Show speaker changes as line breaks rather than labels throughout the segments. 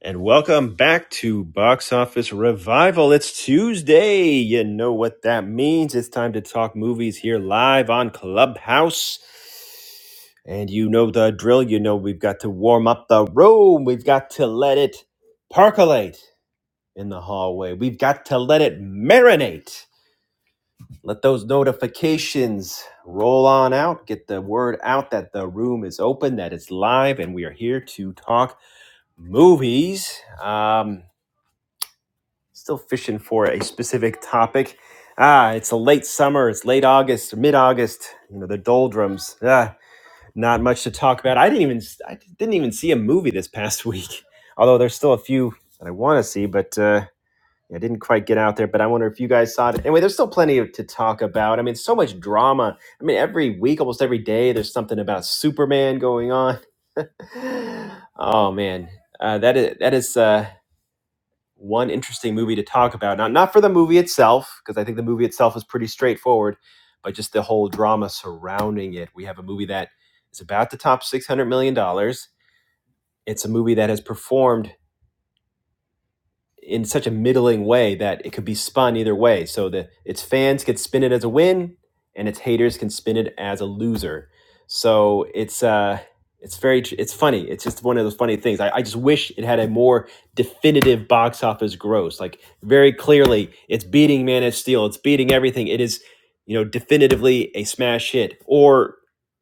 And welcome back to Box Office Revival. It's Tuesday. You know what that means. It's time to talk movies here live on Clubhouse. And you know the drill. You know we've got to warm up the room. We've got to let it percolate in the hallway. We've got to let it marinate. Let those notifications roll on out. Get the word out that the room is open, that it's live, and we are here to talk movies. Um, Still fishing for a specific topic. Ah, it's a late summer. It's late August, mid August. You know the doldrums. Ah, not much to talk about. I didn't even I didn't even see a movie this past week. Although there's still a few that I want to see, but uh, yeah, I didn't quite get out there. But I wonder if you guys saw it. Anyway, there's still plenty to talk about. I mean, so much drama. I mean, every week, almost every day, there's something about Superman going on. oh man, uh, that is that is. Uh, one interesting movie to talk about. Not not for the movie itself, because I think the movie itself is pretty straightforward, but just the whole drama surrounding it. We have a movie that is about to top six hundred million dollars. It's a movie that has performed in such a middling way that it could be spun either way. So that its fans could spin it as a win, and its haters can spin it as a loser. So it's uh, it's very it's funny. It's just one of those funny things. I, I just wish it had a more definitive box office gross. Like very clearly, it's beating Man of Steel. It's beating everything. It is you know definitively a smash hit or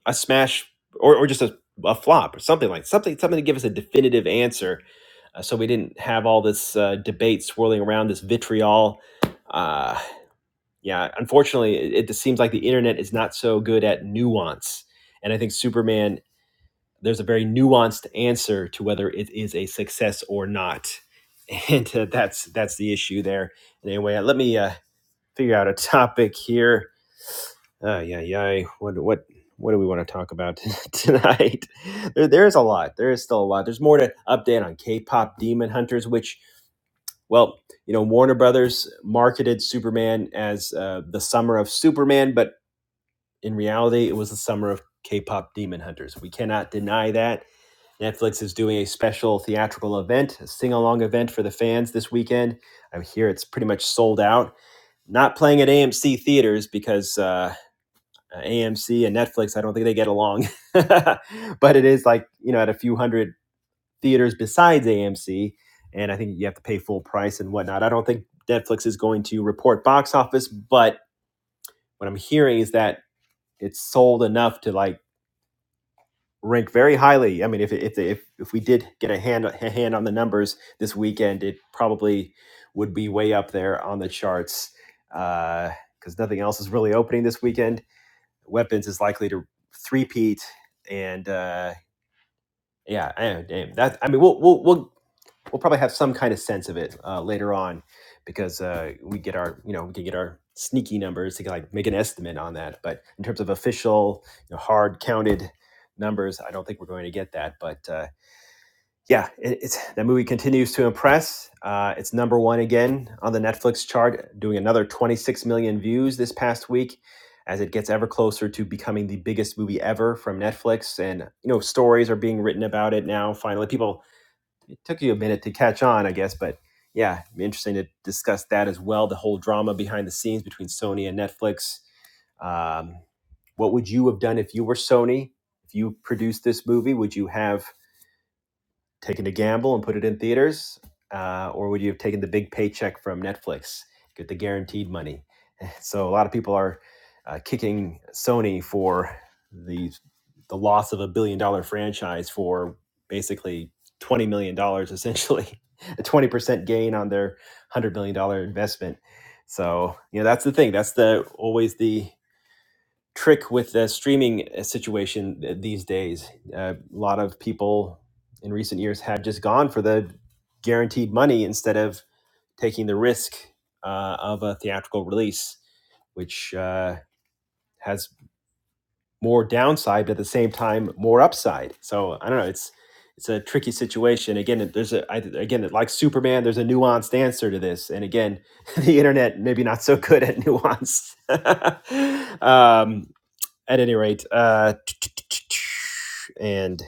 a smash or, or just a, a flop or something like something something to give us a definitive answer uh, so we didn't have all this uh, debate swirling around this vitriol. Uh, yeah, unfortunately, it, it just seems like the internet is not so good at nuance, and I think Superman there's a very nuanced answer to whether it is a success or not, and uh, that's that's the issue there. And anyway, uh, let me uh, figure out a topic here. Uh, yeah, yeah. What what what do we want to talk about tonight? There, there is a lot. There is still a lot. There's more to update on K-pop Demon Hunters, which well, you know, Warner Brothers marketed Superman as uh, the summer of Superman, but in reality, it was the summer of K pop demon hunters. We cannot deny that. Netflix is doing a special theatrical event, a sing along event for the fans this weekend. I hear it's pretty much sold out. Not playing at AMC theaters because uh, AMC and Netflix, I don't think they get along. but it is like, you know, at a few hundred theaters besides AMC, and I think you have to pay full price and whatnot. I don't think Netflix is going to report box office, but what I'm hearing is that it's sold enough to like rank very highly. I mean, if if if, if we did get a hand a hand on the numbers this weekend, it probably would be way up there on the charts because uh, nothing else is really opening this weekend. Weapons is likely to threepeat, and uh, yeah, damn that. I mean, we'll we'll we'll we'll probably have some kind of sense of it uh, later on because uh, we get our you know we can get our sneaky numbers to like make an estimate on that but in terms of official you know, hard counted numbers i don't think we're going to get that but uh, yeah it, it's that movie continues to impress uh, it's number one again on the netflix chart doing another 26 million views this past week as it gets ever closer to becoming the biggest movie ever from netflix and you know stories are being written about it now finally people took you a minute to catch on, I guess, but yeah, it'd be interesting to discuss that as well. The whole drama behind the scenes between Sony and Netflix. Um, what would you have done if you were Sony? If you produced this movie, would you have taken a gamble and put it in theaters, uh, or would you have taken the big paycheck from Netflix, get the guaranteed money? So a lot of people are uh, kicking Sony for the the loss of a billion dollar franchise for basically twenty million dollars, essentially a twenty percent gain on their hundred million dollar investment. So you know that's the thing. That's the always the trick with the streaming uh, situation th- these days. Uh, a lot of people in recent years have just gone for the guaranteed money instead of taking the risk uh, of a theatrical release, which uh, has more downside, but at the same time more upside. So I don't know. It's it's a tricky situation. Again, there's a I, again like Superman. There's a nuanced answer to this, and again, the internet maybe not so good at nuance. um, at any rate, uh, and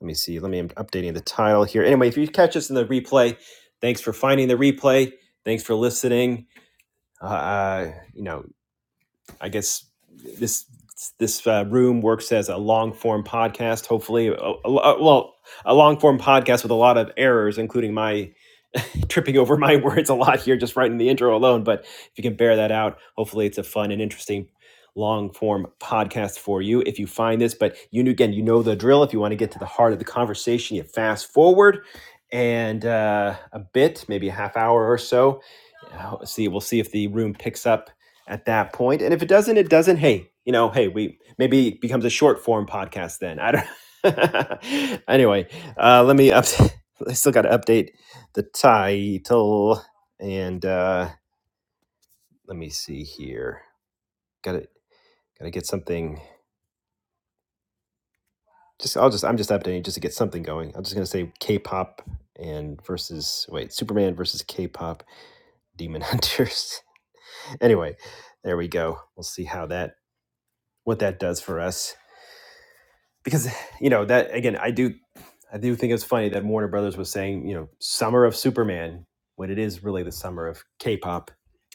let me see. Let me I'm updating the title here. Anyway, if you catch us in the replay, thanks for finding the replay. Thanks for listening uh, uh, you know, I guess this this uh, room works as a long form podcast. Hopefully, a, a- well, a long form podcast with a lot of errors, including my tripping over my words a lot here just right in the intro alone. But if you can bear that out, hopefully it's a fun and interesting long form podcast for you if you find this. But you know, again, you know the drill. If you want to get to the heart of the conversation, you fast forward and uh, a bit, maybe a half hour or so. Uh, See, we'll see if the room picks up at that point. And if it doesn't, it doesn't. Hey, you know, hey, we maybe it becomes a short form podcast then. I don't. anyway, uh, let me up. I still got to update the title. And uh, let me see here. Got to got to get something. Just I'll just I'm just updating just to get something going. I'm just gonna say K-pop and versus wait Superman versus K-pop Demon Hunters. anyway, there we go. We'll see how that what that does for us because you know that again I do I do think it's funny that Warner Brothers was saying, you know, summer of Superman when it is really the summer of K-pop.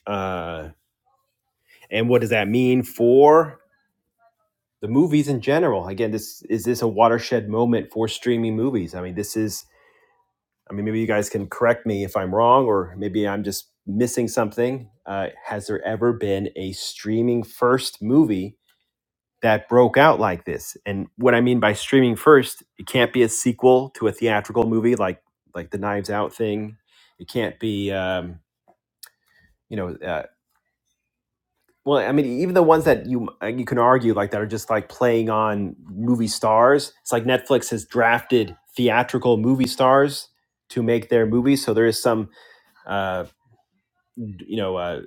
Uh, and what does that mean for? the movies in general. Again, this is this a watershed moment for streaming movies? I mean, this is. I mean, maybe you guys can correct me if I'm wrong, or maybe I'm just missing something. Uh, has there ever been a streaming first movie that broke out like this? And what I mean by streaming first, it can't be a sequel to a theatrical movie like like the Knives Out thing. It can't be. Um, you know, uh, Well, I mean, even the ones that you uh, you can argue like that are just like playing on movie stars. It's like Netflix has drafted theatrical movie stars to make their movies, so there is some uh, you know uh,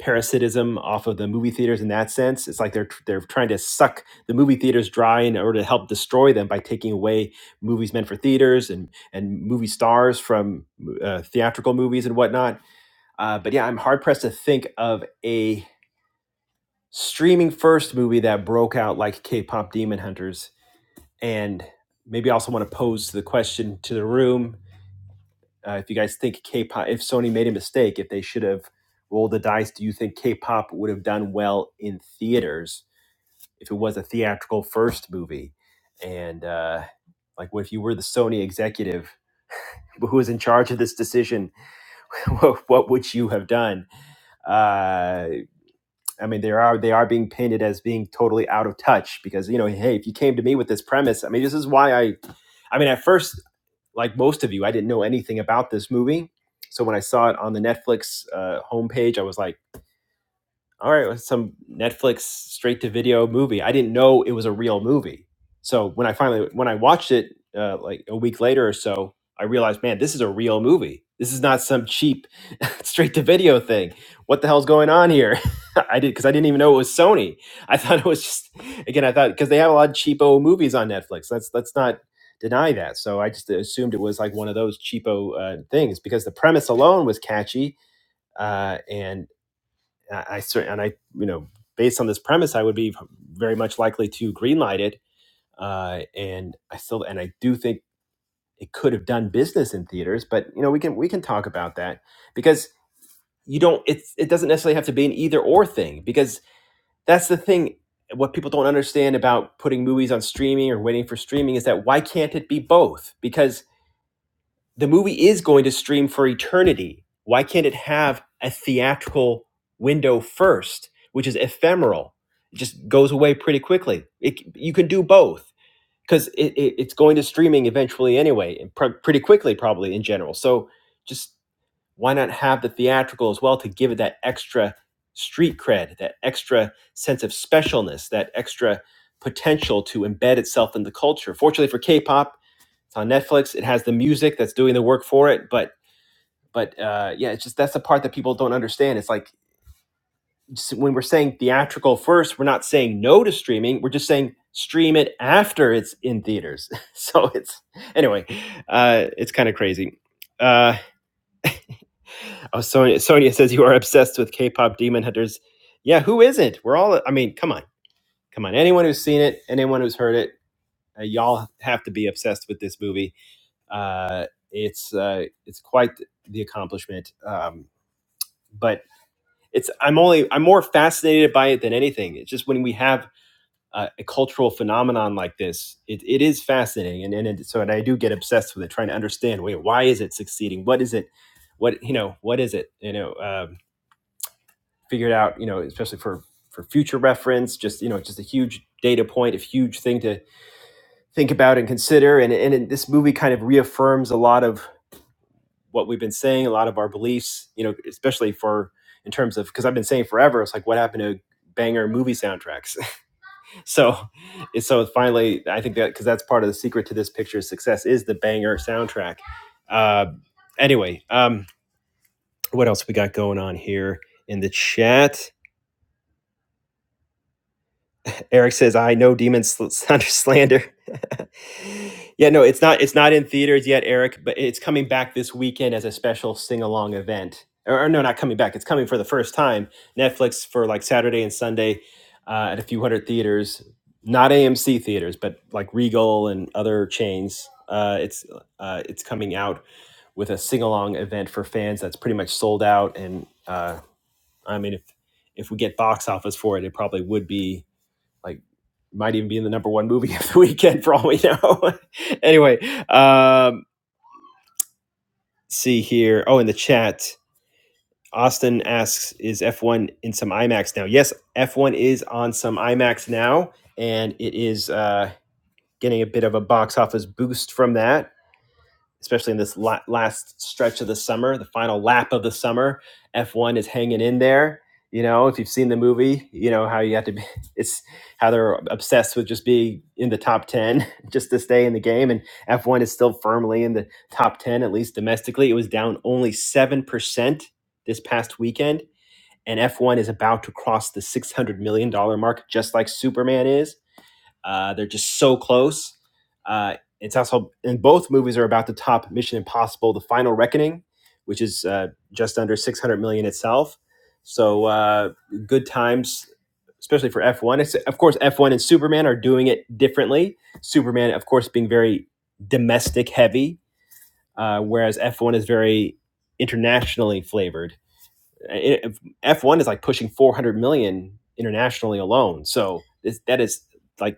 parasitism off of the movie theaters in that sense. It's like they're they're trying to suck the movie theaters dry in order to help destroy them by taking away movies meant for theaters and and movie stars from uh, theatrical movies and whatnot. Uh, but yeah, I'm hard pressed to think of a streaming first movie that broke out like K-pop Demon Hunters, and maybe I also want to pose the question to the room: uh, if you guys think K-pop, if Sony made a mistake, if they should have rolled the dice, do you think K-pop would have done well in theaters if it was a theatrical first movie? And uh, like, what if you were the Sony executive? Who was in charge of this decision? what what would you have done? Uh, I mean, they are they are being painted as being totally out of touch because you know, hey, if you came to me with this premise, I mean, this is why I, I mean, at first, like most of you, I didn't know anything about this movie, so when I saw it on the Netflix uh, homepage, I was like all right, well, some Netflix straight to video movie. I didn't know it was a real movie. So when I finally when I watched it uh, like a week later or so, I realized, man, this is a real movie. This is not some cheap straight to video thing. What the hell's going on here? I did because I didn't even know it was Sony. I thought it was just again. I thought because they have a lot of cheapo movies on Netflix. Let's let's not deny that. So I just assumed it was like one of those cheapo uh, things because the premise alone was catchy uh, and I, certainly and I, you know, based on this premise, I would be very much likely to greenlight it. Uh, and I still, and I do think it could have done business in theaters, but you know, we can we can talk about that because you don't. It's it doesn't necessarily have to be an either or thing because that's the thing. What people don't understand about putting movies on streaming or waiting for streaming is that why can't it be both? Because the movie is going to stream for eternity. Why can't it have a theatrical window first, which is ephemeral? It just goes away pretty quickly. It, you can do both because it, it, it's going to streaming eventually anyway, and pr- pretty quickly, probably in general. So just why not have the theatrical as well to give it that extra street cred, that extra sense of specialness, that extra potential to embed itself in the culture? Fortunately for K pop, it's on Netflix. It has the music that's doing the work for it, but but uh, yeah, it's just that's the part that people don't understand. It's like when we're saying theatrical first, we're not saying no to streaming. We're just saying stream it after it's in theaters. so it's anyway, uh, it's kind of crazy. Uh, oh, Sonia, Sonia says you are obsessed with K-pop Demon Hunters. Yeah, who isn't? We're all. I mean, come on, come on. Anyone who's seen it, anyone who's heard it, uh, y'all have to be obsessed with this movie Uh, it's uh, it's quite the accomplishment. Um, but it's I'm only I'm more fascinated by it than anything. It's just when we have uh, a cultural phenomenon like this, it, it is fascinating, and, and and so and I do get obsessed with it, trying to understand. Wait, why is it succeeding? What is it? What you know? What is it? You know, um, figured out. You know, especially for for future reference, just you know, just a huge data point, a huge thing to think about and consider. And and this movie kind of reaffirms a lot of what we've been saying, a lot of our beliefs, you know, especially for in terms of because I've been saying forever, it's like what happened to banger movie soundtracks. so, so finally, I think that because that's part of the secret to this picture's success is the banger soundtrack. Uh, anyway, um, what else we got going on here in the chat? Eric says, "I know demons sl- under slander." yeah, no, it's not. It's not in theaters yet, Eric, but it's coming back this weekend as a special sing-along event. Or, or no, not coming back. It's coming for the first time. Netflix for like Saturday and Sunday uh, at a few hundred theaters, not AMC theaters, but like Regal and other chains. Uh, it's uh, it's coming out with a sing-along event for fans that's pretty much sold out. And uh, I mean, if if we get box office for it, it probably would be like might even be in the number one movie of the weekend for all we know. anyway, um, see here. Oh, in the chat, Austin asks, "Is F1 in some IMAX now?" Yes, F1 is on some IMAX now, and it is uh, getting a bit of a box office boost from that. especially in this la- last stretch of the summer, the final lap of the summer. F1 is hanging in there. You know, if you've seen the movie, you know how you have to be, it's how they're obsessed with just being in the top 10 just to stay in the game. And F1 is still firmly in the top 10, at least domestically. It was down only 7% this past weekend. And F1 is about to cross the $600 million dollars mark, just like Superman is. Uh, they're just so close. Uh, it's also, and both movies are about to top Mission Impossible: The Final Reckoning, which is uh, just under 600 million itself. So uh, good times, especially for F1. It's, of course, F1 and Superman are doing it differently. Superman, of course, being very domestic heavy, uh, whereas F1 is very internationally flavored. It- F1 is like pushing 400 million internationally alone. So this, that is like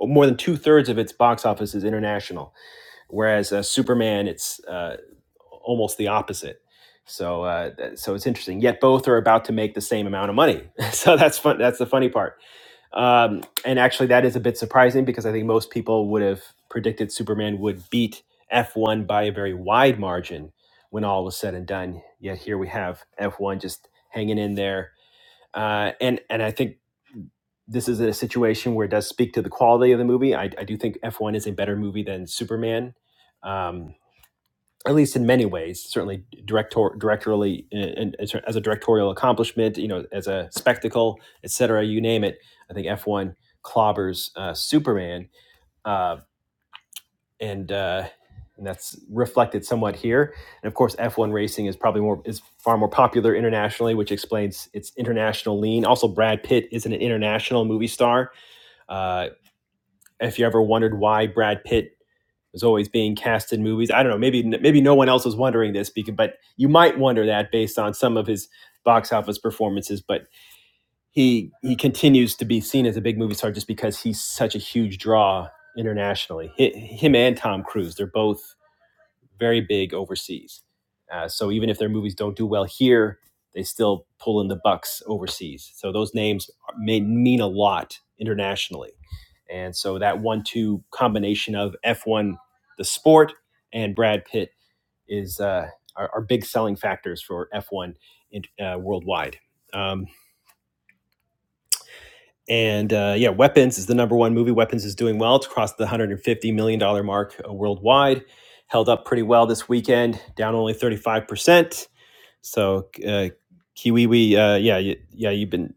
more than two thirds of its box office is international, whereas uh, Superman, it's uh, almost the opposite. So, uh, that- so it's interesting. Yet both are about to make the same amount of money. so that's fun. That's the funny part. Um, and actually, that is a bit surprising because I think most people would have predicted Superman would beat F1 by a very wide margin when all was said and done. Yet here we have F1 just hanging in there. Uh, and and I think this is a situation where it does speak to the quality of the movie. I, I do think F1 is a better movie than Superman, um, at least in many ways. Certainly, director directorially and as a directorial accomplishment, you know, as a spectacle, etc. You name it. I think F1 clobbers uh, Superman, uh, and uh, and that's reflected somewhat here. And of course, F1 racing is probably more is far more popular internationally, which explains its international lean. Also, Brad Pitt is an international movie star uh, if you ever wondered why Brad Pitt was always being cast in movies, I don't know. Maybe maybe no one else was wondering this, because, but you might wonder that based on some of his box office performances. But he he continues to be seen as a big movie star just because he's such a huge draw internationally. him and Tom Cruise, they're both very big overseas. Uh, so even if their movies don't do well here, they still pull in the bucks overseas. So those names are- may mean a lot internationally. And so that one-two combination of F1, the sport, and Brad Pitt is uh, are, are big selling factors for F1 in, uh, worldwide. Um, and uh, yeah, Weapons is the number one movie. Weapons is doing well. It's crossed the $150 million dollars mark uh, worldwide. Held up pretty well this weekend, down only 35%. So, uh, Kiwi, uh, yeah, you, yeah, you've been,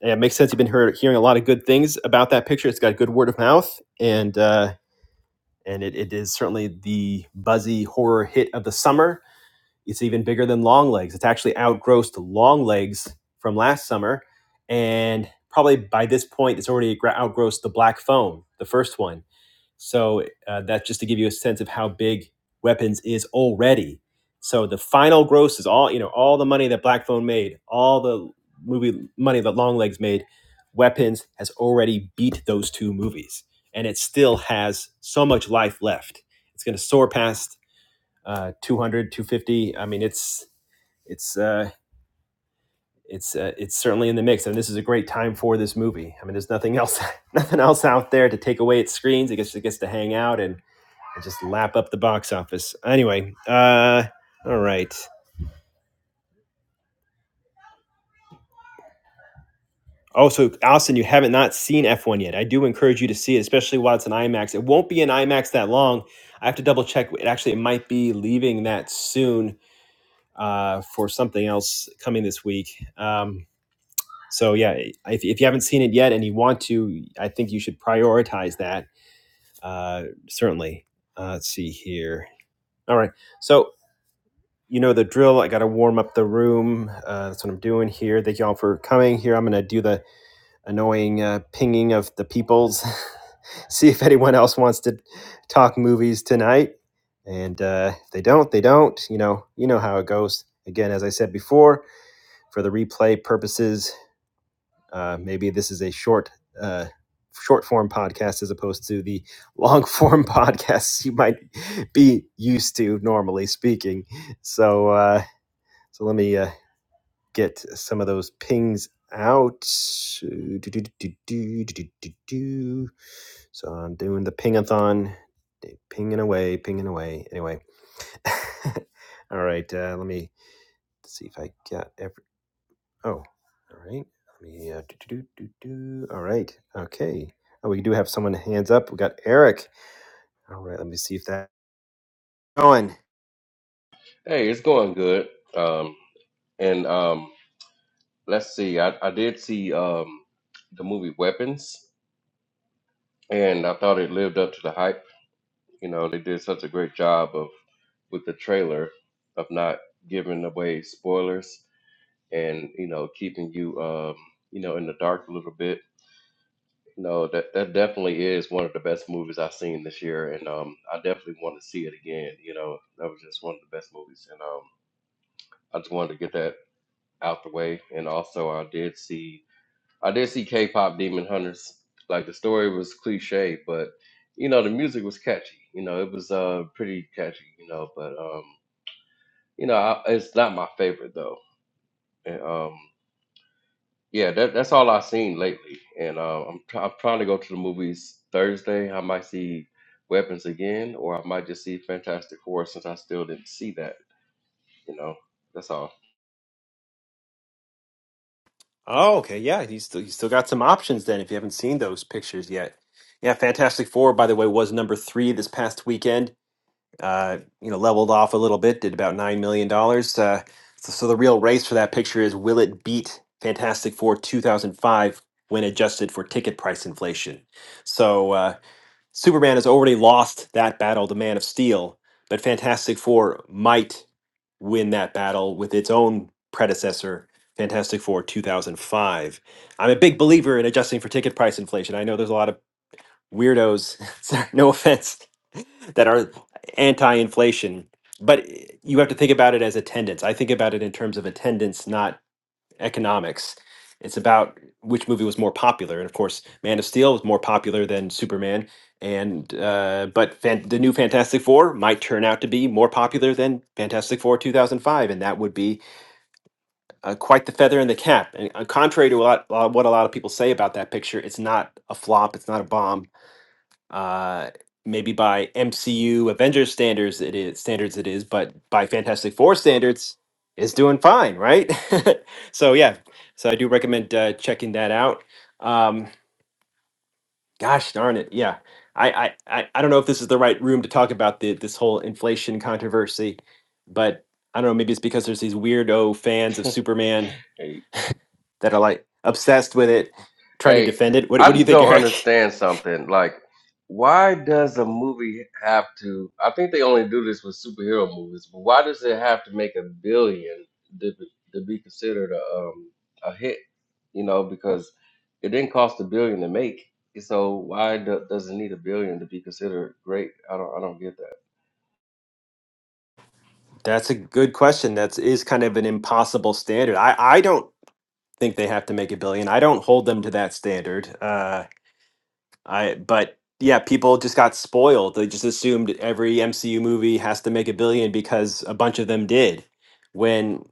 yeah, it makes sense. You've been hear, hearing a lot of good things about that picture. It's got good word of mouth. And, uh, and it, it is certainly the buzzy horror hit of the summer it's even bigger than long legs. It's actually outgrossed long legs from last summer. And probably by this point, it's already outgrossed the black phone, the first one. So uh, that's just to give you a sense of how big weapons is already. So the final gross is all, you know, all the money that Black Phone made, all the movie money that Long Legs made, Weapons has already beat those two movies. And it still has so much life left. It's going to soar past uh, two hundred, two fifty. I mean, it's it's uh, it's uh, it's certainly in the mix, and this is a great time for this movie. I mean, there's nothing else nothing else out there to take away its screens. It gets it gets to hang out and, and just lap up the box office. Anyway, uh, all right. Also, Allison, you haven't not seen F1 yet. I do encourage you to see it, especially while it's in IMAX. It won't be in IMAX that long. I have to double check. It actually it might be leaving that soon uh, for something else coming this week. Um, So yeah, if, if you haven't seen it yet and you want to, I think you should prioritize that. Uh, certainly. Uh, let's see here. All right. So you know the drill. I got to warm up the room. Uh, that's what I'm doing here. Thank you all for coming here. I'm gonna do the annoying uh, pinging of the peoples. see if anyone else wants to talk movies tonight. And uh, if they don't, they don't. You know, you know how it goes. Again, as I said before, for the replay purposes, Uh, maybe this is a short, uh, short form podcast as opposed to the long form podcasts you might be used to normally speaking. So, uh, so let me uh, get some of those pings out. Do, do, do, do, do, do, do, So I'm doing the pingathon, pinging away, pinging away. Anyway, all right. Uh, let me see if I got every. Oh, all right. Let me uh, do, do, do, do, do. All right. Okay. Oh, we do have someone hands up. We got Eric. All right. Let me see if that going.
Hey, it's going good. Um, and um, let's see. I, I did see um, the movie Weapons, and I thought it lived up to the hype. You know, they did such a great job of with the trailer of not giving away spoilers and you know keeping you um, you know in the dark a little bit. You know that that definitely is one of the best movies I've seen this year, and um, I definitely want to see it again. You know, that was just one of the best movies, and um, I just wanted to get that out the way. And also, I did see I did see K-pop Demon Hunters. Like the story was cliche, but you know the music was catchy. You know it was uh pretty catchy. You know, but um you know I, it's not my favorite though. And, um yeah, that, that's all I've seen lately. And uh, I'm try I'm trying to go to the movies Thursday. I might see Weapons again, or I might just see Fantastic Four since I still didn't see that. You know, that's all.
Oh, okay. Yeah, you still you still got some options then if you haven't seen those pictures yet. Yeah, Fantastic Four, by the way, was number three this past weekend. Uh, you know, leveled off a little bit, did about nine million dollars. Uh, so, so the real race for that picture is will it beat Fantastic Four 2005 when adjusted for ticket price inflation? So. Uh, Superman has already lost that battle to Man of Steel, but Fantastic Four might win that battle with its own predecessor, Fantastic Four 2005. I'm a big believer in adjusting for ticket price inflation. I know there's a lot of weirdos, sorry, no offense, that are anti inflation, but you have to think about it as attendance. I think about it in terms of attendance, not economics. It's about which movie was more popular, and of course, Man of Steel was more popular than Superman. And uh, but fan- the new Fantastic Four might turn out to be more popular than Fantastic Four 2005, and that would be uh, quite the feather in the cap. And uh, contrary to a lot, a lot- what a lot of people say about that picture, it's not a flop. It's not a bomb uh maybe by MCU Avengers standards it is standards it is, but by Fantastic Four standards it's doing fine, right? so yeah, so I do recommend uh, checking that out. Um, gosh darn it, yeah. I, I I I don't know if this is the right room to talk about the this whole inflation controversy, but I don't know. Maybe it's because there's these weirdo fans of Superman
Hey,
that are like obsessed with it, trying to
Hey,
defend it. What
I
What do you
just
think,
don't
Eric?
understand something. Like, why does a movie have to? I think they only do this with superhero movies, but why does it have to make a billion to be, to be considered a um a hit? You know, because it didn't cost a billion to make. So why do, does it need a billion to be considered great? I don't I don't get that.
That's a good question. That's is kind of an impossible standard. I I don't think they have to make a billion. I don't hold them to that standard. Uh, I but yeah, people just got spoiled. They just assumed every MCU movie has to make a billion because a bunch of them did. When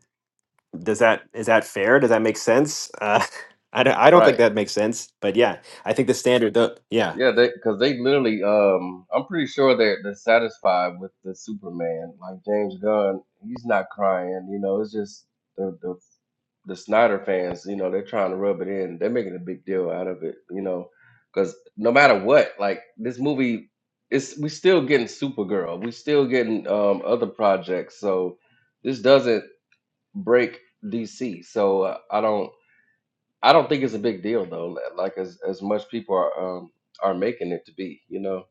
does that is that fair? Does that make sense? Uh, I don't, I don't
Right.
think that makes sense. But yeah, I think the standard. The, yeah,
Yeah, they because they literally, um, I'm pretty sure they're they're satisfied with the Superman. Like James Gunn, he's not crying. You know, it's just the the the Snyder fans. You know, they're trying to rub it in. They're making a big deal out of it. You know, because no matter what, like this movie, it's we still getting Supergirl. We still getting um other projects. So this doesn't break DC. So uh, I don't. I don't think it's a big deal though. li- Like as as much people are um are making it to be, you know.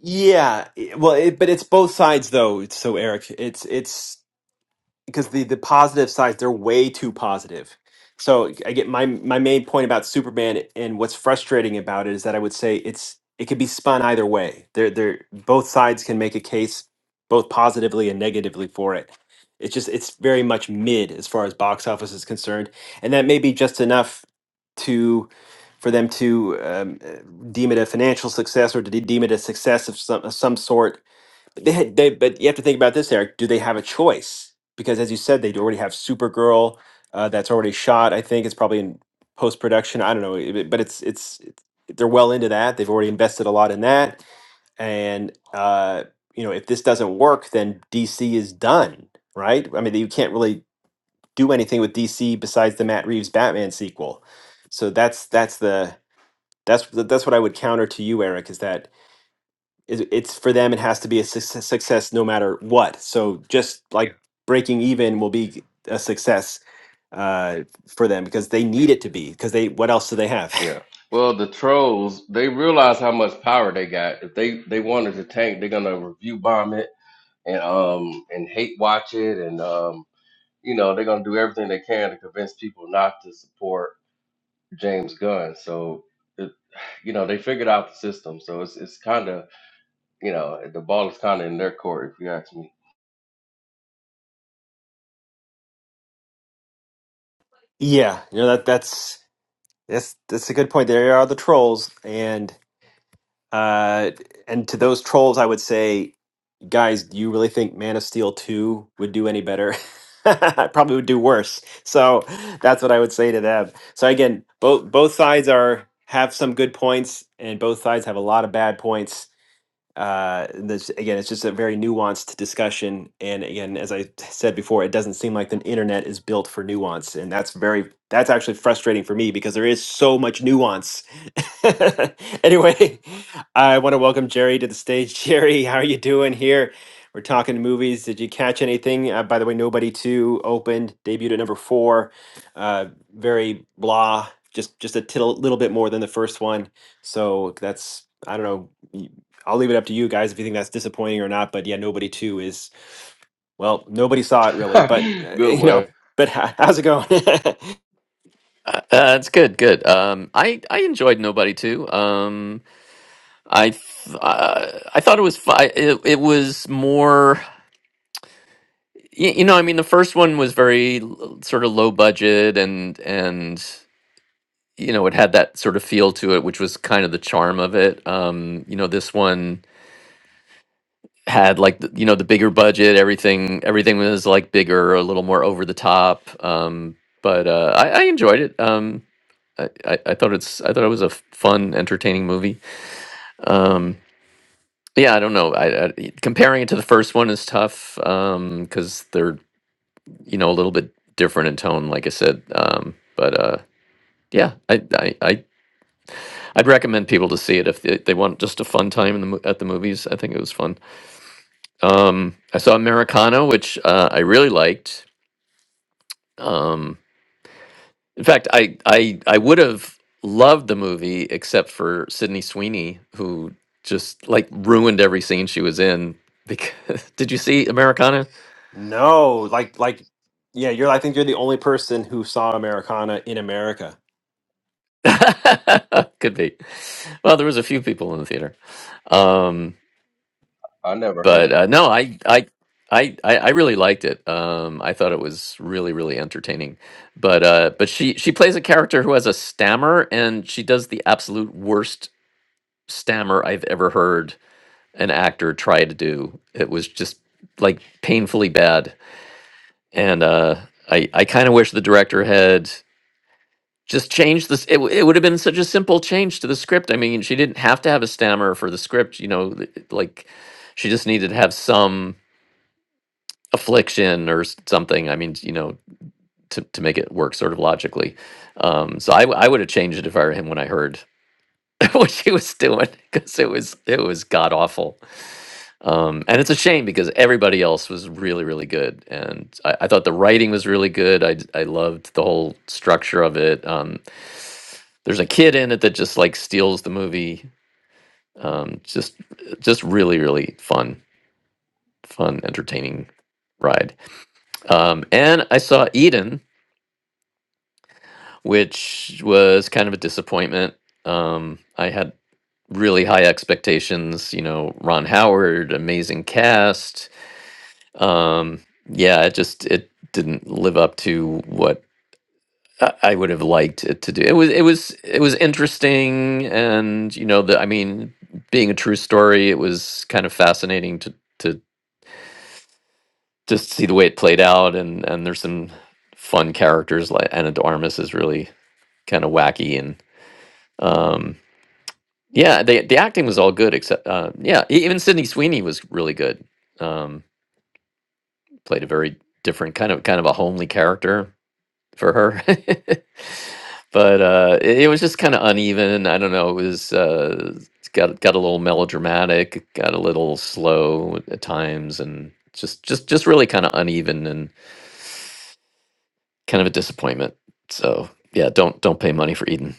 yeah. i- Well, it, but it's both sides though. It's- So Eric, it's it's because the the positive sides they're way too positive. So I get my my main point about Superman and what's frustrating about it is that I would say it's it could be spun either way. They're they're both sides can make a case both positively and negatively for it. It's just it's very much mid as far as box office is concerned, and that may be just enough to for them to um, uh, deem it a financial success or to de- deem it a success of some of some sort they had, they, but you have to think about this, Eric. Do they have a choice? Because as you said, they already have Supergirl uh, that's already shot. I think it's probably in post production. I don't know, it- it- but it's, it's it's they're well into that. They've already invested a lot in that, and uh, you know if this doesn't work, then DC is done, right? I mean, you can't really do anything with DC besides the Matt Reeves Batman sequel. So that's that's the that's that's what I would counter to you, Eric, is that it- it's for them it has to be a success, success no matter what so just Yeah. like Yeah. breaking even will be a success uh, for them because they need it to be because they what else do they have
Yeah. Well, the trolls they realize how much power they got. If they they wanted to tank, they're gonna review bomb it and um and hate watch it and um you know they're gonna do everything they can to convince people not to support James Gunn. So. It, you know they figured out the system, so it's it's kind of you know the ball is kind of in their court if you ask me.
yeah you know that that's that's that's a good point there are the trolls and uh and to those trolls i would say guys, do you really think Man of Steel 2 would do any better? It Probably would do worse. So that's what I would say to them. So again, both both sides are have some good points and both sides have a lot of bad points. Uh, this again, it's just a very nuanced discussion. And again, as I said before, it doesn't seem like the internet is built for nuance, and that's very that's actually frustrating for me because there is so much nuance. anyway, I want to welcome Jerry to the stage. Jerry, how are you doing here? We're talking movies. Did you catch anything? Uh, by the way, Nobody Two opened, debuted at number four. Uh, very blah, just just a tittle, little bit more than the first one. So that's I don't know. I'll leave it up to you guys if you think that's disappointing or not. But yeah, nobody two is well, nobody saw it really, but uh,
Good
you know,
one.
but h- how's it going?
Uh, uh, it's good, good. Um, I I enjoyed Nobody too. Um, I th- uh, I thought it was fi- it, it was more you, you know I mean the first one was very l- sort of low budget and and you know it had that sort of feel to it which was kind of the charm of it. Um, you know this one had like the, you know the bigger budget everything everything was like bigger a little more over the top. Um, but uh, I, I enjoyed it. Um, I, I, I thought it's I thought it was a f- fun entertaining movie. Um, yeah, I don't know. I, I, comparing it to the first one is tough um, because they're you know a little bit different in tone, like I said. Um, but uh, yeah, I, I I I'd recommend people to see it if they, they want just a fun time in the mo- at the movies. I think it was fun. Um, I saw Americano, which uh, I really liked. Um, in fact, I I I would have loved the movie except for Sydney Sweeney, who just like ruined every scene she was in. Because did you see Americana?
no, like like yeah, you're I think you're the only person who saw Americana in America.
Could be. Well, there was a few people in the theater, um,
I never heard
but
of.
uh, no, I, I, I, I I really liked it. Um, I thought it was really, really entertaining. But uh, but she she plays a character who has a stammer, and she does the absolute worst stammer I've ever heard an actor try to do. It was just like painfully bad, and uh, I I kind of wish the director had. just change this it, w- it would have been such a simple change to the script i mean she didn't have to have a stammer for the script you know th- like she just needed to have some affliction or s- something i mean you know to, to make it work sort of logically um so i, w- I would have changed it if i were him when i heard what she was doing because it was it was god awful um and it's a shame because everybody else was really really good and i, I thought the writing was really good i d- i loved the whole structure of it Um, There's a kid in it that just like steals the movie. Um, just just really really fun, fun, entertaining ride. Um, and I saw Eden, which was kind of a disappointment. Um, I had really high expectations. You know, Ron Howard, amazing cast. Um, yeah, it just it didn't live up to what I I would have liked it to do. It was it was it was interesting, and you know, the I mean, being a true story, it was kind of fascinating to to just see the way it played out, and and there's some fun characters like Anna de Armas is really kind of wacky, and um, yeah, the the acting was all good except uh, yeah, e- even Sydney Sweeney was really good. Um, played a very different kind of kind of a homely character for her. but uh, it, it was just kind of uneven. I don't know. It was uh, it's got got a little melodramatic, it got a little slow at at times, and just just just really kind of uneven and kind of a disappointment. So yeah, don't don't pay money for Eden.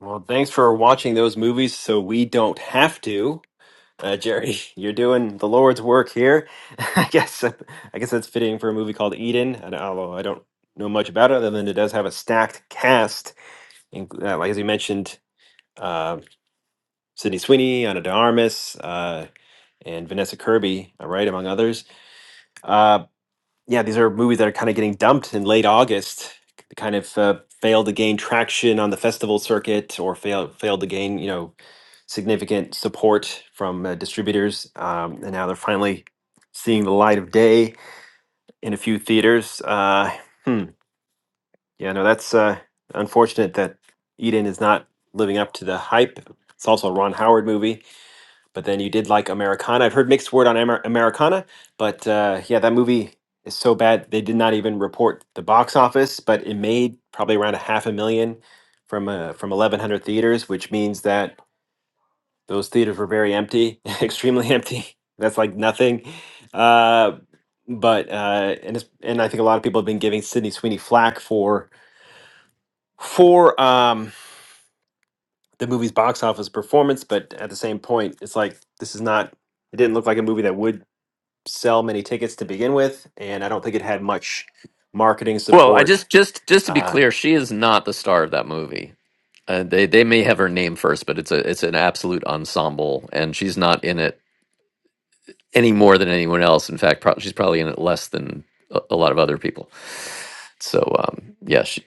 Well, thanks for watching those movies so we don't have to. Uh, Jerry, you're doing the Lord's work here. I guess I guess that's fitting for a movie called Eden, and although I don't know much about it other than it does have a stacked cast, and, uh, like as you mentioned, uh, Sydney Sweeney, Anna de Armas, uh, and Vanessa Kirby, uh, right, among others. Uh, yeah, these are movies that are kind of getting dumped in late August. They kind of uh, failed to gain traction on the festival circuit or failed failed to gain, you know, significant support from uh, distributors. Um, and now they're finally seeing the light of day in a few theaters. Uh, hmm. Yeah, no, that's uh, unfortunate that Eden is not living up to the hype. It's also a Ron Howard movie But then you did like Americana. I've heard mixed word on Amer- Americana, but uh, yeah, that movie is so bad they did not even report the box office, but it made probably around a half a million from uh, from 1,100 theaters, which means that those theaters were very empty, extremely empty. That's like nothing. Uh, but uh, and it's, and I think a lot of people have been giving Sydney Sweeney flack for for um, the movie's box office performance, but at the same point, it's like this is not. It didn't look like a movie that would sell many tickets to begin with, and I don't think it had much marketing
Well, I
support.
just just just to be
Uh,
clear, she is not the star of that movie. Uh, they they may have her name first, but it's a it's an absolute ensemble, and she's not in it any more than anyone else. In fact, prob she's probably in it less than a, a lot of other people. So um, yeah, she,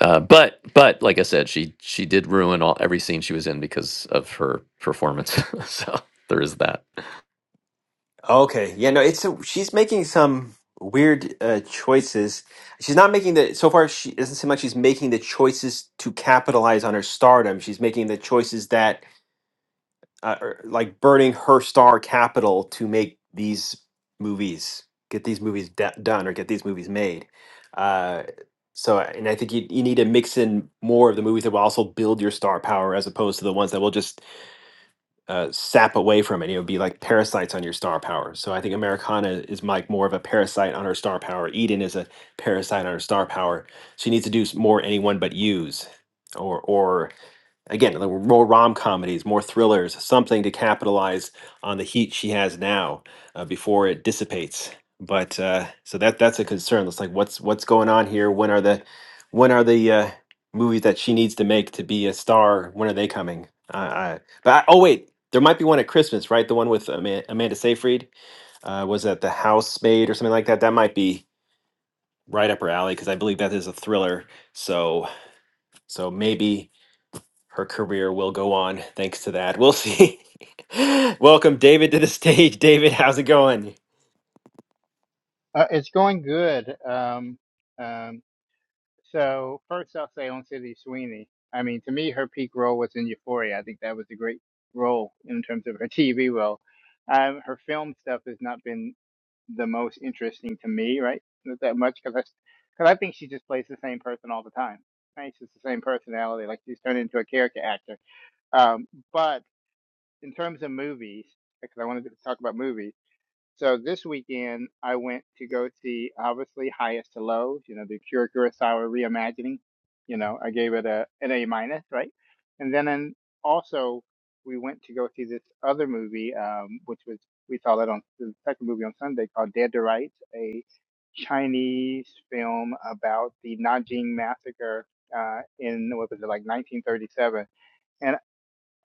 uh, but but like I said, she she did ruin all every scene she was in because of her performance. so there is that.
okay, yeah, no, it's a, she's making some weird uh, choices. She's not making the so far. She it doesn't seem like she's making the choices to capitalize on her stardom. She's making the choices that uh, er, like burning her star capital to make these movies, get these movies d- done, or get these movies made. Uh, so, uh, and I think you, you need to mix in more of the movies that will also build your star power, as opposed to the ones that will just uh, sap away from it. It would be like parasites on your star power. So, I think Americana is like more of a parasite on her star power. Eden is a parasite on her star power. She needs to do s- more anyone but use, or or Again, there were more rom comedies, more thrillers, something to capitalize on the heat she has now uh, before it dissipates. But uh, so that that's a concern. It's like what's what's going on here? When are the when are the uh, movies that she needs to make to be a star? When are they coming? Uh, I, but I, oh wait, there might be one at Christmas, right? The one with Ama- Amanda Seyfried uh, was that the housemaid or something like that. That might be right up her alley because I believe that is a thriller. So so maybe her career will go on thanks to that. We'll see. Welcome, David, to the stage. David, how's it going?
Uh, it's going good. Um, um, so first I'll say on City Sweeney. I mean, to me, her peak role was in Euphoria. I think that was a great role in terms of her TV role. Um, her film stuff has not been the most interesting to me, right? Not that much because I, because I think she just plays the same person all the time. Right? She's the same personality. Like she's turned into a character actor. Um, but in terms of movies, because I wanted to talk about movies so this weekend, I went to go see obviously Highest to Lows, you know, the Kira Kurosawa reimagining. You know, I gave it a an A minus, right? And then and also we went to go see this other movie, um, which was we saw that on the second movie on Sunday called Dead to Rights, a Chinese film about the Nanjing massacre uh, in what was it like 1937. And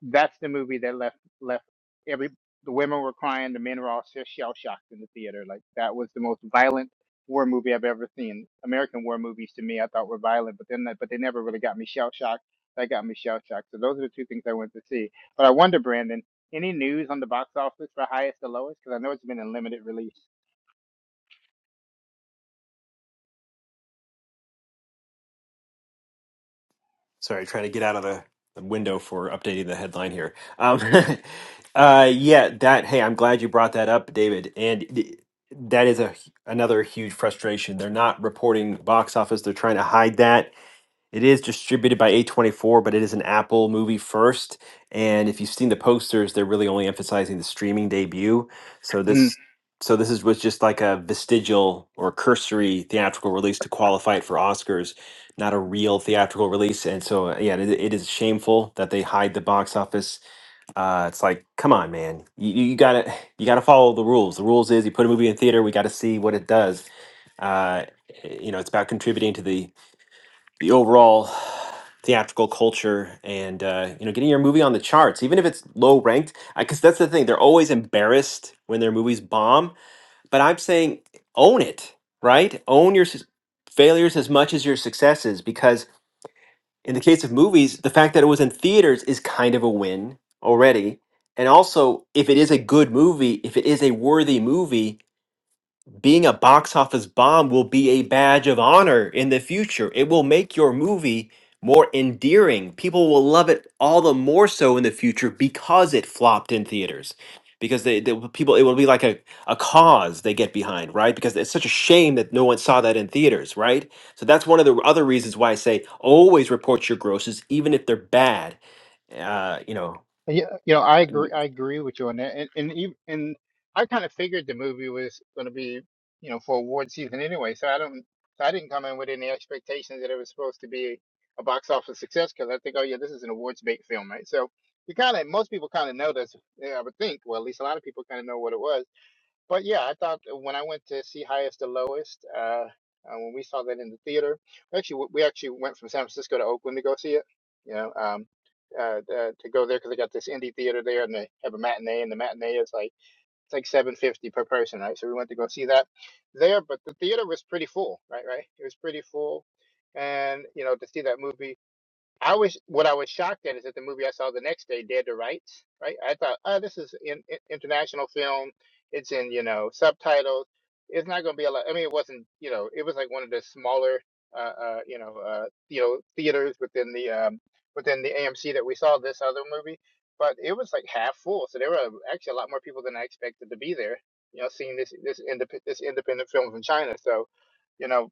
that's the movie that left left every the women were crying, the men were all just shell shocked in the theater. Like that was the most violent war movie I've ever seen. American war movies to me I thought were violent, but then that- but they never really got me shell shocked. That got me shell shocked. So those are the two things I went to see. But I wonder, Brandon, any news on the box office for highest to lowest? Because I know it's been in limited release.
Sorry, trying to get out of the, the window for updating the headline here. Um, uh, yeah, that. Hey, I'm glad you brought that up, David. And th- that is a another huge frustration. They're not reporting box office. They're trying to hide that It is distributed by A24, but it is an Apple movie first. And if you've seen the posters, they're really only emphasizing the streaming debut. So this so this is was just like a vestigial or cursory theatrical release to qualify it for Oscars, not a real theatrical release. And so uh, yeah, it, it is shameful that they hide the box office. Uh, it's like, come on, man. You, you you gotta you gotta follow the rules. The rules is you put a movie in theater, we gotta see what it does uh, eh, you know, it's about contributing to the the overall theatrical culture and uh, you know getting your movie on the charts even if it's low ranked because that's the thing they're always embarrassed when their movies bomb but i'm saying own it right own your s- failures as much as your successes because in the case of movies the fact that it was in theaters is kind of a win already and also if it is a good movie if it is a worthy movie being a box office bomb will be a badge of honor in the future. It will make your movie more endearing. People will love it all the more so in the future because it flopped in theaters. Because they, they people, it will be like a, a cause they get behind, right? Because it's such a shame that no one saw that in theaters, right? So that's one of the other reasons why I say always report your grosses, even if they're bad. Uh, you know,
Yeah, you know, I agree. I agree with you on that, and and ev- and I kind of figured the movie was going to be, you know, for award season anyway. So I don't, so I didn't come in with any expectations that it was supposed to be a box office success because I think, oh yeah, this is an awards bait film, right? So you kind of, most people kind of know this. Yeah, I would think. Well, at least a lot of people kind of know what it was. But yeah, I thought that when I went to see Highest to Lowest, uh, uh, when we saw that in the theater, we actually we actually went from San Francisco to Oakland to go see it. You know, um, uh, uh, to go there because they got this indie theater there, and they have a matinee, and the matinee is like it's like seven fifty per person, right? So we went to go see that there, but the theater was pretty full, right? Right, it was pretty full, and you know to see that movie I was what I was shocked at is that the movie I saw the next day, Dead to Rights, right? I thought, oh, this is in, in- international film. It's in you know subtitles. It's not going to be a lot. I mean, it wasn't you know it was like one of the smaller uh, uh you know uh you know theaters within the um within the AMC that we saw this other movie, but it was like half full. So there were actually a lot more people than I expected to be there. You know, seeing this this indep- this independent film from China. So you know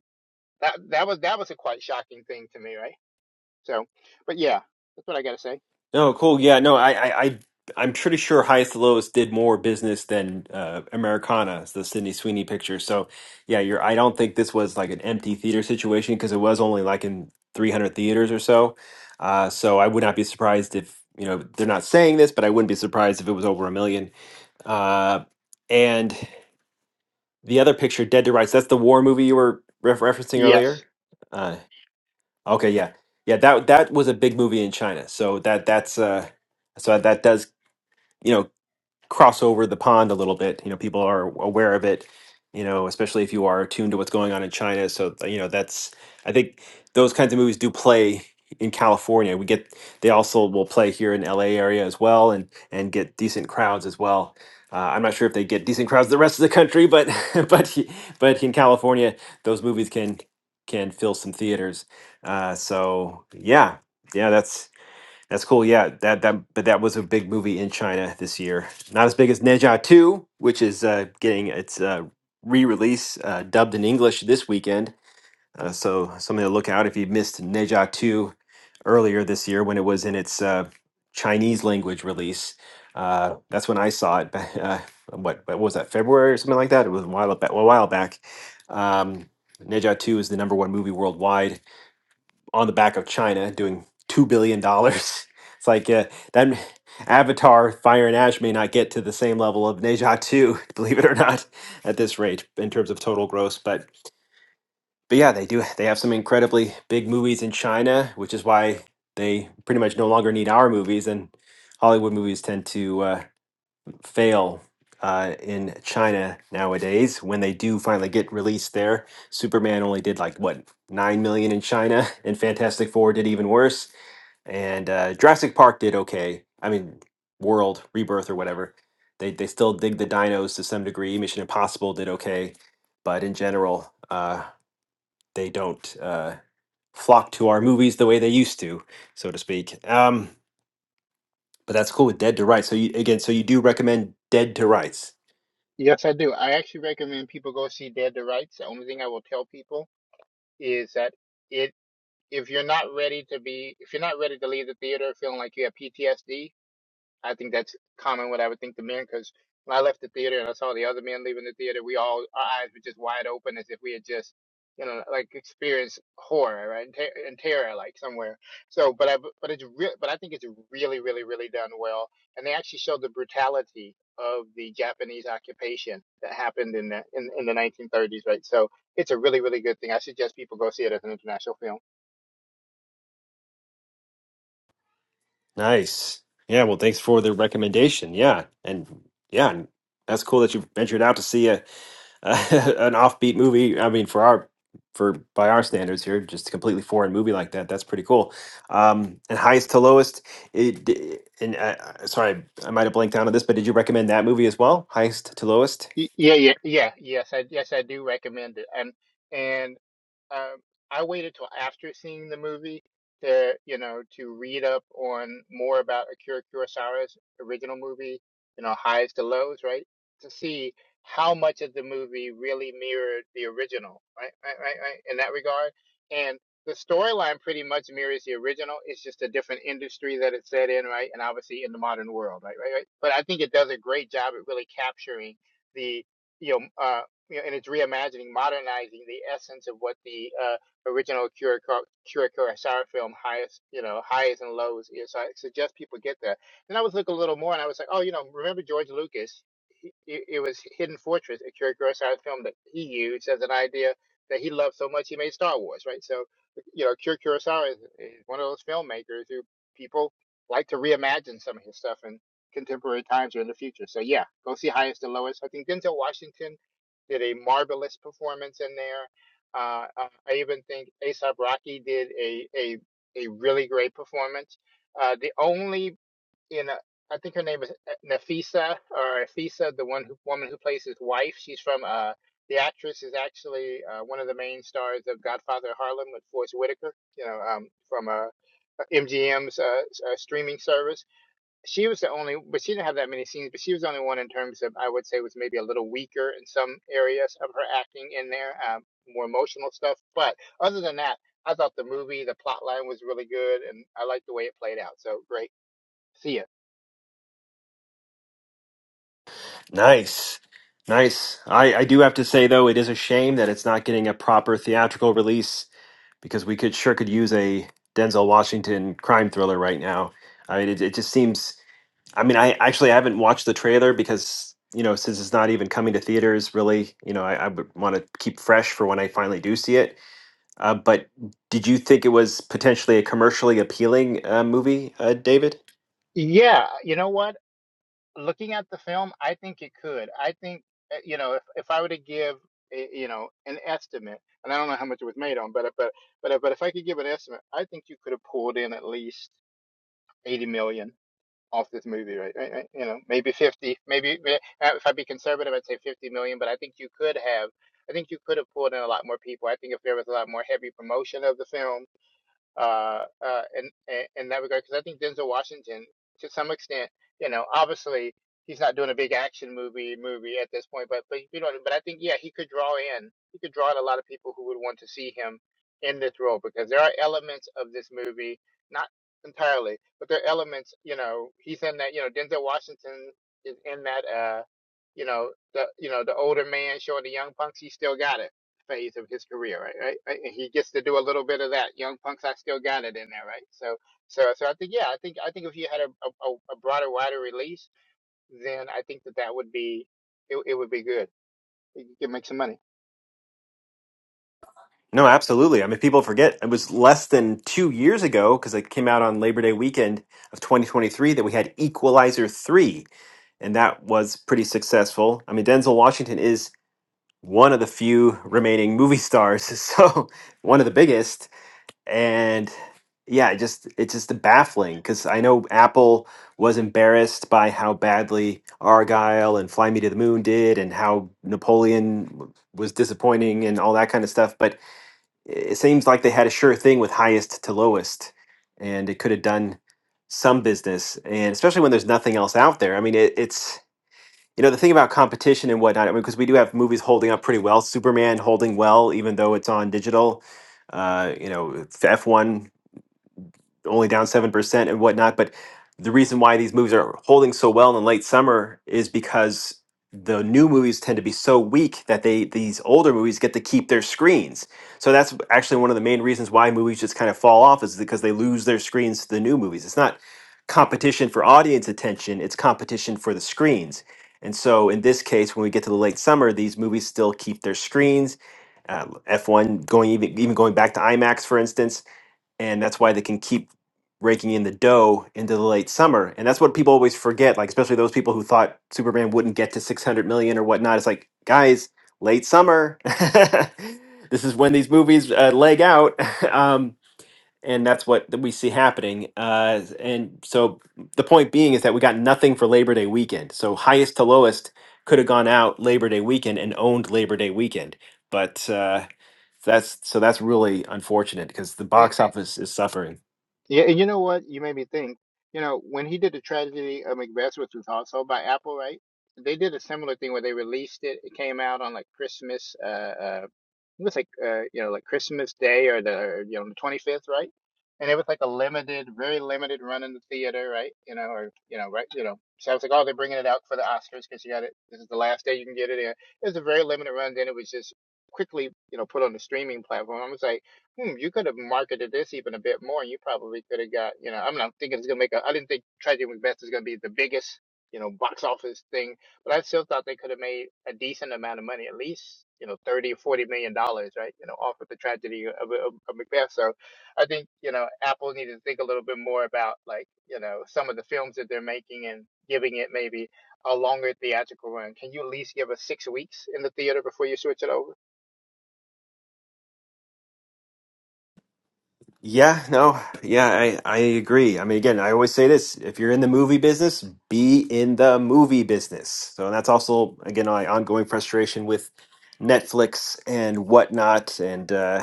that that was that was a quite shocking thing to me, right? So, but yeah, that's what I gotta say.
No, cool. Yeah, no, I, I, I I'm pretty sure Highest to Lowest did more business than uh, Americana, the Sydney Sweeney picture. So, yeah, you're. I don't think this was like an empty theater situation because it was only like in 300 theaters or so. Uh, so I would not be surprised if you know they're not saying this, but I wouldn't be surprised if it was over a million. Uh, and the other picture, Dead to Rights, that's the war movie you were ref referencing
Yes,
earlier. Uh, okay, yeah, yeah, that that was a big movie in China. So that that's uh so that does you know cross over the pond a little bit you know people are aware of it you know especially if you are attuned to what's going on in china so uh, you know that's i think those kinds of movies do play in california we get they also will play here in la area as well and and get decent crowds as well uh, i'm not sure if they get decent crowds the rest of the country but but he- but in california those movies can can fill some theaters uh, so yeah yeah that's that's cool. Yeah, that that but that was a big movie in China this year. Not as big as Ne Zha 2, which is uh, getting its uh, re-release uh, dubbed in English this weekend. Uh, so something to look out if you missed Ne Zha 2 earlier this year when it was in its uh, Chinese language release. Uh, that's when I saw it. ba- Uh, what, what was that? February or something like that. It was a while back. A while back. Um, Ne Zha 2 is the number one movie worldwide on the back of China doing two billion dollars. It's like uh, that Avatar, Fire and Ash may not get to the same level of Neja Two, believe it or not, at this rate in terms of total gross. But but yeah, they do. They have some incredibly big movies in China, which is why they pretty much no longer need our movies, and Hollywood movies tend to. Uh, fail uh, in China nowadays when they do finally get released there. Superman only did like what nine million in China, and Fantastic Four did even worse, and uh, Jurassic Park did okay. I mean, World Rebirth or whatever. They they still dig the dinos to some degree. Mission Impossible did okay, but in general, uh, they don't. Uh, flock to our movies the way they used to so to speak um but that's cool with dead to rights so you again so you do recommend dead to rights
yes, I do. I actually recommend people go see Dead to Rights. The only thing I will tell people is that it if you're not ready to be if you're not ready to leave the theater feeling like you have PTSD, I think that's common what I would think the men, because when I left the theater and I saw the other men leaving the theater, we all, our eyes were just wide open as if we had just, you know, like experienced horror right? and, ter- and terror, like somewhere. So, but I, but it's real, but I think it's really, really, really done well. And they actually showed the brutality of the Japanese occupation that happened in the, in, in the 1930s, right? So it's a really, really good thing. I suggest people go see it as an international film.
Nice. Yeah, well, thanks for the recommendation. Yeah, and yeah, and that's cool that you ventured out to see a, a an offbeat movie. I mean, for our for by our standards here, just a completely foreign movie like that. That's pretty cool. Um, and highest to lowest. It, d- and uh, uh, sorry, I might have blanked out on this, but did you recommend that movie as well? Highest to lowest.
Y- Yeah, yeah, yeah, yes, I, yes, I do recommend it. And, and Um, I waited till after seeing the movie to, you know, to read up on more about Akira Kurosawa's original movie, you know, Highs to Lows, right? To see how much of the movie really mirrored the original, right? Right, right, right, in that regard. And the storyline pretty much mirrors the original. It's just a different industry that it's set in, right? And obviously in the modern world, right, right, right. But I think it does a great job at really capturing the, you know, uh you know, and it's reimagining, modernizing the essence of what the uh, original Kira Kira Kurosawa film, highest, you know, highs and lows is. So I suggest people get that. And I was looking a little more, and I was like, oh, you know, remember George Lucas? He- It it was Hidden Fortress, a Kira Kurosawa film that he used as an idea that he loved so much he made Star Wars, right? So, you know, Kira Kurosawa is, is one of those filmmakers who people like to reimagine some of his stuff in contemporary times or in the future. So yeah, go see Highest and Lowest. I think Denzel Washington did a marvelous performance in there. Uh, uh, I even think Aesop Rocky did a a a really great performance. Uh, the only you know I think her name is uh, Nafisa or Afisa, the one who, woman who plays his wife. She's from uh the actress is actually uh, one of the main stars of Godfather Harlem with Forest Whitaker. You know um, from uh, MGM's uh, uh, streaming service she was the only, but she didn't have that many scenes. But she was the only one in terms of I would say was maybe a little weaker in some areas of her acting in there, um, more emotional stuff. But other than that, I thought the movie, the plot line was really good, and I liked the way it played out. So great, see ya.
Nice. Nice. I, I do have to say though, it is a shame that it's not getting a proper theatrical release because we could sure could use a Denzel Washington crime thriller right now. I mean, it, it just seems. I mean, I actually haven't watched the trailer because you know since it's not even coming to theaters really. You know, I, I would want to keep fresh for when I finally do see it. Uh, but did you think it was potentially a commercially appealing uh, movie, uh, David?
Yeah, you know what? Looking at the film, I think it could. I think uh, you know if if I were to give eh, you know an estimate, and I don't know how much it was made on, but but but but if I could give an estimate, I think you could have pulled in at least eighty million off this movie, right? right, right, You know, maybe 50, maybe eh, if I'd be conservative, I'd say 50 million, but I think you could have, I think you could have pulled in a lot more people. I think if there was a lot more heavy promotion of the film, uh, uh, in, in that regard. Because I think Denzel Washington, to some extent, you know, obviously he's not doing a big action movie movie at this point, but but you know, but I think yeah, he could draw in, he could draw in a lot of people who would want to see him in this role because there are elements of this movie, not entirely, but there are elements. You know, he's in that. You know, Denzel Washington is in that. uh you know the you know the older man showing the young punks he still got it phase of his career, right? Right? right? And he gets to do a little bit of that. Young punks, I still got it in there, right? So, so, so I think, yeah, I think, I think if you had a a, a broader, wider release, then I think that that would be, it, it would be good. You could make some money.
No, absolutely. I mean, people forget it was less than two years ago because it came out on Labor Day weekend of 2023 that we had Equalizer 3, and that was pretty successful. I mean, Denzel Washington is one of the few remaining movie stars, so one of the biggest. And yeah, it just it's just baffling because I know Apple was embarrassed by how badly Argyle and Fly Me to the Moon did, and how Napoleon w- was disappointing and all that kind of stuff, but it seems like they had a sure thing with highest to lowest, and it could have done some business, and especially when there's nothing else out there. I mean, it, it's you know the thing about competition and whatnot. I mean, because we do have movies holding up pretty well. Superman holding well, even though it's on digital. Uh, you know, F one only down 7% and whatnot. But the reason why these movies are holding so well in the late summer is because the new movies tend to be so weak that they these older movies get to keep their screens. So that's actually one of the main reasons why movies just kind of fall off is because they lose their screens to the new movies. It's not competition for audience attention, it's competition for the screens. And so in this case when we get to the late summer, these movies still keep their screens. Uh, F1 going even even going back to IMAX for instance and that's why they can keep raking in the dough into the late summer. And that's what people always forget, like especially those people who thought Superman wouldn't get to 600 million or whatnot. It's like, guys, late summer. this is when these movies uh, leg out. Um, and that's what that we see happening. Uh, and so the point being is that we got nothing for Labor Day weekend. So highest to lowest could have gone out Labor Day weekend and owned Labor Day weekend, but uh, that's so that's really unfortunate because the box office is suffering.
Yeah, and you know what? You made me think. You know, when he did the tragedy of Macbeth, which was also by Apple, right? They did a similar thing where they released it. It came out on like Christmas. Uh, uh, it was like uh, you know, like Christmas Day or the or, you know the twenty fifth, right? And it was like a limited, very limited run in the theater, right? You know, or you know, right? You know, so I was like, oh, they're bringing it out for the Oscars because you got it. This is the last day you can get it in. It was a very limited run. Then it was just quickly, you know, put on the streaming platform. I was like hmm, you could have marketed this even a bit more. You probably could have got, you know, I'm not thinking it's gonna make a. I didn't think Tragedy Was Best is gonna be the biggest, you know, box office thing, but I still thought they could have made a decent amount of money, at least, you know, thirty or forty million dollars, right? You know, off of the tragedy of, of, of Macbeth. So, I think you know, Apple needed to think a little bit more about like, you know, some of the films that they're making and giving it maybe a longer theatrical run. Can you at least give us six weeks in the theater before you switch it over?
Yeah, no, yeah, I, I agree. I mean, again, I always say this: if you're in the movie business, be in the movie business. So that's also again my ongoing frustration with Netflix and whatnot, and uh,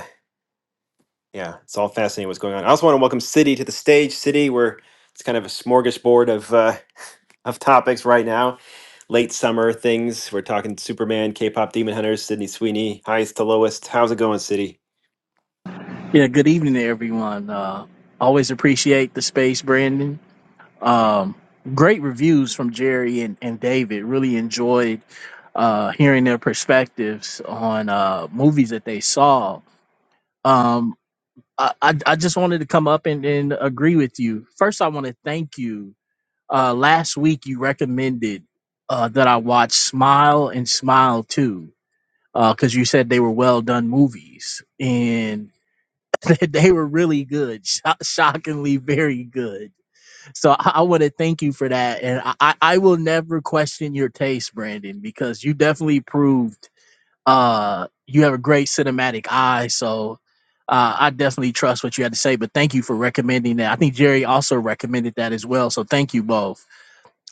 yeah, it's all fascinating what's going on. I also want to welcome City to the stage. City, where it's kind of a smorgasbord of uh, of topics right now. Late summer things. We're talking Superman, K-pop, Demon Hunters, Sydney Sweeney, highest to lowest. How's it going, City?
Yeah, good evening to everyone. Uh, always appreciate the space, Brandon. Um, great reviews from Jerry and, and David. Really enjoyed uh, hearing their perspectives on uh, movies that they saw. Um, I, I, I just wanted to come up and, and agree with you. First, I want to thank you. Uh, last week, you recommended uh, that I watch Smile and Smile too, because you said they were well done movies. And they were really good, sho- shockingly very good. So I, I want to thank you for that, and I, I I will never question your taste, Brandon, because you definitely proved uh, you have a great cinematic eye. So uh, I definitely trust what you had to say. But thank you for recommending that. I think Jerry also recommended that as well. So thank you both.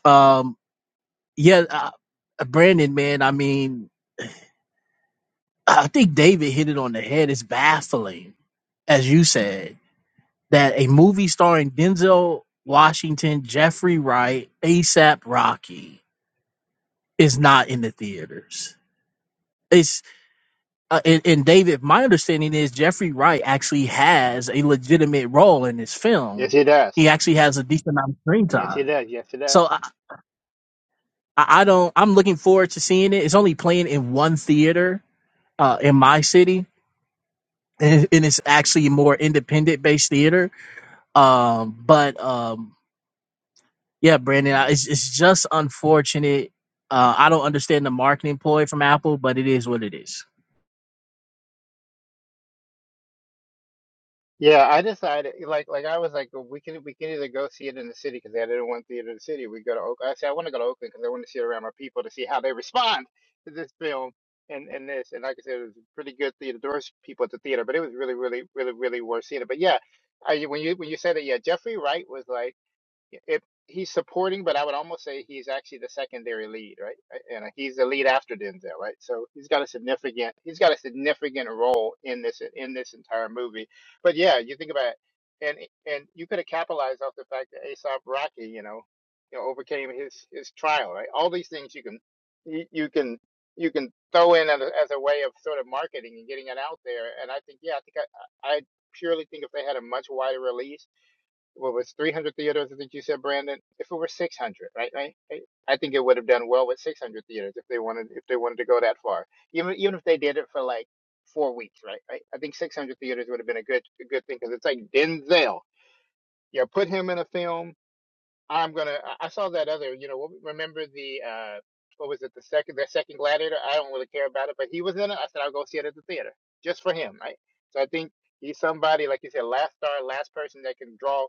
Um, yeah, uh, Brandon, man. I mean, I think David hit it on the head. It's baffling, as you said that a movie starring Denzel Washington, Jeffrey Wright, ASAP Rocky is not in the theaters. It's uh, and, and David. My understanding is Jeffrey Wright actually has a legitimate role in this film.
Yes, it
He
does.
actually has a decent amount of screen
Yes, it
time.
does. Yes, it does.
So I, I I don't. I'm looking forward to seeing it. It's only playing in one theater uh, in my city, and, and it's actually a more independent based theater. Um, but um, Yeah, Brandon, I- it's it's just unfortunate. Uh, I don't understand the marketing ploy from Apple, but it is what it is.
Yeah, I decided like like I was like "Well, we can we can either go see it in the city because they didn't want theater in the city. We go to Oakland. I said I want to go to Oakland because I want to see it around my people to see how they respond to this film and and this. And like I said, it was pretty good theater. There was people at the theater, but it was really really really really worth seeing it. But yeah, I, when you when you said it, yeah, Jeffrey Wright was like if he's supporting, but I would almost say he's actually the secondary lead, right? And uh, he's the lead after Denzel, right? So he's got a significant he's got a significant role in this in this entire movie. But yeah, you think about it, and and you could have capitalized off the fact that Aesop Rocky, you know, you know, overcame his his trial, right? All these things you can you, you can you can throw in as a, as a way of sort of marketing and getting it out there. And I think yeah, I think I I purely think if they had a much wider release what was 300 theaters, I think you said, Brandon. If it were 600, right, right, right? I think it would have done well with 600 theaters if they wanted if they wanted to go that far. Even even if they did it for like four weeks, right, right? I think 600 theaters would have been a good a good thing because it's like Denzel. You know, put him in a film. I'm gonna. I I saw that other. You know, remember the uh, what was it? The second the second Gladiator. I don't really care about it, but he was in it. I said I'll go see it at the theater just for him, right? So I think he's somebody like you said, last star, last person that can draw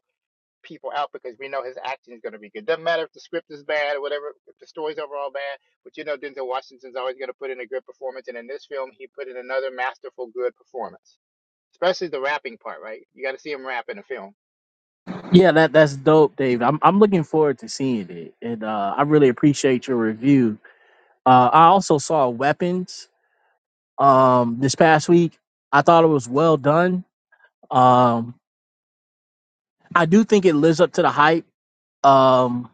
people out because we know his acting is going to be good. Doesn't matter if the script is bad or whatever, if the story's overall bad, but you know Denzel Washington's always going to put in a good performance. And in this film, he put in another masterful, good performance, especially the rapping part, right? You got to see him rap in a film.
Yeah, that that's dope, Dave. I'm I'm looking forward to seeing it, and uh, I really appreciate your review. Uh, I also saw Weapons um, this past week. I thought it was well done. Um, I do think it lives up to the hype. Um,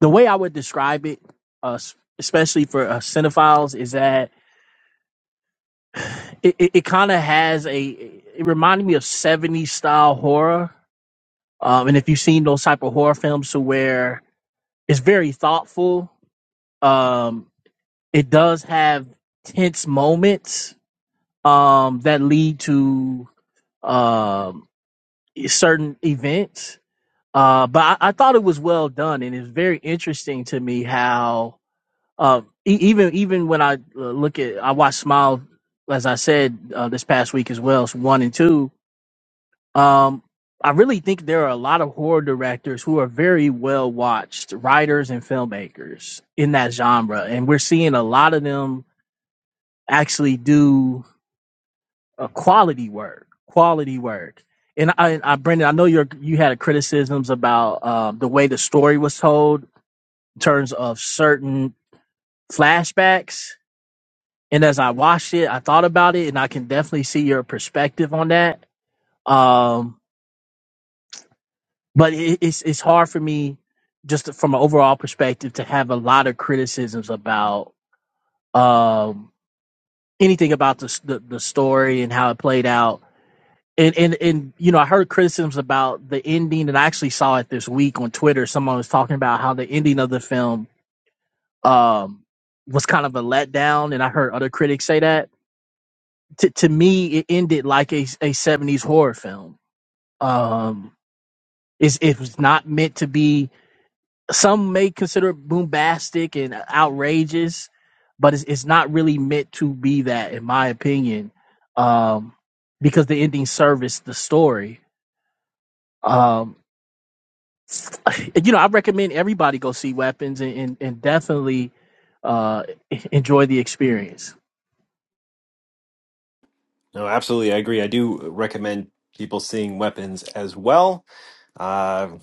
the way I would describe it, uh, s- especially for uh, cinephiles, is that it, it, it kind of has a it reminded me of 70s style horror um and if you've seen those type of horror films to where it's very thoughtful um it does have tense moments um that lead to um certain events uh but i, I thought it was well done and it's very interesting to me how um e- even even when i uh, look at i watched smile as i said uh, this past week as well so one and two Um, I really think there are a lot of horror directors who are very well watched, writers and filmmakers in that genre. And we're seeing a lot of them actually do a quality work, quality work. And I, I Brendan, I know you you had criticisms about uh, the way the story was told in terms of certain flashbacks. And as I watched it, I thought about it, and I can definitely see your perspective on that. Um, but it, it's it's hard for me just to- from an overall perspective to have a lot of criticisms about um, anything about the, s- the the story and how it played out. And, and and you know I heard criticisms about the ending, and I actually saw it this week on Twitter. Someone was talking about how the ending of the film um, was kind of a letdown, and I heard other critics say that. To to me, it ended like a a seventies horror film. Um, it's, it was not meant to be some may consider it bombastic and outrageous, but it's, it's not really meant to be that, in my opinion, um, because the ending serviced the story. Um, you know, I recommend everybody go see Weapons and, and, and definitely uh, enjoy the experience.
No, absolutely, I agree. I do recommend people seeing Weapons as well. Uh,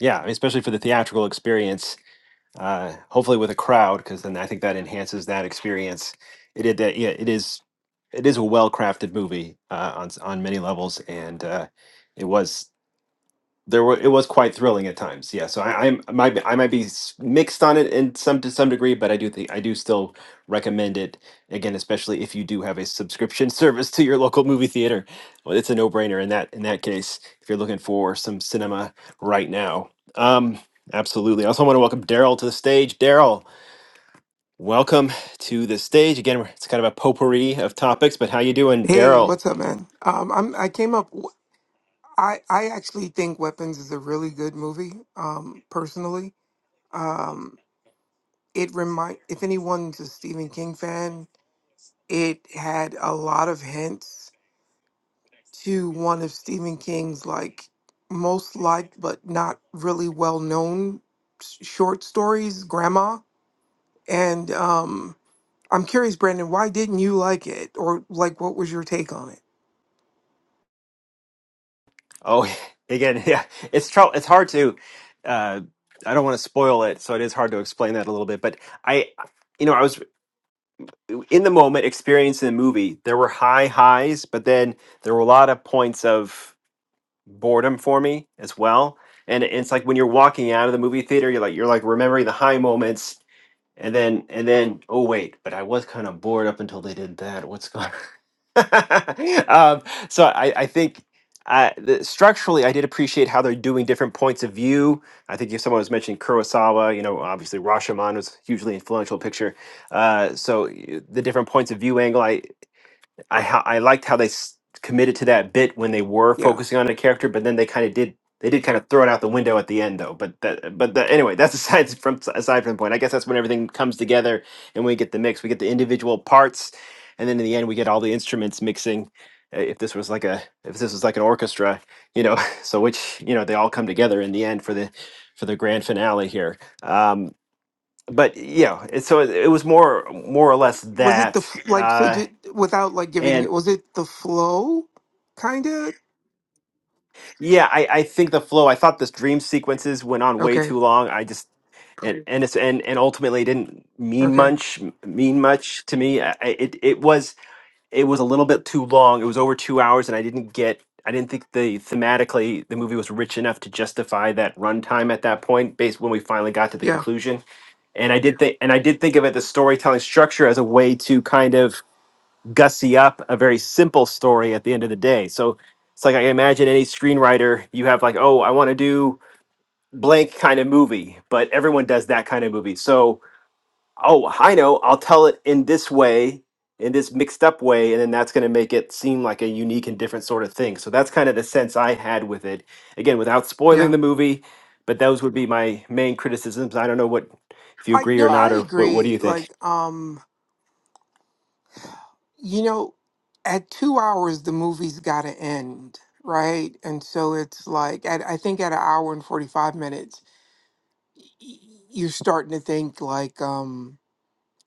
yeah, especially for the theatrical experience uh, hopefully with a crowd because then I think that enhances that experience. It, it, that- yeah, it is it is a well crafted movie uh, on s- on many levels, and uh, it was there were it was quite thrilling at times. Yeah, so I, I'm I might be, I might be s- mixed on it in some to some degree, but I do think I do still recommend it again, especially if you do have a subscription service to your local movie theater. Well, it's a no brainer in that in that case if you're looking for some cinema right now. Um, absolutely. I also want to welcome Daryl to the stage. Daryl, welcome to the stage again. It's kind of a potpourri of topics, but how you doing,
Hey,
Daryl?
what's up, man? Um, I'm I came up. I I actually think Weapons is a really good movie. Um, personally, um, it remind if anyone's a Stephen King fan, it had a lot of hints to one of Stephen King's like most liked but not really well known short stories, Grandma. And um, I'm curious, Brandon, why didn't you like it, or like what was your take on it?
Oh, again, yeah, it's trou- It's hard to. Uh, I don't want to spoil it, so it is hard to explain that a little bit. But I, you know, I was in the moment experiencing the movie. There were high highs, but then there were a lot of points of boredom for me as well. And it's like when you're walking out of the movie theater, you're like you're like remembering the high moments and then and then oh wait, but I was kind of bored up until they did that. What's going um, so I, I think uh, the, structurally, I did appreciate how they're doing different points of view. I think if someone was mentioning Kurosawa, you know, obviously Rashomon was hugely influential picture. Uh, so y- the different points of view angle. I. I ho- I liked how they s- committed to that bit when they were
Yeah.
focusing on a character, but then they kind of did they did kind of throw it out the window at the end though. But that but the, anyway, that's aside from aside from the point. I guess that's when everything comes together and we get the mix. We get the individual parts, and then in the end we get all the instruments mixing. Uh, If this was like a if this was like an orchestra, you know, so which you know they all come together in the end for the for the grand finale here. Um, but yeah, it, so it, it was more more or less
Was it the
that.
f- like so
Uh,
ju- without like giving it was it the flow kind of?
Yeah, I, I think the flow. I thought this dream sequences went on way
Okay.
too long. I just and and it's, and and ultimately it didn't mean
Okay.
much mean much to me. I, I- it it was it was a little bit too long. It was over two hours, and I didn't get. I didn't think the thematically the movie was rich enough to justify that runtime at that point. Based when we finally got to the
Yeah.
conclusion, and I did think and I did think of it the storytelling structure as a way to kind of gussy up a very simple story at the end of the day. So it's like I imagine any screenwriter, you have like, oh, I want to do blank kind of movie, but everyone does that kind of movie. So, oh, I know, I'll tell it in this way, in this mixed up way, and then that's going to make it seem like a unique and different sort of thing. So that's kind of the sense I had with it. Again, without spoiling
Yeah.
the movie, but those would be my main criticisms. I don't know what if you
I you
agree or
know, I
not, or what, what do
agree
you think?
like um you know at 2 hours the movie's got to end, right? And so it's like at, I think at an hour and 45 minutes y- y- you're starting to think like um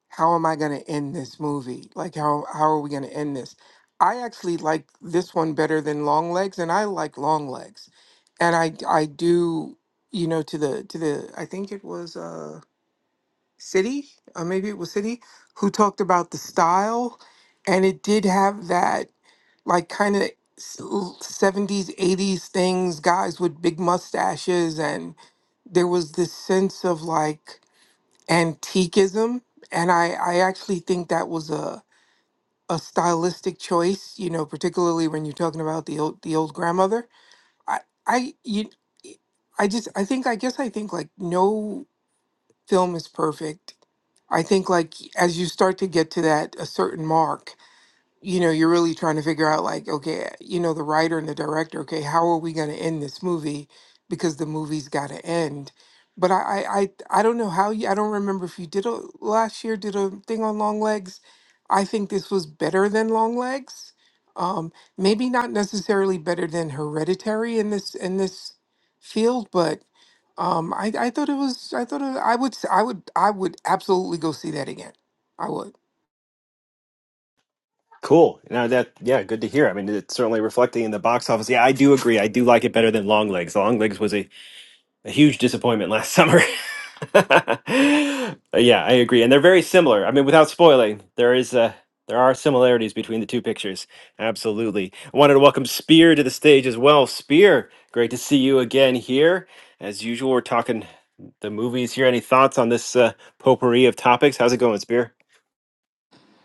how am I going to end this movie? Like, how how are we going to end this? I actually like this one better than Long Legs, and I like Long Legs, and I I do you know to the to the I think it was uh City, uh, maybe it was City, who talked about the style, and it did have that like kind of 70s 80s things guys with big mustaches and there was this sense of like antiquism and i i actually think that was a a stylistic choice you know particularly when you're talking about the old the old grandmother i i you i just i think i guess i think like no film is perfect i think like as you start to get to that a certain mark you know, you're really trying to figure out, like, okay, you know, the writer and the director, okay, how are we going to end this movie? Because the movie's got to end. But I, I, I, I don't know how you, I don't remember if you did a last year, did a thing on Long Legs. I think this was better than Long Legs. Um, maybe not necessarily better than Hereditary in this, in this field, but um, I, I thought it was, I thought it, I would, s- I would, I would absolutely go see that again. I would.
Cool. Now that yeah, good to hear. I mean, it's certainly reflecting in the box office. Yeah, I do agree. I do like it better than Long Legs. Long Legs was a, a huge disappointment last summer. yeah, I agree. And they're very similar. I mean, without spoiling, there is uh there are similarities between the two pictures. Absolutely. I wanted to welcome Spear to the stage as well. Spear, great to see you again here. As usual, we're talking the movies here. Any thoughts on this uh, potpourri of topics? How's it going, Spear?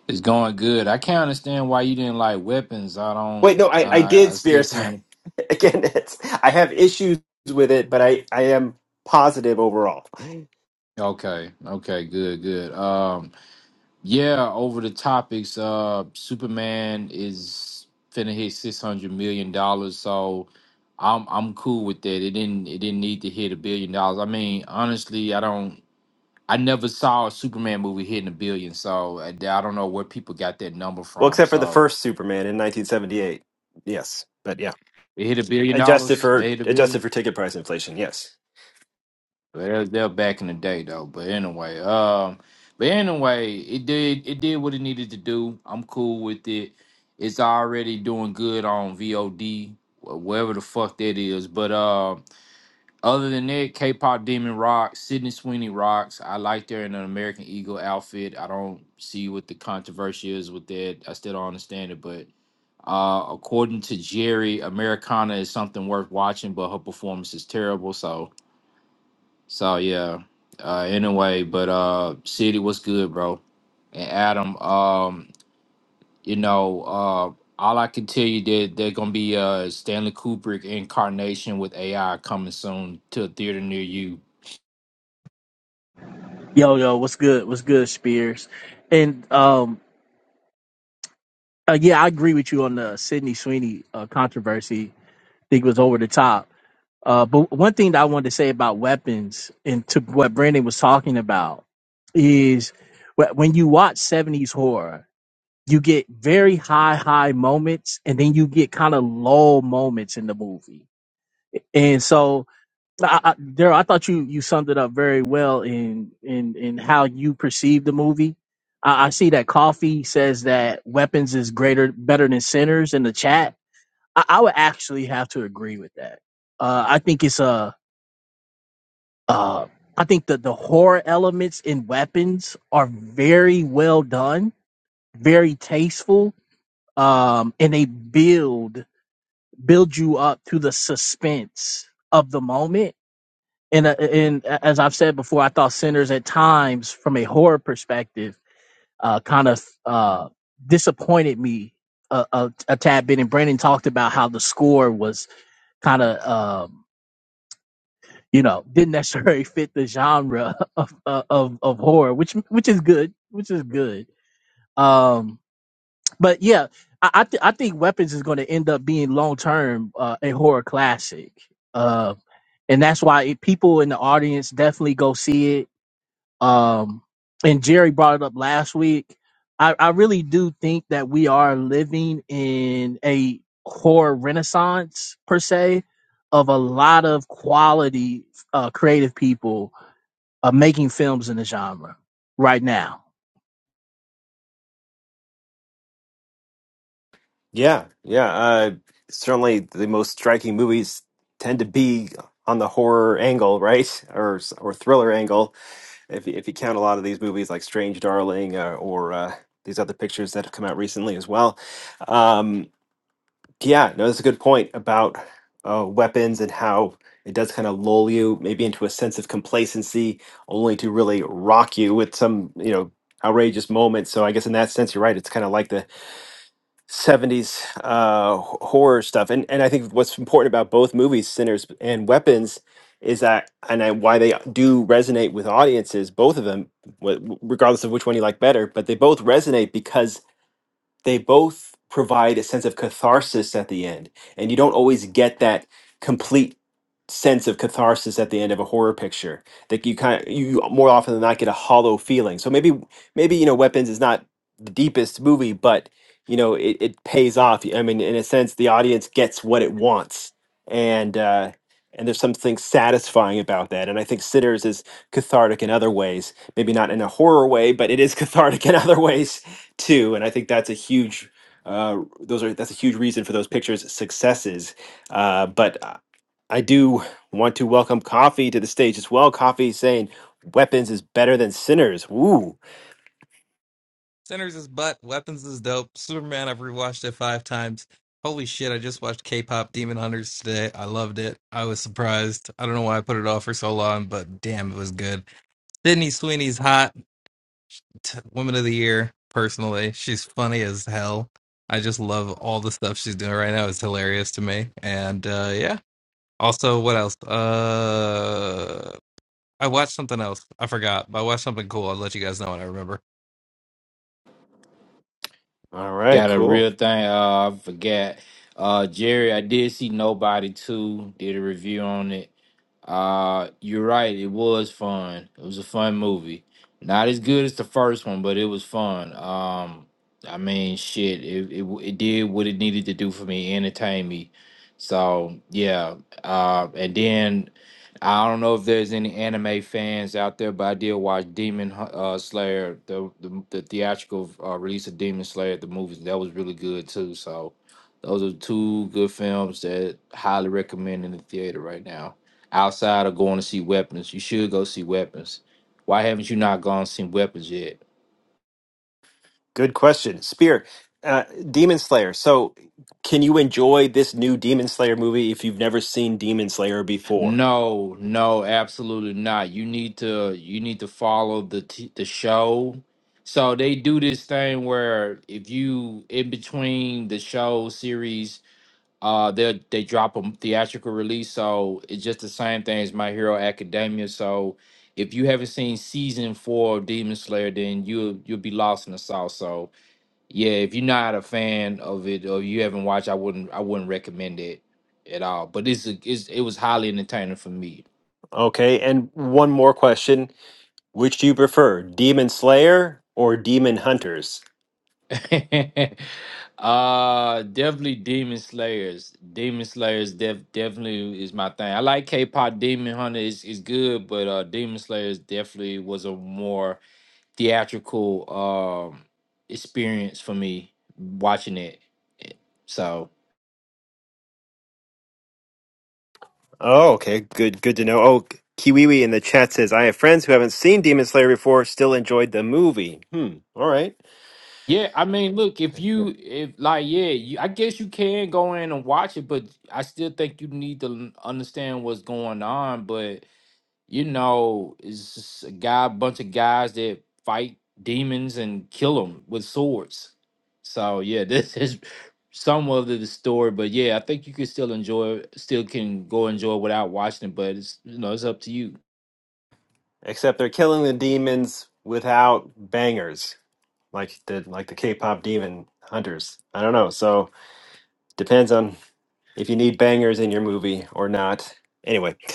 It's going good. I can't understand why you didn't like weapons. I
Wait,
don't.
no, I, I
I I
did
still
Spear. Sorry.
can't.
Again, it's I have issues with it, but I, I am positive overall.
Okay. Okay. Good. Good. Um. Yeah. Over the topics. Uh. Superman is finna hit six hundred million dollars. So, I'm I'm cool with that. It didn't it didn't need to hit a billion dollars. I mean, honestly, I don't. I never saw a Superman movie hitting a billion. So I, I don't know where people got that number
Well,
from.
except for the
So
first Superman in 1978. Yes, but yeah,
it hit a billion
adjusted
dollars. They
for
hit a billion.
adjusted for ticket price inflation. Yes,
They're they're back in the day though. But anyway, um, but anyway, it did it did what it needed to do. I'm cool with it. It's already doing good on VOD, wh- wherever the fuck that is. But uh, other than that, K-pop Demon rocks. Sydney Sweeney rocks. I like her in an American Eagle outfit. I don't see what the controversy is with that. I still don't understand it, but. Uh, according to Jerry, Americana is something worth watching, but her performance is terrible. So, so yeah. Uh anyway, but uh City was good, bro. And Adam, um, you know, uh all I can tell you that they're gonna be uh Stanley Kubrick incarnation with AI coming soon to a theater near you.
Yo, yo, what's good? What's good, Spears? And um, uh, yeah, I agree with you on the Sydney Sweeney uh, controversy. I think it was over the top Uh, but one thing that I wanted to say about weapons and to what Brandon was talking about is wh- when you watch 70s horror, you get very high, high moments and then you get kind of low moments in the movie. And so, I, I, Daryl, I thought you, you summed it up very well in, in, in how you perceive the movie. I, I see that Coffee says that weapons is greater, better than sinners in the chat. I, I would actually have to agree with that. Uh, I think it's a, uh, I think that the horror elements in weapons are very well done, very tasteful, um, and they build build you up to the suspense of the moment. And uh, and as I've said before, I thought Sinners at times, from a horror perspective, uh, kind of uh, disappointed me a, a, a tad bit. And Brandon talked about how the score was kind of. um you know, didn't necessarily fit the genre of uh, of of horror, which which is good, which is good. Um, but yeah, I I, th- I think Weapons is going to end up being long term uh, a horror classic, uh, and that's why it, people in the audience definitely go see it. Um, and Jerry brought it up last week. I, I really do think that we are living in a horror renaissance per se of a lot of quality uh, creative people of making films in the genre right now.
yeah, yeah. Uh, certainly, the most striking movies tend to be on the horror angle, right, or or thriller angle. If you- if you count a lot of these movies like Strange Darling uh, or uh, these other pictures that have come out recently as well. Um, Yeah, no, that's a good point about uh, weapons and how it does kind of lull you maybe into a sense of complacency, only to really rock you with some, you know, outrageous moment. So I guess in that sense, you're right. It's kind of like the 70s uh, h- horror stuff. And and I think what's important about both movies, Sinners and Weapons, is that and I, why they do resonate with audiences, both of them, wh- regardless of which one you like better, but they both resonate because they both provide a sense of catharsis at the end and you don't always get that complete sense of catharsis at the end of a horror picture that you kind of you more often than not get a hollow feeling so maybe maybe you know weapons is not the deepest movie but you know it, it pays off i mean in a sense the audience gets what it wants and uh and there's something satisfying about that and i think sinners is cathartic in other ways maybe not in a horror way but it is cathartic in other ways too and i think that's a huge uh, those are that's a huge reason for those pictures successes uh, but i I do want to welcome coffee to the stage as well coffee saying weapons is better than sinners woo
Sinners is butt. Weapons is dope. Superman, I've rewatched it five times. Holy shit, I just watched K pop Demon Hunters today. I loved it. I was surprised. I don't know why I put it off for so long, but damn, it was good. Sydney Sweeney's hot. T- Woman of the Year, personally. She's funny as hell. I just love all the stuff she's doing right now. It's hilarious to me. And uh, yeah. Also, what else? Uh, I watched something else. I forgot, but I watched something cool. I'll let you guys know when I remember.
all right
Got a
cool
real thing, uh I forgot. Uh Jerry, I did see nobody too, did a review on it. Uh, you're right. It was fun. It was a fun movie. Not as good as the first one, but it was fun. Um, I mean, shit, it it, it did what it needed to do for me, entertain me. So yeah. Uh, and then I don't know if there's any anime fans out there, but I did watch Demon Hu- uh, Slayer, the the, the theatrical uh, release of Demon Slayer at the movies. That was really good too. So those are two good films that highly recommend in the theater right now outside of going to see weapons. You should go see weapons. Why haven't you not gone and seen weapons yet?
good question Spear. uh, demon slayer so can you enjoy this new demon slayer movie if you've never seen demon slayer before
No, no, absolutely not. You need to you need to follow the t- the show. So they do this thing where if you in between the show series, uh, they they drop a theatrical release. So it's just the same thing as My Hero Academia. So if you haven't seen season four of Demon Slayer, then you will you'll you'll be lost in the sauce. So Yeah, if you're not a fan of it or you haven't watched, I wouldn't I wouldn't recommend it at all. But it's, a, it's it was highly entertaining for me.
okay and one more question which do you prefer demon slayer or demon hunters
uh definitely Demon Slayers. Demon Slayers def, definitely is my thing. I like K-pop Demon Hunter is is good, but uh Demon Slayers definitely was a more theatrical um experience for me watching it. So
Oh, okay. Good good to know. Oh, Kiwiwi in the chat says, I have friends who haven't seen Demon Slayer before, still enjoyed the movie. Hmm. All right.
Yeah, I mean, look, if
Yeah.
you if like yeah, you, I guess you can go in and watch it, but I still think you need to l- understand what's going on. But you know, it's just a guy, bunch of guys that fight demons and kill them with swords. So yeah, this is somewhat of the story, but yeah, I think you can still enjoy, still can go enjoy it without watching it. But it's you know, it's up to you.
Except they're killing the demons without bangers, like the like the K pop demon hunters. I don't know. So depends on if you need bangers in your movie or not. Anyway.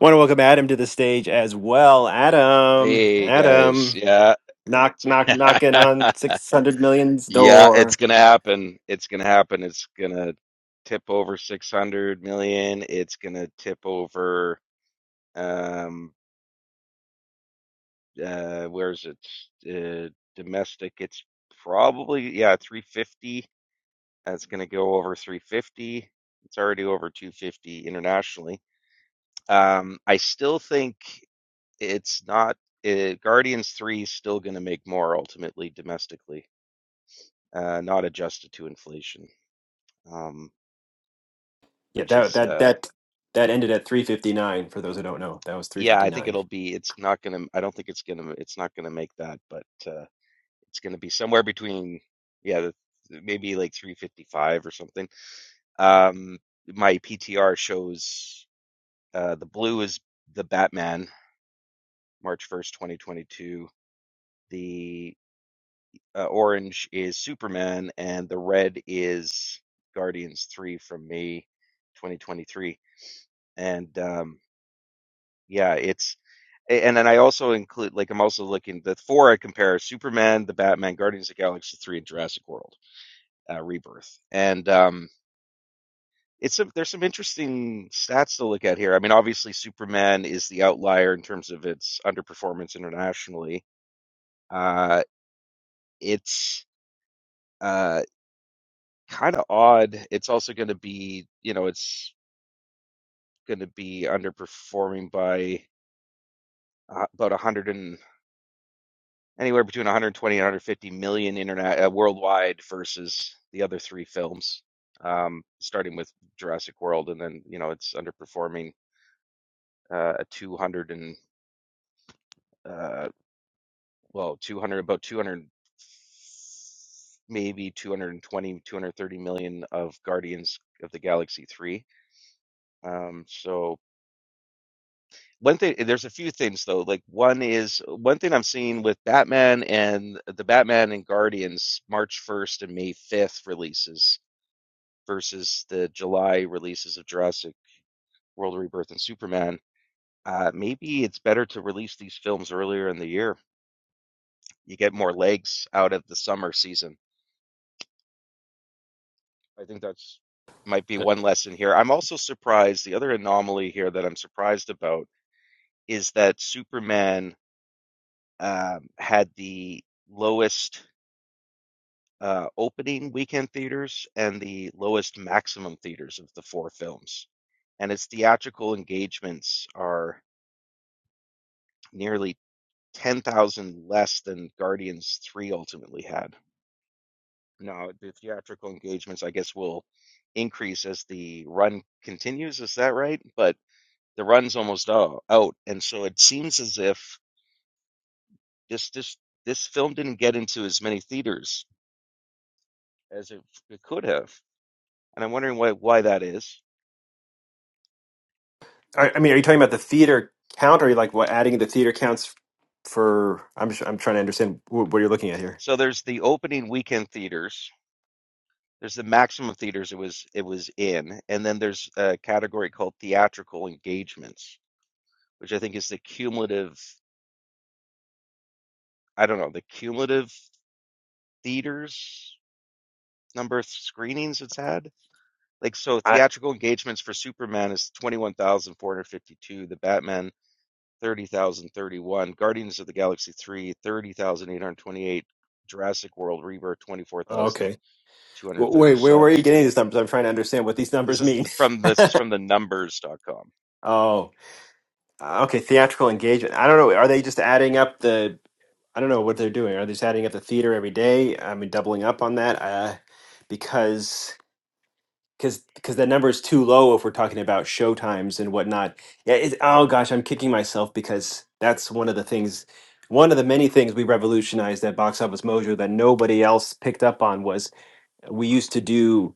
Want to welcome Adam to the stage as well. Adam.
Hey guys,
Adam.
yeah.
Knock knock knocking on six hundred million's
Yeah,
door.
it's gonna happen. It's gonna happen. It's gonna tip over 600 million. It's gonna tip over um uh where is it? Uh, domestic. It's probably yeah, 350. That's gonna go over 350. It's already over 250 internationally. Um, I still think it's not uh, Guardians 3 is still gonna make more ultimately domestically. uh, not adjusted to inflation, um,
Yeah,
which
that
is
that
uh,
that that ended at 359 for those who don't know. That was
yeah, I think
359.
it'll be. It's not gonna. I don't think it's gonna. It's not gonna make that, but uh, it's gonna be somewhere between yeah, the, maybe like 355 or something. Um, my PTR shows uh, the blue is the Batman, March 1st, 2022. The uh, orange is Superman, and the red is Guardians 3 from May 2023. And um, yeah, it's And then I also include, like, I'm also looking, the four I compare Superman, the Batman, Guardians of the Galaxy 3, and Jurassic World uh, Rebirth. And um, it's a, there's some interesting stats to look at here. I mean, obviously, Superman is the outlier in terms of its underperformance internationally. Uh, it's uh, kind of odd. It's also going to be, you know, it's going to be underperforming by uh, about 100 and. anywhere between 120 and 150 million internet uh, worldwide versus the other three films, um, starting with Jurassic World, and then you know it's underperforming uh, a 200 and uh, well 200 about 200 maybe two hundred twenty two hundred thirty million of Guardians of the Galaxy three. Um, so one thing there's a few things though like one is one thing i'm seeing with batman and the batman and guardians march 1st and may 5th releases versus the july releases of jurassic world rebirth and superman uh, maybe it's better to release these films earlier in the year you get more legs out of the summer season i think that's might be one lesson here i'm also surprised the other anomaly here that i'm surprised about is that superman um, had the lowest uh, opening weekend theaters and the lowest maximum theaters of the four films. And its theatrical engagements are nearly 10,000 less than Guardians 3 ultimately had. Now, the theatrical engagements, I guess, will increase as the run continues. Is that right? But the run's almost o- out. And so it seems as if this, this, this film didn't get into as many theaters as it, it could have. And I'm wondering why, why that is.
I, I mean, are you talking about the theater count or are you like what adding the theater counts for I'm just- I'm trying to understand what, what you're looking at here.
So there's the opening weekend theaters. There's the maximum theaters it was it was in, and then there's a category called theatrical engagements, which I think is the cumulative, I don't know, the cumulative theaters number of screenings it's had. Like so
I
theatrical engagements for Superman is 21,452, the Batman 30,031, Guardians of the Galaxy 3 30,828. Jurassic World Rebirth
oh, okay. Well, wait, where were
24,237.
you getting these numbers? I'm trying to understand what these
This
numbers
is
mean.
from this is from the numbers.com.
Oh. Uh, okay, theatrical engagement. I don't know. Are they just adding up the? I don't know what they're doing. Are they just adding up the theater every day? I mean, doubling up on that uh, because because because that number is too low if we're talking about show times and whatnot. Yeah. It's, oh gosh, I'm kicking myself because that's one of the things, one of the many things we revolutionized at Box Office Mojo that nobody else picked up on was we used to do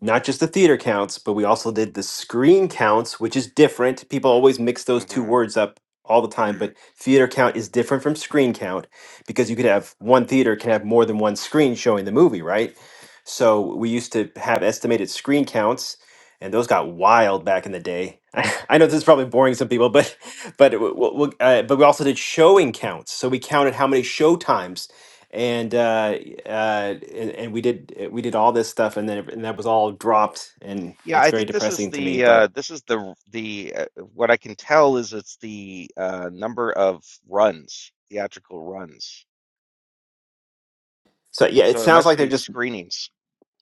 not just the theater counts, but we also did the screen counts, which is different. People always mix those two
Mm-hmm.
words up all the time, but theater count is different from screen count because you could have one theater can have more than one screen showing the movie, right? So we used to have estimated screen counts, and those got wild back in the day. I know this is probably boring some people, but but w- w- w- uh, but we also did showing counts. So we counted how many show times, and uh, uh, and, and we did we did all this stuff, and then and that was all dropped, and
Yeah,
it's
I
very
think this is
depressing to me.
the
But
uh, this is the the uh, what I can tell is it's the uh, number of runs, theatrical runs.
so yeah, it
So it
sounds
must
like they're
be
just.
screenings,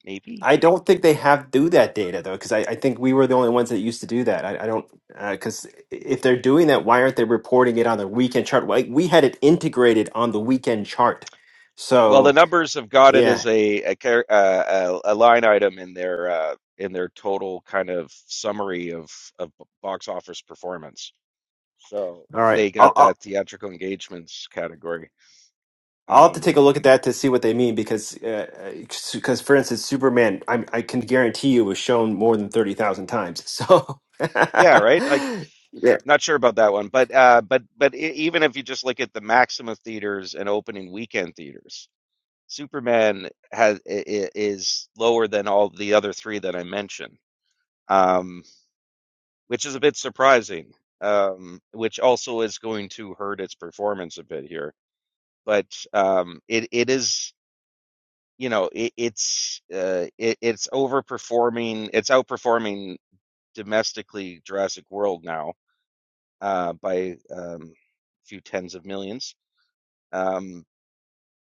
maybe.
I don't think they have do that data though, because I, I think we were the only ones that used to do that. I, I don't because if they're doing that, why aren't they reporting it on the weekend chart? Like we had it integrated on the weekend chart.
Well, the
So
numbers have got it as
yeah,
a a, char- uh, a, a line item in their uh, in their total kind of summary of of box office performance. So
all right.
they
I'll,
got
I'll
that theatrical engagements category.
I'll have to
Um,
take a look at that to see what they mean because, because for instance, Superman, I'm, I can guarantee you was shown more than thirty thousand times. So,
yeah, right. Like,
yeah,
not sure about that one, but uh, but but e- even if you just look at the Maxima theaters and opening weekend theaters, Superman has i- i- is lower than all the other three that I mentioned, um, which is a bit surprising. Um, which also is going to hurt its performance a bit here, but um, it it is you know it, it's uh, it, it's overperforming it's outperforming domestically Jurassic World now uh, by um, a few tens of millions. Um,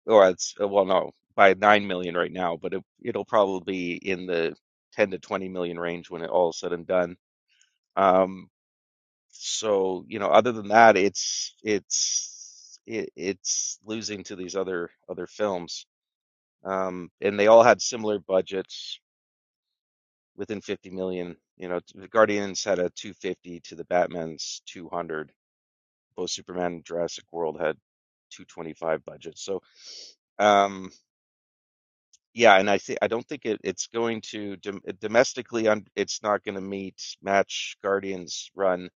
or it's uh, well, no, by nine million right now, but it, it'll probably be in the ten to twenty million range when it all is said and done. Um, so you know, other than that, it's it's it, it's losing to these other other films, um, and they all had similar budgets within 50 million. You know, the Guardians had a 250 to the Batman's 200 both Superman and Jurassic World had 225 budgets. So, um, yeah, and I think I don't think it, it's going to dom domestically, um, it's not going to meet match Guardians run,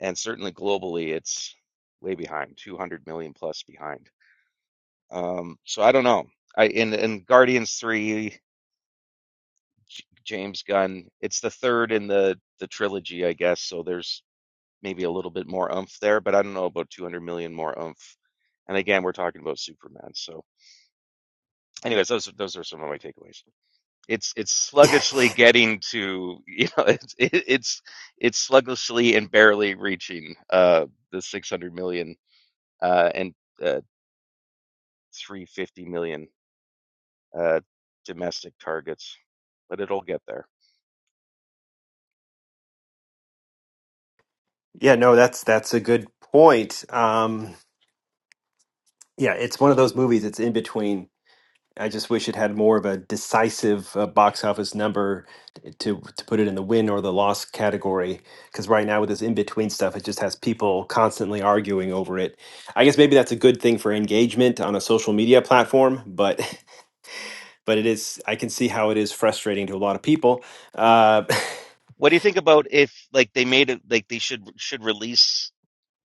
and certainly globally, it's way behind, 200 million plus behind. Um, so I don't know. I in in Guardians 3, J James Gunn, it's the third in the the trilogy, I guess. So there's maybe a little bit more oomph there, but I don't know about 200 million more oomph. And again, we're talking about Superman. So, anyways, those those are some of my takeaways. It's it's sluggishly getting to you know it's it, it's it's sluggishly and barely reaching uh the 600 million uh and uh 350 million uh domestic targets, but it'll get there.
yeah, no, that's that's a good point. Um, yeah, it's one of those movies. It's in between. I just wish it had more of a decisive uh, box office number t- to to put it in the win or the loss category. Because right now with this in between stuff, it just has people constantly arguing over it. I guess maybe that's a good thing for engagement on a social media platform, but but it is. I can see how it is frustrating to a lot of people. Uh,
What do you think about if like they made it like they should should release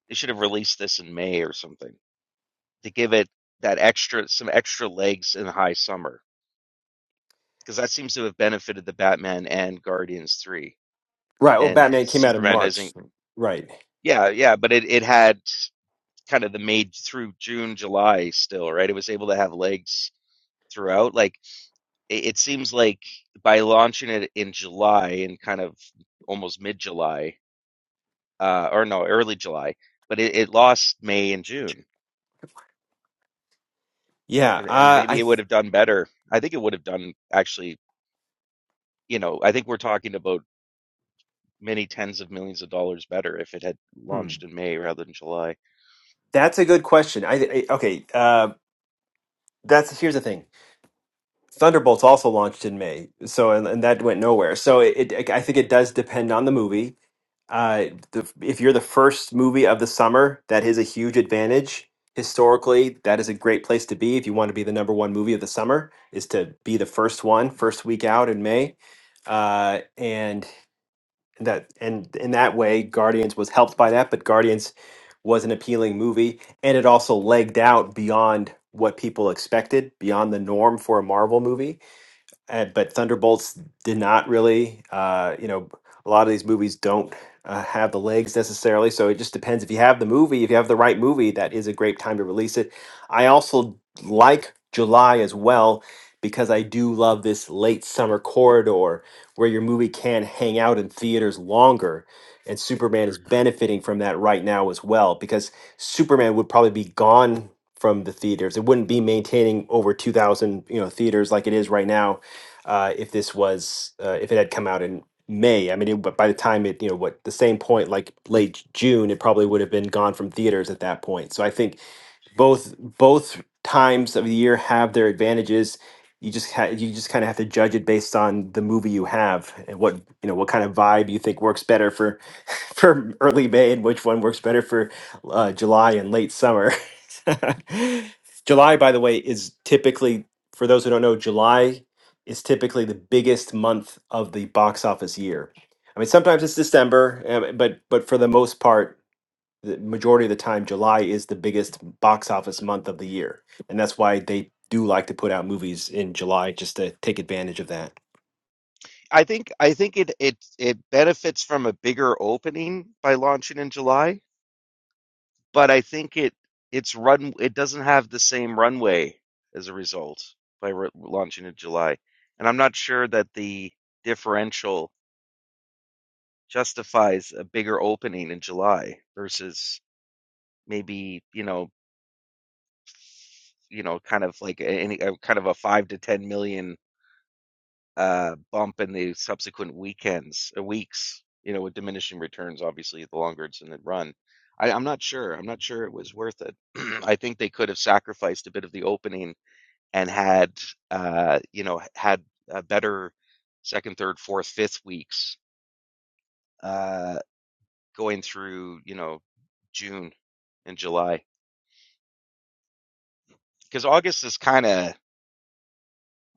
they should have released this in May or something? to give it that extra some extra legs in high summer because that seems to have benefited the Batman and Guardians 3
right. Well,
and
Batman came out in
Superman
March.
doesn't
Right.
yeah yeah but it it had kind of the made through June July still right it was able to have legs throughout like it, it seems like by launching it in July and kind of almost mid July uh or no early July but it, it lost May and June
Yeah.
and, and
Uh,
maybe
I.
it would have done better I think it would have done actually you know, I think we're talking about many tens of millions of dollars better if it had
Hmm,
launched in May rather than July.
that's a good question. I, I okay. Uh, that's here's the thing. Thunderbolts also launched in May, so and, and that went nowhere. So it, it, I think it does depend on the movie. Uh, the, if you're the first movie of the summer, that is a huge advantage. Historically, that is a great place to be if you want to be the number one movie of the summer. Is to be the first one, first week out in May, uh, and that and in that way, Guardians was helped by that. But Guardians was an appealing movie, and it also legged out beyond what people expected, beyond the norm for a Marvel movie uh, but Thunderbolts did not really. Uh, you know, a lot of these movies don't uh, have the legs necessarily, so it just depends. If you have the movie, if you have the right movie, that is a great time to release it. I also like July as well because I do love this late summer corridor where your movie can hang out in theaters longer. And Superman is benefiting from that right now as well because Superman would probably be gone from the theaters. It wouldn't be maintaining over 2,000, you know, theaters like it is right now uh, if this was uh, if it had come out in May. I mean, it, but by the time it you know what the same point like late June, it probably would have been gone from theaters at that point. So I think both both times of the year have their advantages. You just ha- you just kind of have to judge it based on the movie you have and what you know what kind of vibe you think works better for for early May and which one works better for uh, July and late summer. July, by the way, is typically for those who don't know, July is typically the biggest month of the box office year. I mean, sometimes it's December, uh, but but for the most part, the majority of the time July is the biggest box office month of the year. And that's why they do like to put out movies in July just to take advantage of that.
I think I think it it it benefits from a bigger opening by launching in July, but I think it it's run it doesn't have the same runway as a result by re- launching in July. And I'm not sure that the differential justifies a bigger opening in July versus maybe, you know, you know, kind of like any a, kind of a 5 to 10 million uh, bump in the subsequent weekends, uh, weeks, you know, with diminishing returns, obviously, the longer it's in the run. I, I'm not sure. I'm not sure it was worth it. I think they could have sacrificed a bit of the opening and had, uh, you know, had a better second, third, fourth, fifth weeks uh, going through, you know, June and July. Because August is kind of,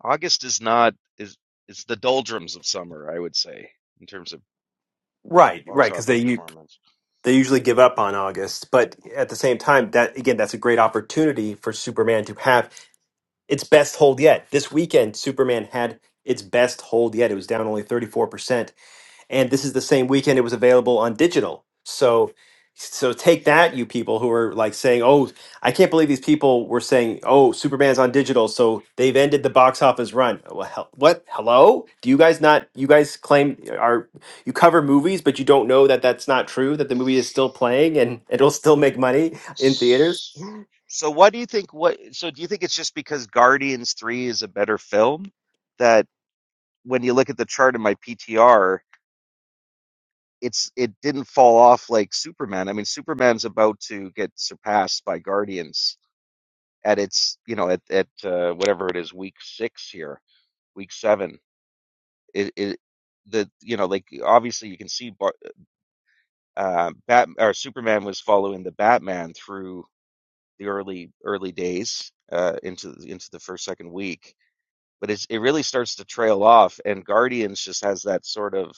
August is not, is, is the doldrums of summer, I would say, in terms of
Right,
box
right, because they
office
u-
performance.
they usually give up on August, but at the same time, that again, that's a great opportunity for Superman to have its best hold yet. This weekend, Superman had its best hold yet. It was down only 34%. And this is the same weekend it was available on digital. So so take that, you people who are like saying, "Oh, I can't believe these people were saying, oh, Superman's on digital, so they've ended the box office run." Well, hell, what? Hello? Do you guys not? You guys claim are you cover movies, but you don't know that that's not true. That the movie is still playing and it'll still make money in theaters.
So what do you think what so do you think it's just because Guardians 3 is a better film that when you look at the chart in my PTR it's it didn't fall off like Superman. I mean Superman's about to get surpassed by Guardians at its, you know, at at uh, whatever it is week 6 here, week 7. It, it the you know like obviously you can see Bar- uh Bat or Superman was following the Batman through the early early days uh, into into the first second week, but it's, it really starts to trail off. And Guardians just has that sort of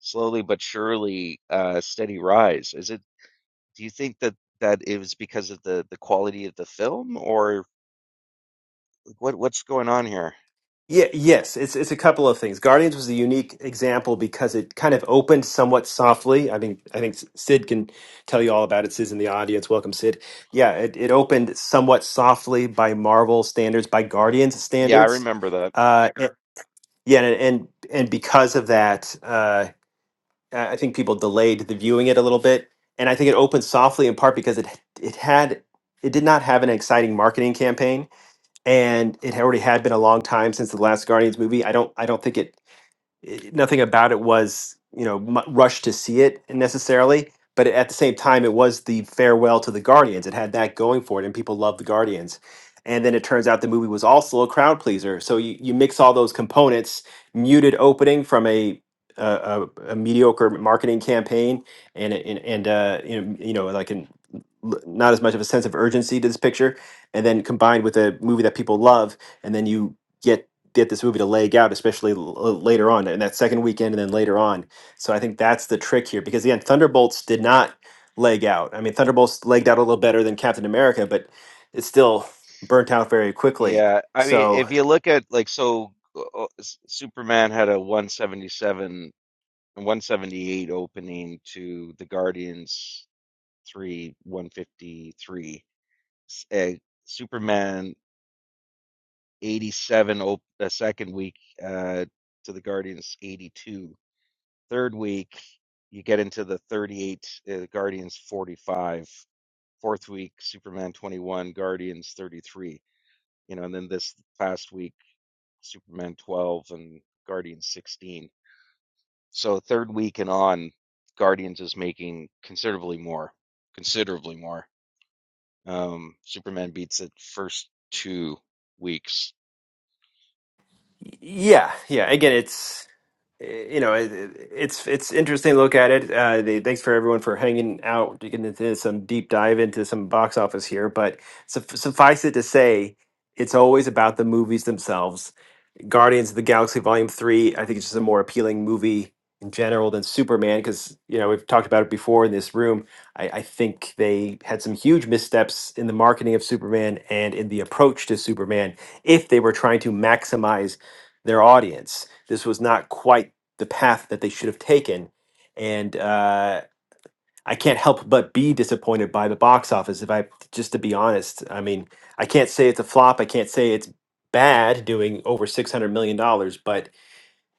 slowly but surely uh, steady rise. Is it? Do you think that that it was because of the the quality of the film, or what what's going on here?
Yeah, yes, it's it's a couple of things. Guardians was a unique example because it kind of opened somewhat softly. I mean, I think Sid can tell you all about it. Sid's in the audience. Welcome, Sid. Yeah, it, it opened somewhat softly by Marvel standards, by Guardians
Yeah, I
standards.
remember that.
Uh, and- yeah, and, and and because of that, uh, I I think people delayed the viewing it a little bit, and I think it opened softly in part because it it had it did not have an exciting marketing campaign and it already had been a long time since the last Guardians movie. I don't I don't think it it, nothing about it was you know mu rushed to see it necessarily but at the same time it was the farewell to the guardians it had that going for it and people loved the guardians and then it turns out the movie was also a crowd pleaser so you, you mix all those components muted opening from a a, a, a mediocre marketing campaign and and, and uh, you know you know like an l- not as much of a sense of urgency to this picture and then combined with a movie that people love and then you get get this movie to lag out, especially l- later on in that second weekend and then later on. So I think that's the trick here because again, Thunderbolts did not leg out. I mean, Thunderbolts legged out a little better than Captain America, but it still burnt out very quickly.
Yeah, I mean,
So
if you look at like so, uh, uh, S- Superman had a 177 178 opening to the Guardians 3 153 s- uh, Superman 87, op- the second week uh, to the Guardians 82. Third week, you get into the 38, uh, Guardians 45. Fourth week, Superman 21, Guardians 33. You know, and then this past week, Superman 12 and Guardians 16. So third week and on, Guardians is making considerably more, considerably more. Um, Superman beats it first two weeks
y- yeah, yeah. Again, it's eh, you know it, it- it's it's interesting to look at it. Uh, the, thanks for everyone for hanging out, getting into some deep dive into some box office here. But suff suffice it to say, it's always about the movies themselves Guardians of the Galaxy Volume 3, I think it's just a more appealing movie in general than Superman because, you know, we've talked about it before in this room. I, I think they had some huge missteps in the marketing of Superman and in the approach to Superman if they were trying to maximize their audience. This was not quite the path that they should have taken. And uh, I can't help but be disappointed by the box office. If I just to be honest, I mean, I can't say it's a flop. I can't say it's bad doing over six hundred million dollars, but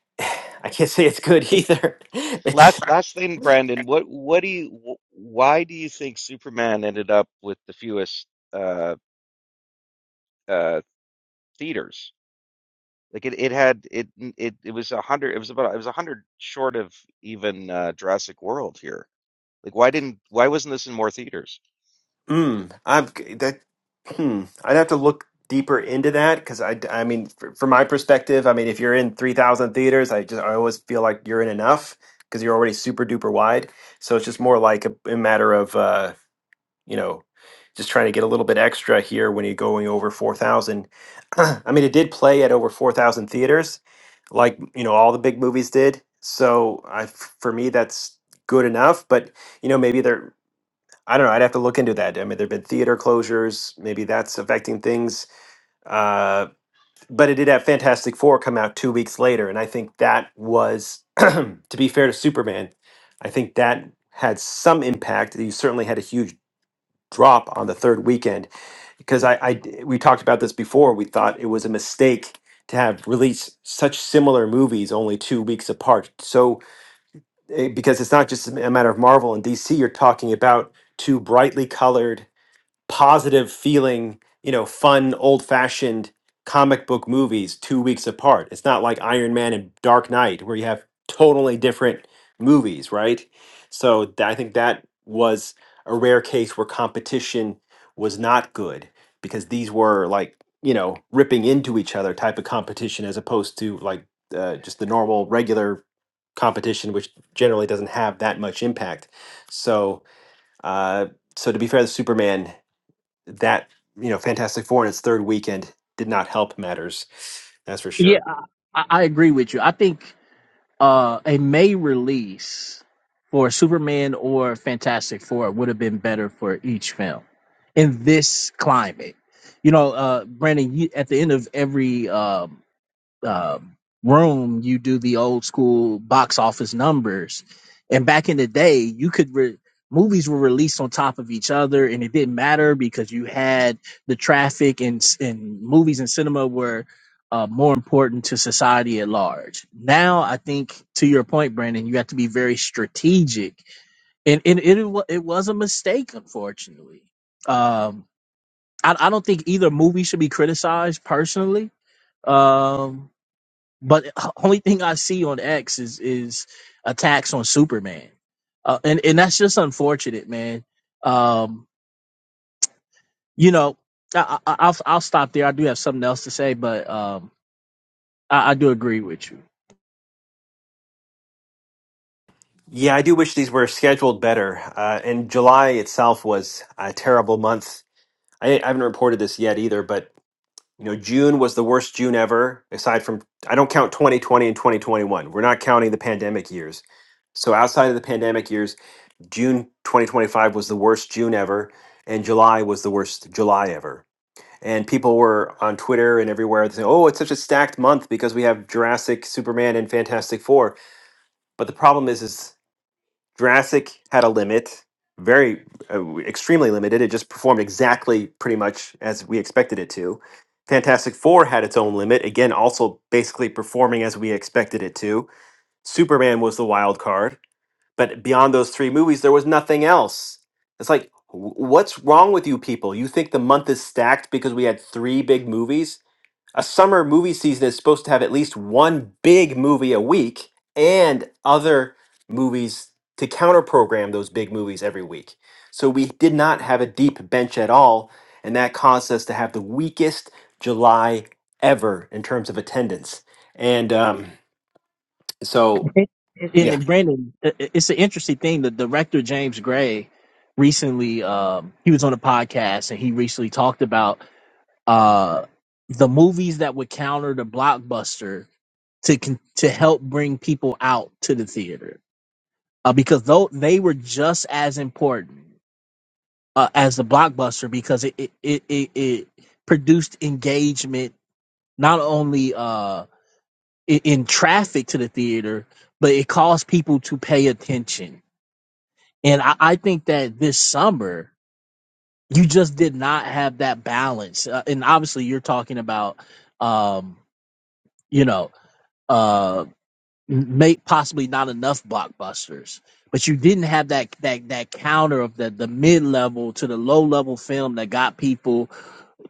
I can't say it's good either. It's
Last last thing, Brandon, what what do you wh- why do you think Superman ended up with the fewest uh uh theaters? Like it, it had it it it was a hundred it was about it was a hundred short of even uh Jurassic World here. Like why didn't why wasn't this in more theaters?
mm, I'm g- that hmm. I'd have to look deeper into that because I d- I mean, fr from my perspective, I mean, if you're in three thousand theaters, I just I always feel like you're in enough because you're already super duper wide. So it's just more like a, a matter of. Uh, you know, just trying to get a little bit extra here when you're going over 4,000. I mean, it did play at over 4,000 theaters, like, you know, all the big movies did. So I, for me, that's good enough. But, you know, maybe there, I don't know, I'd have to look into that. I mean, there have been theater closures. Maybe that's affecting things. Uh, but it did have Fantastic Four come out two weeks later. And I think that was, to be fair to Superman, I think that had some impact. You certainly had a huge drop on the third weekend because I I we talked about this before. We thought it was a mistake to have released such similar movies only two weeks apart. So eh, because it's not just a matter of Marvel and DC, you're talking about two brightly colored positive feeling, you know, fun, old fashioned comic book movies two weeks apart. It's not like Iron Man and Dark Knight where you have totally different movies, right? So th- I think that was a rare case where competition was not good because these were like, you know, ripping into each other type of competition as opposed to like uh, just the normal, regular competition, which generally doesn't have that much impact. So, uh, so to be fair to Superman, that you know Fantastic Four in its third weekend did not help matters. That's for
Yeah,
sure.
I, I agree with you. I think uh, a May release for Superman or Fantastic Four would have been better for each film in this climate. You know, uh, Brandon, you, at the end of every um um, room, you do the old school box office numbers. And back in the day, you could re- movies were released on top of each other, and it didn't matter because you had the traffic and s- and movies and cinema were uh, more important to society at large. Now, I think to your point, Brandon, you have to be very strategic, and and it wa- it was a mistake, unfortunately. Um, I, I don't think either movie should be criticized personally. Um, but h- only thing I see on X is is attacks on Superman, uh, and and that's just unfortunate, man. Um, you know, I, I, I'll I'll stop there. I do have something else to say, but um, I, I do agree with you.
Yeah, I do wish these were scheduled better. Uh, and July itself was a terrible month. I, I haven't reported this yet either, but you know, June was the worst June ever. Aside from, I don't count 2020 and 2021. We're not counting the pandemic years. So outside of the pandemic years. June 2025 was the worst June ever, and July was the worst July ever. And people were on Twitter and everywhere saying, "Oh, it's such a stacked month because we have Jurassic, Superman, and Fantastic Four." But the problem is, is Jurassic had a limit, very uh, extremely limited. It just performed exactly pretty much as we expected it to. Fantastic Four had its own limit, again, also basically performing as we expected it to. Superman was the wild card but beyond those three movies there was nothing else it's like wh- what's wrong with you people you think the month is stacked because we had three big movies a summer movie season is supposed to have at least one big movie a week and other movies to counter program those big movies every week so we did not have a deep bench at all and that caused us to have the weakest july ever in terms of attendance and um, so
And,
yeah,
and Brandon, i- i- it's an interesting thing. The director James Gray recently, um, he was on a podcast and he recently talked about uh, the movies that would counter the blockbuster to con- to help bring people out to the theater uh, because though they were just as important uh, as the blockbuster because it it, it it it produced engagement not only uh in, in traffic to the theater but it caused people to pay attention and I, I think that this summer you just did not have that balance uh, and obviously you're talking about um you know uh. make possibly not enough blockbusters. But you didn't have that that that counter of the the mid level to the low level film that got people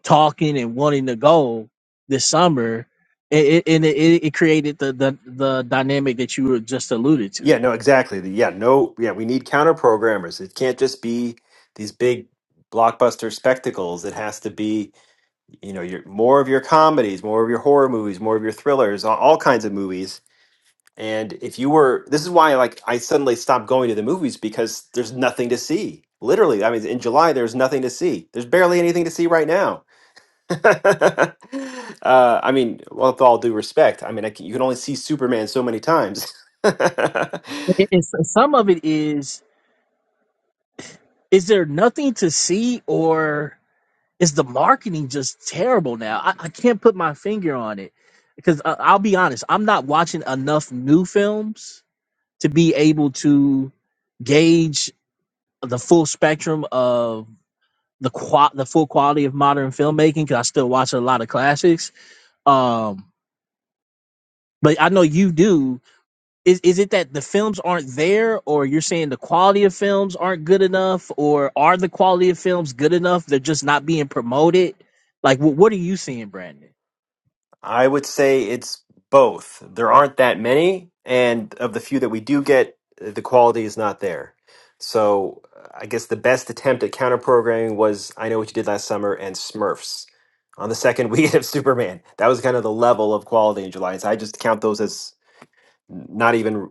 talking and wanting to go this summer. It, it, and it, it it created the, the the dynamic that you were just alluded
Yeah,
to.
no, exactly. The- Yeah, no, yeah, we need counter programmers. It can't just be these big blockbuster spectacles. It has to be, you know, your more of your comedies, more of your horror movies, more of your thrillers, all, all kinds of movies. And if you were, this is why, like, I suddenly stopped going to the movies because there's nothing to see. Literally, I mean, in July there's nothing to see. There's barely anything to see right now. uh, I mean, well, with all due respect, I mean, I c you can only see Superman so many times.
It- It's, some of it is is there nothing to see or is the marketing just terrible now? I, I can't put my finger on it because I, I'll be honest, I'm not watching enough new films to be able to gauge the full spectrum of the qua- the full quality of modern filmmaking because I still watch a lot of classics. Um, but I know you do. Is is it that the films aren't there, or you're saying the quality of films aren't good enough, or are the quality of films good enough? They're just not being promoted. Like, what what are you seeing, Brandon?
I would say it's both. There aren't that many, and of the few that we do get, the quality is not there. So I guess the best attempt at counter programming was I Know What You Did Last Summer and Smurfs on the second weekend of Superman. That was kind of the level of quality in July. So I just count those as not even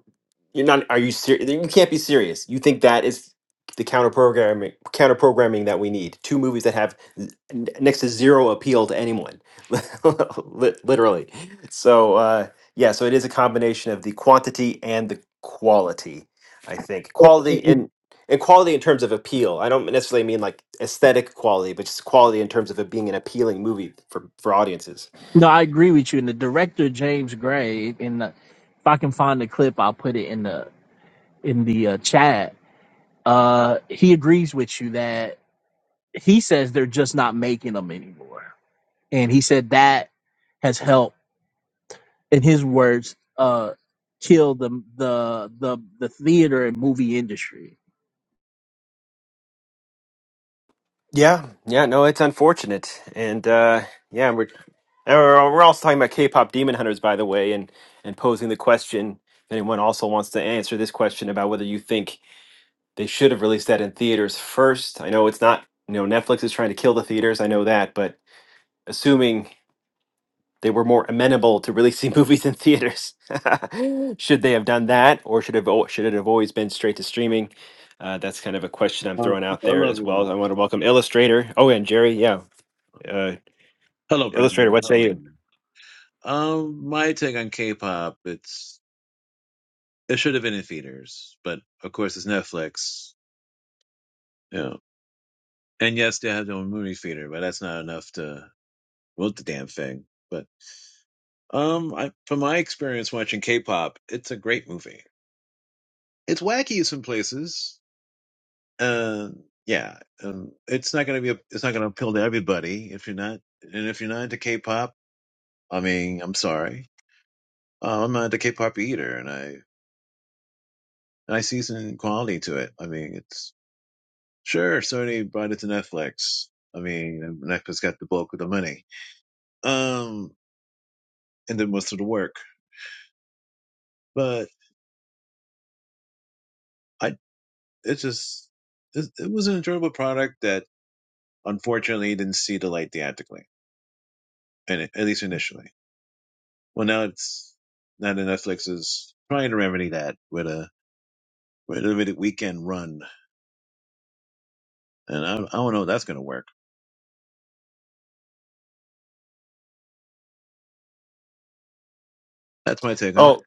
you're not are you serious you can't be serious you think that is the counter programming counter programming that we need two movies that have n- next to zero appeal to anyone Lit- literally so uh yeah so it is a combination of the quantity and the quality i think
It,
quality
it-
and and quality in terms of appeal i don't necessarily mean like aesthetic quality but just quality in terms of it being an appealing movie for for audiences
No, I agree with you. And the director James Gray, and the, if I can find the clip, I'll put it in the in the uh, chat. Uh, he agrees with you that he says they're just not making them anymore, and he said that has helped, in his words, uh, kill the the the the theater and movie industry.
Yeah, yeah, no, it's unfortunate, and uh, yeah, we're and we're we're also talking about K-pop demon hunters, by the way, and and posing the question. If anyone also wants to answer this question about whether you think they should have released that in theaters first, I know it's not. You know, Netflix is trying to kill the theaters. I know that, but assuming they were more amenable to releasing movies in theaters, should they have done that, or should have al- should it have always been straight to streaming? Uh, that's kind of a question I'm
Oh,
throwing out there
hello,
as
everyone.
well. I want to welcome Illustrator. Oh, and Jerry, yeah. Uh,
Hello,
Illustrator,
Brandon.
what say
Hello,
you?
everyone. Um, my take on K-pop, it's it should have been in theaters, but of course it's Netflix. You know. And yes, they have their own movie theater, but that's not enough to vote the damn thing. But um, I, from my experience watching K-pop, it's a great movie. It's wacky in some places. Uh, yeah. Um, it's not gonna be a, it's not gonna appeal to everybody if you're not, and if you're not into K-pop, I mean, I'm sorry. Uh, I'm not into K-pop either, and I And I see some quality to it. I mean, it's sure Sony brought it to Netflix. I mean, Netflix got the bulk of the money, um, and did most of the work. But I, it just, it, it was an enjoyable product that unfortunately didn't see the light theatrically, and at least initially. Well, now it's now that Netflix is trying to remedy that with a with a limited weekend run, and I, I don't know if that's going to work. That's my take on
Oh,
it.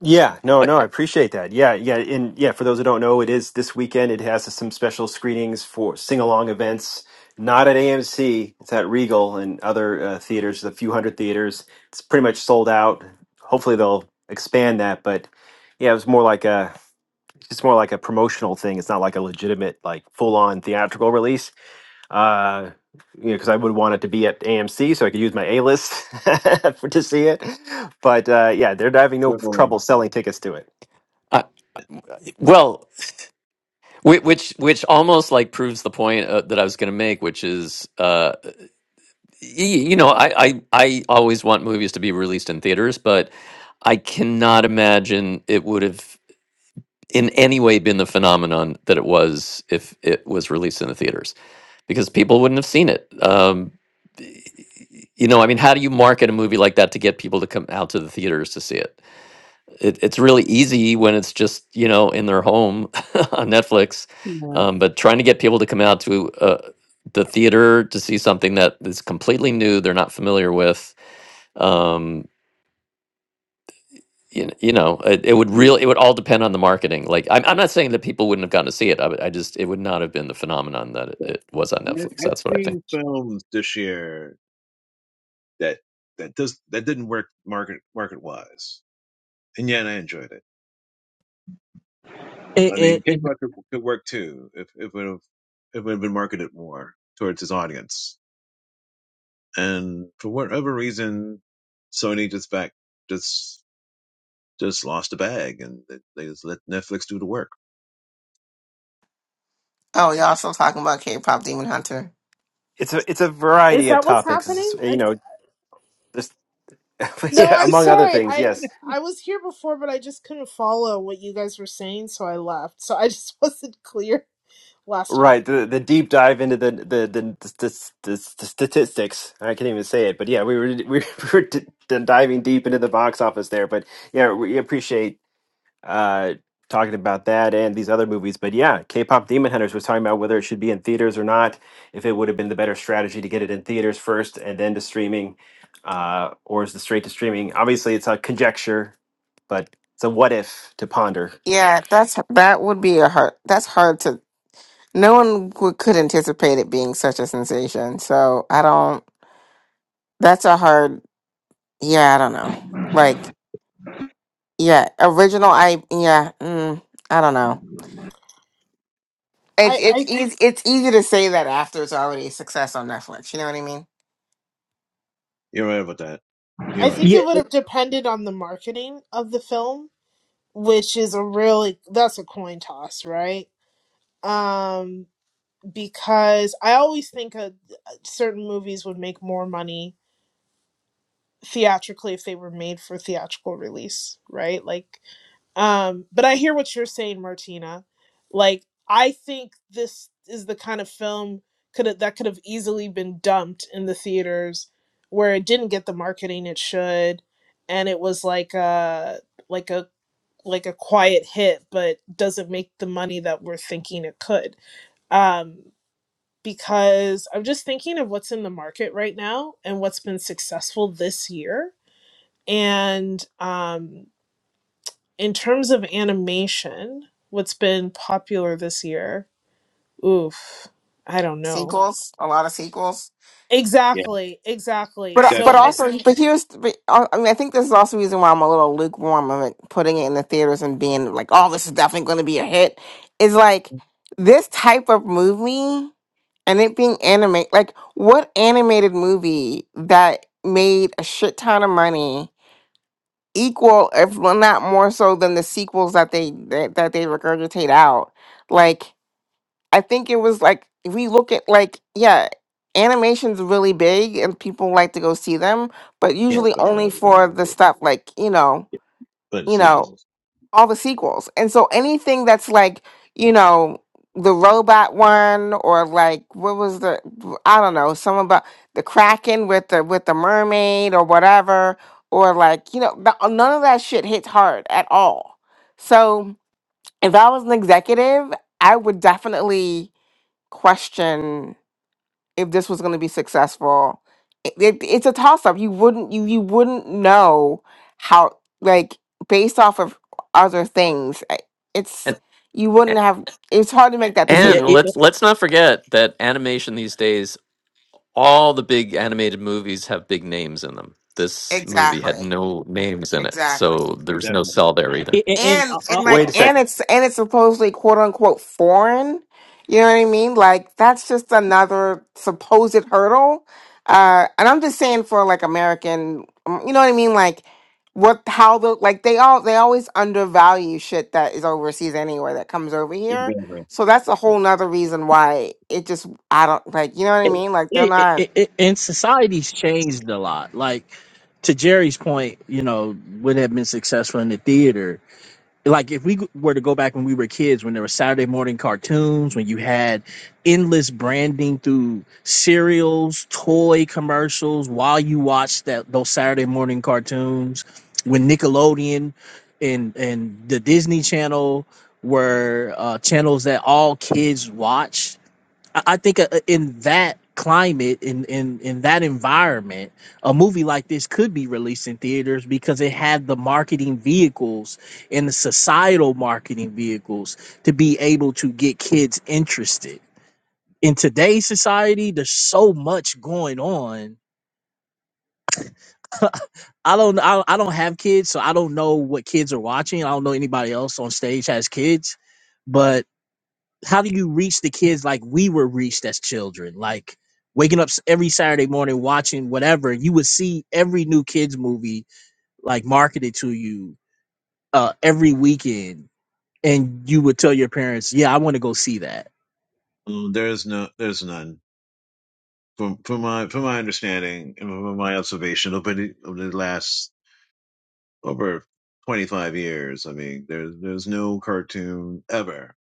Yeah, no,
I,
no, I appreciate that. Yeah, yeah, and yeah, for those who don't know, it is this weekend. It has some special screenings for sing-along events, not at AMC. It's at Regal and other uh, theaters, A few hundred theaters. It's pretty much sold out. Hopefully, they'll expand that. But yeah, it was more like a, it's more like a promotional thing. It's not like a legitimate, like full-on theatrical release uh, you know, because I would want it to be at AMC so I could use my A list for to see it. But uh, yeah, they're having no
Well,
trouble selling
yeah.
tickets to it.
I, well, whi- which which almost like proves the point uh, that I was going to make, which is uh, y- you know I, I I always want movies to be released in theaters, but I cannot imagine it would have. in any way been the phenomenon that it was if it was released in the theaters because people wouldn't have seen it um, you know i mean how do you market a movie like that to get people to come out to the theaters to see it, it it's really easy when it's just you know in their home on netflix um, but trying to get people to come out to uh, the theater to see something that is completely new they're not familiar with um, you know, you know it, it would really it would all depend on the marketing like I'm, I'm not saying that people wouldn't have gotten to see it I, would- I just it would not have been the phenomenon that it, it was on
I-
netflix
I've
that's what i think
seen films this year that that does that didn't work market market wise, and yet I enjoyed it.
And,
I
and,
mean,
and
Kickboxer could could work too if if it would have if it would have been marketed more towards his audience. And for whatever reason, Sony just back just just lost the bag, and they they just let Netflix do the work.
Oh, y'all still talking about K-pop Demon Hunter?
It's a it's a
Is
variety of
that what's
topics, It's,
happening?
you
I,
know, this,
no,
yeah,
I'm
among other
sorry.
things.
I
Yes,
I was here before, but I just couldn't follow what you guys were saying, so I left. So I just wasn't clear last time.
right. The the deep dive into the the the, the, the, the statistics. I can't even say it, but yeah, we were we were d- d- diving deep into the box office there. But yeah, we appreciate. uh, talking about that and these other movies. But yeah, K-pop Demon Hunters was talking about whether it should be in theaters or not. If it would have been the better strategy to get it in theaters first and then to streaming, uh, or is the straight to streaming? Obviously, it's a conjecture, but it's a what if to ponder.
Yeah, that's that would be a hard. That's hard to. No one would, could anticipate it being such a sensation. So I don't. That's a hard. Yeah, I don't know. Like, yeah, original. I yeah. Mm, I don't know. It's
I
it's
I,
easy it's easy to say that after it's already a success on Netflix. You know what I mean?
You're right about that. You're
I
right.
think
yeah,
it would have depended on the marketing of the film, which is a really that's a coin toss, right? Um, because I always think uh certain movies would make more money theatrically if they were made for theatrical release, right? Like Um, but I hear what you're saying, Martina. Like, I think this is the kind of film could have that could have easily been dumped in the theaters where it didn't get the marketing it should, and it was like a like a like a quiet hit, but doesn't make the money that we're thinking it could. Um, because I'm just thinking of what's in the market right now and what's been successful this year. And um, in terms of animation, what's been popular this year? Oof, I don't know.
Sequels, a lot of sequels.
Yeah,
Exactly, exactly.
But uh,
So
but
definitely.
I,
also but here's but, uh, I mean I think this is also the reason why I'm a little lukewarm of it putting it in the theaters and being like oh this is definitely going to be a hit. Is like this type of movie. and it being anime like what animated movie that made a shit ton of money equal if well, not more so than the sequels that they that, that they regurgitate out like i think it was like if we look at like yeah animation's really big and people like to go see them but
Yeah,
usually
but
only for the
yeah,
stuff like you know
but
you know
sequels
all the sequels. And so anything that's like, you know, the robot one or like what was the I don't know, some about the Kraken with the with the mermaid or whatever or like, you know, the, none of that shit hits hard at all. So, if I was an executive, I would definitely question if this was going to be successful. It, it, it's a toss up. You wouldn't you you wouldn't know how like based off of other things. I- It's
and
you
a-
wouldn't have. It's hard to make that
yeah,
and
decision.
it,
let's let's not forget that animation these days all the big animated movies have big names in them this movie had
Exactly.
no names in it
Exactly.
so there's no
definitely.
sell there either
it,
and and
and,
like
Wait a
and
second,
it's and it's supposedly quote unquote foreign you know what i mean like that's just another supposed hurdle uh and i'm just saying for like american um, you know what i mean like what how the like they all they always undervalue shit that is overseas anyway that comes over here
Definitely.
so that's a
Yeah.
whole nother reason why it just i don't like you know what i
it,
mean like they're
it,
not
it, it- and society's changed a lot. Like to Jerry's point, you know, would have been successful in the theater. Like if we g- were to go back when we were kids, when there were Saturday morning cartoons, when you had endless branding through cereals, toy commercials, while you watched that those Saturday morning cartoons, when Nickelodeon and and the Disney Channel were uh, channels that all kids watched I I think uh, uh, in that climate, in in in that environment, a movie like this could be released in theaters because it had the marketing vehicles and the societal marketing vehicles to be able to get kids interested. In today's society, there's so much going on. I don't I, I don't have kids, so I don't know what kids are watching. I don't know anybody else on stage has kids, but how do you reach the kids like we were reached as children like waking up s- every saturday morning watching whatever you would see every new kids movie like marketed to you uh every weekend and you would tell your parents yeah i want to go see that
Mm, There's no, there's none from from my from my understanding and from my observation over the, over the last over 25 years. I mean, there's there's no cartoon ever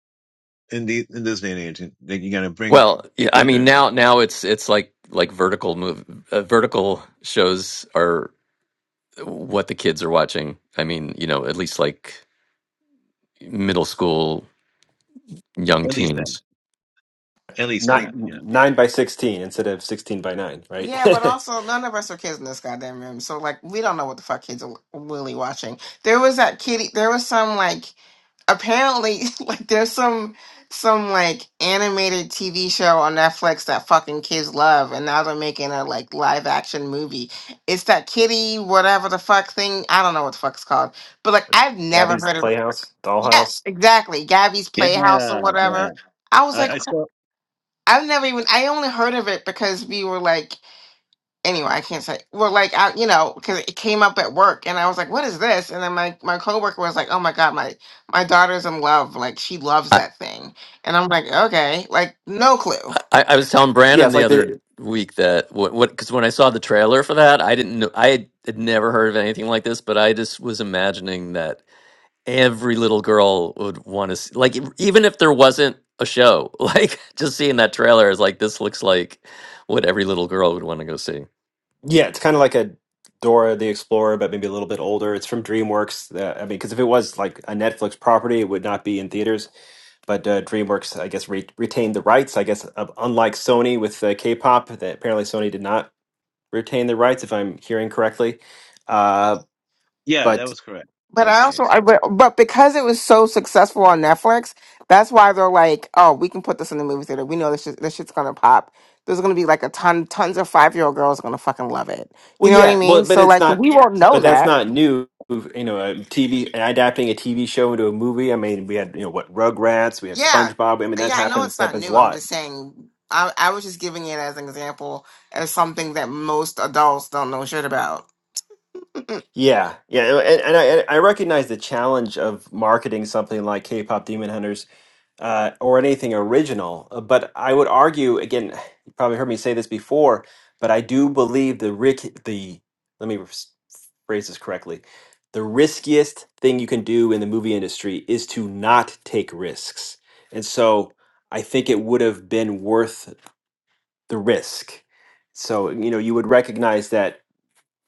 in the in this day and age that you got to bring
well yeah,
people
i mean
to
now now it's it's like like vertical move uh, vertical shows are what the kids are watching i mean you know at least like middle school young
at least that
teens.
at least
not
that yeah
nine by sixteen instead of sixteen by nine, right?
Yeah, but also none of us are kids in this goddamn room, so like we don't know what the fuck kids are really watching. There was that kitty. There was some like apparently like there's some some like animated TV show on Netflix that fucking kids love, and now they're making a like live action movie. It's that kitty whatever the fuck thing. I don't know what the fuck it's called, but like I've never
Gabby's
heard of it.
Playhouse,
Yes,
Dollhouse.
exactly. Gabby's
yeah
Playhouse or
that.
whatever. I was
I,
like,
I saw
I've never even. I only heard of it because we were like. anyway, I can't say. Well, like I, you know, because it came up at work, and I was like, "What is this?" And then my my coworker was like, "Oh my god, my my daughter's in love. Like she loves
I,
that thing." And I'm like, "Okay, like no clue."
I, I was telling
Yeah,
Brandon
it's
the
like the
other week that what what because when I saw the trailer for that, I didn't know I had had never heard of anything like this, but I just was imagining that every little girl would want to see, like even if there wasn't a show, like just seeing that trailer is like this looks like what every little girl would want to go see.
Yeah, it's kind of like a Dora the Explorer, but maybe a little bit older. It's from DreamWorks. Uh, I mean, because if it was like a Netflix property, it would not be in theaters. But uh, DreamWorks, I guess, re retained the rights. I guess, uh, unlike Sony with uh, K-pop, that apparently Sony did not retain the rights, if I'm hearing correctly. Uh,
Yeah, that
but
was correct. That
But
was
I
the
also,
case.
I, but, but because it was so successful on Netflix, that's why they're like, "Oh, we can put this in the movie theater. We know this shit, this shit's gonna pop." There's gonna be like a ton, tons of five year old girls gonna fucking love it.
well,
You know what I
yeah, well,
mean?
but
So
it's
like, but
not.
we won't know
But that's
that.
not new. You know, a TV adapting a TV show into a movie. I mean, we had you know what Rugrats, we have
Yeah,
SpongeBob. I mean, that
yeah, I know
happens
it's not
happens a
new. I'm
lot.
just saying, I, I was just giving it as an example as something that most adults don't know shit about.
Yeah, yeah, and, and I and I recognize the challenge of marketing something like K-pop Demon Hunters uh, or anything original. uh, But I would argue again, you probably heard me say this before, but I do believe the rick the let me s- phrase this correctly. The riskiest thing you can do in the movie industry is to not take risks, and so I think it would have been worth the risk. So you know you would recognize that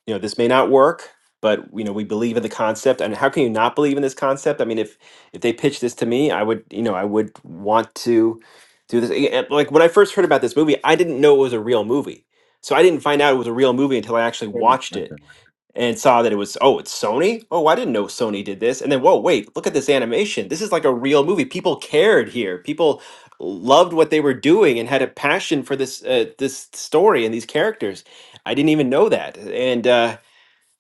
you know this may not work but you know we believe in the concept and how can you not believe in this concept i mean if if they pitched this to me i would you know i would want to do this Eh, eh, like when i first heard about this movie i didn't know it was a real movie so i didn't find out it was a real movie until i actually
Oh,
watched
my
it
turn.
and saw that it was oh it's sony oh i didn't know sony did this and then whoa wait look at this animation this is like a real movie people cared here people loved what they were doing and had a passion for this uh, this story and these characters I didn't even know that. And uh,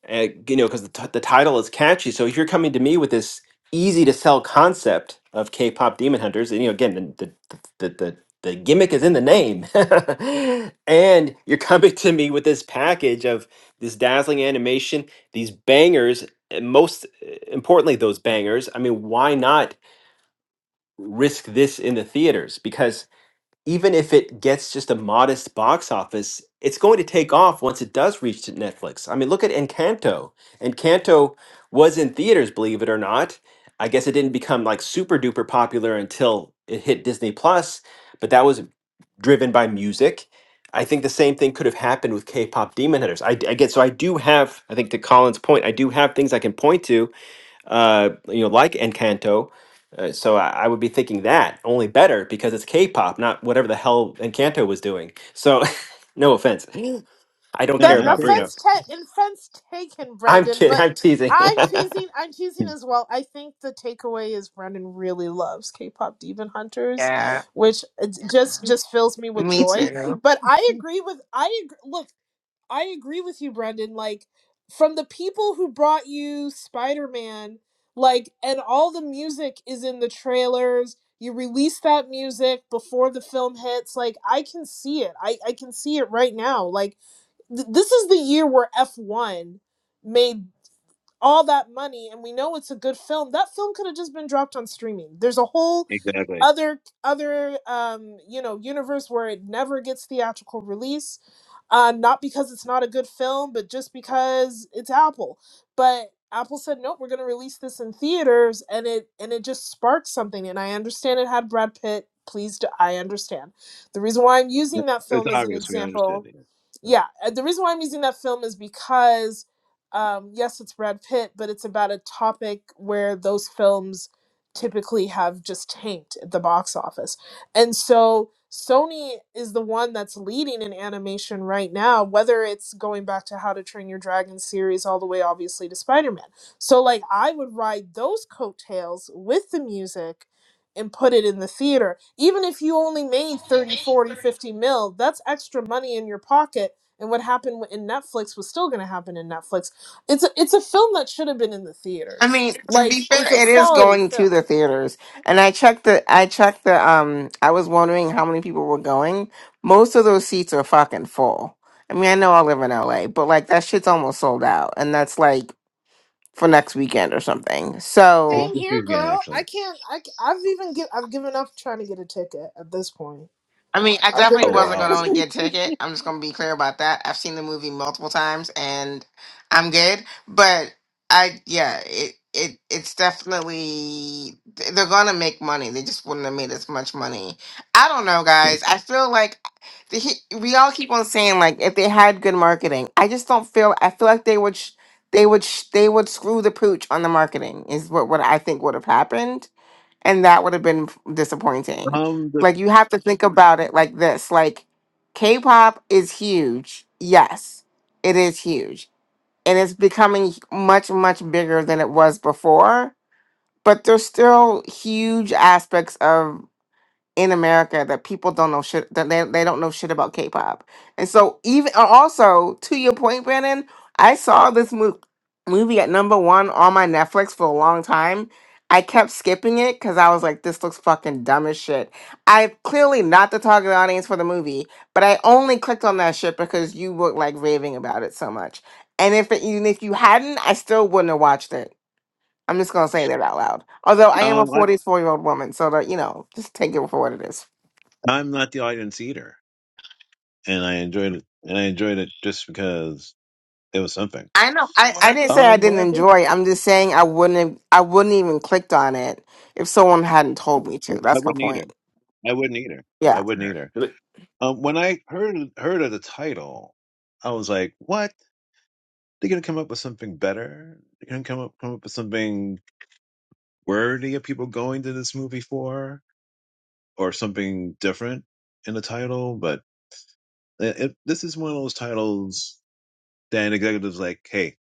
uh, you know, because the, t- the title is catchy. So if you're coming to me with this easy to sell concept of K-pop Demon Hunters, and you know, again, the the the, the, the gimmick is in the name, and you're coming to me with this package of this dazzling animation, these bangers, and most uh, importantly, those bangers. I mean, why not risk this in the theaters? Because even if it gets just a modest box office, it's going to take off once it does reach to Netflix. I mean, look at Encanto. Encanto was in theaters, believe it or not. I guess it didn't become like super duper popular until it hit Disney Plus, but that was driven by music. I think the same thing could have happened with K-pop Demon Hunters. I I get so I do have. I think to Colin's point, I do have things I can point to uh, you know, like Encanto. Uh, so I, I would be thinking that only better because it's K-pop, not whatever the hell Encanto was doing. So, no offense, I don't
No,
care
that
none
about
taken.
Bruno.
offense, ta- offense taken,
I'm
Brandon.
kidding.
But
I'm teasing.
I'm teasing. I'm teasing
Hmm.
as well. I think the takeaway is Brandon really loves K-pop Demon Hunters,
yeah,
which it just just fills me with
me
joy.
too.
But I agree with I ag- look. I agree with you, Brendan. Like, from the people who brought you Spider Man, like, and all the music is in the trailers. You release that music before the film hits. Like, I can see it. I, I can see it right now. Like, th- this is the year where F1 made all that money and we know it's a good film that film could have just been dropped on streaming there's a whole
Exactly.
other other um you know universe where it never gets theatrical release uh not because it's not a good film but just because it's apple but apple said nope we're going to release this in theaters and it and it just sparked something and i understand it had brad pitt please do, i understand the reason why i'm using that
It's
film as an
obvious. We understood
example
it. So.
yeah uh, the reason why i'm using that film is because um yes it's brad pitt but it's about a topic where those films typically have just tanked at the box office and so sony is the one that's leading in animation right now whether it's going back to how to train your dragon series all the way obviously to spider-man so like i would ride those coattails with the music and put it in the theater even if you only made 30, 40, 50 mil that's extra money in your pocket and what happened in Netflix was still going to happen in Netflix. It's a, it's a film that should have been in the
I
theaters.
mean, to
Like
be fair,
it's a
it is
quality
going to
film.
the theaters, and I checked the, I checked the, um, I was wondering how many people were going. Most of those seats are fucking full. I mean, I know I live in LA, but like that shit's almost sold out, and that's like for next weekend or something.
It's
So.
Same
the
here,
food again,
girl. I
actually.
can't. I have even give. I've given up trying to get a ticket at this point.
I mean, I
I've
definitely
given
Oh
wasn't
up.
wow.
going to get a ticket. I'm just going to be clear about that. I've seen the movie multiple times and I'm good. But I, yeah, it, it, it's definitely, they're going to make money. They just wouldn't have made as much money. I don't know, guys. I feel like the, he- we all keep on saying like if they had good marketing, I just don't feel, I feel like they would, sh- they would, sh- they would screw the pooch on the marketing is what, what I think would have happened and that would have been f- disappointing.
um, the,
Like you have to think about it like this. Like K-pop is huge. Yes, it is huge. And it's becoming much much bigger than it was before, but there's still huge aspects of in America that people don't know shit that they, they don't know shit about K-pop. And so even uh, also to your point, Brandon, I saw this mo- movie at number one on my Netflix for a long time. I kept skipping it because I was like, this looks fucking dumb as shit. I'm clearly not the target audience for the movie, but I only clicked on that shit because you were like raving about it so much. And if it, even if you hadn't, I still wouldn't have watched it. I'm just gonna say that out loud. Although I am a
um, I,
44 year old woman, so that you know, just take it for what it is.
I'm not the audience eater, and I enjoyed it. And I enjoyed it just because it was something.
I know. I, I didn't say I
Um,
didn't
whatever.
enjoy. it. I'm just saying I wouldn't. Have, I wouldn't even clicked on it if someone hadn't told me to.
I
That's my
wouldn't eat her.
point.
I wouldn't eat her. I
Yeah.
wouldn't eat her.
But
Um, when I heard heard of the title, I was like, "What?" They're gonna come up with something better. They're gonna come up come up with something worthy of people going to this movie for, or something different in the title. But it, it, this is one of those titles that an executive's like, "Hey,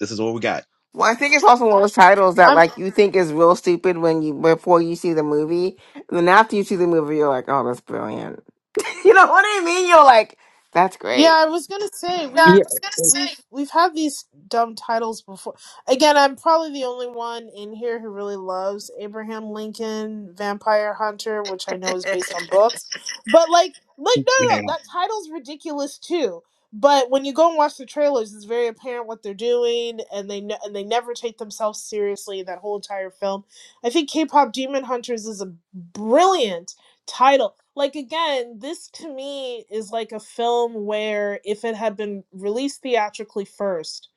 this is what we got."
Well, I think it's also one of those titles that
I'm.
like you think is real stupid when you before you see the movie, and then after you see the movie, you're like, oh, that's brilliant. You know what I mean? You're like, that's
Yeah,
great.
I was gonna say we've
yeah
we've we've had these dumb titles before. Again, I'm probably the only one in here who really loves Abraham Lincoln Vampire Hunter, which I know is based on books. But like like no no
Yeah.
no, that title's ridiculous too. But when you go and watch the trailers, it's very apparent what they're doing, and they ne- and they never take themselves seriously in that whole entire film. I think K-pop Demon Hunters is a brilliant title like again this to me is like a film where if it had been released theatrically first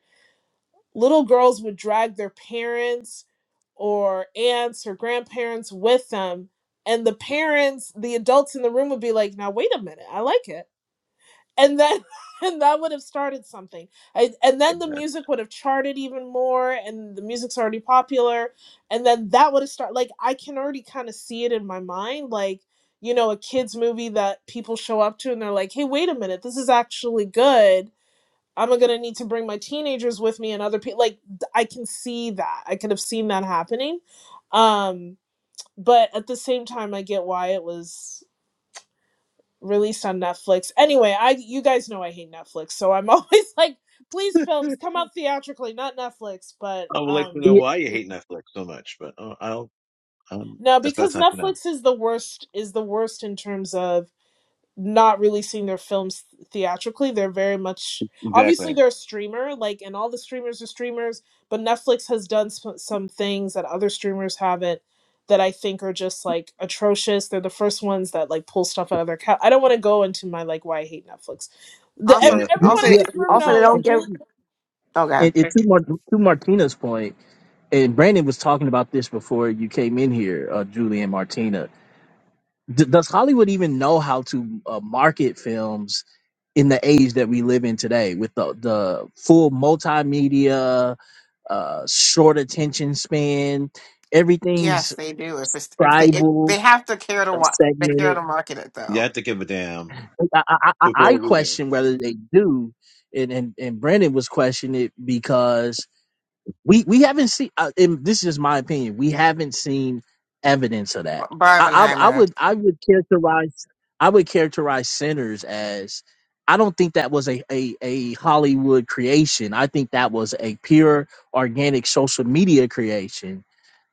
little girls would drag their parents or aunts or grandparents with them and the parents the adults in the room would be like now wait a minute i like it and then and that would have started something I, and then the
yeah.
music would have charted even more and the music's already popular and then that would have started like i can already kind of see it in my mind like you know a kids movie that people show up to and they're like hey wait a minute this is actually good i'm gonna need to bring my teenagers with me and other people like i can see that i could have seen that happening um but at the same time i get why it was released on Netflix. Anyway, I you guys know I hate Netflix, so I'm always like, please films come out theatrically, not Netflix. But
I would like to
um
know
yeah
why you hate Netflix so much, but uh, I don't. Um,
no,
that's about
because
time for now.
Netflix is the worst is the worst in terms of not releasing their films theatrically. They're very much obviously
Exactly.
they're a streamer, like, and all the streamers are streamers. But Netflix has done some, some things that other streamers haven't that I think are just like atrocious. They're the first ones that like pull stuff out of their cat. I don't want to go into my like why I hate Netflix. The
Also,
every
Yes.
yeah
Yes.
everyone
also,
in
yeah,
this room
and,
also, they
and,
knows
don't
Julie.
give.
and
Oh God.
and to, Mar- to martina's point and brandon was talking about this before you came in here uh julie and martina D- does Hollywood even know how to uh, market films in the age that we live in today with the, the full multimedia, uh, short attention span?
Yes,
Everything's
they do. If it's if they if
tribal,
they have to care to
uh,
what they care
segmented.
to market it
You
though.
have to give a damn
I, I, I I
before we do.
question whether they do. And, and, and Brandon was questioning it because We we haven't seen. Uh, and this is my opinion. We haven't seen evidence of that. I, I I
Barbenheimer.
would I would characterize I would characterize sinners as I don't think that was a, a a Hollywood creation. I think that was a pure organic social media creation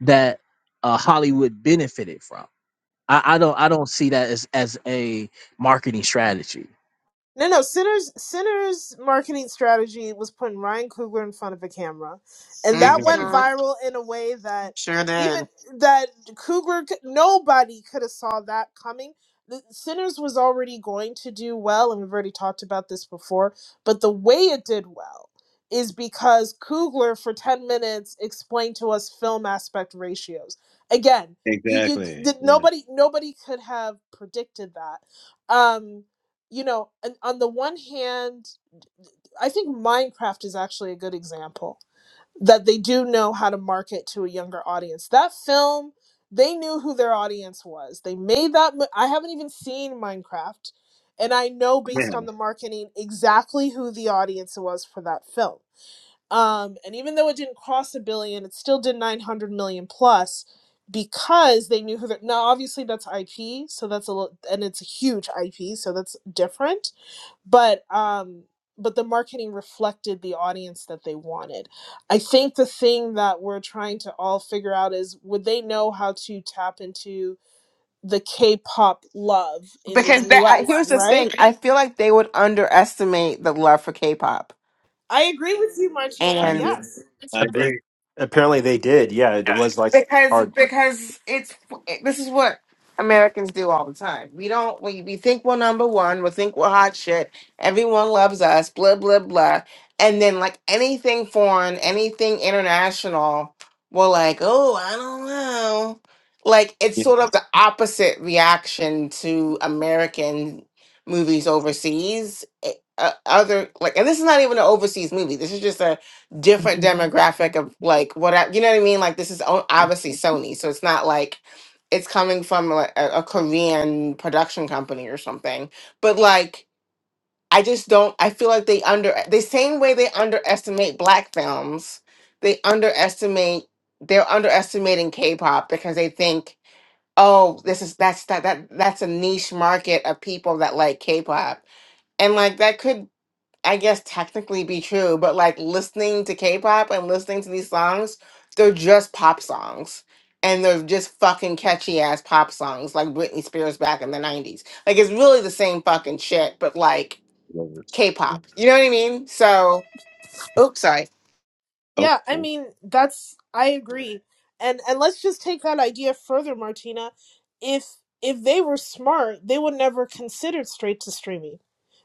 that uh, Hollywood benefited from. I, I don't I don't see that as as a marketing strategy.
No, no. Sinner's Sinner's marketing strategy was putting Ryan Coogler in front of a camera, and that
Exactly.
went
hmm
viral in a way that
Sure
even
did.
that Coogler c- nobody could have saw that coming. The- Sinners was already going to do well, and we've already talked about this before. But the way it did well is because Coogler, for ten minutes, explained to us film aspect ratios. Again, you you
Exactly.
did
Yes.
nobody nobody could have predicted that. Um, you know, and on the one hand, I think Minecraft is actually a good example that they do know how to market to a younger audience. That film, they knew who their audience was. They made that. mo- I haven't even seen Minecraft, and I know based
Yeah.
on the marketing exactly who the audience was for that film. Um, and even though it didn't cross a billion, it still did 900 million plus because they knew who their. Now, obviously, that's IP, so that's a little, and it's a huge IP, so that's different but um but the marketing reflected the audience that they wanted i think the thing that we're trying to all figure out is would they know how to tap into the k-pop love in the
because that I,
us
here's the
right
thing i feel like they would underestimate the love for k-pop
i agree with you martina
I
and
agree.
yes
I
ap- and
agree.
apparently they did. Yeah, it was like
because
hard.
because it's this is what Americans do all the time. We don't we, we think we're number one, we think we're hot shit, everyone loves us, blah blah blah. And then like anything foreign, anything international, we're like, oh, I don't know. Like it's sort of the opposite reaction to American movies overseas. Eh, Uh, other like, and this is not even an overseas movie. This is just a different demographic of like what I, you know what I mean? Like this is o- obviously Sony, so it's not like it's coming from a, a a Korean production company or something. But like I just don't. I feel like they under the same way they underestimate black films, they underestimate they're underestimating K-pop because they think oh this is that's that that that's a niche market of people that like K-pop. And like that could I guess technically be true, but like listening to K-pop and listening to these songs, they're just pop songs. And they're just fucking catchy ass pop songs like Britney Spears back in the 90s. Like it's really the same fucking shit, but like
Yeah.
K-pop. You know what I mean? So, oops, sorry.
Oh,
Yeah, I
well,
mean, that's I agree. And and let's just take that idea further, Martina. If if they were smart, they would never considered straight to streaming.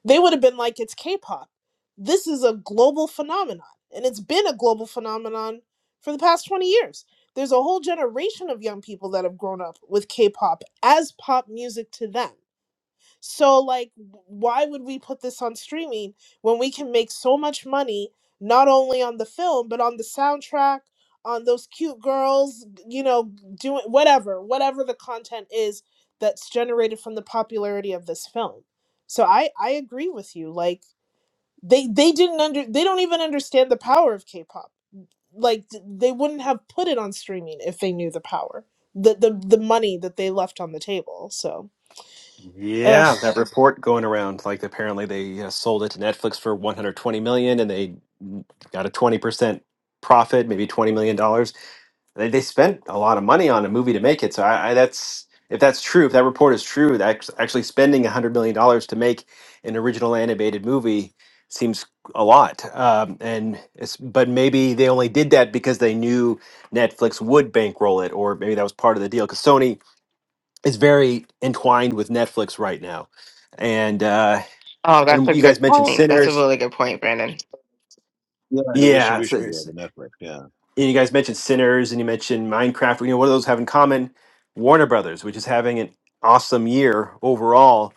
They would have been like it's K-pop. This is a global phenomenon, and it's been a global phenomenon for the past 20 years. There's a whole generation of young people that have grown up with K-pop as pop music to them. So, like, why would we put this on streaming when we can make so much money not only on the film but on the soundtrack, on those cute girls, you know, doing whatever, whatever the content is that's generated from the popularity of this film. So I I agree with you. Like they they didn't under they don't even understand the power of K-pop. Like th- they wouldn't have put it on streaming if they knew the power, the the the money that they left on the table. So. Ugh.
Yeah, that report going around. Like apparently they uh, sold it to Netflix for 120 million, and they mm, got a 20 percent profit, maybe 20 million dollars They, they spent a lot of money on a movie to make it. So I, I that's if that's true, if that report is true, that act- actually spending a hundred million dollars to make an original animated movie seems a lot. Um, and it's, but maybe they only did that because they knew Netflix would bankroll it, or maybe that was part of the deal. Because Sony is very entwined with Netflix right now, and uh,
Oh, that's
and
a
you guys
good
mentioned
point. That's a
Sinners.
really good point, Brandon.
yeah, the
Yeah,
distribution
So,
deal, the Netflix. Yeah,
and you guys
yeah,
mentioned Sinners and you mentioned Minecraft. You know, what do those have in common? Warner Brothers, which is having an awesome year overall,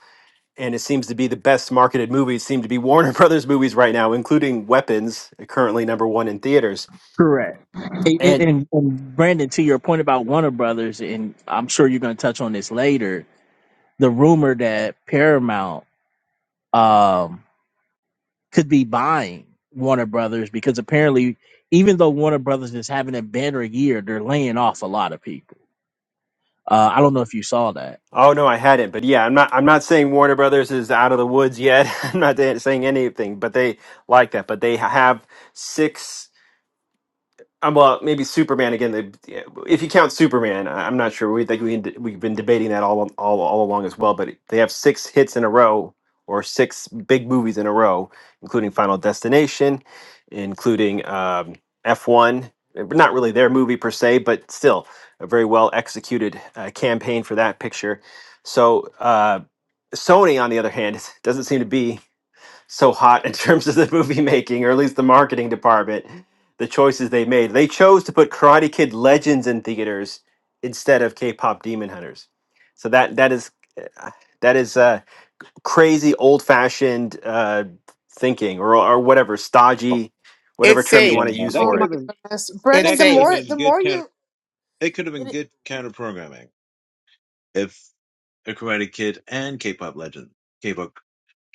and it seems to be the best marketed movies seem to be Warner Brothers movies right now, including Weapons, currently number one in theaters.
Correct. And,
And
and, and Brandon, to your point about Warner Brothers, and I'm sure you're going to touch on this later, the rumor that Paramount um, could be buying Warner Brothers because apparently, even though Warner Brothers is having a banner year, they're laying off a lot of people. Uh, I don't know if you saw that.
oh no, I hadn't, but yeah, I'm not. I'm not saying Warner Brothers is out of the woods yet. I'm not saying anything, but they like that. But they have six. Um, well, maybe Superman again. they- yeah, If you count Superman, I- I'm not sure. We think we can, de- we've been debating that all all all along as well. But they have six hits in a row, or six big movies in a row, including Final Destination, including um, F1. uh, Not really their movie per se, but still a very well executed uh, campaign for that picture. So uh, Sony, on the other hand, doesn't seem to be so hot in terms of the movie making, or at least the marketing department, the choices they made. They chose to put Karate Kid Legends in theaters instead of K-pop Demon Hunters. So that that is uh, that is uh, crazy old-fashioned uh, thinking, or or whatever
oh,
stodgy, whatever
It's
term you
safe.
yeah.
want to use
That
Oh
for
could
my
it.
have been
goodness,
It's
Brendan.
that
The
could have
safe.
more the
been good
more
counter.
you
It could have been
it,
good counter programming if a Karate Kid and K-pop Legend K-pop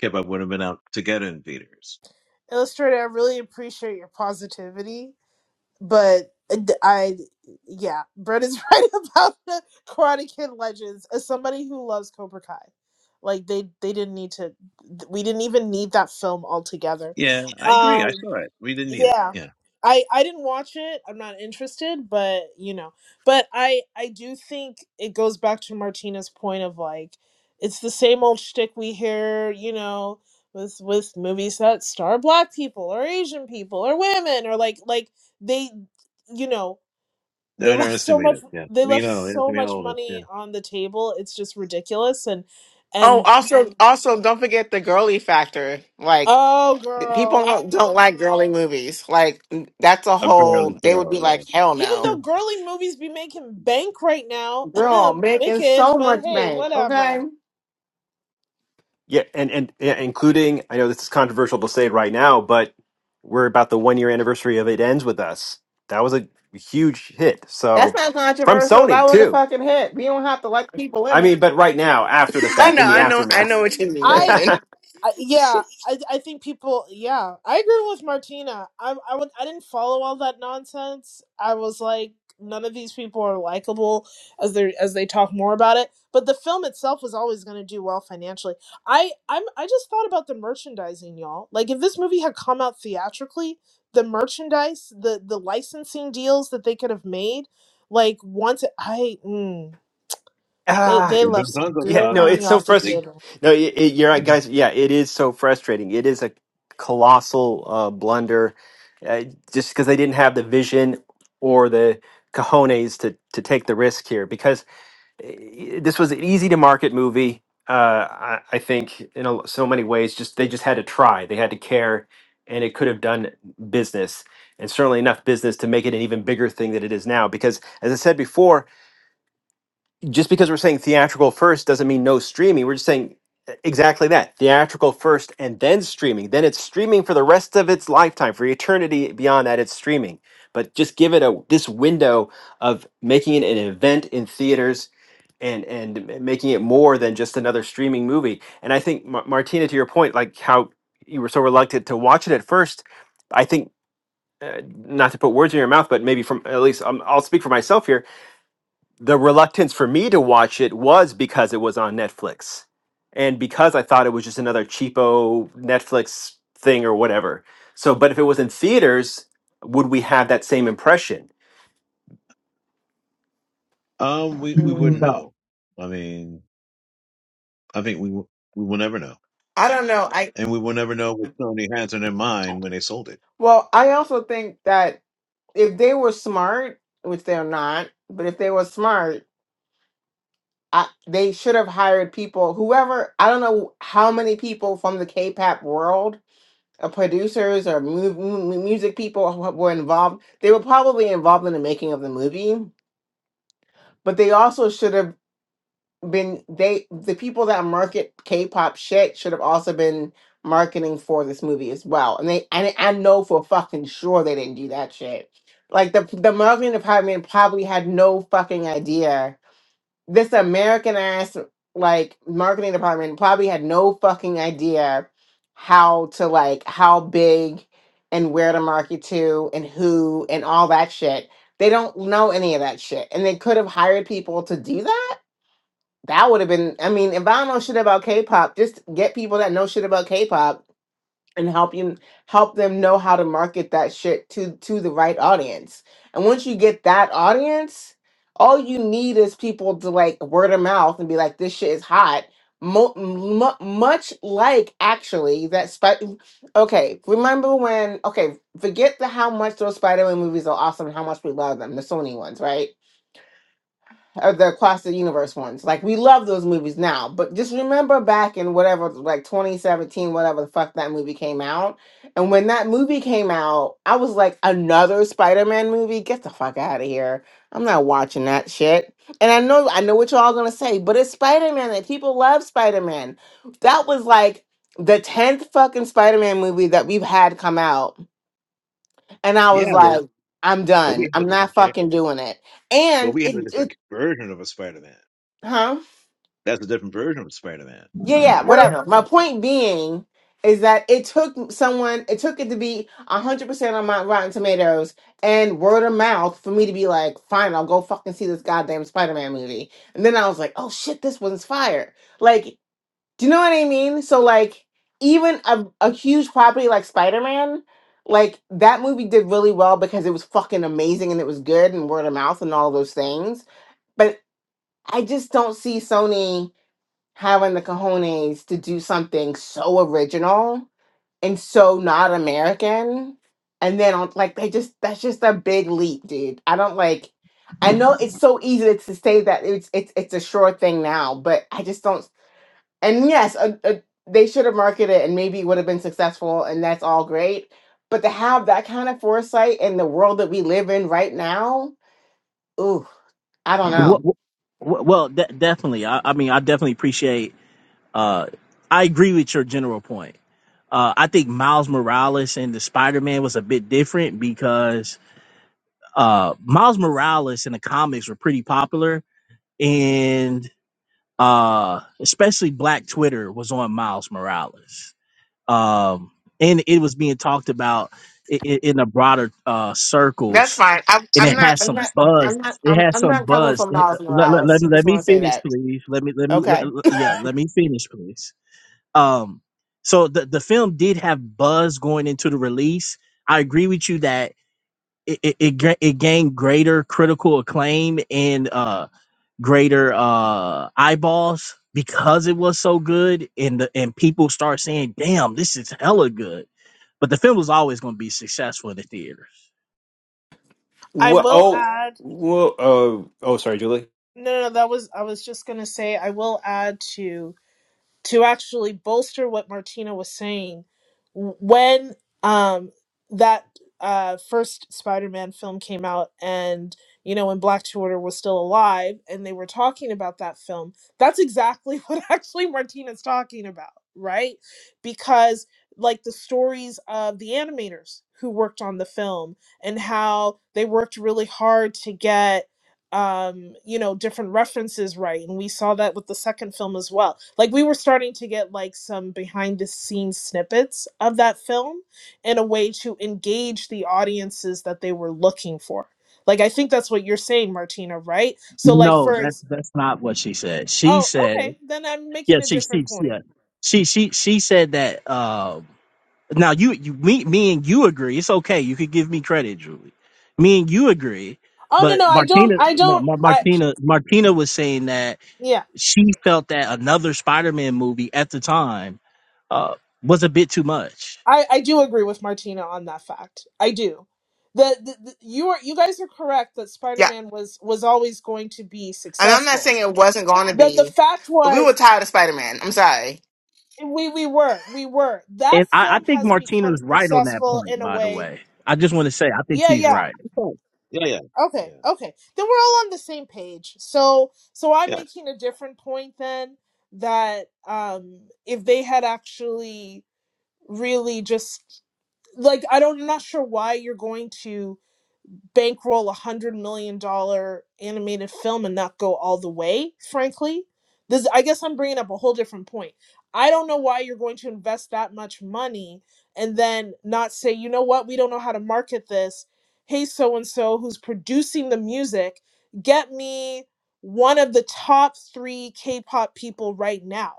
K-pop would have been out together in theaters.
illustrator, I really appreciate your positivity. But uh, d- I, yeah, Brendan's right about the Karate Kid Legends. As somebody who loves Cobra Kai, like they they didn't need to. We didn't even need that film altogether.
Yeah, I agree. I
Um,
saw it. We didn't need it.
yeah
Yeah,
i i didn't watch it i'm not interested but you know but i i do think it goes back to martina's point of like it's the same old shtick we hear you know with with movies that star black people or asian people or women or like like they you know
they
they left so
underestimated.
much
it. Yeah,
they
we
left
know. Yes,
so
we
much
know this.
money
Yeah,
on the table it's just ridiculous and
Oh,
and
also also don't forget the girly factor. Like
oh
People
girl
don't, don't like girly movies. Like that's a
apparently
whole. They would be
so.
like,
Yeah,
hell
Even
no.
though girly movies be making bank right now,
Girl, making
wicked,
so
but
much
hey,
bank. Okay,
whatever.
Yeah, and and yeah, including I know this is controversial to say right now, but we're about the one-year anniversary of It Ends with Us. That was a huge hit.
that's
So
not
from
controversial. That
Sony
was a
too.
fucking hit. We don't have to like people
I
in
mean,
it.
but right now, after the
I
fact,
know.
in the
I know. I
aftermath.
know what you mean,
I.
Brandon.
I, yeah, I, I think people. Yeah, I agree with Martina. I I would I didn't follow all that nonsense. I was like, none of these people are likable as they as they talk more about it. But the film itself was always going to do well financially. I I'm I just thought about the merchandising, y'all. Like if this movie had come out theatrically, the merchandise, the the licensing deals that they could have made, like once it, I mm, they
they
ah,
they
could have
left
been tons
some
of
yeah,
good
pop.
no,
money
it's so
off the
They,
frustrating.
table.
No, it, it, you're right, guys. Yeah, it is so frustrating. It is a colossal uh, blunder uh, just because they didn't have the vision or the cojones to, to take the risk here. Because i- this was an easy to market movie. Uh, I, I think in a, so many ways, just they just had to try, they had to care, and it could have done business, and certainly enough business to make it an even bigger thing than it is now. Because as I said before, just because we're saying theatrical first doesn't mean no streaming. We're just saying eh, exactly that: theatrical first, and then streaming. Then it's streaming for the rest of its lifetime, for eternity beyond that. It's streaming, but just give it a this window of making it an event in theaters and and making it more than just another streaming movie. And I think Mar- Martina, to your point, like how you were so reluctant to watch it at first, I think. Uh, not to put words in your mouth, but maybe from at least um, I'll speak for myself here. The reluctance for me to watch it was because it was on Netflix, and because I thought it was just another cheapo Netflix thing or whatever. So, but if it was in theaters, would we have that same impression?
um, we we wouldn't
Mm,
No.
know. I mean, I think we w- we will never know.
I don't know. I
and we will never know what Sony has in their mind when they sold it.
well, I also think that if they were smart, which they're not, but if they were smart, I, they should have hired people. Whoever I don't know how many people from the K-pop world, or producers or mu- mu- music people who were involved. They were probably involved in the making of the movie, but they also should have been they the people that market K-pop shit should have also been marketing for this movie as well. And they and I know for fucking sure they didn't do that shit. Like the the marketing department probably had no fucking idea. This American ass like marketing department probably had no fucking idea how to like how big and where to market to and who and all that shit. They don't know any of that shit. And they could have hired people to do that that would have been. I mean, if I don't know shit about K-pop, just get people that know shit about K-pop and help you help them know how to market that shit to to the right audience. And once you get that audience, all you need is people to like word of mouth and be like, "This shit is hot." Mo- mu- much like actually that spider. Okay, remember when? Okay, forget the how much those Spider-Man movies are awesome and how much we love them, the Sony ones, right? or the Across the Universe ones. Like we love those movies now, but just remember back in whatever, like 2017, whatever the fuck that movie came out. And when that movie came out, I was like, another Spider-Man movie? Get the fuck out of here! I'm not watching that shit. And I know, I know what you're all gonna say, but it's Spider-Man, and people love Spider-Man. That was like the tenth fucking Spider-Man movie that we've had come out, and I was
Yeah,
Yeah.
well,
like, I'm
well
done.
we have
I'm
a
not
different care.
fucking doing it.
Well,
And
we have a
it, it
different version of a Spider-Man.
huh?
That's a different version of Spider-Man.
Yeah, yeah, whatever.
Yep.
My point being is that it took someone, it took it to be 100% on my Rotten Tomatoes and word of mouth for me to be like, fine, I'll go fucking see this goddamn Spider Man movie. And then I was like, oh shit, this one's fire. Like, do you know what I mean? So, like, even a, a huge property like Spider Man, like, that movie did really well because it was fucking amazing and it was good and word of mouth and all those things. But I just don't see Sony having the cojones to do something so original and so not American. And then on like they just that's just a big leap, dude. I don't like I know it's so easy to say that it's it's it's a sure thing now, but I just don't and yes, a, a, they should have marketed it and maybe it would have been successful and that's all great. But to have that kind of foresight in the world that we live in right now, ooh, I don't
What,
know.
well, definitely. I, I mean, I definitely appreciate. Uh, I agree with your general point. Uh, I think Miles Morales and the Spider Man was a bit different because uh, Miles Morales in the comics were pretty popular, and uh, especially Black Twitter was on Miles Morales, um, and it was being talked about in, in the broader uh,
That's
circles,
fine. I'm,
and
I'm
it had
not. I'm
some
not. I'm
buzz.
not.
It
I'm,
had
I'm
some
not coming
buzz.
from Miles
Let, let, let,
Morales.
me-
I
let
just
me
want to say
finish,
that.
please. Let me let me
Okay.
let, let- yeah. Let me finish, please um, so the the film did have buzz going into the release. I agree with you that it it, it, gra- it gained greater critical acclaim and uh greater uh eyeballs because it was so good and the and people start saying, "Damn, this is hella good." But the film was always going to be successful in the theaters.
I
Well,
will
oh,
add.
well, uh, oh, sorry, Julie.
No, no, no, that was I was just gonna say I will add to to actually bolster what Martina was saying. When um that uh first Spider-Man film came out and you know when Black Twitter was still alive and they were talking about that film, that's exactly what actually Martina's talking about, right? Because like the stories of the animators who worked on the film and how they worked really hard to get um you know different references right and we saw that with the second film as well like we were starting to get like some behind the scenes snippets of that film in a way to engage the audiences that they were looking for like i think that's what you're saying martina right so like
No,
for
that's
ex-
that's not what she said. She
oh
said,
okay then i'm
yeah,
making a
she she
different
she
point
yeah. she she, she said that. Um, Now you, you, me, me and you agree. It's okay. You could give me credit, Julie. Me and you agree.
oh no
But
no i don't
Martina,
i
no,
don't
Mar-
i
Martina, Martina was saying that
yeah
she felt that another Spider-Man movie at the time uh, was a bit too much,
I, I do agree with Martina on that fact. I do. The, the, the you are you guys are correct that
Yeah.
Spider-Man was was always going to be
And I'm not
successful.
saying it wasn't going to
The the
be,
fact
but we were
was
tired of Spider Man. I'm sorry.
we we were we were that
and I, I
film
think
has become
Martina's right on that
successful
point.
in a
By the
way.
way, I just want to say I think
Yeah,
she's
yeah.
right.
Yeah, yeah, yeah, yeah.
Okay, okay. Then we're all on the same page. So so I'm
Yes.
making a different point then that um if they had actually really just like I don't I'm not sure why you're going to bankroll a hundred million dollar animated film and not go all the way frankly this i guess i'm bringing up a whole different point i don't know why you're going to invest that much money and then not say you know what we don't know how to market this hey so and so who's producing the music get me one of the top three k-pop people right now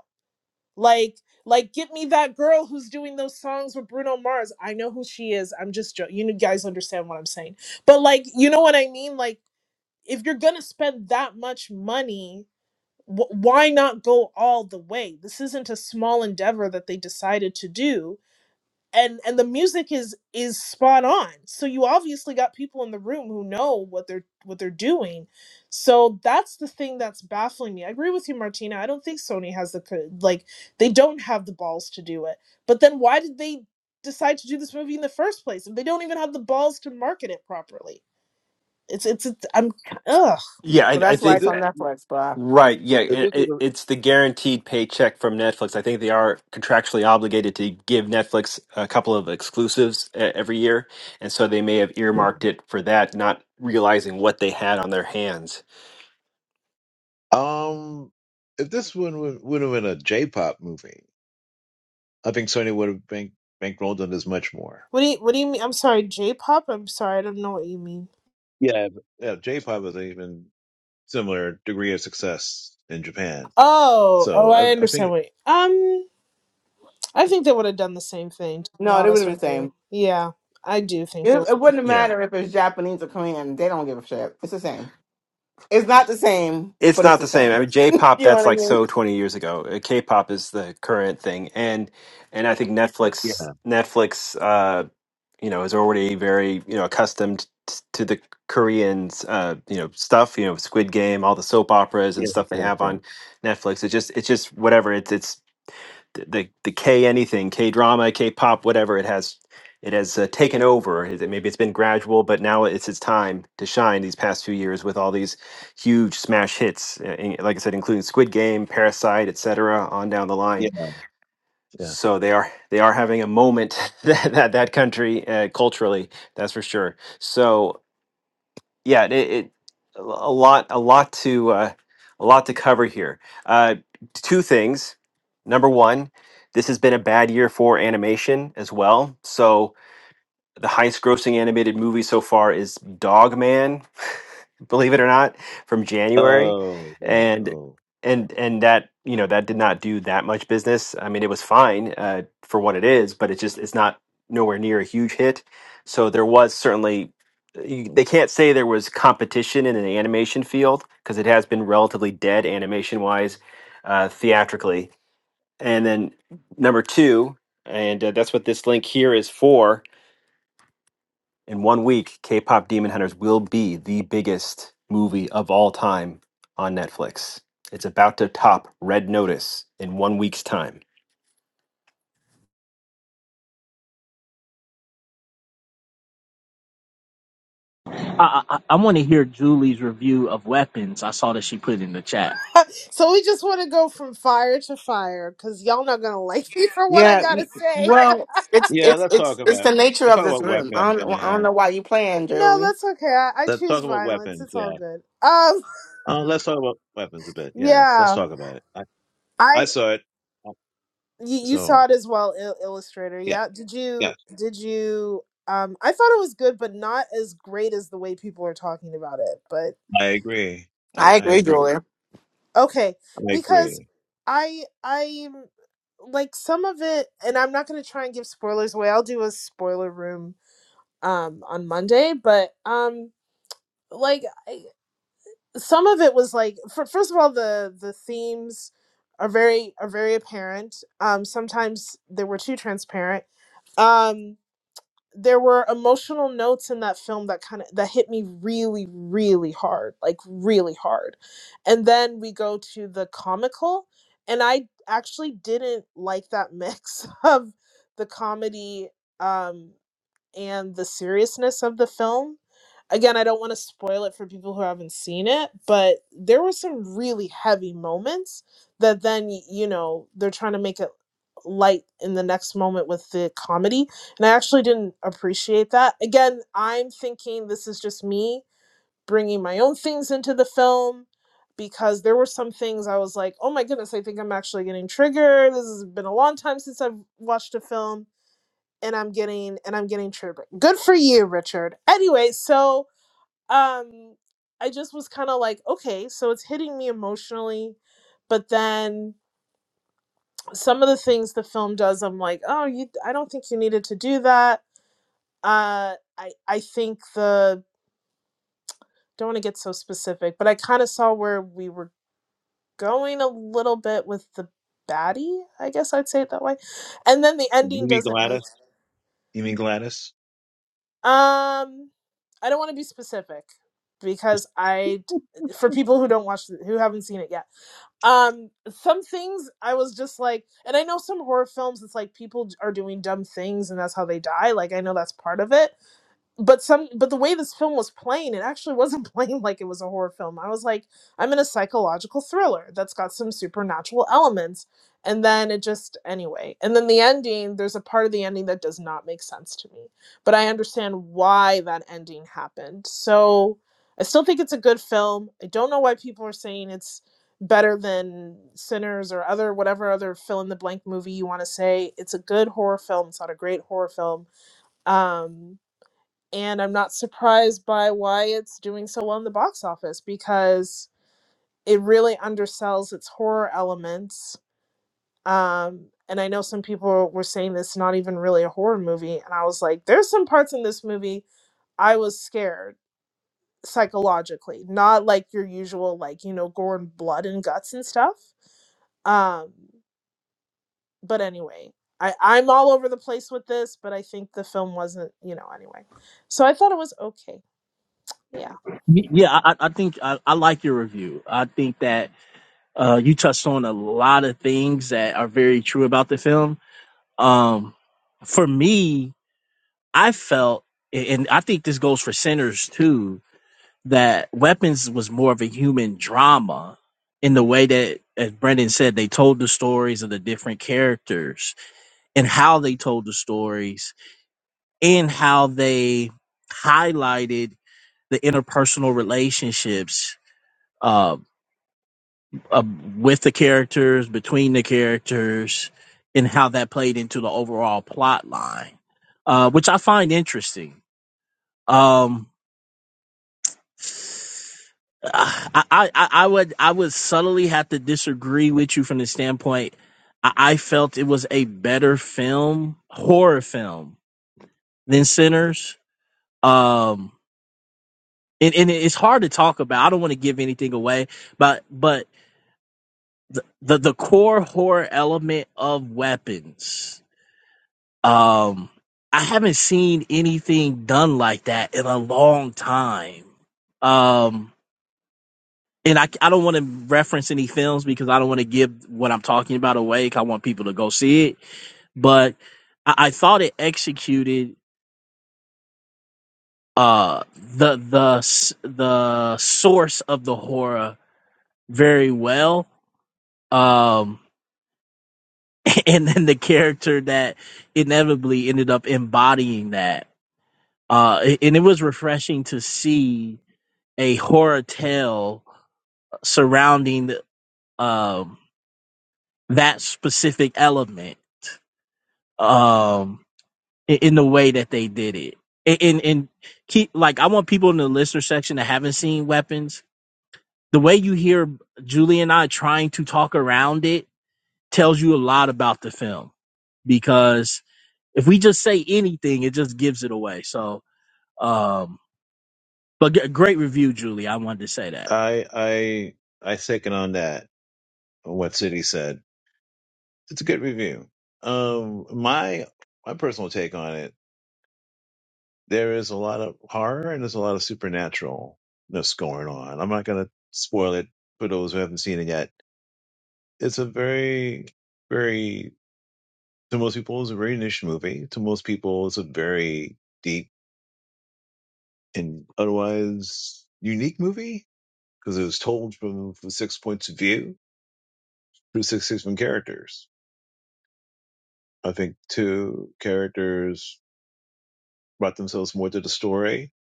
like, like, get me that girl who's doing those songs with Bruno Mars. I know who she is. I'm just joking. You guys understand what I'm saying. But like, you know what I mean? Like, if you're gonna spend that much money, wh- why not go all the way? This isn't a small endeavor that they decided to do and and the music is is spot on so you obviously got people in the room who know what they're what they're doing so that's the thing that's baffling me i agree with you martina i don't think sony has the co- like they don't have the balls to do it but then why did they decide to do this movie in the first place if they don't even have the balls to market it properly it's it's, it's i'm ugh
Yeah, I,
Well,
I
that's why
If
think.
it's
this,
on Netflix, bro.
Right. Yeah.
if
It,
this
it,
was
it's the guaranteed paycheck from Netflix. I think they are contractually obligated to give Netflix a couple of exclusives uh, every year. And so they may have earmarked it for that, not realizing what they had on their hands.
a, um, if this one would would have been a J-pop movie, I think Sony would have bank bankrolled on this much more.
what do you what do you mean i'm sorry j-pop i'm sorry i don't know what you mean
Yeah, but- yeah. J-pop was an even similar degree of success in Japan.
oh
So
oh i
I, I
understand
think,
Wait um I think they would have done the same thing, to be
No, it would have
honest
been the
with you.
same.
Yeah, I do think they
It,
would
it
have.
wouldn't
Yeah.
matter if it's Japanese or Korean. They don't give a shit. It's the same. It's not the same,
It's
but it's
not
the
the same. I
same.
mean, J-pop,
You know
that's
what I
like
mean?
so 20 years ago. Uh, K-pop is the current thing. And, and I think
yeah,
Netflix, Netflix, uh, you know is already very you know accustomed t- to the Koreans uh you know stuff you know Squid Game all the soap operas
yeah,
and stuff they have
yeah,
on Netflix It's just it's just whatever it's it's the the, the K anything K drama K pop whatever it has it has uh, taken over Is it- maybe it's been gradual but now it's its time to shine these past few years with all these huge smash hits uh, in- like I said including Squid Game Parasite etc on down the line
yeah. yeah.
so they are they are having a moment that that, that country uh, culturally that's for sure so yeah it, it a lot a lot to uh, a lot to cover here uh, two things number one this has been a bad year for animation as well so the highest grossing animated movie so far is Dog Man, believe it or not, from January.
Oh, right.
And
Oh,
and and that, you know, that did not do that much business. I mean, it was fine uh, for what it is, but it just it's not nowhere near a huge hit. So there was certainly you- they can't say there was competition in an animation field because it has been relatively dead animation wise uh, theatrically. And then number two, and uh, that's what this link here is for in one week, K pop Demon Hunters will be the biggest movie of all time on Netflix. It's about to top Red Notice in one week's time.
I, I, I want to hear Julie's review of Weapons. I saw that she put in the chat.
done. so we just want to go from fire to fire because y'all not going to like me for what I
Yeah.
got to
y-
say.
Well, it's
yeah.
it's
Let's talk
it's it's
about
the nature
let's
of
talk
this
about
room.
weapons,
I don't I don't
man.
know why you playing,
no,
Julie.
that's okay. I, I
Let's
choose
talk about
violence.
weapons.
It's all
Yeah.
good. Um,
Uh, let's talk about weapons a bit. Yes. Let's
yeah,
talk about it. I, I
I.
saw it. Uh,
You, you saw
So
it as well, il- Illustrator.
yeah,
Yeah. Did
yes,
you? Did you? Um, I thought it was good, but not as great as the way people are talking about it. But.
I agree. I,
I
I
agree,
agree.
Julie.
Okay,
I
because
agree.
I I'm like some of it, and I'm not gonna try and give spoilers away. I'll do a spoiler room um on Monday, but um like I, some of it was like for, first of all the the themes are very are very apparent. Um, sometimes they were too transparent. um, there were emotional notes in that film that kind of that hit me really really hard like really hard and then we go to the comical and i actually didn't like that mix of the comedy um and the seriousness of the film again i don't want to spoil it for people who haven't seen it but there were some really heavy moments that then y- you know they're trying to make it light in the next moment with the comedy. And I actually didn't appreciate that. Again, I'm thinking this is just me bringing my own things into the film because there were some things I was like, oh my goodness, I think I'm actually getting triggered. This has been a long time since I've watched a film and I'm getting and I'm getting triggered. Good for you, Richard. Anyway, so um I just was kind of like, okay, so it's hitting me emotionally, but then some of the things the film does i'm like oh you i don't think you needed to do that uh i i think the don't want to get so specific but i kind of saw where we were going a little bit with the baddie i guess i'd say it that way and then the
You
ending
mean
doesn't make
Gladys? You mean Gladys?
um i don't want to be specific because I, for people who don't watch the, who haven't seen it yet um some things i was just like and i know some horror films it's like people are doing dumb things and that's how they die like i know that's part of it but some but the way this film was playing it actually wasn't playing like it was a horror film i was like i'm in a psychological thriller that's got some supernatural elements and then it just anyway and then the ending there's a part of the ending that does not make sense to me but i understand why that ending happened so i still think it's a good film i don't know why people are saying it's better than sinners or other whatever other fill in the blank movie you want to say it's a good horror film it's not a great horror film um and I'm not surprised by why it's doing so well in the box office because it really undersells its horror elements. Um, and I know some people were saying this not even really a horror movie, and I was like, there's some parts in this movie I was scared psychologically, not like your usual like you know gore and blood and guts and stuff. Um, but anyway. I, I'm all over the place with this, but I think the film wasn't, you know, anyway. So I thought it was okay. Yeah.
Y- Yeah, I, I I think I, I like your review. I think that uh, you touched on a lot of things that are very true about the film. Um, for me, I felt, a- and I think this goes for Sinners too, that Weapons was more of a human drama in the way that, as Brendan said, they told the stories of the different characters and how they told the stories and how they highlighted the interpersonal relationships uh, uh, with the characters, between the characters, and how that played into the overall plot line, uh, which I find interesting. Um, I, I, I would I would subtly have to disagree with you from the standpoint I, I felt it was a better film, horror film than Sinners. Um, and, and it's hard to talk about. I don't want to give anything away, but but the, the the core horror element of weapons Um, I haven't seen anything done like that in a long time. Um, and I, I don't want to reference any films because I don't want to give what I'm talking about away. 'cause I want people to go see it. But I, I thought it executed uh the the s- the source of the horror very well. Um, and then the character that inevitably ended up embodying that. Uh, a- and it was refreshing to see a horror tale surrounding um, that specific element um, in, the way that they did it. And, and and keep like I want people in the listener section that haven't seen Weapons. The way you hear Julie and I trying to talk around it tells you a lot about the film because if we just say anything, it just gives it away. So, um, but g- great review, Julie. I wanted to say that.
I I I second on that. What City said. It's a good review. Um, my my personal take on it there is a lot of horror and there's a lot of supernaturalness going on. I'm not going to spoil it for those who haven't seen it yet. It's a very, very, to most people, it's a very niche movie. To most people, it's a very deep and otherwise unique movie because it was told from, from six points of view through six different characters. I think two characters brought themselves more to the story.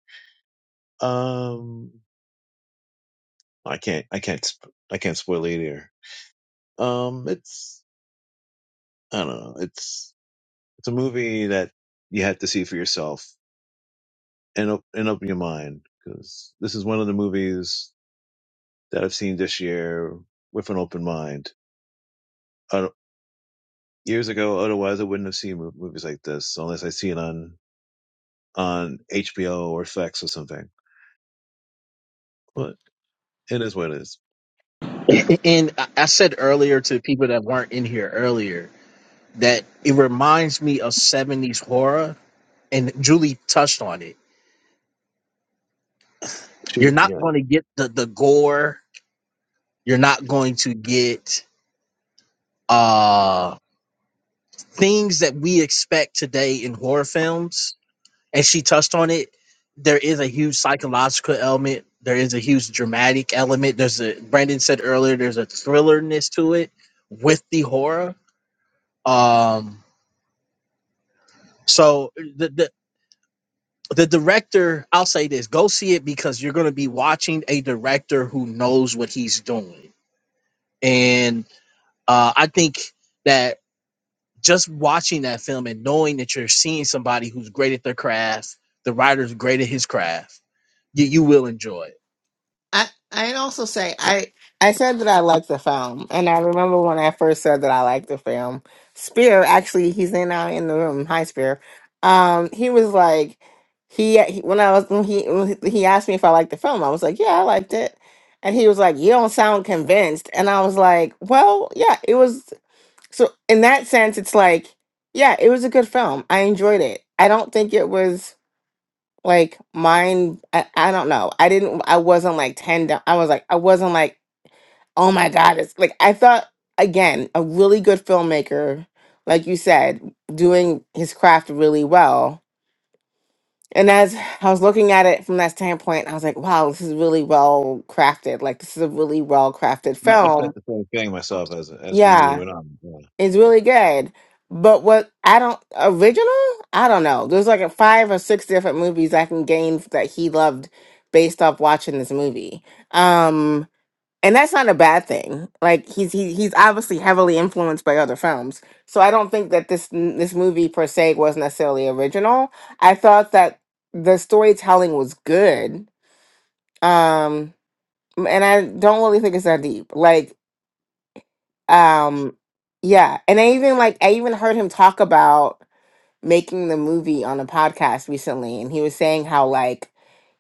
Um, I can't, I can't, sp- I can't spoil it either. Um, it's I don't know. It's it's a movie that you have to see for yourself and op- and open your mind because this is one of the movies that I've seen this year with an open mind. I don't- years ago, otherwise I wouldn't have seen mo- movies like this unless I see it on on HBO or Flex or something. But it is what it is.
And I I said earlier to people that weren't in here earlier that it reminds me of 70s horror and Julie touched on it.
She,
You're not
yeah,
going to get the the gore, you're not going to get uh things that we expect today in horror films and she touched on it. There is a huge psychological element, there is a huge dramatic element. There's a Brandon said earlier there's a thrillerness to it with the horror. Um so the, the the director i'll say this go see it because you're going to be watching a director who knows what he's doing and uh, i think that just watching that film and knowing that you're seeing somebody who's great at their craft the writer's great at his craft you, you will enjoy it
I I'd also say I I said that I liked the film, and I remember when I first said that I liked the film. Spear, actually, he's in now in the room. Hi, Spear. Um, he was like, he, he when I was when he when he asked me if I liked the film, I was like, yeah, I liked it, and he was like, you don't sound convinced, and I was like, well, yeah, it was. So in that sense, it's like, yeah, it was a good film. I enjoyed it. I don't think it was like mine I, I don't know i didn't i wasn't like 10 down i was like i wasn't like oh my god it's like i thought again a really good filmmaker like you said doing his craft really well and as i was looking at it from that standpoint i was like wow this is really well crafted like this is a really well crafted
I I said
film
the same thing myself as as the movie
Yeah.
went on. Yeah,
It's really good. But what I don't original? I don't know. There's like a five or six different movies I can gain that he loved based off watching this movie. Um and that's not a bad thing. Like he's he, he's obviously heavily influenced by other films. So I don't think that this this movie per se was necessarily original. I thought that the storytelling was good. Um and I don't really think it's that deep. Like um, yeah, and I even like I even heard him talk about making the movie on a podcast recently and he was saying how like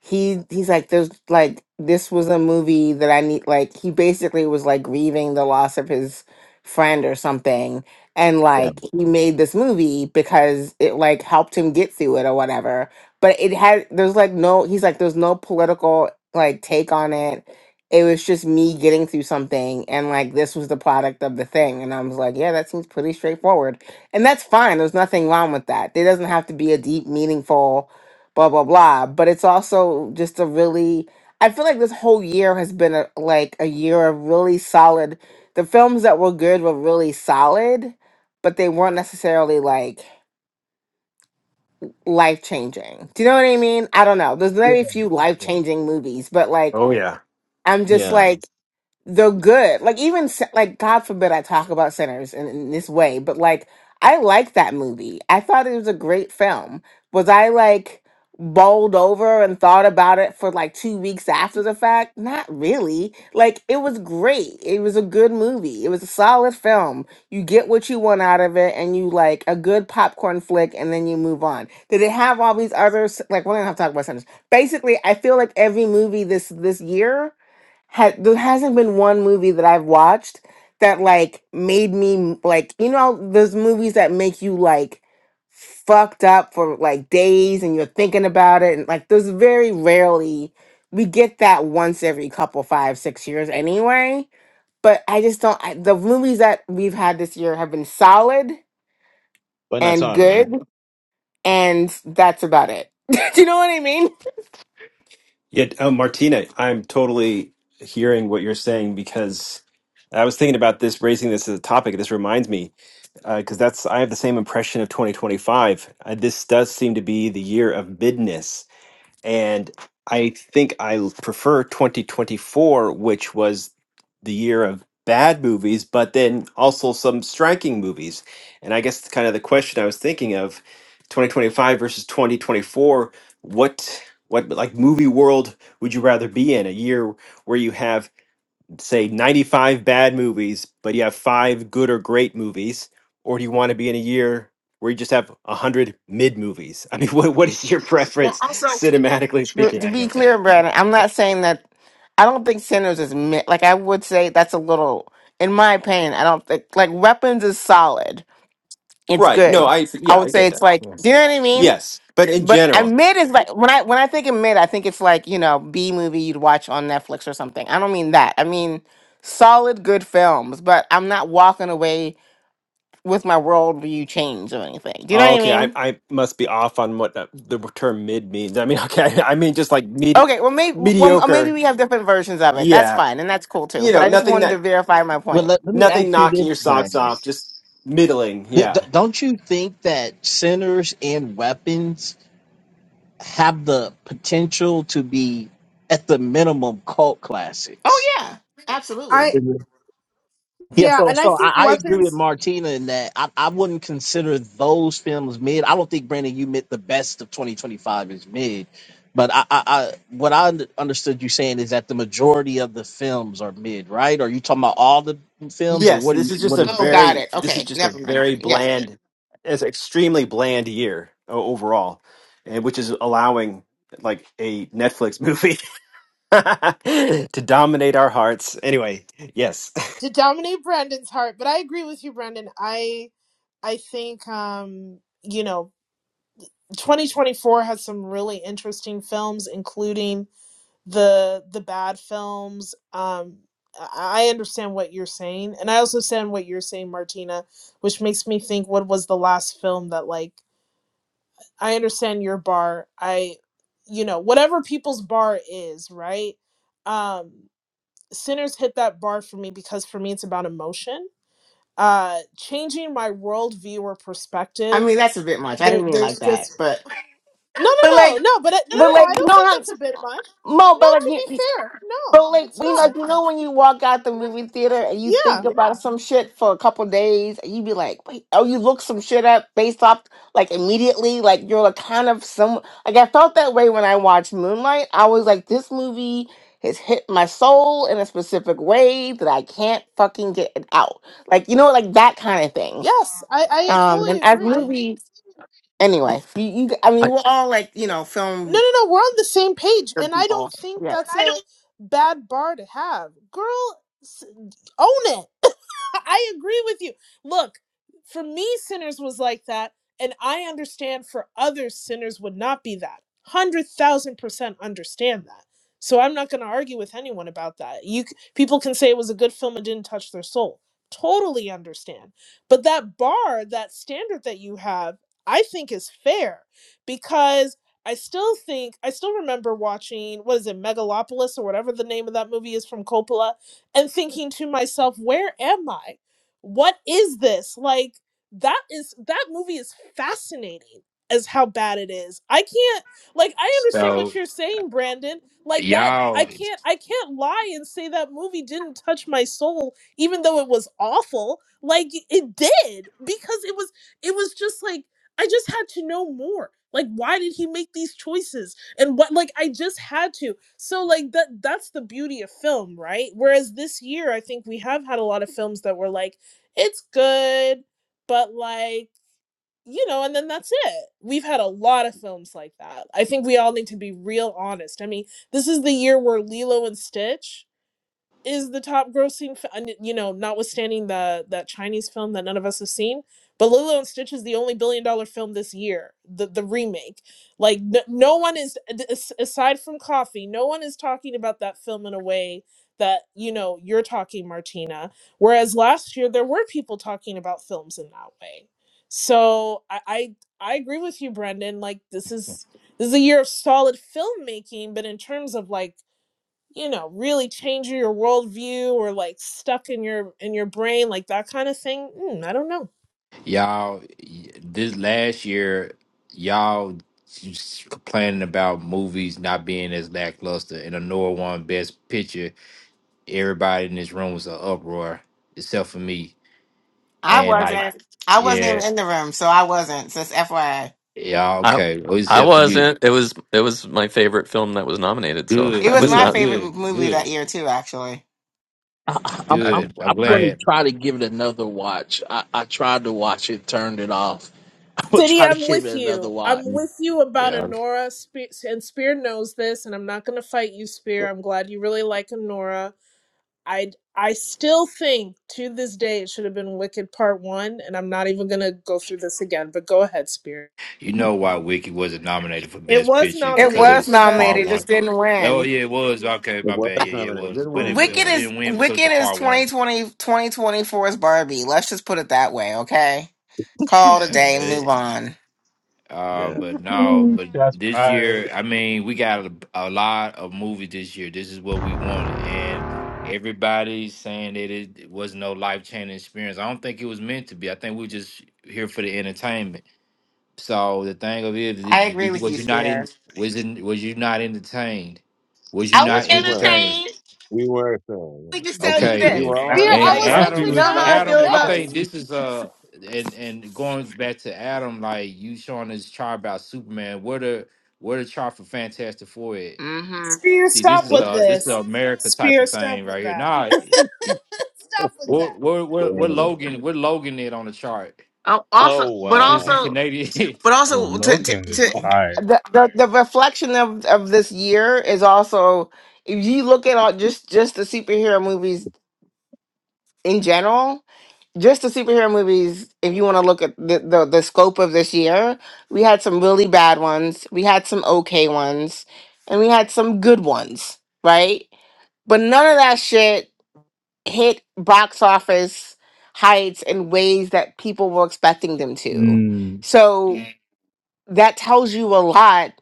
he he's like there's like this was a movie that I need like he basically was like grieving the loss of his friend or something and
yeah,
like he made this movie because it like helped him get through it or whatever but it had there's like no he's like there's no political like take on it it was just me getting through something and like this was the product of the thing and I was like yeah that seems pretty straightforward and that's fine. There's nothing wrong with that. There doesn't have to be a deep, meaningful, blah, blah, blah. But it's also just a really, I feel like this whole year has been a, like a year of really solid. The films that were good were really solid, but they weren't necessarily like life changing. Do you know what I mean? I don't know. There's
yeah,
very few life
yeah.
changing movies, but like,
Oh, yeah.
I'm just
yeah.
like, the good like even se- like god forbid i talk about sinners in, in this way but like i like that movie i thought it was a great film was i like bowled over and thought about it for like two weeks after the fact not really like it was great it was a good movie it was a solid film you get what you want out of it and you like a good popcorn flick and then you move on did it have all these others like we don't have to talk about sinners basically i feel like every movie this this year ha- there hasn't been one movie that I've watched that like made me like you know those movies that make you like fucked up for like days and you're thinking about it and like there's very rarely we get that once every couple five six years anyway but I just don't I, the movies that we've had this year have been solid
But not
and
harder, no.
good and that's about it do you know what I mean
yeah, uh, Martina, I'm totally hearing what you're saying because I was thinking about this, raising this as a topic. This reminds me because that's I have the same impression of 2025. Uh, this does seem to be the year of midness and I think I prefer 2024, which was the year of bad movies, but then also some striking movies. And I guess it's kind of the question I was thinking of 2025 versus 2024, what what like movie world would you rather be in? A year where you have say 95 bad movies, but you have five good or great movies? Or do you want to be in a year where you just have 100 mid movies? I mean, what, what is your preference, cinematically
To,
speaking?
to be clear, Brandon, I'm not saying that. I don't think sinners is mi- like I would say that's a little, in my opinion. I don't think like weapons is solid. It's
Right. No,
good.
I,
I
yeah, I
would say
get
it's
that.
like, do
Yes.
you know what I mean?
Yes. But in
But I
general,
mid is like when I when I think of mid, I think it's like you know B movie you'd watch on Netflix or something. I don't mean that. I mean solid good films. But I'm not walking away with my worldview change or anything. Do you know
oh,
what I
okay, I,
mean?
I must be off on what the, the term mid means. I mean, okay, I mean, just like medi-
Okay, well, maybe well, uh, maybe
mediocre.
we have different versions of it. That's
Yeah.
fine, and that's cool too.
You
But
know,
I
but,
just
nothing
wanted to
that,
verify my
but
point.
let, let me
nothing
ask you
knocking
this
your socks
brandon
off, just middling.
D-
Yeah.
d- don't you think that sinners and weapons have the potential to be at the minimum cult
Oh
classics
yeah,
I
absolutely.
Yeah,
yeah,
so
and I
so I,
think
I agree with
weapons
Martina in that I, I wouldn't consider those films mid. I don't think Brandon you meant the best of 2025 is mid, but I, I, I what I un- understood you saying is that the majority of the films are mid, right? Are you talking about all the films, or
Yes,
what? Are
this
you,
is just
what are
a
Oh,
you?
got
very
it.
this is
Okay,
just a
never mind.
very
Yeah,
bland, it's extremely bland year o- overall, and which is allowing like a Netflix movie to dominate our hearts. Anyway, yes.
to dominate Brandon's heart, but I agree with you, Brandon. I I think um, you know, 2024 has some really interesting films, including the the bad films. Um I I understand what you're saying, and I also understand what you're saying, Martina, which makes me think what was the last film that like I understand your bar. I, you know, whatever people's bar is, right? Um, Sinners hit that bar for me because for me it's about emotion. Uh, changing my worldview or
I
perspective.
mean that's a bit much. I
There,
didn't mean it like
there's
that,
just
but
no,
but
no, no,
like
no. But it, no,
but
no, no. I
like
don't
no,
think
no,
that's a bit much.
Mo,
No,
but
to be
like you-
fair, no,
But like
it's
we know,
not.
you know when you walk out the movie theater and you think
Yeah,
about some shit for a couple days, and you be like, wait, oh, you look some shit up based off like immediately, like you're like kind of some like I felt that way when I watched Moonlight. I was like, this movie has hit my soul in a specific way that I can't fucking get it out. Like you know, like that kind of thing.
yes, I, I
Um,
totally
and as
agree.
movies, anyway, you, you I mean,
I
we're all like you know,
No,
film.
no, no. We're on the same page, and I don't think
yeah.
that's a bad bar to have, girl. s- Own it I agree with you. Look, for me, sinners was like that. And I understand for others, sinners would not be that. 100,000% understand that. So I'm not going to argue with anyone about that. You c- People can say it was a good film and didn't touch their soul. Totally understand. But that bar, that standard that you have, I think is fair because I still think, I still remember watching, what is it, Megalopolis or whatever the name of that movie is from Coppola and thinking to myself, where am I? What is this? Like that is that movie is fascinating as how bad it is. I can't like I understand
So
what you're saying, Brandon. Like that I
y'all.
can't I can't lie and say that movie didn't touch my soul even though it was awful. Like it did because it was it was just like I just had to know more. Like why did he make these choices? and what like i just had to so like that that's the beauty of film right whereas this year i think we have had a lot of films that were like it's good but like you know and then that's it we've had a lot of films like that i think we all need to be real honest i mean this is the year where lilo and stitch is the top grossing fi- and, you know notwithstanding the that chinese film that none of us have seen but lilo and stitch is the only billion dollar film this year the the remake like no, no one is d- as- aside from coffee no one is talking about that film in a way that you know you're talking martina whereas last year there were people talking about films in that way so i i, I agree with you brendan like this is this is a year of solid filmmaking but in terms of like you know really change your worldview or like stuck in your in your brain like that kind of thing mm, i don't know
Y'all, this last year, y'all s- complaining about movies not being as lackluster, and Anora won Best Picture. Everybody in this room was an uproar, except for me.
I
And like,
wasn't. I wasn't
yeah,
even in the room, so I wasn't. Just FYI,
yeah,
I
okay, well,
I
except for you.
wasn't. It was it was my favorite film that was nominated, so
it
I
Good,
was
was
my
good,
not
favorite m-
good,
movie that
good,
year too. Actually,
I, I'm
I,
good.
I'm
I'm
I'm
I,
going to
glad.
try to give it another watch. I, I tried to watch it, turned it off. I'm gonna
city
try to
i'm
give
with
it
you
another
i'm
watch.
Yeah,
with you about
okay.
anora Spe- and spear knows this and i'm not going to fight you spear
But,
i'm glad you really like anora i i still think to this day it should have been wicked part one and i'm not even going to go through this again but go ahead spear
you
hmm, it
know why Wiki wasn't nominated for
it
Best
was
Picture
it
because it
nominated
was
for
was
best
part
nominated, it
one.
vision
just didn't
Oh
win.
yeah, it was okay. My
was
bad. Yeah, yeah, it
nominated. It
was,
didn't
but it, it
Wicked
win.
is
didn't win because of
Wicked
the
is
part one.
2020 2024's Barbie. Let's just put it that way, okay? Call it a
Yeah.
Yeah,
day,
but
move
it,
on.
uh,
Yeah.
but no,
Ooh,
but
Shots
this year,
fired.
I mean, we got a, a lot of movies this year. This is what we wanted, and everybody's saying that it was no life changing experience. I don't think it was meant to be. I think we are just here for the entertainment. So the thing of it is,
I agree
did you,
with
was
you,
you not in?
Spear.
Was in? Was you not entertained? Was you
I was
not
Yes, we were.
entertained?
entertained.
We were, sir.
Let
Yeah.
me just tell you
Okay
We
this.
then.
were
not,
Let
spear
on
me
i
And
tell you.
was
time,
This.
Coffee
You
sir.
Adam,
know
was not
how I
entertained
feel
Adam, I
about.
yes
think
entertained.
this is uh and and going back to Adam, like you showing this chart about Superman, where the where the chart for Fantastic Four at?
mm hmm
Spear,
See, this
stop
is
with
Nope.
uh this
this.
is a America type
Spear,
of
stop
thing right
with
here.
that.
Nah,
stop with
we're
that.
we're we're, we're
Damn.
Logan, we're Logan it on the chart
Oh, also, but
because he's
also,
Oh,
Canadian.
but
Oh,
also to to,
Logan
to
was
uh,
fire.
the, the the reflection of of this year is also if you look at all just just the superhero movies in general. Just the superhero movies. If you want to look at the, the the scope of this year, we had some really bad ones. We had some okay ones, and we had some good ones. Right But none of that shit hit box office heights in ways that people were expecting them to.
Mm,
So Mm. that tells you a lot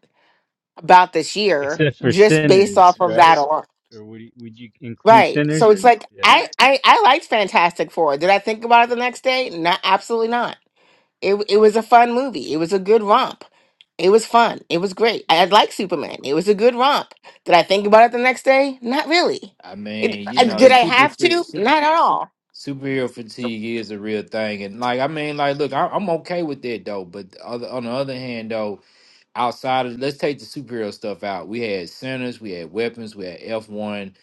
about this year
except for
just based
Sinners,
off of
right?
that alone.
Or would you, would you include
Right.
Sinners?
So
Or
it's like
yeah,
I, I I liked Fantastic Four. Did I think about it the next day? Not absolutely not. It it was a fun movie. It was a good romp. It was fun. It was great. I, I like Superman. It was a good romp. Did I think about it the next day? Not really.
I
It,
mean, you
uh,
know,
did
it's
I
super
have
fe-
to?
super.
Not at all
Superhero fatigue is a real thing, and like I mean, like, look, I, I'm okay with that though. But the other, on the other hand, though, outside of let's take the superhero stuff out. We had Sinners, we had Weapons, we had F one,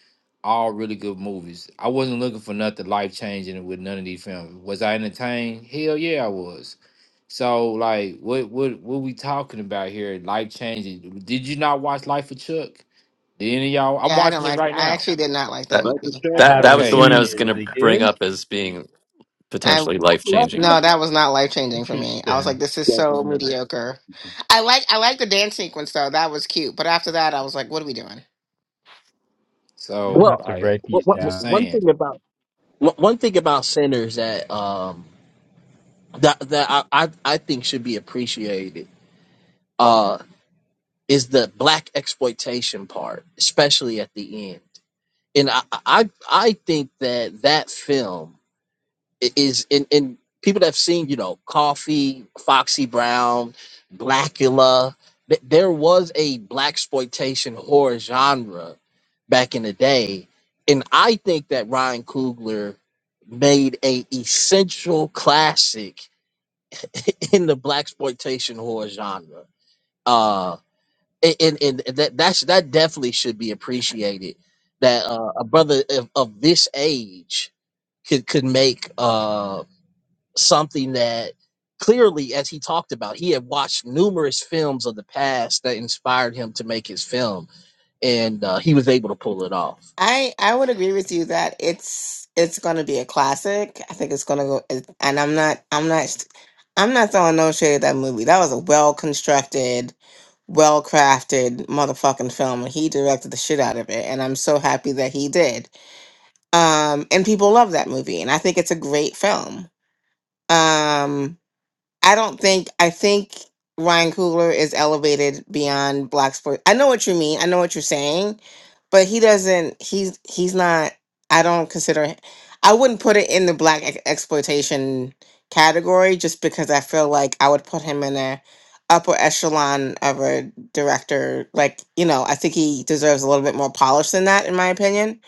all really good movies. I wasn't looking for nothing life changing with none of these films. Was I entertained? Hell yeah, I was. So like, what what what we talking about here? Life changing? Did you not watch Life of Chuck? Did any of y'all? I'm
Yeah, I didn't
watching it
like.
right
I
now.
actually did not like that
that
that's a
movie.
I
check.
that that
Didn't
was
haven't
see
the
that.
one
Okay,
I
seen it.
was
No,
going
Is it
to bring
good?
up as being
I
potentially life
Let's
changing.
get
no, that was not life changing for me. I was like,
Interesting.
this is so
definitely not.
mediocre. I like I like the dance sequence though. That was cute. But after that, I was like, what are we doing?
I'm gonna
so
have
Well,
to
I
write
wh-
these
I'm
wh-
just
down.
one
saying.
thing about one one thing about Sinners that um that that I, I I think should be appreciated uh is the black exploitation part, especially at the end. And I I I think that that film i- is in in people that have seen you know Coffee, Foxy Brown, Blackula. th- There was a black exploitation horror genre back in the day, and I think that Ryan Coogler made a essential classic in the black exploitation horror genre. Uh, and, and and that that's that definitely should be appreciated. That uh, a brother of, of this age could could make uh something that clearly, as he talked about, he had watched numerous films of the past that inspired him to make his film, and uh, he was able to pull it off.
I I would agree with you that it's it's going to be a classic. I think it's going to go, it- and I'm not I'm not I'm not throwing no shade at that movie. That was a well constructed, well crafted motherfucking film, and he directed the shit out of it. And I'm so happy that he did. Um, and people love that movie, and I think it's a great film. Um, I don't think I think Ryan Coogler is elevated beyond black sports. I know what you mean. I know what you're saying, but he doesn't. He's he's not. I don't consider. h- I wouldn't put it in the black ex- exploitation category just because I feel like I would put him in a upper echelon of a director. Like you know, I think he deserves a little bit more polish than that, in my opinion.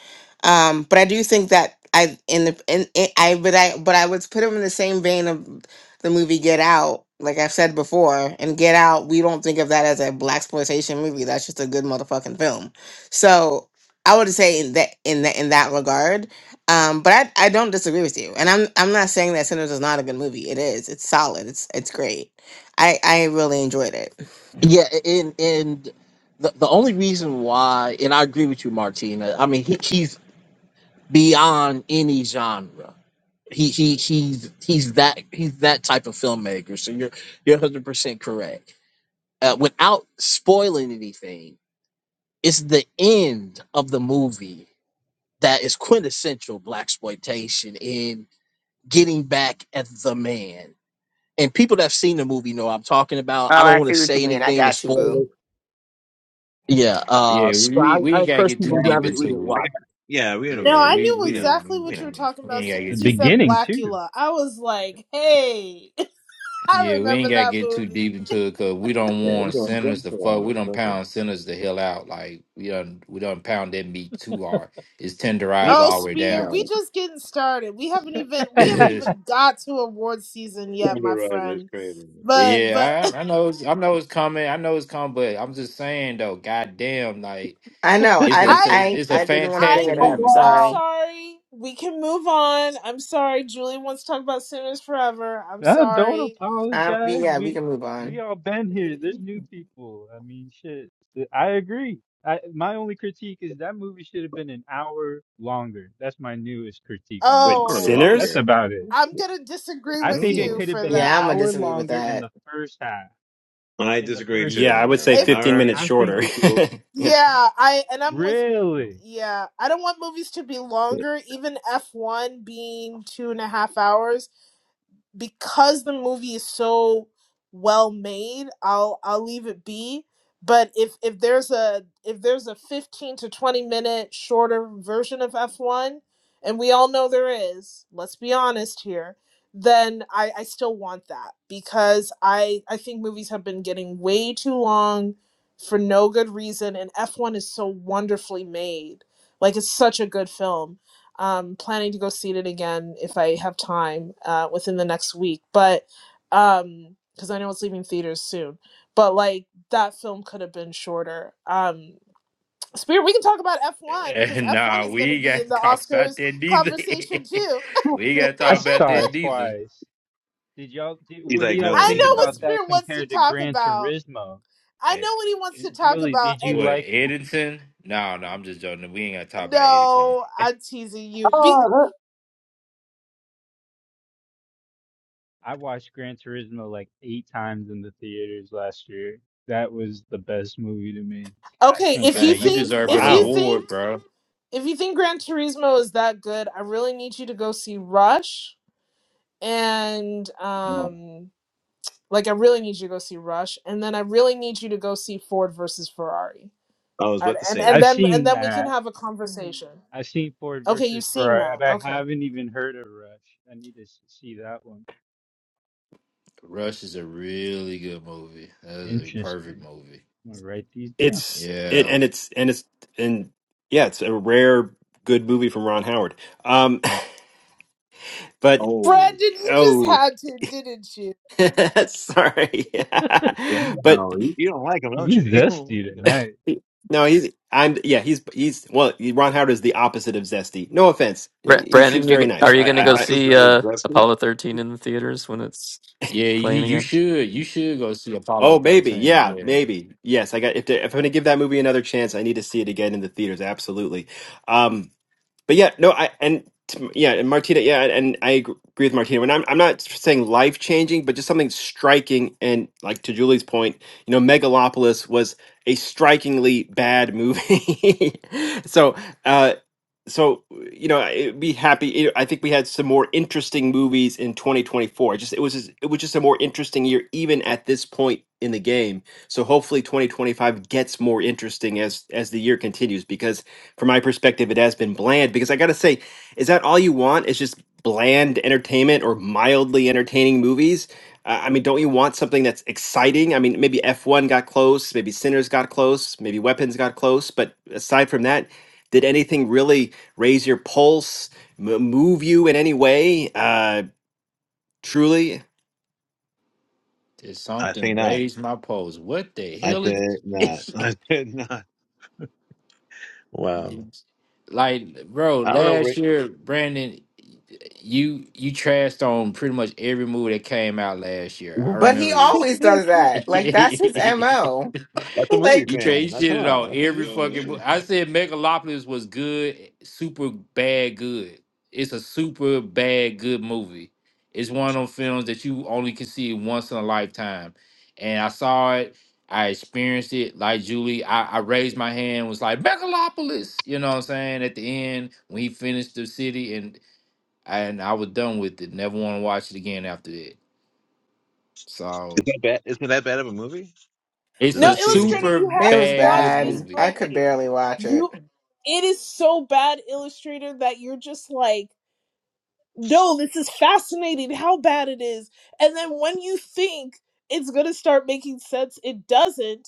Um, but I do think that I in the in, in I but I but I would put him in the same vein of the movie Get Out, like I've said before, and Get Out, we don't think of that as a black exploitation movie. That's just a good motherfucking film. So I would say in that in that in that regard. Um, but I, I don't disagree with you. And I'm I'm not saying that Sinners is not a good movie. It is. It's solid. It's it's great. I I really enjoyed it.
Yeah, and and the the only reason why, and I agree with you, Martina. I mean, he, he's beyond any genre He he he's he's that he's that type of filmmaker. So you're you're hundred percent correct. Uh, without spoiling anything, it's the end of the movie that is quintessential black exploitation in getting back at the man. And people that have seen the movie know what I'm talking about.
Oh,
I don't
I
want to
see what you
say
mean. I
anything to
got you,
spoil
boo.
it. Yeah, uh,
Yeah,
so
we
I,
we
I
ain't gotta
encourage
get too
Yeah,
people who
deep
we,
haven't
we,
seen it
into it.
I
watch.
got, yeah, we know what you're
No,
Yeah,
I
talking
we
about.
knew
We know.
we,
exactly
We
what you
know.
were talking
we
about
ain't
as
gotta
soon
The
get
as you
too
said
deep
beginning
in.
too.
Blackula. I was like, hey, I
Yeah, we
remember
ain't gotta
that
get too
movie.
deep into it because we don't
Yeah, we're
want
doing
sinners to
better on
fuck. We
this.
don't
Okay.
pound sinners to hell out. Like we don't we don't pound that meat too hard. It's tenderized
Oh,
all the way
Spear,
down.
we
No,
just getting started. We haven't even we haven't even got to award season
the
yet,
Thunder
my
Rider is
friend.
crazy. Yeah.
But but
yeah, I, I know it's, I know it's coming. I know it's coming, but I'm just saying though, goddamn, like
I know.
it's a
I
it's
I
a
I
it's a
I didn't want to
I
bring
fantastic
it
the
up.
movie.
I'm
blood.
Sorry.
sorry. We can move on. I'm sorry. Julie wants to talk about Sinners Forever. I'm
Nah, don't
sorry.
Um,
apologize.
yeah, we
We
can move
we
on.
all been here. There's new people. I mean, shit. I agree. I my only critique is that movie should have been an hour longer. That's my newest critique on that
Wait,
hour
movie.
Oh.
But that's
Sinners?
longer.
about it.
I'm gonna disagree
I
with
think it
you
Oh,
could have
for
been an
Yeah, I'm gonna
that.
hour
disagree with
longer in
that.
the first half.
I
In the
disagree
first,
Yeah,
too,
I would say
man. An
If
15 minutes
hour
I think
shorter.
of
it
people.
Yeah.
yeah, I and I'm with
really.
yeah. I don't want movies to be longer, even F one being two and a half hours. because the movie is so well made i'll i'll leave it be but if if there's a if there's a 15 to 20 minute shorter version of f1 and we all know there is let's be honest here then i i still want that because i i think movies have been getting way too long for no good reason and f1 is so wonderfully made like it's such a good film um, planning to go see it again if I have time uh, within the next week, but um, because I know it's leaving theaters soon. But like that film could have been shorter. Um, Spirit, we can talk about F one because F one
nah,
is going
we
to
ain't
be in
gotta
the
talk about
Oscars
that neither.
conversation too.
we ain't gotta
I
talk about
saw
that
it
neither.
twice. Did y'all? Did,
He's
what do
like,
y'all
no.
I
Yeah,
think
He's
know
like,
what
about that
Spirit wants to
compared to
talk
Gran
about.
Turismo?
I
we-
know what he wants to talk
Julie,
about,
did you
What
and
like?
Edison? No, no, I'm just joking. We ain't gotta talk about Edison.
no, I'm teasing you. Be-
Oh, let's
I watched Gran Turismo like eight times in the theaters last year. That was the best movie to me. I
okay,
can't
if
get
you
Man, you
enough of
think,
that
deserve an
if
movie.
you
Wow.
think,
award, bro.
if you think Gran Turismo is that good, I really need you to go see Rush and
no.
um like I really need you to go see Rush and then I really need you to go see Ford versus Ferrari.
I was
And
about to
and,
say
and
that.
I've
then and
seen
then we can
that.
have a conversation.
I've seen Ford
Okay,
versus
you've seen
Ferrari,
that.
but I
Okay.
haven't even heard of Rush. I need to s- see that one.
Rush is a really good movie. That is a perfect
Interesting.
movie.
I'm gonna write these down.
It's it
Yeah.
and it's and it's and yeah, it's a rare good movie from Ron Howard. Um but
Oh.
Brandon, you
oh
just had to, didn't you?
Sorry,
Yeah,
but
no, you, you don't like them, don't
Be
you? You don't
zesty
like them.
tonight.
no, he's I'm yeah he's he's well Ron Howard is the opposite of zesty. No offense, he, he seems
Brandon, you
very
g- are
nice.
you
I,
going to
I,
go
My
I
sister
see
was
uh,
zesty.
Apollo thirteen in the theaters when it's
Yeah, you
playing
you
again?
should. You should go see Apollo
oh maybe yeah
13. Yeah.
maybe yes I got if, if I'm going to give that movie another chance I need to see it again in the theaters absolutely. Um, but yeah, no, I and t- yeah, and Martina, yeah, and I agree with Martina. When I'm, I'm not saying life changing, but just something striking. And like to Julie's point, you know, Megalopolis was a strikingly bad movie. so, uh, so you know, I'd be happy. you know, I think we had some more interesting movies in 2024. Just it was, just, it was just a more interesting year, even at this point in the game. So hopefully 2025 gets more interesting as as the year continues because from my perspective, it has been bland because I got to say, is that all you want is just bland entertainment or mildly entertaining movies? Uh, I mean, don't you want something that's exciting? I mean, maybe F1 got close, maybe Sinners got close, maybe Weapons got close, but aside from that, did anything really raise your pulse, m- move you in any way? Uh, truly?
There's
I say
something
not.
raised my pulse. What the
I
hell is
said not. I said not. Wow.
like, bro,
I don't know.
last
Rick.
year, Brandon, you you trashed on pretty much every movie that came out last year. I
But he
remember this.
always does that.
he
Like
trade
that's his mo.
That's a movie
he
Like
fan. Now, Come
shitted on
on. That's a
every
real movie.
fucking book.
Is
I said Megalopolis was good, super bad good. It's a super bad good movie. It's one of them films that you only can see once in a lifetime. And I saw it, I experienced it like Julie. I, I raised my hand, was like Megalopolis, you know what I'm saying? At the end, when he finished the city and and I was done with it. Never want to watch it again after that. So
that bad? Isn't that bad of a movie?
It's
Did
No,
a
not see it
Illustrator,
again.
super
you
It
have to
was
bad good
watch this
bad.
movie.
I could
movie.
barely watch it.
You it is so bad, Illustrator, that you're just like, no, this is fascinating how bad it is. And then when you think it's gonna start making sense, it doesn't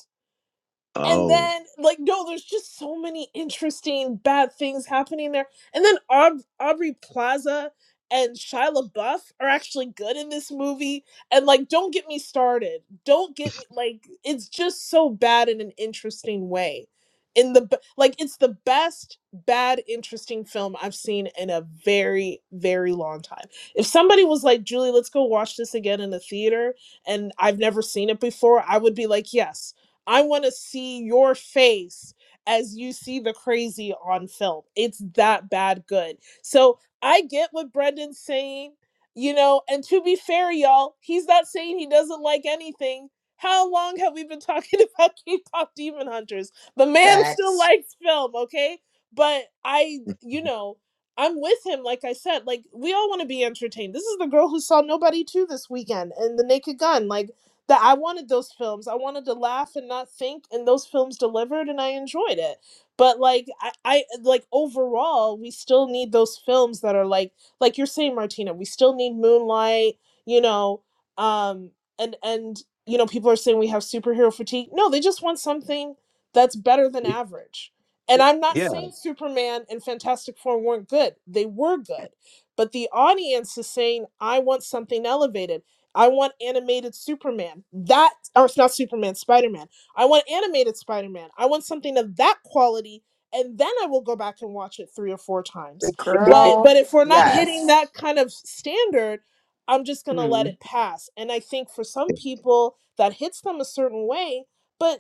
and
Oh.
then like no there's just so many interesting bad things happening there and then Aub- aubrey plaza and shia labeouf are actually good in this movie and like don't get me started don't get me like it's just so bad in an interesting way in the b- like it's the best bad interesting film i've seen in a very very long time if somebody was like julie let's go watch this again in the theater and i've never seen it before i would be like yes I want to see your face as you see the crazy on film. It's that bad good. So I get what Brendan's saying, you know, and to be fair, y'all, he's not saying he doesn't like anything. How long have we been talking about K-pop demon hunters? The man still
Facts.
likes film, okay? But I, you know, I'm with him, like I said. Like, we all want to be entertained. This is the girl who saw Nobody 2 this weekend and The Naked Gun. Like, that I wanted those films. I wanted to laugh and not think, and those films delivered, and I enjoyed it. But like I, I like overall, we still need those films that are like like you're saying, Martina. We still need Moonlight. You know, um, and and you know, people are saying we have superhero fatigue. No, they just want something that's better than
Y-
average. And I'm not
Yeah.
saying Superman and Fantastic Four weren't good. They were good. But the audience is saying, I want something elevated. I want animated Superman. That or it's not Superman, Spider-Man. I want animated Spider-Man. I want something of that quality and then I will go back and watch it 3 or 4 times.
Huh?
But
Girl,
but if we're not hitting
yes.
that kind of standard, I'm just going to
Mm-hmm.
let it pass. And I think for some people that hits them a certain way, but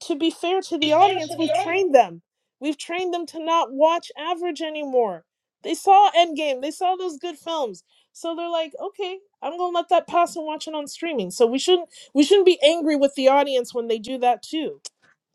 to be fair to
Be
the
fair
audience,
to the
we've
audience.
trained them. We've trained them to not watch average anymore. They saw Endgame, they saw those good films. So they're like, okay, I'm gonna let that pass and watch it on streaming. So we shouldn't we shouldn't be angry with the audience when they do that too.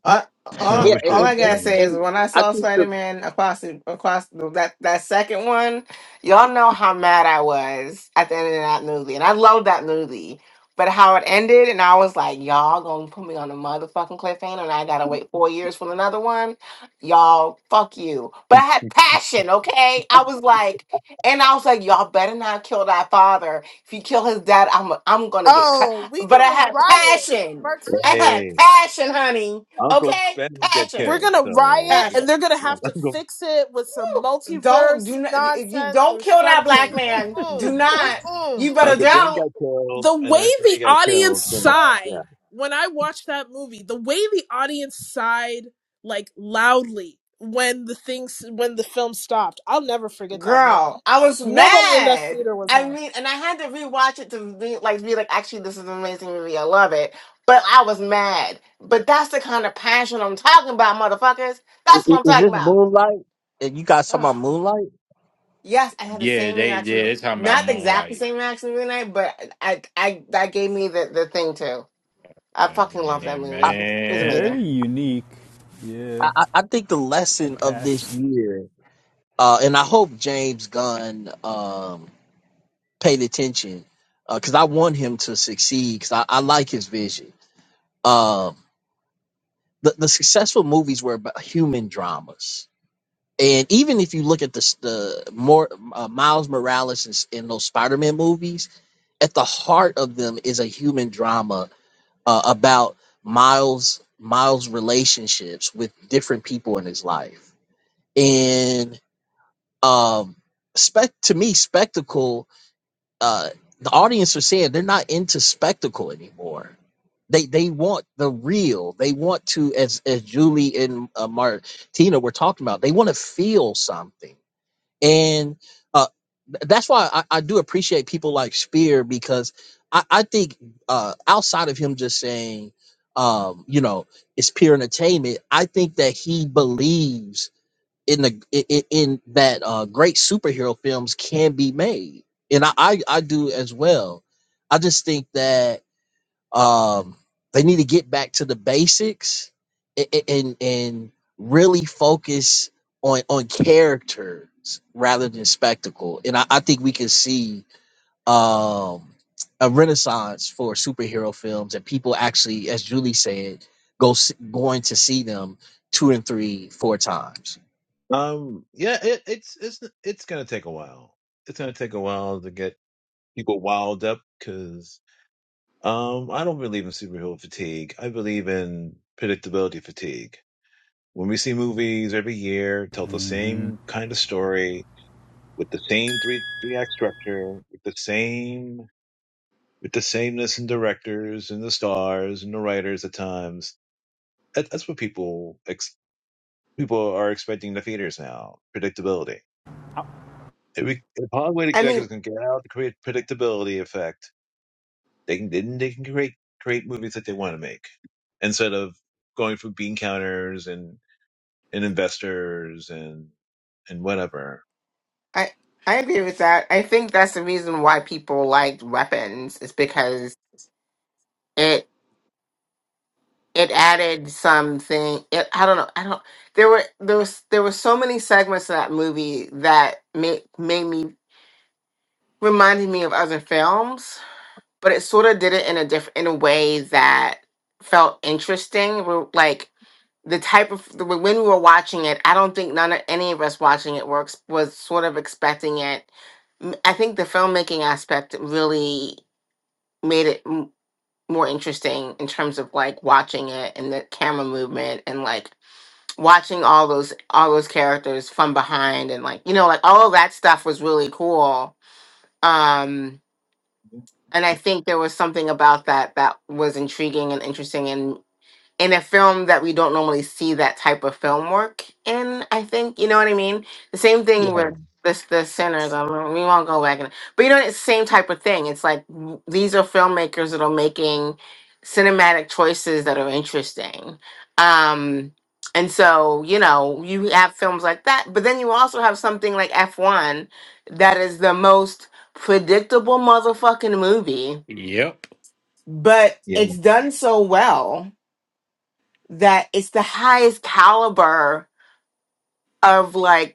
All,
No,
Yeah,
all,
we
and,
all
and,
shouldn't.
I
and
gotta
No.
say is
and
when I
I
saw
think the
Spider Man across the, across the, that that second one, y'all know how mad I was at the end of that movie, and I loved that movie. But how it ended, and I was like, y'all gonna put me on a motherfucking cliffhanger, and I gotta wait four years for another one. Y'all, fuck you. But I had
no.
passion, okay? I was like, and I was like, y'all better not kill that father. If you kill his dad, I'm I'm gonna get cut.
Oh, we
But I
gonna
had
riot,
passion. I
Martina.
had
Hey,
passion, honey
Uncle
Okay,
Ben got
We're
passion,
killed.
gonna
So
riot, and
passion.
they're gonna
yeah,
have to
Uncle
fix it with some
Woo! Don't
multiverse
do not if you
nonsense
don't
or
kill that black
something. Mm
man. Do
mm mm
not.
mm.
You better
Uncle Ben
don't,
got killed,
the
and
way
I he
the
got
audience
killed. So
Woo.
yeah.
sighed when I watched that movie, the way the audience sighed like loudly when the things when the film stopped, I'll never forget that moment.
girl. I was
Nobody in that
mad.
theater was
I
happy.
mean, and I had to rewatch it to be like, be like, actually, this is an amazing movie. I love it. But I was mad. But that's the kind of passion I'm talking about, motherfuckers.
i-
That's what I'm
i- is
talking
this
about.
Moonlight? And you guys talking about
Ugh.
Moonlight?
Yes, I had the
Yeah,
same
they
reaction.
yeah, they're talking about
Not the exact
Moonlight.
same reaction the other night, but I, I that gave me the the thing too. I fucking love that
Hey,
movie. It was
man.
amazing.
Very unique. Yeah.
I, I I think the
Had
lesson of this
passion.
year, uh, and I hope James Gunn um, paid attention because I want him to succeed because I, I like his vision. Um, the, the successful movies were about human dramas. And even if you look at the, s- the more uh, Miles Morales and, s- and those Spider Man movies, at the heart of them is a human drama uh, about Miles Miles relationships with different people in his life um spec to me spectacle uh the audience are saying they're not into spectacle anymore they they want the real they want to as as julie and uh, martina were talking about they want to feel something and uh th- that's why I, I do appreciate people like spear because i i think uh outside of him just saying um you know it's pure entertainment i think that he believes in the i- i- in that uh great superhero films can be made and I, I i do as well i just think that um they need to get back to the basics a- and and really focus on on characters rather than spectacle and i, I think we can see um a renaissance for superhero films and people actually as julie said go s- going to see them two and three four times
Um, yeah, it, it's it's it's gonna take a while. It's gonna take a while to get people wild up because um, I don't believe in superhero fatigue. I believe in predictability fatigue. When we see movies every year tell the
hmm
same kind of story with the same three three act structure, with the same with the sameness in directors and the stars and the writers at times, that, that's what people ex- people are expecting the theaters now. Predictability
I
It re- Hollywood
I
executives
mean,
can get out and create predictability effect. They can then they can create create movies that they want to make instead of going for bean counters and, and investors and and whatever.
I I agree with that. I think that's the reason why people liked Weapons is because it it added something. It, I don't know. I don't. There were there was there were so many segments in that movie that made made me reminded me of other films. but it sort of did it in a different in a way that felt interesting we like the type of the, when we were watching it i don't think none of any of us watching it works was sort of expecting it M- i think the filmmaking aspect really made it m- more interesting in terms of like watching it and the camera movement and like watching all those all those characters from behind and like you know like all of that stuff was really cool um and I think there was something about that that was intriguing and interesting and in a film that we don't normally see that type of film work in. I think you know what I mean. The same
Yeah,
thing with this the sinners. I mean, we won't go back in, but you know it's the same type of thing. It's like w- these are filmmakers that are making cinematic choices that are interesting. Um, and so you know you have films like that, but then you also have something like F one that is the most predictable motherfucking movie,
Yep.
but
yeah,
it's done so well that it's the highest caliber of like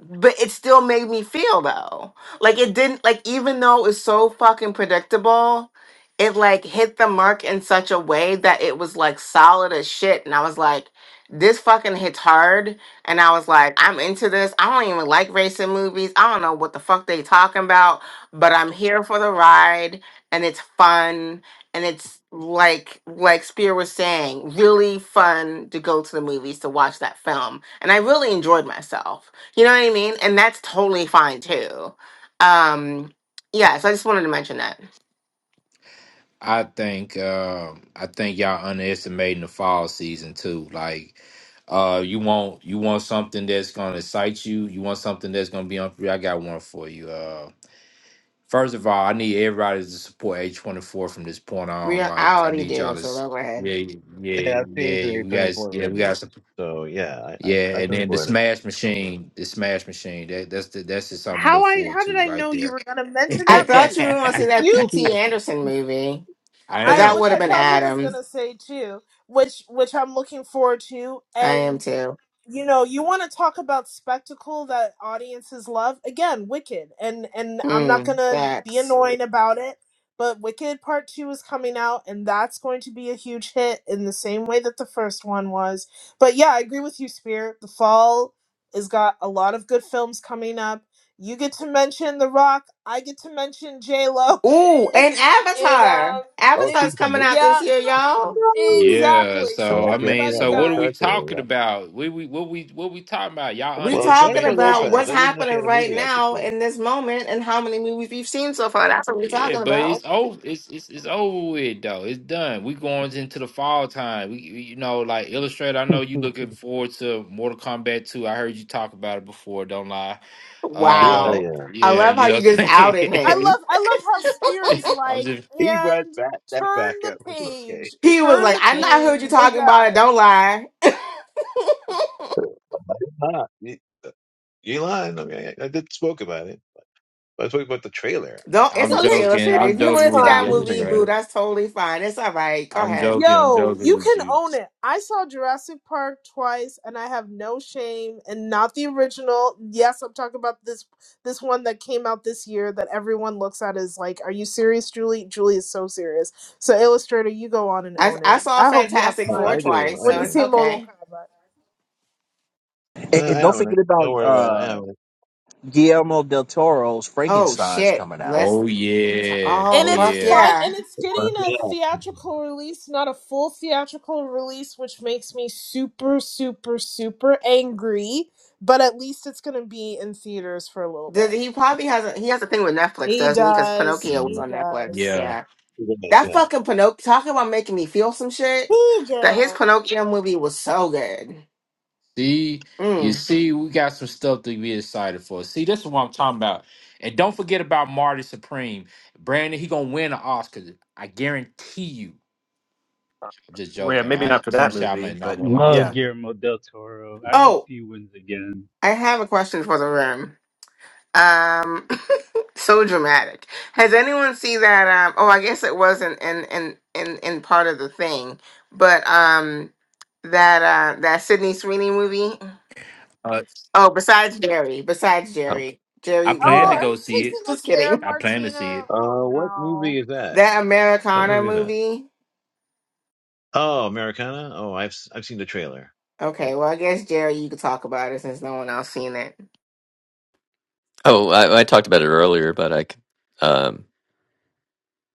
but it still made me feel though. Like it didn't like even though it's so fucking predictable, it like hit the mark in such a way that it was like solid as shit. And I was like, this fucking hits hard. And I was like, I'm into this. I don't even like racing movies. I don't know what the fuck they talking about, but I'm here for the ride and it's fun. And it's like like Spear was saying, really fun to go to the movies to watch that film. And I really enjoyed myself. You know what I mean? And that's totally fine too. Um, yeah, so I just wanted to mention that.
I think um I think y'all underestimating the fall season too. Like uh you want you want something that's gonna excite you, you want something that's gonna be on for you. I got one for you. Uh first of all, I need everybody to support A twenty four from this point on.
Real I
Like I
already
need y'all
do,
to
so
s-
go ahead.
yeah, yeah,
yeah. I've seen
yeah,
three
you
twenty
guys
four
yeah, we gotta
movies,
support
so yeah, I I,
Yeah,
I
and
can
then the
support it.
Smash Machine, the Smash Machine. That that's the that's just something to
How
look
I
forward
how did
to
I
right
know you
there.
were gonna mention
I
that
thought
movie?
you were gonna see that
Oh,
You
Yeah.
PT Anderson movie,
I
but
I
that
am.
which
would have
I
been
thought he was
Adam.
gonna say too, which which I'm looking forward to,
I
and
am too.
you know you want to talk about spectacle that audiences love again wicked and and i'm not
Mm,
gonna be
facts.
annoying about it but wicked part two is coming out and that's going to be a huge hit in the same way that the first one was but yeah i agree with you spirit the fall has got a lot of good films coming up you get to mention the rock i get to mention j lo
Ooh,
in
and
in
Avatar.
um
Oh,
in
see
Avatar's
some
coming
movies.
out
yeah
this year, y'all.
go.
Yeah.
exactly so
So
Yes,
I
yes,
mean,
yes.
everybody
so what are
got
we
Avatar too.
talking
Yeah.
about? We we what we what we talking about? Y'all
We
Well,
talking
underestimating
Jennifer
the fall
about
Lopez.
what's
I
time.
didn't know she
happening
had a
right
movie out this
now
year.
in this moment and how many movies we've seen so far. That's what we're
Yeah,
talking
but it's
about.
over. It's it's it's over with though. It's done. We going into the fall time. We we- you know like Illustrator. I know you
Hmm.
looking forward to Mortal Kombat 2. I heard you talk about it before. Don't lie.
Yeah,
Wow.
yeah.
Um,
I
yeah,
love how
you know
you
what
just
I'm
outed
saying?
I
him.
love I love how Spear is
I'm
like,
just,
He brought
and
back that
turn
back up.
the
Okay.
page,
He was
turn
like,
the
I not heard
page,
you
we're
talking about it.
done.
Don't lie.
I did not you, uh, you lying. I mean, I, I did spoke about it. I spoke about the trailer.
Don't.
I'm
It's okay,
Illustrated,
joking.
illustrator.
I'm
If you
that's
want
joking
to see
with
Uh,
you,
that
fine.
movie,
animated.
boo,
Illustrator.
that's totally fine. It's all right. Go
I'm
ahead.
joking. I'm
Yo,
joking
you
with
can
you.
own it. I saw Jurassic Park twice and I have no shame and not the original. Yes, I'm talking about this this one that came out this year that everyone looks at is like, are you serious, Julie? Julie is so serious. So Illustrator, you go on and
I
own
I
it.
saw
I hope you have
Fantastic
Uh,
Four
I
fun
do.
twice,
I
when
so
you
it's
do.
see Mortal
okay.
Kombat.
Uh,
And, and
I
don't
own it.
forget about
Don't worry about it.
uh,
I own it.
Guillermo del Toro's
Oh
Frankenstein's
shit.
coming out.
Let's.
Oh
T-
yeah.
oh
And
Oh
it's
fuck
yeah.
fine,
yeah.
and it's getting a
Yeah.
theatrical release, not a full theatrical release, which makes me super, super, super angry. But at least it's gonna be in theaters for a little
Did
bit.
he probably has a he has a thing with Netflix,
He
doesn't he? Because
does.
Pinocchio was
He
Mm,
on Netflix.
does.
Yeah.
Yeah.
Yeah.
That
yeah.
fucking Pinocchio. Talking about making me feel some shit.
He
That his
girl.
Pinocchio movie was so good.
See, you
Mm.
see, we got some stuff to be excited for. See, this is what I'm talking about. And don't forget about Marty Supreme. Brandon, he gonna win an Oscar. I guarantee you. I'm just
Well, yeah,
joking.
maybe
I
not for
Tim
that
Shaw may
movie,
not
but
win an
Love
Oscar.
yeah.
Guillermo del Toro. I hope
Oh,
he wins again.
I have a question for the room. Um, so dramatic. Has anyone seen that? Um, oh, I guess it wasn't in in in in part of the thing, but um, that uh that Sydney Sweeney movie.
Uh,
Oh, besides Jerry, besides
Oh,
Jerry,
I
Jerry, mute
plan
Oh,
to
up.
are
go
you
see it.
taking
Just
us there,
kidding.
I plan to see
Martina?
it.
Oh
Uh, what
no.
movie is that?
That
What
Americana
movie is that?
movie.
Oh, Americana. Oh, I've s- I've seen the trailer.
Okay,
It,
well, I guess Jerry, you could talk about it since no one else seen it.
oh, I, I talked about it earlier, but I could.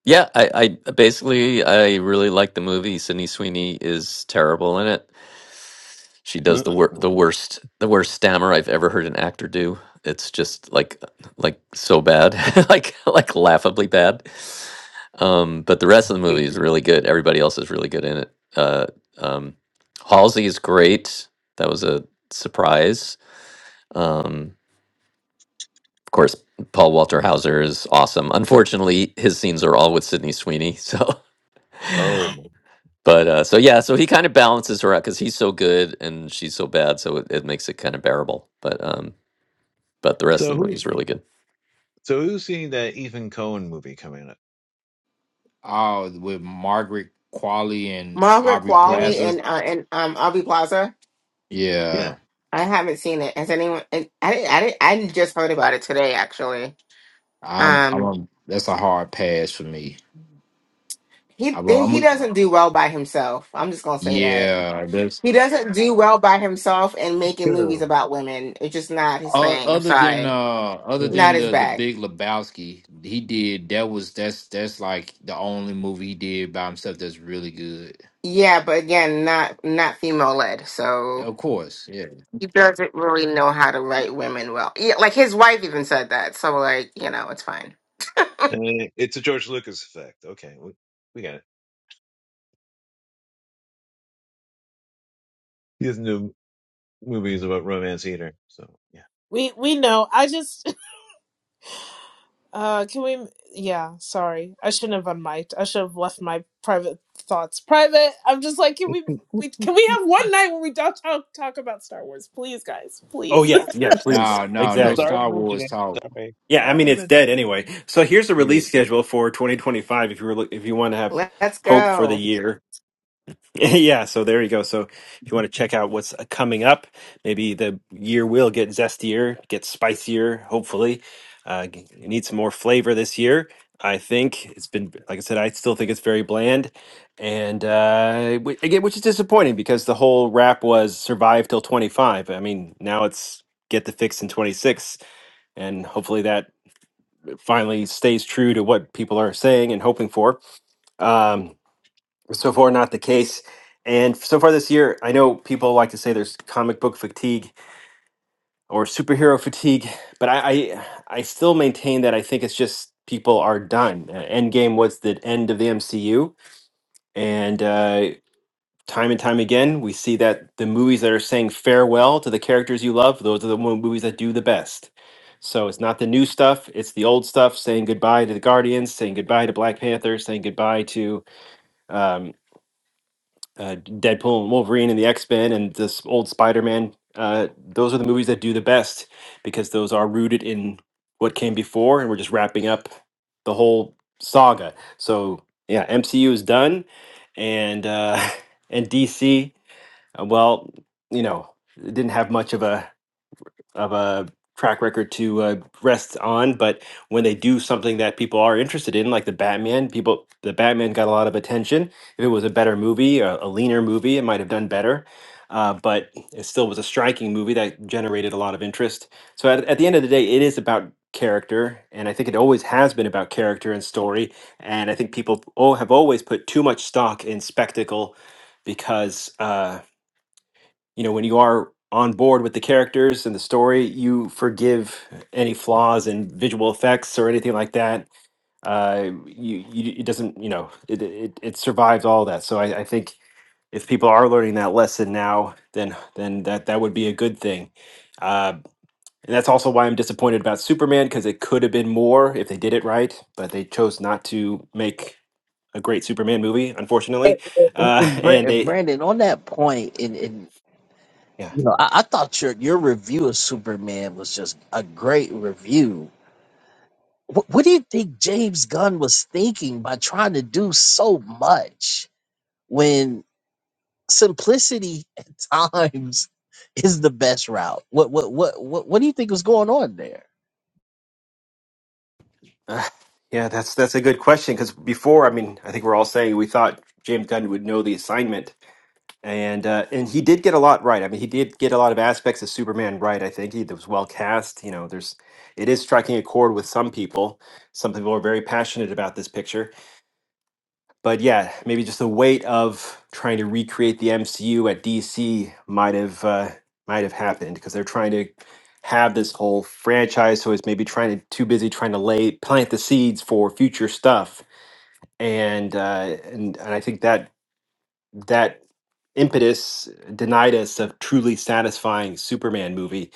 Yeah, I, I basically I really like the movie. Sydney Sweeney is terrible in it. She does
uh,
the wor- the
oh,
worst the worst stammer I've ever heard an actor do. It's just like like so bad, like like laughably bad. Um, but the rest of the
it-
movie is really good. Everybody else is really good in it. Uh, um, Halsey is great. That was a surprise. Um, of course, Paul Walter Hauser is awesome. Unfortunately, his scenes are all with Sydney Sweeney, so
oh,
But uh, so yeah, so he kind of balances her out because he's so good and she's so bad, so it, it makes it kind of bearable. But um, but the rest
so
of the
who
movie is really good.
so who's seeing that Ethan Cohen movie coming up?
Oh, with Margaret Qualley and
Margaret
Aubrey
Yeah,
Qualley
Plaza.
and uh, and um Aubrey Plaza.
yeah,
Yeah,
I haven't seen it. Has anyone? I I didn't. I didn't. I just heard about it today, actually.
I'm. I'm.
Um,
A, that's a hard pass for me.
he
I'm. A, I'm
he
a,
doesn't do well by himself. I'm just gonna say that.
yeah, that's
He doesn't do well by himself and making movies
true.
about women. It's just not his
uh,
thing. I'm
other than uh,
sorry.
other
true.
than
Not his
the the
bag.
Big Lebowski, he did that was that's that's like the only movie he did by himself that's really good.
Yeah, but again, not not female led. So
Of course, yeah.
he doesn't really know how to write women well. Yeah, like his wife even said that. So like, you know, it's fine.
Uh, it's a George Lucas effect. Okay, we, we got it. He doesn't do movies about romance either. So yeah.
We we know. I just Uh, can we? Yeah, sorry. I shouldn't have unmiked. I should have left my private thoughts private. I'm just like, can we? We can we have one night when we don't talk talk about Star Wars, please, guys,
Oh
please.
yeah, yeah, please.
No, no, no
Exactly.
Sorry to
Star
mention
Wars
it.
talk.
Sorry.
Yeah, I
Sorry
mean
to
it's
mention
dead
it.
anyway. So here's the
Yeah.
release schedule for 2025 if you were, if you want to have
Let's
hope for the
go.
year. yeah, so there you go. So if you want to check out what's uh, coming up, maybe the year will get zestier, get spicier, hopefully. Uh g- it needs some more flavor this year. I think it's been like I said I still think it's very bland and uh wh- again which is disappointing because the whole rap was survive till 25. I mean, now it's get the fix in 26 and hopefully that finally stays true to what people are saying and hoping for. Um, so far, not the case. And so far this year, I know people like to say there's comic book fatigue or superhero fatigue, but I, I, I still maintain that I think it's just people are done. Uh, Endgame was the end of the MCU, and uh, time and time again, we see that the movies that are saying farewell to the characters you love, those are the mo- movies that do the best. So it's not the new stuff; it's the old stuff saying goodbye to the Guardians, saying goodbye to Black Panther, saying goodbye to um, uh, Deadpool and Wolverine and the X Men and this old Spider Man. Uh, those are the movies that do the best because those are rooted in what came before, and we're just wrapping up the whole saga. So yeah, MCU is done, and uh, and DC. Uh, well, you know, didn't have much of a of a track record to uh, rest on, but when they do something that people are interested in, like the Batman, people the Batman got a lot of attention. If it was a better movie, a, a leaner movie, it might have done better. Uh, but it still was a striking movie that generated a lot of interest. So at, at the end of the day, it is about character, and I think it always has been about character and story. And I think people oh, have always put too much stock in spectacle because. Uh, you know when you are on board with the characters and the story you forgive any flaws in visual effects or anything like that uh you, you it doesn't you know it, it it survives all that so I, I think if people are learning that lesson now then then that that would be a good thing uh and that's also why i'm disappointed about superman because it could have been more if they did it right but they chose not to make a great superman movie
And,
unfortunately
and,
uh
and Bra-
and
and
they
Brandon, on that point, and, and
yeah
you know, I, I thought your your review of Superman was just a great review. What, what do you think James Gunn was thinking by trying to do so much when simplicity at times is the best route? What what what what, what do you think was going on there?
Uh, yeah, that's that's a good question because
hmm
before, I mean, I think we're all saying we thought James Gunn would know the assignment, and uh, and he did get a lot right. I mean, he did get a lot of aspects of Superman right. I think he was well cast. You know, there's it is striking a chord with some people. Some people are very passionate about this picture, but yeah, maybe just the weight of trying to recreate the MCU at DC might have uh, might have happened because they're trying to have this whole franchise, so it's maybe trying to too busy trying to lay plant the seeds for future stuff, and uh, and and I think that that impetus denied us a truly satisfying Superman movie,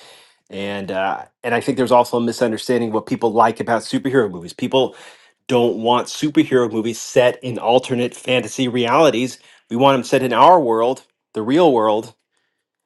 and uh, and I think there's also a misunderstanding what people like about superhero movies. People don't want superhero movies set in alternate fantasy realities. We want them set in our world, the real world,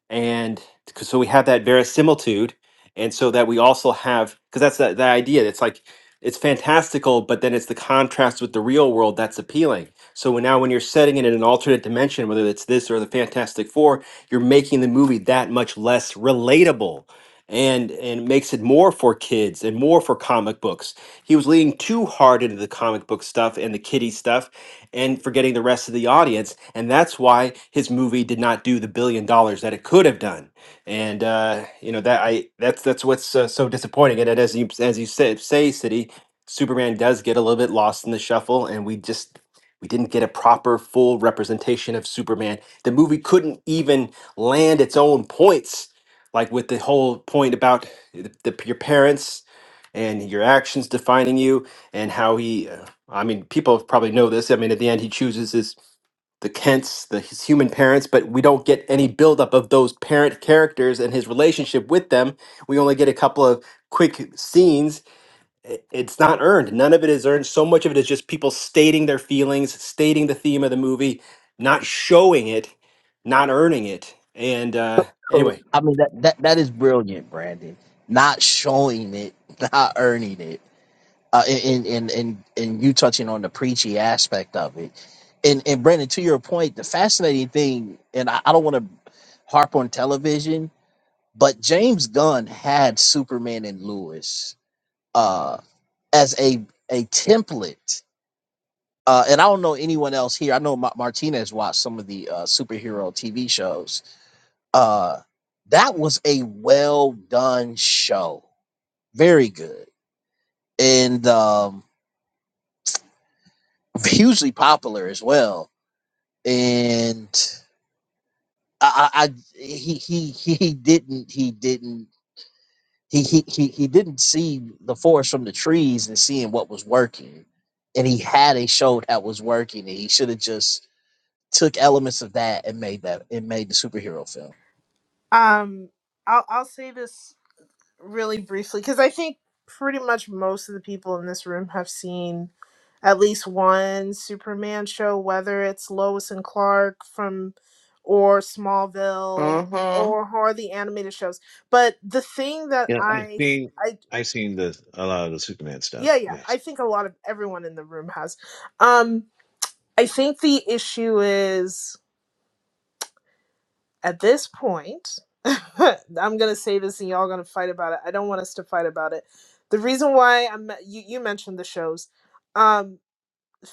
and c- so we have that verisimilitude and so that we also have because that's the, the idea it's like it's fantastical but then it's the contrast with the real world that's appealing so when, now when you're setting it in an alternate dimension whether it's this or the fantastic four you're making the movie that much less relatable and and makes it more for kids and more for comic books he was leaning too hard into the comic book stuff and the kiddie stuff and forgetting the rest of the audience. And that's why his movie did not do the billion dollars that it could have done. And uh, you know that I that's that's what's uh, so disappointing. And it- as you as you say say, City Superman does get a little bit lost in the shuffle, and we just we didn't get a proper full representation of Superman. The movie couldn't even land its own points, like with the whole point about the, the, your parents and your actions defining you and how he uh, I mean, people probably know this. I mean, at the end, he chooses his the Kents, the his human parents, but we don't get any buildup of those parent characters and his relationship with them. We only get a couple of quick scenes. I- It's not earned. None of it is earned. So much of it is just people stating their feelings, stating the theme of the movie, not showing it, not earning it. And uh,
So,
anyway,
I mean that that that is brilliant, Brandon. Not showing it, not earning it, uh, and and and and you touching on the preachy aspect of it, and and Brandon, to your point, the fascinating thing, and I, I don't want to harp on television, but James Gunn had Superman and Lewis uh, as a a template. Uh, and I don't know anyone else here. I know Ma- Martinez watched some of the uh, superhero TV shows uh that was a well done show very good and um hugely popular as well and i i, I he, he he didn't he didn't he, he he he didn't see the forest from the trees and seeing what was working and he had a show that was working and he should have just took elements of that and made that and made the superhero film
Um, I'll I'll say this really briefly because I think pretty much most of the people in this room have seen at least one Superman show, whether it's Lois and Clark from or Smallville
Well,
or or the animated shows. But the thing that
Yeah, I've
I
seen I've seen the a lot of the Superman stuff.
Yeah, yeah.
Yes.
I think a lot of everyone in the room has. Um, I think the issue is at this point, I'm gonna say this and y'all gonna fight about it. I don't want us to fight about it. The reason why I'm you, you mentioned the shows. Um,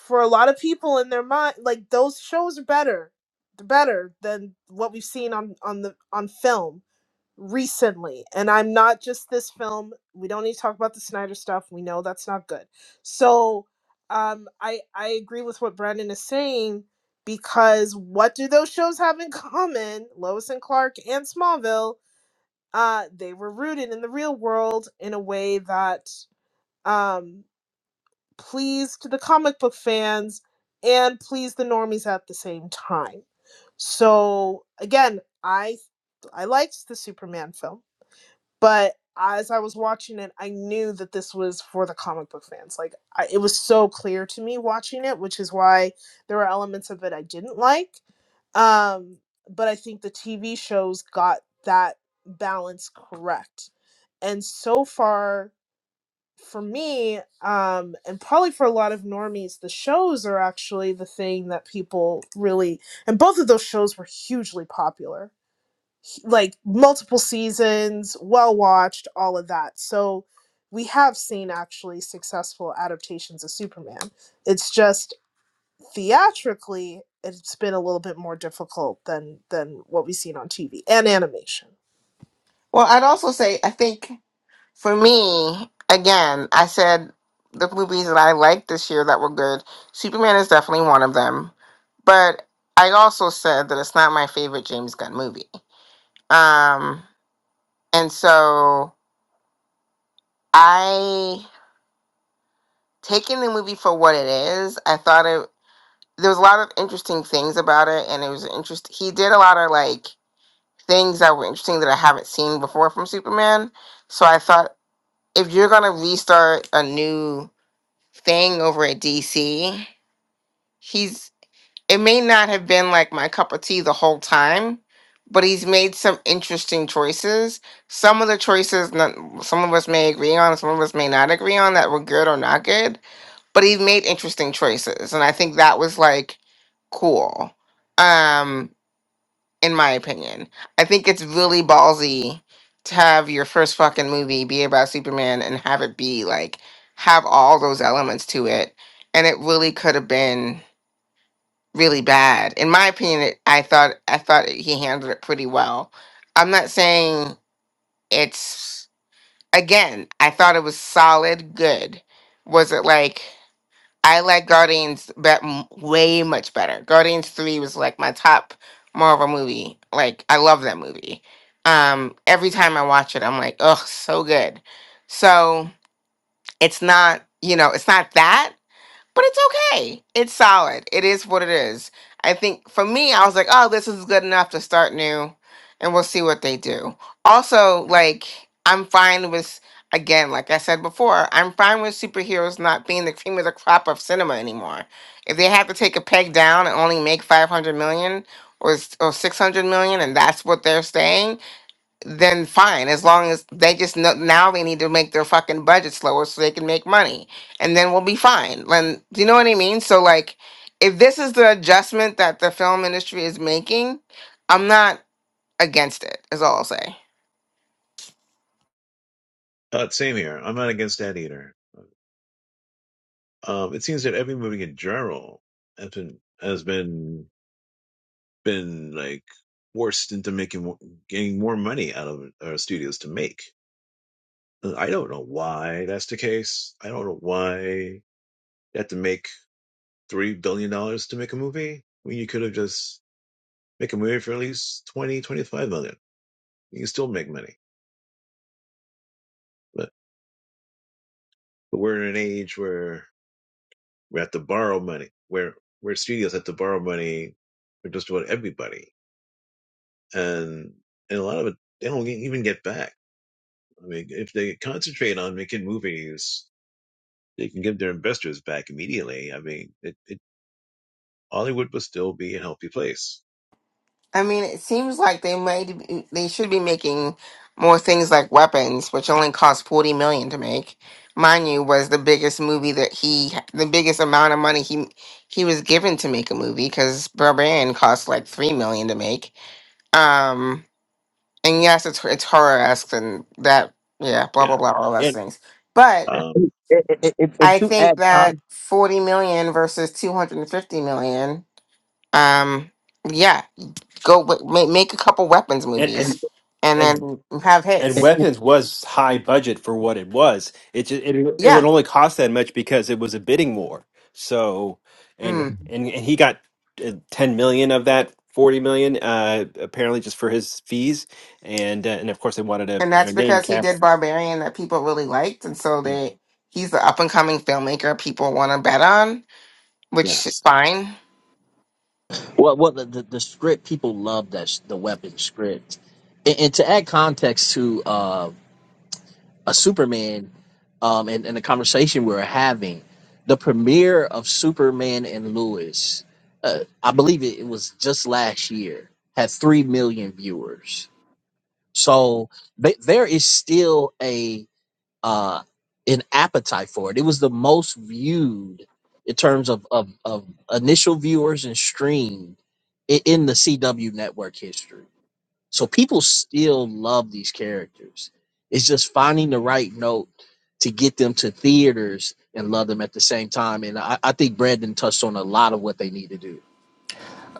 for a lot of people in their mind, like those shows are better. They're better than what we've seen on on the on film recently and i'm not just this film we don't need to talk about the snyder stuff we know that's not good so um i i agree with what brandon is saying because what do those shows have in common lois and clark and smallville uh they were rooted in the real world in a way that um pleased the comic book fans and pleased the normies at the same time so again i i liked the superman film but as I was watching it, I knew that this was for the comic book fans. Like, I, it was so clear to me watching it, which is why there were elements of it I didn't like. Um, but I think the TV shows got that balance correct. And so far, for me, um, and probably for a lot of normies, the shows are actually the thing that people really, and both of those shows were hugely popular like multiple seasons, well watched, all of that. So we have seen actually successful adaptations of Superman. It's just theatrically it's been a little bit more difficult than than what we've seen on TV and animation.
I'd also say I think. For me, again, I said the movies that I liked this year that were good. Superman is definitely one of them, but I also said that it's not my favorite James Gunn movie. Um, and so I taking the movie for what it is. I thought it there was a lot of interesting things about it, and it was interest. He did a lot of like things that were interesting that I haven't seen before from Superman. So I thought if you're gonna restart a new Thing over at DC, he's it may not have been like my cup of tea the whole time, but he's made some interesting choices. Some of the choices not, some of us may agree on, some of us may not agree on that were good or not good, but he made interesting choices and I think that was like cool. Um in my opinion. I think it's really ballsy to have your first fucking movie be about Superman and have it be like have all those elements to it. And it really could have been really bad. In my opinion, it, I thought I thought he handled it pretty well. I'm not saying it's again, I thought it was solid good. Was it like I like Guardians bet m- way much better. Guardians Three was like my top Marvel movie. Like I love that movie. Um, every time I watch it, I'm like, oh, so good. So it's not, you know, it's not that but it's okay. It's solid. It is what it is. I think for me, I was like, oh, this is good enough to start new, and we'll see what they do. Also, like, I'm fine with, again, like I said before, I'm fine with superheroes not being the cream of the crop of cinema anymore. If they have to take a peg down and only make 500 million or, s- or 600 million, and that's what they're staying then fine. As long as they just know now they need to make their fucking budget slower so they can make money, and then we'll be fine. And do you know what I mean? So like, if this is the adjustment that the film industry is making, I'm not against it. Is all I'll say.
Uh, same here. I'm not against that either. Um, it seems that every movie in general has been has been been like forced into making mo- getting more money out of our studios to make. Uh, I don't know why that's the case. I don't know why you have to make three billion dollars to make a movie when you could have just make a movie for at least twenty twenty five million. You can still make money But, but we're in an age where we have to borrow money, where where studios have to borrow money for just about everybody, and and a lot of it they don't even get back. I mean, if they concentrate on making movies, they can give their investors back immediately. I mean, it, it Hollywood would still be a healthy place.
I mean, it seems like they might be, they should be making more things like weapons, which only cost forty million to make. Mind you, was the biggest movie that he, the biggest amount of money he he was given to make a movie because Barbarian cost like three million to make. Um, and yes, it's it's horror esque and that, yeah, blah
Yeah.
blah blah, all those
and
things. But
Um,
and, and, and- and
I
to
think
add
that
con-
forty million versus two hundred and fifty million. Um, yeah. Go w- ma- make a couple weapons
and and
movies and
and
then have
and
hits.
weapons was high budget for what it was. It just, it it would
Yeah.
only cost that much because it was a bidding war. So and
Mm.
and, and he got uh, ten million of that forty million uh, apparently just for his fees and uh, and of course they wanted to
And
you know
that's
name
because he did
cast.
Barbarian that people really liked. And so they he's the up and coming filmmaker people want to bet on, which is
yes.
fine.
Well, well, the, the, the script people love that sh- the weapon script, and, and to add context to uh, a Superman, um, and, and the conversation we are having, the premiere of Superman and Lewis, uh, I believe it, it was just last year, had three million viewers. So th- there is still a uh, an appetite for it. It was the most viewed in terms of of, of initial viewers and streamed i- in the CW network history. So people still love these characters. It's just finding the right note to get them to theaters and love them at the same time. And I, I think Brandon touched on a lot of what they need to do.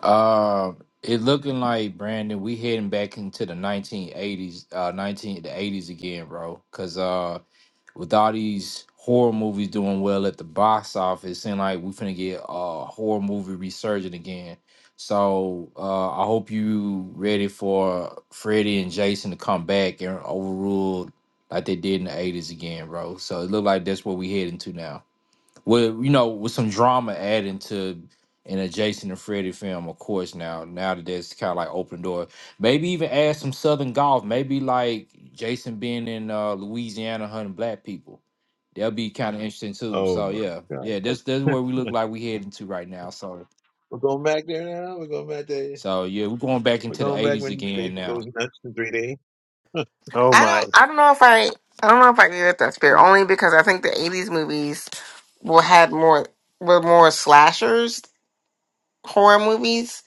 Uh, it looking like Brandon, we heading back into the 1980s, uh, 19 the 80s again, bro. Cause uh. with all these horror movies doing well at the box office, and like we finna get a uh, horror movie resurgent again. So uh, I hope you ready for Freddy and Jason to come back and overrule like they did in the eighties again, bro. So it look like that's what we heading to now with you know with some drama adding to an adjacent Jason and Freddy film, of course. Now, now that that's kind of like open door. Maybe even add some Southern golf. Maybe like Jason being in uh, Louisiana hunting black people. That'll be kind of interesting too.
Oh
So
my
yeah,
God.
yeah, that's that's where we look like we heading to right now. So
we're going back there now. We're going back there.
so yeah, we're going back
We're
into the
going back
'80s
when
again
Jason goes
now.
nuts in three D.
Oh
I don't
my!
I don't know if I I don't know if I agree with that spirit only because I think the 80s movies were had more were more slashers horror movies.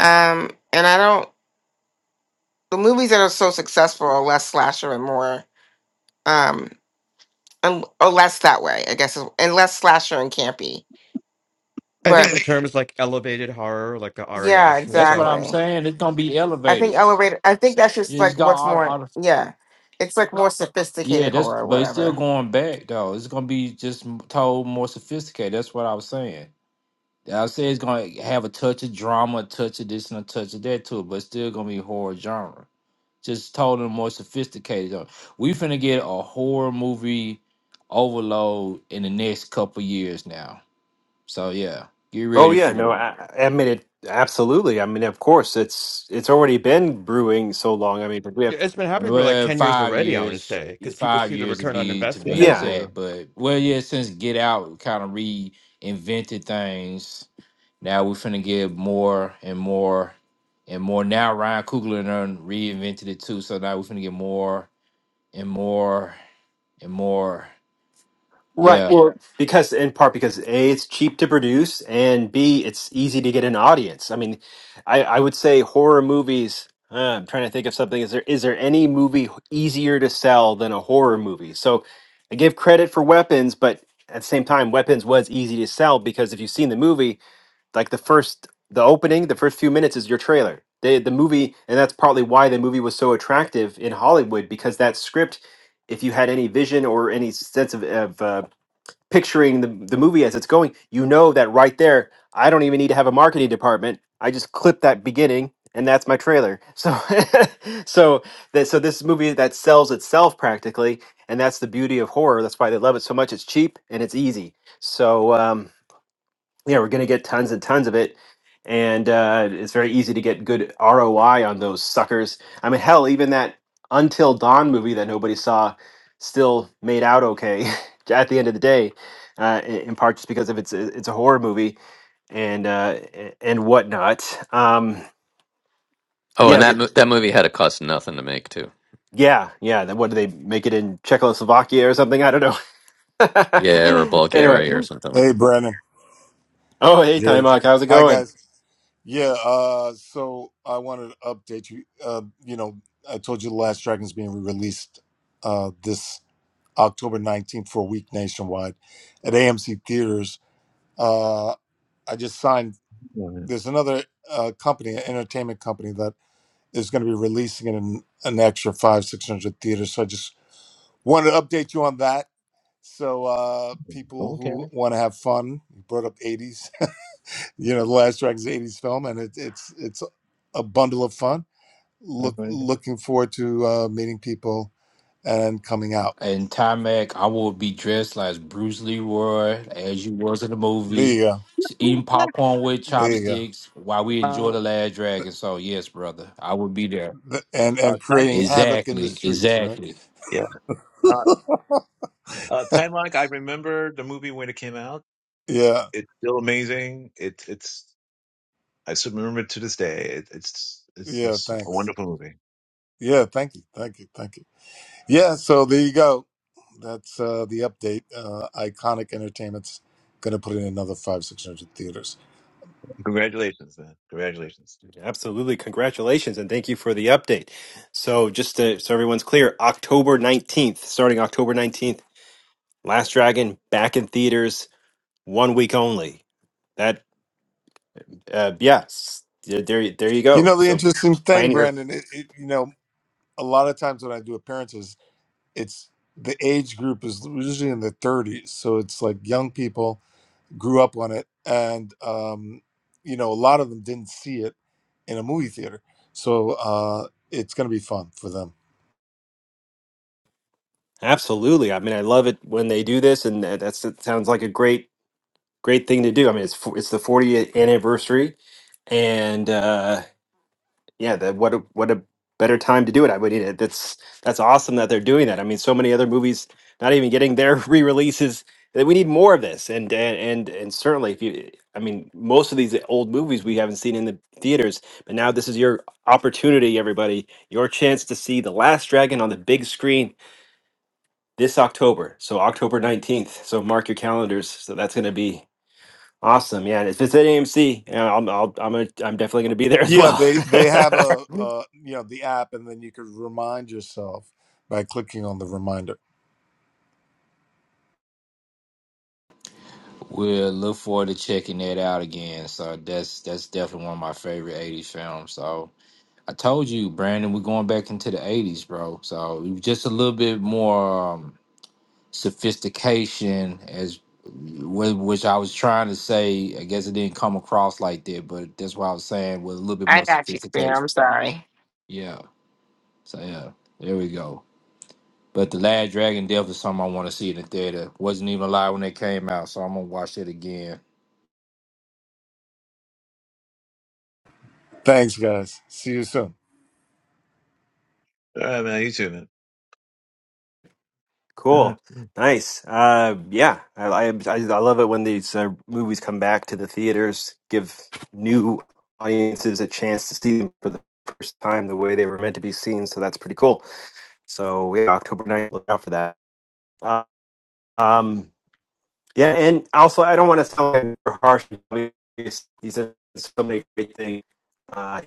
Um, and I don't the movies that are so successful are less slasher and more. um Um, oh, less that way, I guess, and less slasher and campy.
I
But I
think the
think-
terms like elevated horror, like the Ari
yeah,
Aster
That's what
stuff,
I'm
exactly.
saying. It's gonna be
I think
elevated.
elevator. I think that's just
It's
like what's
got
more.
all,
Yeah, it's like more
Yeah,
sophisticated
that's
horror,
but it's still
whatever.
going back though. It's gonna be just m- told more sophisticated. That's what I was saying. I said it's gonna have a touch of drama, a touch of this and a touch of that too, but it's still gonna be horror genre. Just told in a more sophisticated. genre. We finna get a horror movie overload in the next couple years now. So yeah, get
Oh
ready
yeah, no,
for it.
I, I mean it absolutely. I mean of course it's it's already been brewing so long. I mean we have
yeah, it's been happening for like
Well,
10 years
five
already, I want to
years,
say, because people
five
see the
years to
return on
be to
Yeah,
be
investment.
that's
yeah
exact.
true.
But well, yeah, since Get Out kind of reinvented things Now we're finna give more and more and more. Now Ryan Coogler done reinvented it too. So now we're finna get more and more and more.
Right.
Yeah.
Well, because in part because A, it's cheap to produce, and B, it's easy to get an audience. I mean, I, I would say horror movies. Uh, I'm trying to think of something. Is there is there any movie easier to sell than a horror movie? So I give credit for Weapons, but at the same time, Weapons was easy to sell because if you've seen the movie, like the first the opening, the first few minutes is your trailer. They, the movie, and that's partly why the movie was so attractive in Hollywood because that script if you had any vision or any sense of, of uh, picturing the, the movie as it's going, you know that right there, I don't even need to have a marketing department. I just clip that beginning and that's my trailer. So so that so this movie that sells itself practically, and that's the beauty of horror. That's why they love it so much. It's cheap and it's easy. So um yeah, we're going to get tons and tons of it. And uh, it's very easy to get good ROI on those suckers. I mean, hell, even that Until Dawn movie that nobody saw still made out okay at the end of the day, uh, in in part just because of it's uh, it's a horror movie and uh, a- and whatnot. Um,
Oh, and
yeah,
that
th-
mo- that movie had a cost nothing to make too.
yeah, yeah. Then what do they make it in Czechoslovakia or something? I don't know.
Yeah, or
anyway,
Bulgaria or something like
Hey,
that.
Brandon,
oh hey,
Jerry.
Timeout, how's it
Hi,
going?
guys. Yeah, uh, so I wanted to update you. Uh, you know, I told you the last Dragon is being released uh, this October 19th for a week nationwide at AMC Theaters. Uh, I just signed,
Yeah.
there's another uh, company, an entertainment company, that is going to be releasing it in an extra five, 600 theaters. So I just wanted to update you on that. So uh, people
Don't care.
who want to have fun, you brought up 80s. you know the last dragon's 80s film and it, it's it's a bundle of fun
I
look
don't even-
looking forward to uh, meeting people and coming out
And Mac, I will be dressed like Bruce Leroy as you was in the
there
movie,
you go
s-
Who the
eating
fuck?
popcorn with
there you go
chopsticks while we enjoy
Uh,
the last dragon. So yes, brother, I will be there.
Th- and
uh,
and
time,
creating havoc in the
Exactly,
streets right
exactly.
yeah. Uh, uh, time Lock. I remember the movie when it came out.
yeah
It's still amazing. It's it's. I still remember it to this day. It, it's it's
yeah
just a
thanks
wonderful movie.
yeah thank you thank you thank you yeah so there you go that's uh the update uh iconic entertainment's gonna put in another five six hundred theaters
Congratulations, man. Congratulations.
Absolutely. Congratulations and thank you for the update. So, just to, so everyone's clear, October 19th, starting October 19th, Last Dragon back in theaters, one week only. That, uh, yes, there, there y- there you
you
go.
know the
So,
interesting
p-
thing
plan your.
brandon it, it, you know a lot of times when i do appearances it's the age group is usually in the 30s so it's like young people grew up on it and um, you know a lot of them didn't see it in a movie theater so uh, it's going to be fun for them
Absolutely. I mean, I love it when they do this, and that that's, that sounds like a great, great thing to do. I mean, it's, fo- it's the 40th anniversary, and, uh yeah that what a what a better time to do it i would mean, it- that's that's awesome that they're doing that i mean so many other movies not even getting their re-releases that we need more of this and and and, and certainly if you i mean most of these old movies we haven't seen in the theaters but now this is your opportunity everybody your chance to see the last dragon on the big screen this october so october 19th so mark your calendars so that's going to be awesome yeah and if it's at amc yeah, i'm I'll, i'm gonna, i'm definitely going to be there as
yeah they they
well
have a, uh you know the app and then you could remind yourself by clicking on the reminder
We'll look forward to checking that out again. So that's that's definitely one of my favorite '80s films. So I told you, Brandon, we're going back into the '80s, bro. So just a little bit more um, sophistication, as wh- which I was trying to say. I guess it didn't come across like that, but that's what I was saying with a little bit
I
more
got you, Spear. I'm
sophistication.
sorry.
Yeah. So yeah, there we go. But the Last Dragon Death is something I want to see in the theater. Wasn't even alive when it came out, so I'm gonna watch it again.
thanks guys see you soon
All right, man. You too, man.
Cool.
Uh,
Nice. Uh, yeah, I, I I I love it when these uh, movies come back to the theaters, give new audiences a chance to see them for the first time the way they were meant to be seen. So that's pretty cool. So yeah, October ninth, look out for that. Uh, um, yeah, and also I don't want to sound like harsh. because he's says so many great things. Uh,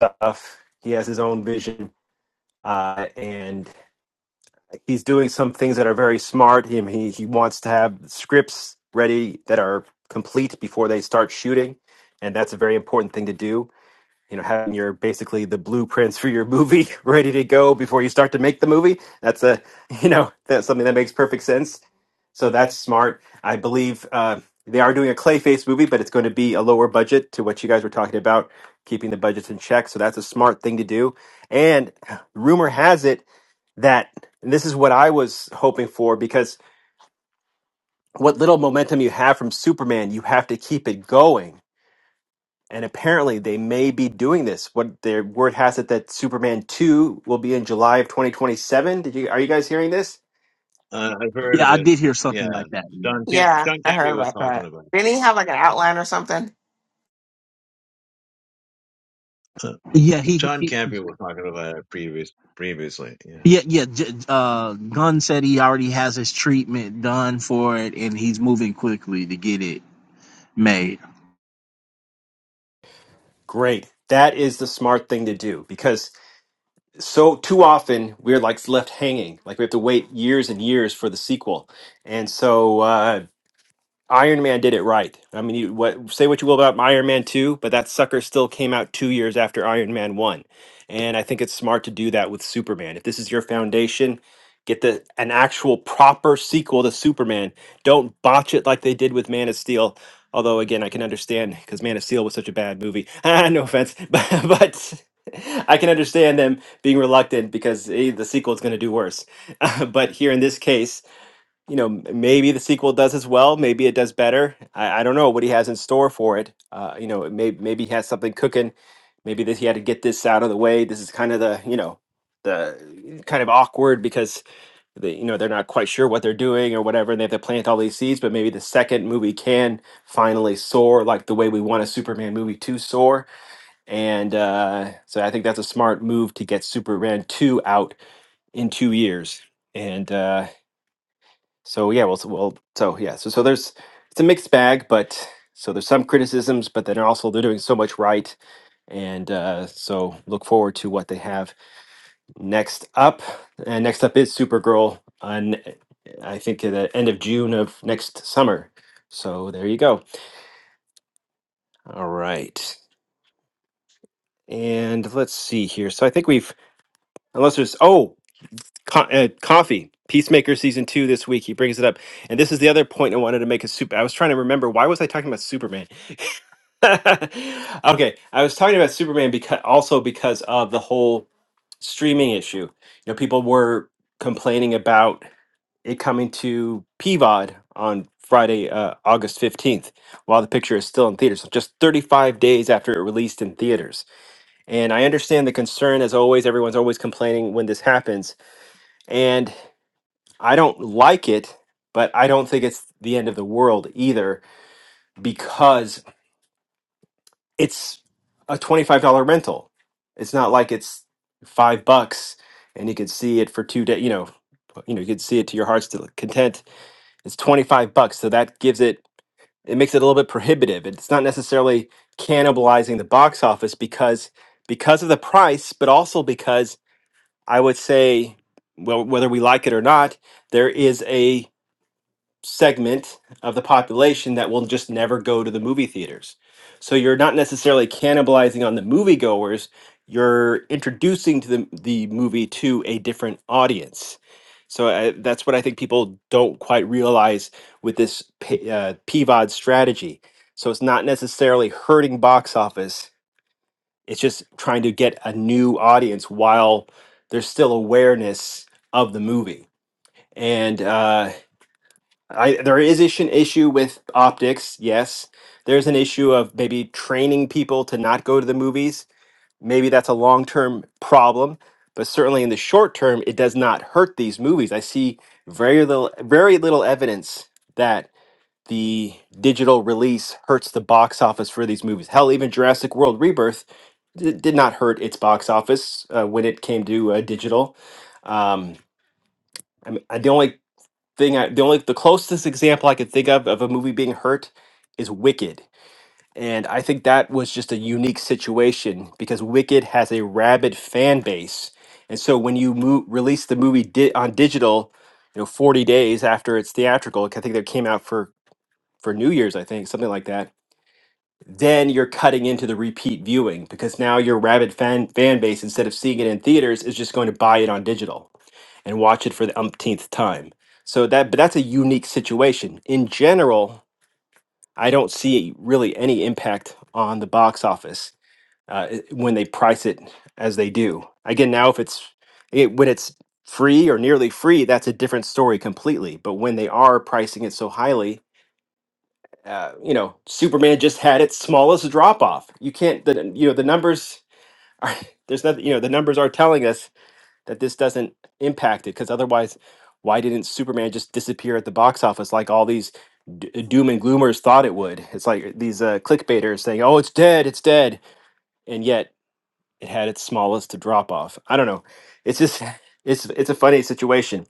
stuff. He has his own vision. Uh, and he's doing some things that are very smart. He he he wants to have scripts ready that are complete before they start shooting, and that's a very important thing to do you know having your basically the blueprints for your movie ready to go before you start to make the movie that's a you know that's something that makes perfect sense so that's smart i believe uh, they are doing a clayface movie but it's going to be a lower budget to what you guys were talking about keeping the budgets in check so that's a smart thing to do and rumor has it that and this is what i was hoping for because what little momentum you have from superman you have to keep it going and apparently they may be doing this. What their word has it that Superman two will be in July of 2027. Did you are you guys hearing this?
uh, I've heard
Yeah,
of
I
it.
did hear something
Yeah,
like that. Yeah,
John Cam-
Yeah,
John
I heard
Campia was
about
talking
that.
about.
Didn't he have like an outline or something?
It. Uh,
yeah he,
John
he
Campia was talking about it previous previously.
Yeah, yeah. J- uh, Gunn said he already has his treatment done for it, and he's moving quickly to get it made.
Great. That is the smart thing to do because so too often we're like left hanging, like we have to wait years and years for the sequel. And so uh, Iron Man did it right. I mean, you, what say what you will about Iron Man 2, but that sucker still came out 2 years after Iron Man 1. And I think it's smart to do that with Superman. If this is your foundation, get the an actual proper sequel to Superman. Don't botch it like they did with Man of Steel. Although again, I can understand cuz Man of Steel was such a bad movie. Ah, no offense, but, but I can understand them being reluctant because eh, the sequel is going to do worse. but here in this case, you know, m- maybe the sequel does as well. Maybe it does better. I, I don't know what he has in store for it. Uh, you know, maybe maybe he has something cooking. Maybe this, he had to get this out of the way. This is kind of the you know the kind of awkward because they you know they're not quite sure what they're doing or whatever, and they have to plant all these seeds. But maybe the second movie can finally soar like the way we want a Superman movie to soar. And uh, so I think that's a smart move to get Superman two out in two years. And uh, so yeah, well, so, well, so yeah, so so there's it's a mixed bag, but so there's some criticisms, but then also they're doing so much right, and uh, so look forward to what they have next up. And next up is Supergirl on I think at the end of June of next summer. So there you go. All right, and let's see here. So I think we've unless there's oh co- uh, coffee Peacemaker season two this week. He brings it up, and this is the other point I wanted to make. A super. I was trying to remember why was I talking about Superman okay, I was talking about Superman because also because of the whole streaming issue. You know, people were complaining about it coming to PVOD on Friday, uh, August 15th, while the picture is still in theaters, so just 35 days after it released in theaters. And I understand the concern, as always, everyone's always complaining when this happens. And I don't like it, but I don't think it's the end of the world either because it's a $25 rental. It's not like it's five bucks and you could see it for two days, you know, you know, you could see it to your heart's del- content. It's 25 bucks. So that gives it, it makes it a little bit prohibitive. It's not necessarily cannibalizing the box office because, because of the price, but also because I would say, well, whether we like it or not, there is a segment of the population that will just never go to the movie theaters. So you're not necessarily cannibalizing on the moviegoers, you're introducing to the, the movie to a different audience. So I, that's what I think people don't quite realize with this P, uh, PVOD strategy. So it's not necessarily hurting box office, it's just trying to get a new audience while there's still awareness of the movie. And uh, I there is issue an issue with optics, yes. There's an issue of maybe training people to not go to the movies. Maybe that's a long-term problem, but certainly in the short term, it does not hurt these movies. I see very little very little evidence that the digital release hurts the box office for these movies. Hell, even Jurassic World Rebirth d- did not hurt its box office uh, when it came to uh, digital. Um, I mean, the only thing I the only the closest example I could think of of a movie being hurt is Wicked. And I think that was just a unique situation because Wicked has a rabid fan base. And so when you mo- release the movie di- on digital, you know, 40 days after it's theatrical, like, I think that came out for for New Year's, I think, something like that then you're cutting into the repeat viewing because now your rabid fan fan base instead of seeing it in theaters is just going to buy it on digital and watch it for the umpteenth time. So that but that's a unique situation. In general, I don't see really any impact on the box office uh, i- when they price it as they do. Again, now if it's it, when it's free or nearly free, that's a different story completely. But when they are pricing it so highly, uh, you know, Superman just had its smallest drop off. You can't, the, you know, the numbers are, there's nothing, you know, the numbers are telling us that this doesn't impact it because otherwise, why didn't Superman just disappear at the box office like all these d- uh, doom and gloomers thought it would? It's like these uh, clickbaiters saying, oh, it's dead, it's dead. And yet it had its smallest drop off. I don't know. It's just, it's, it's a funny situation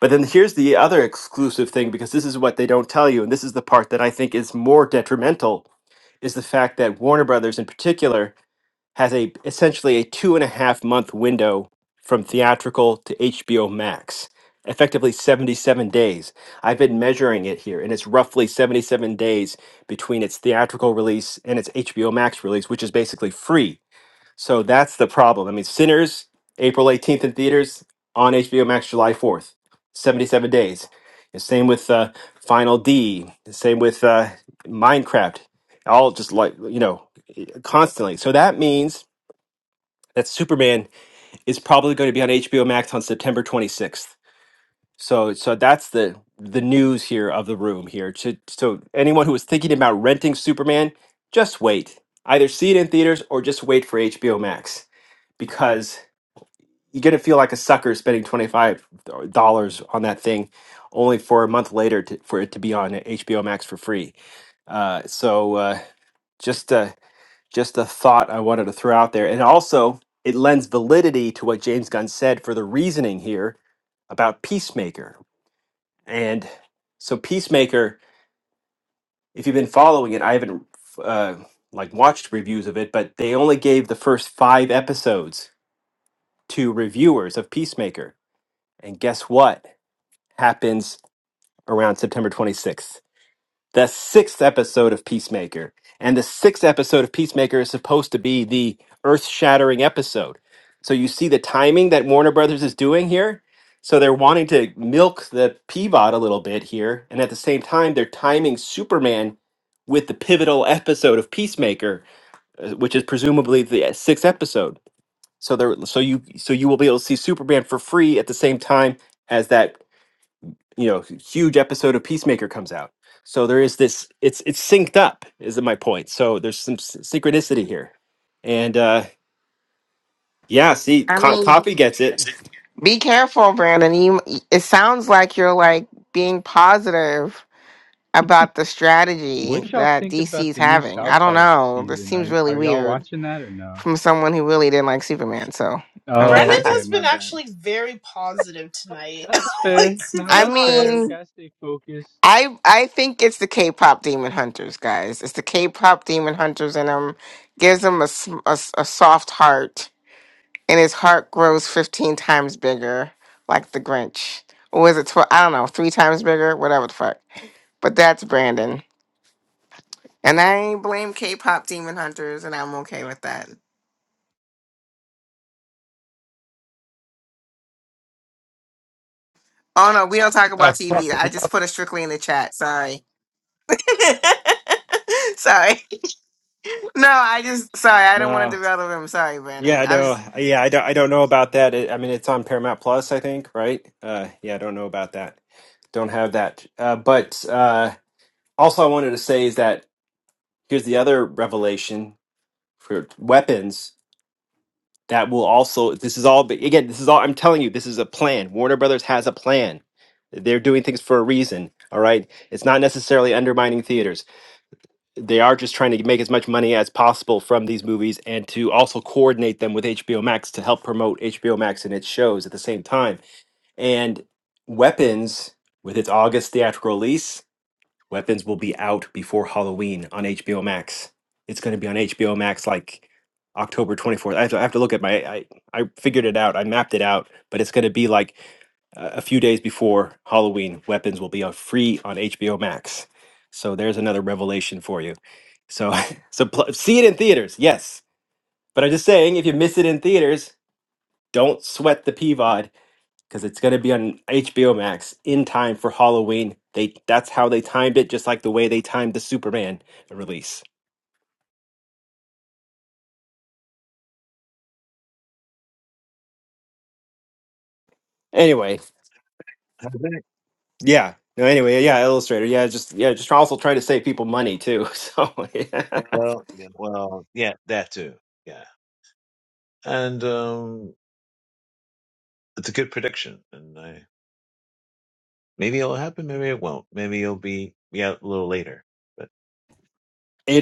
but then here's the other exclusive thing because this is what they don't tell you, and this is the part that I think is more detrimental, is the fact that Warner Brothers in particular has a essentially a two and a half month window from theatrical to HBO Max, effectively 77 days. I've been measuring it here, and it's roughly 77 days between its theatrical release and its HBO Max release, which is basically free so that's the problem. I mean, Sinners, April 18th in theaters, on HBO Max July 4th, 77 days. And same with uh, Final D, and same with uh, Minecraft, all just like, you know, constantly. So that means that Superman is probably going to be on HBO Max on September 26th. So, so that's the the news here of the room here. So, so anyone who was thinking about renting Superman, just wait. Either see it in theaters or just wait for HBO Max because you're gonna feel like a sucker spending twenty five dollars on that thing, only for a month later to, for it to be on HBO Max for free. Uh, so uh, just a, just a thought I wanted to throw out there, and also it lends validity to what James Gunn said for the reasoning here about Peacemaker. And so Peacemaker, if you've been following it, I haven't uh, like watched reviews of it, but they only gave the first five episodes to reviewers of Peacemaker, and guess what? happens around September 26th. The sixth episode of Peacemaker. And the sixth episode of Peacemaker is supposed to be the earth shattering episode. So you see the timing that Warner Brothers is doing here. So they're wanting to milk the pivot a little bit here. And at the same time, they're timing Superman with the pivotal episode of Peacemaker, uh, which is presumably the uh, sixth episode. So there, so you, so you will be able to see Superman for free at the same time as that you know huge episode of peacemaker comes out so there is this it's it's synced up is my point so there's some s- synchronicity here and uh yeah see
I
co-
mean,
coffee gets it
be careful, Brandon. You. It sounds like you're like being positive about the strategy
What y'all
that
think about
DC's
the new
having.
South
I don't
Park
know. This
season? Are
seems
y-
really
are y'all
weird.
watching that or no?
from someone who really didn't like Superman. So I'm
Brendan
Oh, okay,
just.
has
my
been
bad.
actually very positive tonight.
That's
like
fair.
to
No,
I
be
that's fair. We
honest.
mean,
gotta stay focused.
I I think it's the K-pop Demon Hunters, guys. It's the K-pop Demon Hunters in him. Gives him a, s- a s- a soft heart, and his heart grows fifteen times bigger, like the Grinch. Or was it twelve? I don't know, three times bigger, whatever the fuck. But that's Brandon, and I blame K-pop Demon Hunters, and I'm okay with that. Oh no, we don't talk
Ah,
about
fuck.
TV. I just put it strictly in the chat. Sorry. Sorry. No, I just sorry, I don't want
no
to derail the room. Sorry, Brandon.
yeah
I
no
was.
yeah i don't i don't know about that It- i mean it's on paramount plus i think right uh yeah i don't know about that don't have that uh but uh also i wanted to say is that here's the other revelation for weapons that will also this is all but again this is all i'm telling you this is a plan warner brothers has a plan they're doing things for a reason all right it's not necessarily undermining theaters they are just trying to make as much money as possible from these movies and to also coordinate them with hbo max to help promote hbo max and its shows at the same time and weapons with its august theatrical release Weapons will be out before Halloween on HBO Max. It's going to be on HBO Max like October 24th. I have to, I have to look at my, I, I figured it out. I mapped it out, but it's going to be like a a few days before Halloween. Weapons will be uh, free on HBO Max. So there's another revelation for you. So, so pl- see it in theaters, yes. But I'm just saying, if you miss it in theaters, don't sweat the PVOD because it's going to be on HBO Max in time for Halloween. They that's how they timed it, just like the way they timed the Superman release. Anyway,
Yeah.
yeah. No, anyway, yeah, Illustrator, yeah, just yeah, just also trying to save people money too. So yeah.
Well, yeah, well, yeah, that too. Yeah, and um, it's a good prediction, and I maybe it'll happen, maybe it won't. Maybe it'll be yeah a little later, but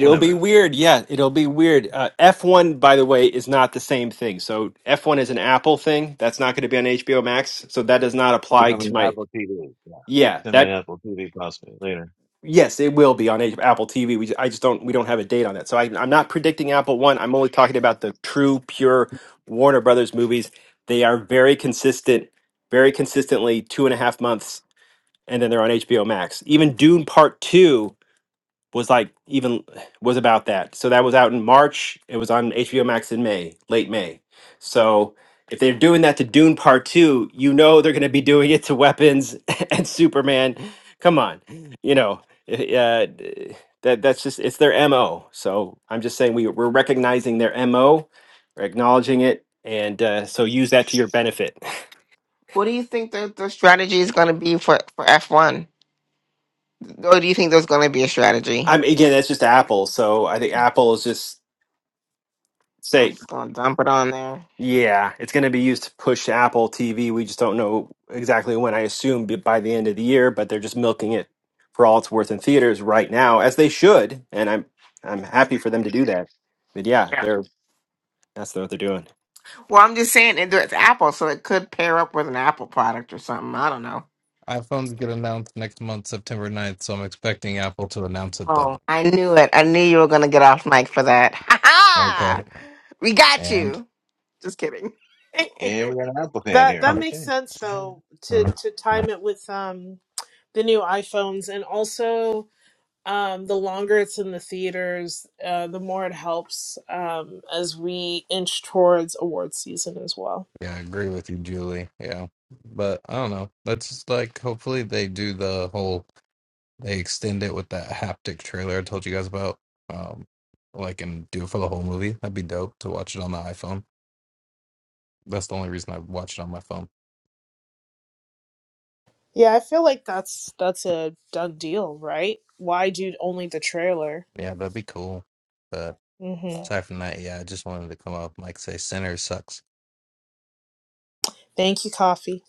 we'll never
be
know.
weird. Yeah, it'll be weird. Uh, F1, by the way, is not the same thing. So F1 is an Apple thing. That's not going to be on HBO Max. So that does not
It's
apply
gonna be
to
on
my.
Apple TV. Yeah,
Yeah,
it's gonna
that
be on Apple TV possibly later.
Yes, it will be on A- Apple TV. We, I just don't, we don't have a date on that. So I, I'm not predicting Apple One. I'm only talking about the true, pure Warner Brothers movies. They are very consistent, very consistently two and a half months, and then they're on HBO Max. Even Dune Part Two was like even was about that. So that was out in March. It was on HBO Max in May, late May. So if they're doing that to Dune Part Two, you know they're going to be doing it to Weapons and Superman. Come on, you know eh, uh, d- that that's just it's their mo. So I'm just saying we we're recognizing their mo, we're acknowledging it, and uh, so use that to your benefit.
What do you think the, the strategy is going to be for for F one? Or do you think there's going to be a strategy?
I'm again that's just Apple. So I think Apple is just say
Just going to dump it on there.
Yeah, it's going to be used to push Apple TV. We just don't know exactly when. I assume b- by the end of the year, but they're just milking it for all it's worth in theaters right now, as they should. And I'm I'm happy for them to do that. But yeah, they're that's what they're doing.
Well, I'm just saying it- it's Apple, so it could pair up with an Apple product or something. I don't know.
iPhones get announced next month, September ninth, so I'm expecting Apple to announce it then.
Oh, I knew it. I knew you were going to get off mic for that. Ha ha!
Okay.
We got
And
you. Just kidding.
Yeah, we got an Apple fan
That
here.
Oh.
that makes
Okay,
sense
okay.
though to
Mm.
to
mm.
time it with um the new iPhones and also um, the longer it's in the theaters, uh, the more it helps um, as we inch towards award season as well.
yeah, I agree with you, Julie. Yeah. But I don't know. That's just like hopefully they do the whole they extend it with that haptic trailer I told you guys about. Um like and do it for the whole movie. That'd be dope to watch it on the iPhone. That's the only reason I watch it on my phone.
Yeah, I feel like that's that's a done deal, right? Why do only the trailer?
Yeah, that'd be cool. But
hmm
aside from that, yeah, I just wanted to come up and like say Sinner sucks.
Thank you, coffee.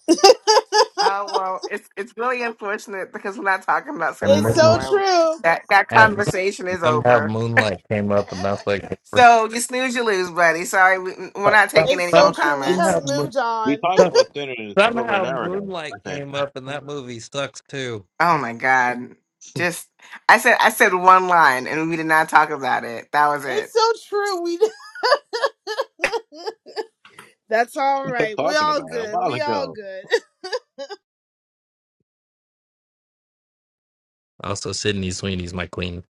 Oh well, it's it's really unfortunate because we're not talking about
And
sinners
It's so
Muslim
anymore.
true.
That that
And
conversation is
somehow
over.
Moonlight came up, and that's like for
So you snooze, you lose, buddy. Sorry, we, we're not
some,
taking
It's
any
so
more
some,
true. We have
somehow
comments.
Mo-
moved
we
on.
talked
some,
about Sinners over an
somehow
hour ago. I
Moonlight
think
came up, and that movie sucks too.
Oh my god! Just I said I said one line, and we did not talk about it. That was it.
It's so true. We that's all
we kept
right. We
talking
all
about it a
good.
while
We all
ago.
good.
Also, Sydney Sweeney's my queen.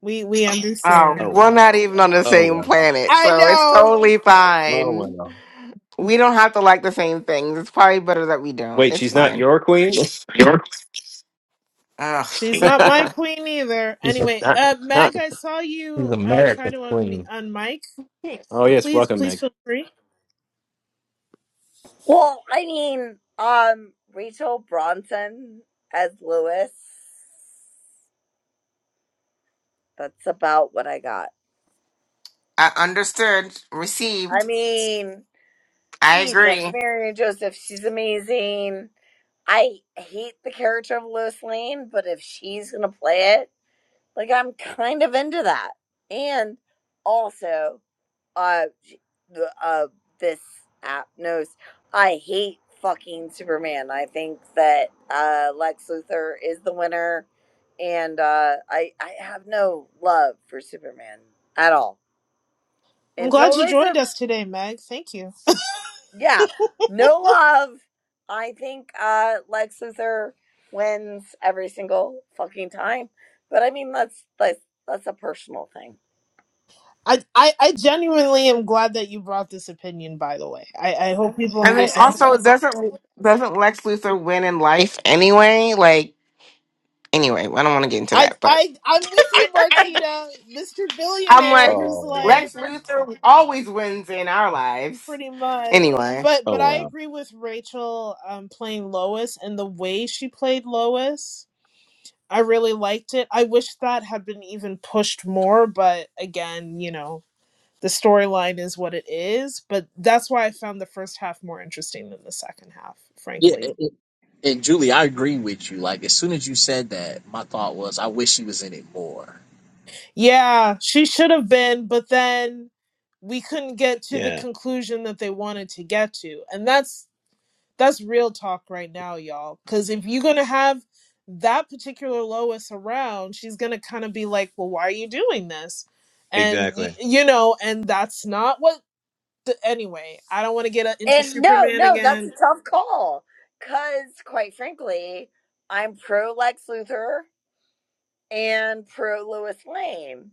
We we
Oh,
Oh
understand.
we're
wow!
not even on the
Oh
same
wow!
planet,
I
so it's
know.
totally
Oh
fine.
wow!
We don't have to like the same things. It's probably better that we don't.
Wait,
It's
she's not
fine.
your queen?
Ugh,
She's not my
not,
queen either.
She's, a,
Anyway, uh,
not.
Meg, I saw
she's
you uh try
America's
to un
queen.
unmic.
Oh yes,
Please,
welcome
please
Meg.
feel free.
Well, I mean, um, Rachel Bronson as Lewis. That's about what I got.
I understood,
I
received.
mean,
I
Jesus,
agree.
Mary and Joseph, she's amazing. I hate the character of Lois Lane, but if she's gonna play it, like I'm kind of into that. And also, uh uh this app knows I hate fucking Superman. I think that uh Lex Luthor is the winner and uh I I have no love for Superman at all.
I'm glad
Until
you joined
recent
us today, Meg. Thank you.
yeah, no love. I think uh Lex Luthor wins every single fucking time. But I mean that's that's that's a personal thing.
I, I, I genuinely am glad that you brought this opinion. By the way, I, I hope people
I mean,
understand.
also
Yes,
doesn't doesn't Lex Luthor win in life anyway? Like, anyway, I don't want to get into
I,
that, but
I, I'm with you, Martina, Mr.
I'm
Billionaire,
like,
who's
Oh
like
Lex Luthor always wins in our lives.
pretty much.
Anyway,
But,
oh
but I
wow!
agree with Rachel um, playing Lois and the way she played Lois I really liked it. I wish that had been even pushed more, but again, you know, the storyline is what it is. But that's why I found the first half more interesting than the second half,
Yeah,
frankly.
and, and- and Julie, I agree with you. Like as soon as you said that, my thought was, I wish he was in it more.
Yeah, she should have been, but then we couldn't get to the
Yeah,
conclusion that they wanted to get to. And that's that's real talk right now, y'all. Cause if you're gonna have that particular Lois around, she's gonna kind of be like, Well, why are you doing this? and
exactly.
you know and that's not what So anyway, I don't want to get uh, into
And no,
Superman
no, that's
again.
a tough call. Because, quite frankly, I'm pro Lex Luthor and pro Lois Lane.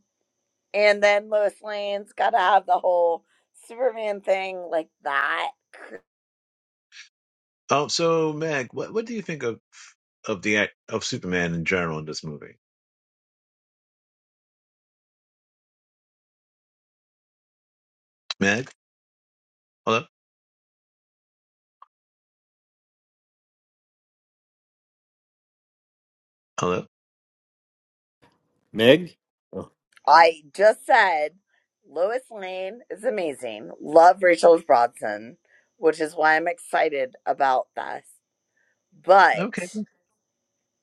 And then Lois Lane's got to have the whole Superman thing like that.
Oh, so Meg, what what do you think of of the act of Superman in general in this movie? Meg, hello, hello.
Meg. Oh.
I just said Lois Lane is amazing. Love Rachel Bronson, which is why I'm excited about this.
Okay,
But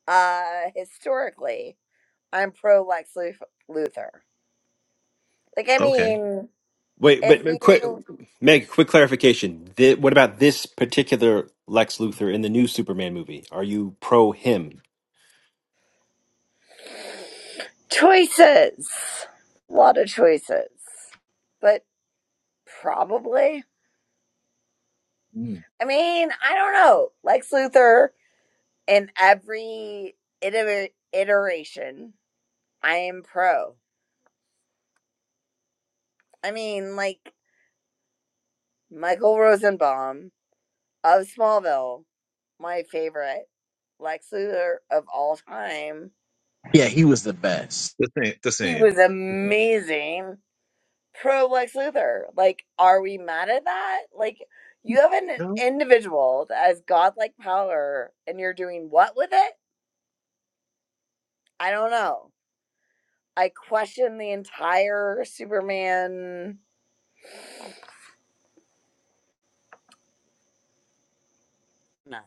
uh historically, I'm pro Lex Luth- Luthor. Like, I
okay.
mean,
Wait,
If
but, but quick,
you
Meg. Quick clarification. Th- what about this particular Lex Luthor in the new Superman movie? Are you pro him?
choices, a lot of choices, but probably.
Mm.
I mean, I don't know. Lex Luthor in every iter- iteration, I am pro. I mean, like Michael Rosenbaum of Smallville, my favorite Lex Luthor of all time.
Yeah, he was the best.
The same, the
He
same.
was
The same.
amazing. pro Lex Luthor. Like, are we mad at that? Like, you have an
No,
individual that has godlike power and you're doing what with it? I don't know. I question the entire Superman. No.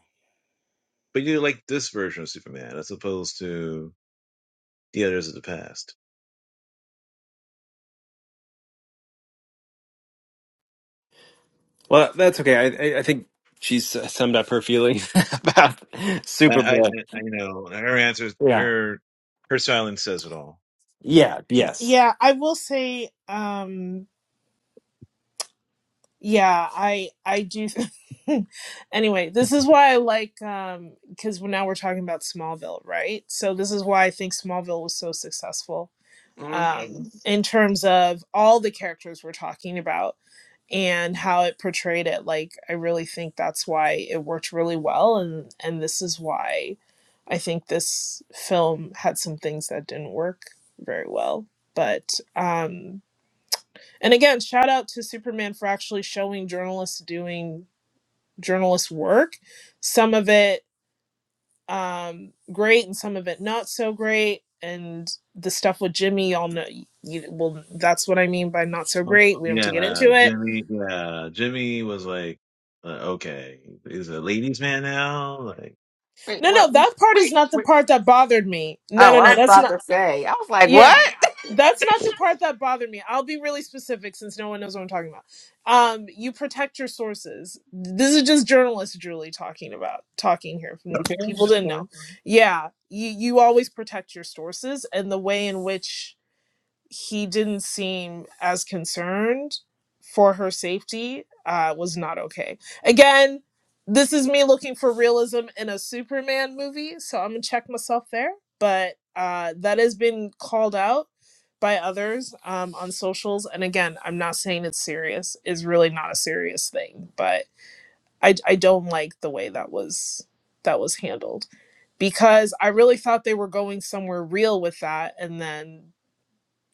but you like this version of Superman as opposed to the others of the past.
Well, that's okay. I I I think she's summed up her feelings about
I, I,
Superman.
I I know her answers.
Yeah.
Her her silence says it all. So
Yeah. Yes.
Yeah, I will say, um, yeah, I I do. anyway, this is why I like um, because now we're talking about Smallville, right? So this is why I think Smallville was so successful
Mm.
um, in terms of all the characters we're talking about and how it portrayed it. Like, I really think that's why it worked really well, and and this is why I think this film had some things that didn't work very well. But um, and again, shout out to Superman for actually showing journalists doing journalist work. Some of it um, great and some of it not so great. And the stuff with Jimmy, y'all know. You, well, that's what I mean by not so
um,
great. We don't have
yeah,
to get into it.
Jimmy. Yeah, Jimmy was like, uh, okay, he's a ladies' man now. Like,
wait,
No, no,
what? Wait,
that part is
wait,
not the
wait.
part that bothered me. No,
Oh,
no,
I
no,
was
that's
about
not.
to say. I was like, what?
Yeah, that's not the part that bothered me. I'll be really specific since no one knows what I'm talking about. Um, you protect your sources. This is just journalist Julie talking about talking here.
okay,
People
that's
didn't
fine.
know. Yeah, you you always protect your sources and the way in which he didn't seem as concerned for her safety uh, was not okay. Again, this is me looking for realism in a Superman movie, so I'm gonna check myself there. But uh, that has been called out by others um, on socials, and again, I'm not saying it's serious. It's really not a serious thing, but I I don't like the way that was that was handled because I really thought they were going somewhere real with that, and then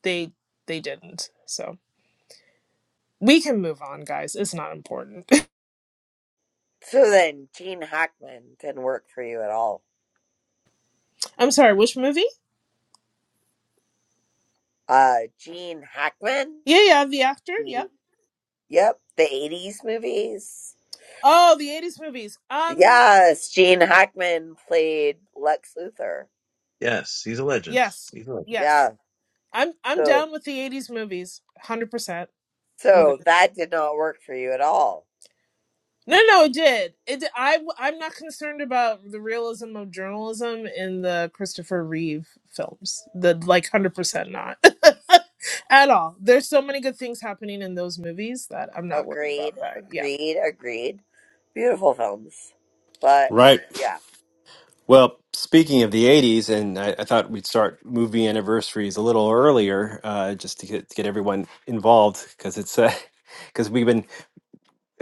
they they didn't. So we can move on, guys. It's not important.
So then, Gene Hackman didn't work for you at all.
I'm sorry. Which movie?
Uh, Gene Hackman?
Yeah, yeah. The actor. Yep.
Mhm. Yep, the 80s movies.
Oh, the '80s movies. Um.
Yes, Gene Hackman played Lex Luthor.
Yes, he's a legend.
Yes.
He's a legend.
Yes.
Yeah.
I'm I'm
So
down with the '80s movies. Hundred percent. I'm good.
So that did not work for you at all.
No, no, it did. It. Did. I I'm not concerned about the realism of journalism in the Christopher Reeve films. The like hundred percent not at all. There's so many good things happening in those movies that I'm not worried
Agreed,
about that. Yeah.
agreed, agreed. Beautiful films. But
Right.
yeah,
Well, speaking of the '80s, and I, I thought we'd start movie anniversaries a little earlier, uh, just to get to get everyone involved, because it's because we've been,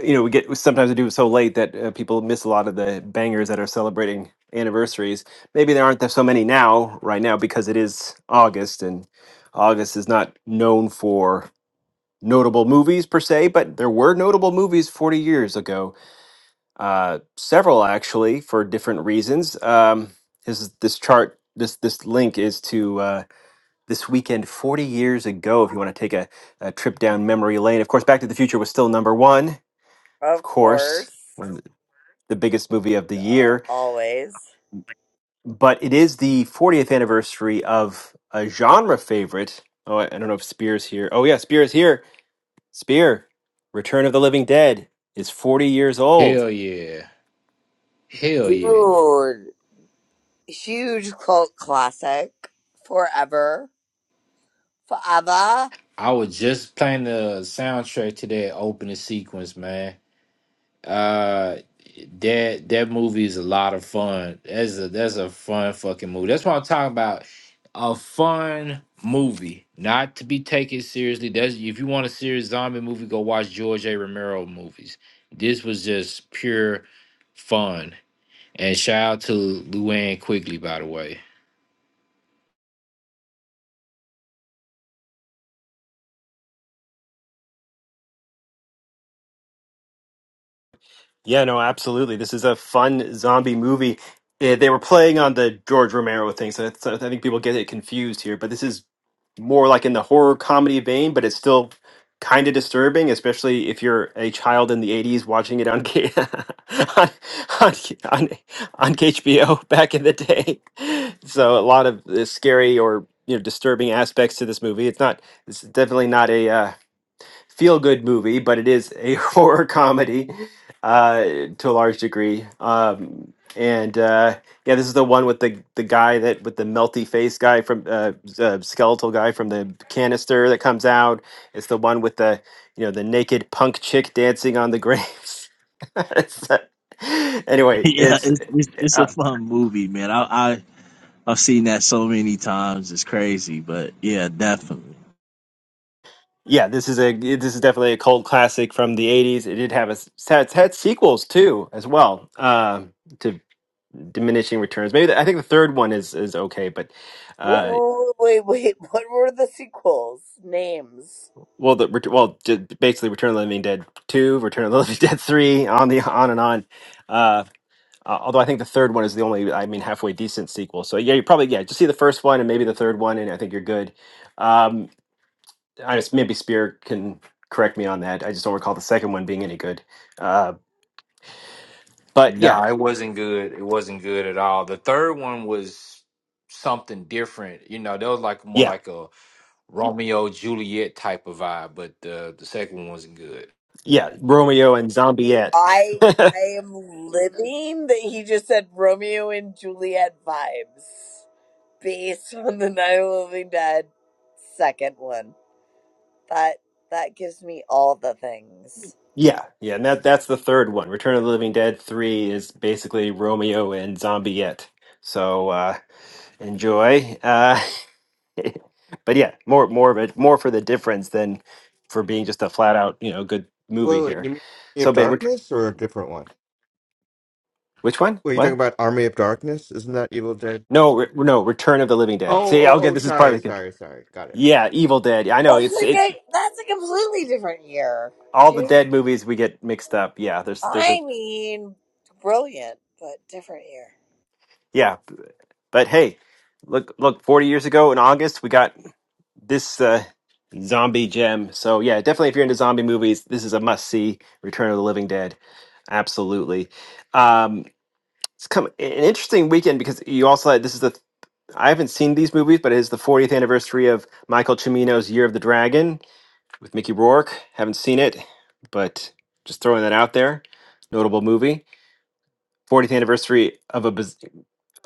you know, we get sometimes we do it so late that uh, people miss a lot of the bangers that are celebrating anniversaries. Maybe there aren't that so many now, right now, because it is August, and August is not known for notable movies per se, but there were notable movies 40 years ago, uh, several actually for different reasons. Um, this is- this chart, this this link is to uh, this weekend 40 years ago. If you want to take a, a trip down memory lane, of course, Back to the Future was still number one, of
of
course,
course,
one of the the biggest movie of the
uh,
year.
always.
But it is the 40th anniversary of a genre favorite. Oh, I I don't know if Spears here. Oh yeah, Spears here Spear, Return of the Living Dead is 40 years old.
Hell yeah. Hell yeah.
dude. huge cult classic. Forever, forever.
I was just playing the soundtrack to that opening sequence, man. Uh, that that movie is a lot of fun. That's a that's a fun fucking movie. That's what I'm talking about. A fun movie, not to be taken seriously. That's if you want a serious zombie movie, go watch George A. Romero movies. This was just pure fun. And shout out to Luann Quigley, by the way.
Yeah, no, absolutely. This is a fun zombie movie. Eh, They were playing on the George Romero thing, so that's, I think people get it confused here. But this is more like in the horror comedy vein, but it's still kind of disturbing, especially if you're a child in the 80s watching it on K- on, on, on, on HBO back in the day. So a lot of eh, scary or you know disturbing aspects to this movie. It's not. It's definitely not a. uh, feel good movie, but it is a horror comedy uh, to a large degree. Um, and uh, yeah, this is the one with the the guy that with the melty face guy from uh, s- uh, skeletal guy from the canister that comes out. It's the one with the you know the naked punk chick dancing on the graves. It's, uh, anyway,
yeah,
it's.
it's, it's it's
Uh,
a fun movie, man. I, I I've seen that so many times. It's crazy, but yeah, definitely.
yeah, this is a this is definitely a cult classic from the '80s. It did have a s- had, had sequels too, as well. Um, to diminishing returns. Maybe the, I think the third one is is okay, but
Wait,
uh,
wait, wait, wait. What were the sequels? Names.
well, the ret- well, j- basically, Return of the Living Dead two, Return of the Living Dead three, on the on and on. Uh, uh, although I think the third one is the only, I mean, halfway decent sequel. So yeah, you probably yeah, just see the first one and maybe the third one, and I think you're good. Um, I just maybe Spear can correct me on that. I just don't recall the second one being any good. Uh, but yeah,
No, it wasn't good. It wasn't good at all. The third one was something different. You know, that was like more
yeah,
like a Romeo Juliet type of vibe, but uh, the second one wasn't good.
yeah, Romeo and Zombieette.
I I am living that he just said Romeo and Juliet vibes. based on the I Will Be Dead second one. That that gives me all the things.
Yeah, yeah, and that that's the third one. Return of the Living Dead three is basically Romeo and Zombieette. So uh, enjoy. Uh, but yeah, more more of it, more for the difference than for being just a flat out you know good
Wait,
movie
wait,
here.
you mean Army
So,
of
but which
Darkness or a different one?
which one?
Wait, you are talking
What?
about Army of Darkness? Isn't that Evil Dead?
No, re- no, Return of the Living Dead.
Oh,
See,
oh,
I'll get
oh,
this is part
sorry,
of the con-
sorry, sorry. Got it.
yeah, Evil Dead. I know
That's
it's
like
it.
a that's a completely different year,
All the
dude.
dead movies we get mixed up. Yeah, there's there's a
I mean, brilliant, but different year.
yeah, but hey, look look 40 years ago in august we got this uh, zombie gem. So yeah, definitely if you're into zombie movies, this is a must see. Return of the Living Dead, absolutely. Um, it's come an interesting weekend because you also had this is the I haven't seen these movies, but it is the 40th anniversary of Michael Cimino's Year of the Dragon with Mickey Rourke. Haven't seen it, but just throwing that out there. Notable movie. 40th anniversary of a biz-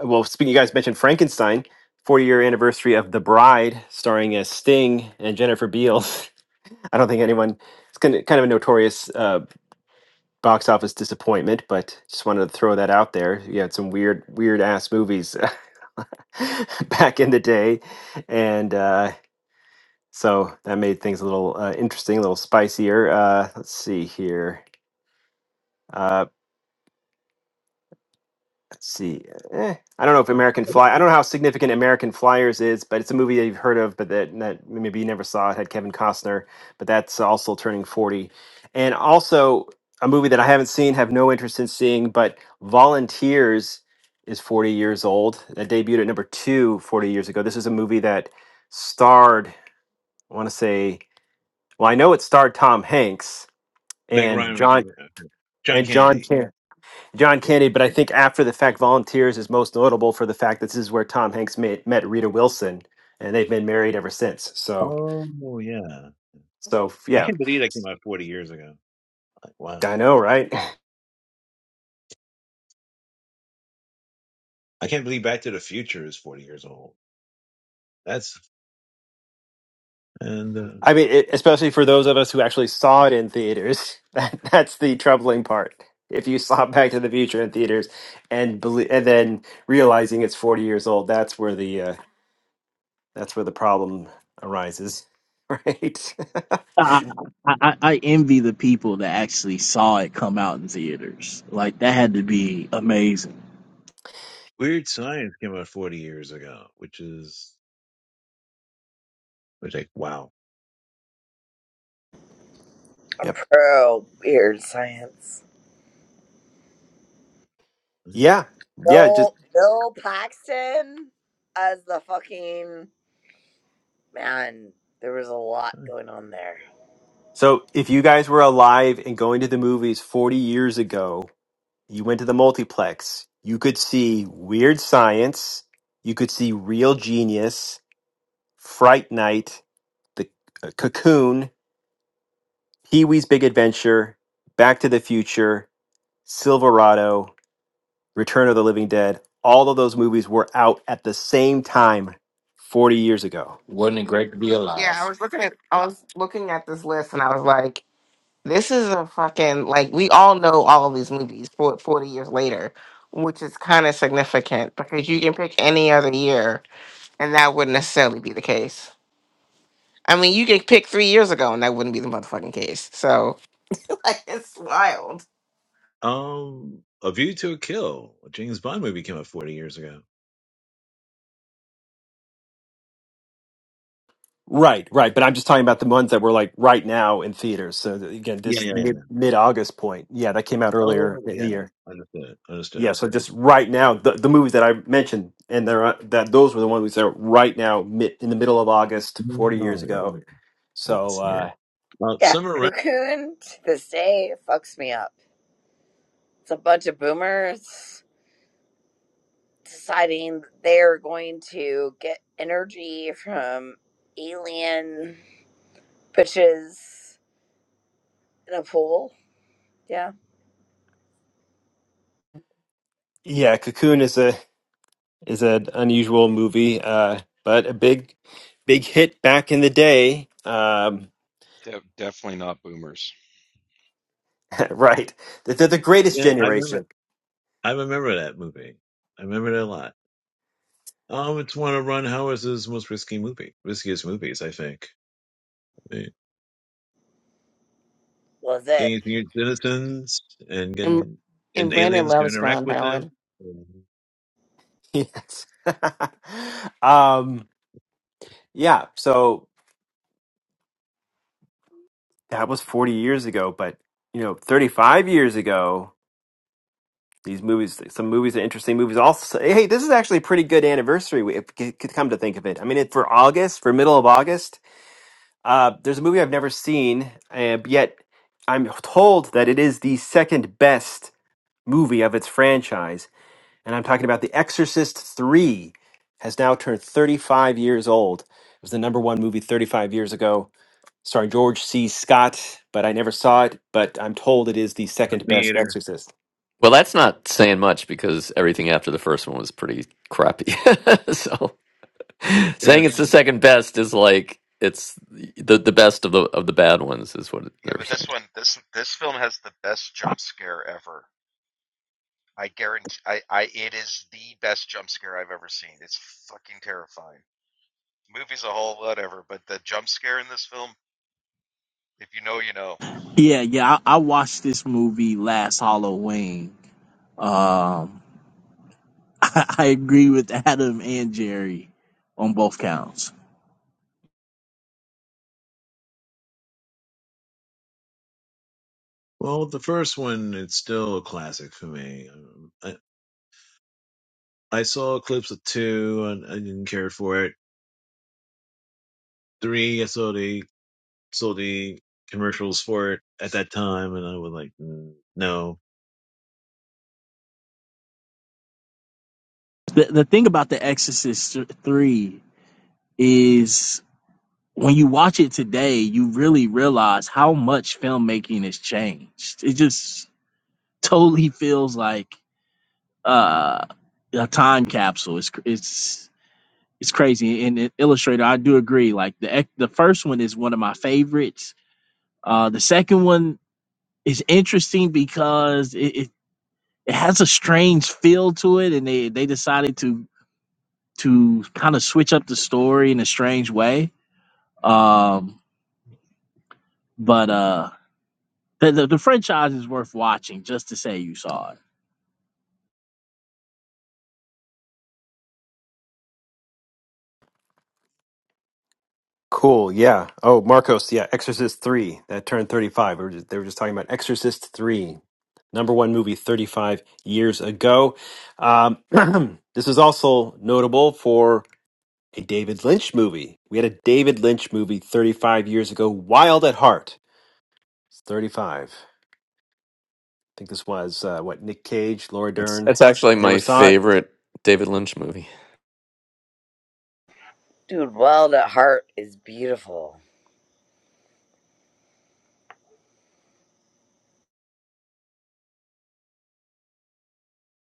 well. Speaking, you guys mentioned Frankenstein. 40 year anniversary of The Bride, starring as Sting and Jennifer Beals. I don't think anyone. It's kind of kind of a notorious uh, box office disappointment, but just wanted to throw that out there. You had some weird, weird ass movies back in the day, and uh, so that made things a little uh, interesting, a little spicier. Uh, let's see here. Uh, Let's see, eh, I don't know if American Fly. I don't know how significant American Flyers is, but it's a movie that you've heard of, but that, that maybe you never saw. It had Kevin Costner, but that's also turning forty, and also a movie that I haven't seen, have no interest in seeing. But Volunteers is forty years old. That debuted at number two forty years ago. This is a movie that starred, I want to say, well, I know it starred Tom Hanks
Meg
and
Ryan was
John
in it. John
and John.
Candy. Yeah.
John
yeah.
Candy, but I think After the Fact Volunteers is most notable for the fact that this is where Tom Hanks met, met Rita Wilson, and they've been married ever since. So,
Oh yeah.
so
I
yeah,
can't believe that came out 40 years ago. Like, wow.
I know, right?
I can't believe Back to the Future is 40 years old. That's and uh,
I mean, it, especially for those of us who actually saw it in theaters, that, that's the troubling part. If you saw Back to the Future in theaters and belie- and then realizing it's forty years old, that's where the uh, that's where the problem arises, right?
I, I I I envy the people that actually saw it come out in theaters. Like that had to be amazing.
Weird Science came out 40 years ago, which is which like wow.
yep.
Pro weird science.
Yeah. Yeah. Just
Bill Bill Paxton as the fucking man. There was a lot going on there.
So if you guys were alive and going to the movies 40 years ago, you went to the multiplex, you could see Weird Science, you could see Real Genius, Fright Night, The uh, Cocoon, Pee Wee's Big Adventure, Back to the Future, Silverado, Return of the Living Dead. All of those movies were out at the same time 40 years ago.
Wasn't it great to be
Yeah,
alive?
I was looking at I was looking at this list, and I was like, this is a fucking like we all know all of these movies for forty years later, which is kind of significant because you can pick any other year and that wouldn't necessarily be the case. I mean, you could pick three years ago, and that wouldn't be the motherfucking case. So, like, it's wild.
Um, A View to a Kill, a James Bond movie came out 40 years ago.
Right, right. But I'm just talking about the ones that were like right now in theaters. So th- again,
Yeah,
this
yeah, yeah.
mid mid August point. Yeah, that came out earlier
Oh
in the
yeah,
year.
understood,
Yeah,
understood.
so just right now, the, the movies that I mentioned, and there are, that those were the ones that are right now mid, in the middle of August, 40 years
Oh yeah,
ago.
I didn't
So
see that.
uh,
Uh,
Yeah,
Summer Rae.
Cocoon to this day fucks me up. It's a bunch of boomers deciding they're going to get energy from alien bitches in a pool. Yeah.
yeah, Cocoon is a is an unusual movie, uh, but a big, big hit back in the day. Um,
De- definitely not boomers.
right, they're they're the greatest
Yeah, I remember.
generation.
I remember that movie. I remember it a lot. Um, it's one of Ron Howard's most risky movie, riskiest movies, I think. I mean,
Was it?
Getting to use citizens and
And,
getting getting
and Brandon
aliens to
loves
interact
Ron
with
Howard.
them. Mhm.
Yes. um, yeah. So that was forty years ago, but you know, thirty-five years ago, these movies, some movies are interesting movies. Also, hey, this is actually a pretty good anniversary. We- If you could come to think of it, I mean, it, for August, for middle of August, uh, there's a movie I've never seen, uh, yet I'm told that it is the second best movie of its franchise. And I'm talking about The Exorcist 3 has now turned 35 years old. It was the number one movie 35 years ago, starring George C. Scott, but I never saw it, but I'm told it is the second
Me
best
either.
Exorcist.
Well, that's not saying much because everything after the first one was pretty crappy. so saying
That's
it's the
the-
second best is like it's the the best of the of the bad ones is what
Yeah,
they're
but
saying.
this one this this film has the best jump scare ever. I guarantee I I it is the best jump scare I've ever seen. It's fucking terrifying. movie's a whole whatever, but the jump scare in this film, if you know, you know.
Yeah, yeah. I, I watched this movie last Halloween. Um, I, I agree with Adam and Jerry on both counts.
Well, the first one, it's still a classic for me. Um, I, I saw clips of two and I didn't care for it. Three, I saw the saw the commercials for it at that time, and I was like, "Mm, no,
The, the thing about The Exorcist 3 is when you watch it today, you really realize how much filmmaking has changed. It just totally feels like uh, a time capsule. It's, cr- it's, it's crazy. And it, Illustrator, I do agree. Like the, ex- the first one is one of my favorites. Uh, the second one it's interesting because it, it, it has a strange feel to it and they, they decided to to kind of switch up the story in a strange way um but uh the, the, the franchise is worth watching just to say you saw it
Cool, yeah. Oh, Marcos, yeah, Exorcist 3 that turned 35. We were just- they were just talking about Exorcist 3. Number one movie 35 years ago. Um, this is also notable for a David Lynch movie. We had a David Lynch movie 35 years ago, Wild at Heart. It's 35. I think this was uh, what Nick Cage, Laura
It's
Dern.
it's actually
Never
my
saw it.
favorite David Lynch movie.
Dude, Wild at Heart is beautiful.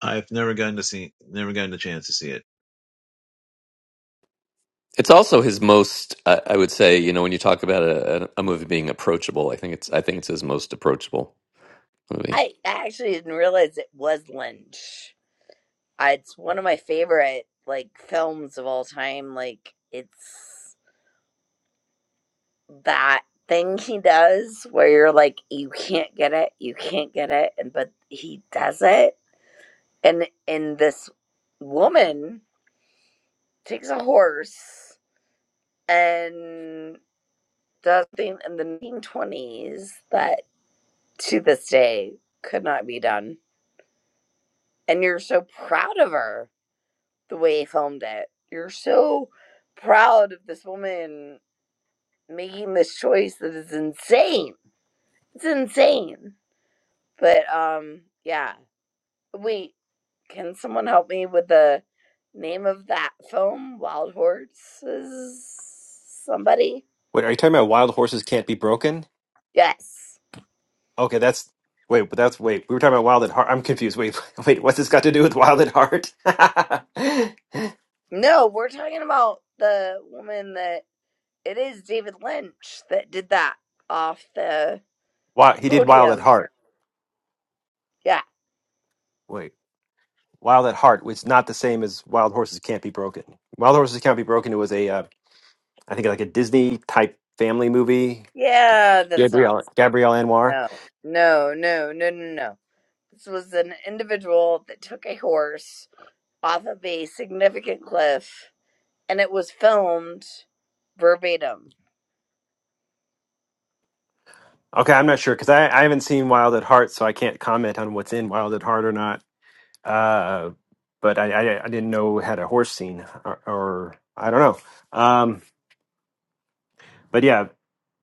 I've never gotten to see, never gotten the chance to see it.
It's also his most, uh, I would say, you know, when you talk about a, a a movie being approachable, I think it's, I think it's his most approachable movie.
I actually didn't realize it was Lynch. I, it's one of my favorite like films of all time. Like it's that thing he does where you're like you can't get it, you can't get it, and but he does it. And in this woman takes a horse and does something in the 1920s that to this day could not be done. And you're so proud of her the way he filmed it. You're so proud of this woman making this choice that is insane. It's insane. But um yeah. Wait, can someone help me with the name of that film? Wild Horses? Somebody?
Wait, are you talking about Wild Horses Can't Be Broken?
Yes.
Okay, that's wait, but that's wait. We were talking about Wild at Heart. I'm confused. Wait, wait, what's this got to do with Wild at Heart?
No, we're talking about the woman that it is David Lynch that did that off the
Why he did Wild at
podium.
Heart?
Yeah.
Wait, Wild at Heart. was not the same as Wild Horses Can't Be Broken. Wild Horses Can't Be Broken. It was a uh, I think like a Disney type family movie.
Yeah, that's not.
Gabrielle Gabrielle Anwar.
No, no, no, no, no, no. This was an individual that took a horse off of a significant cliff and it was filmed verbatim.
Okay, I'm not sure because I, I haven't seen Wild at Heart, so I can't comment on what's in Wild at Heart or not. Uh, but I, I I didn't know it had a horse scene or, or I don't know. Um, but yeah,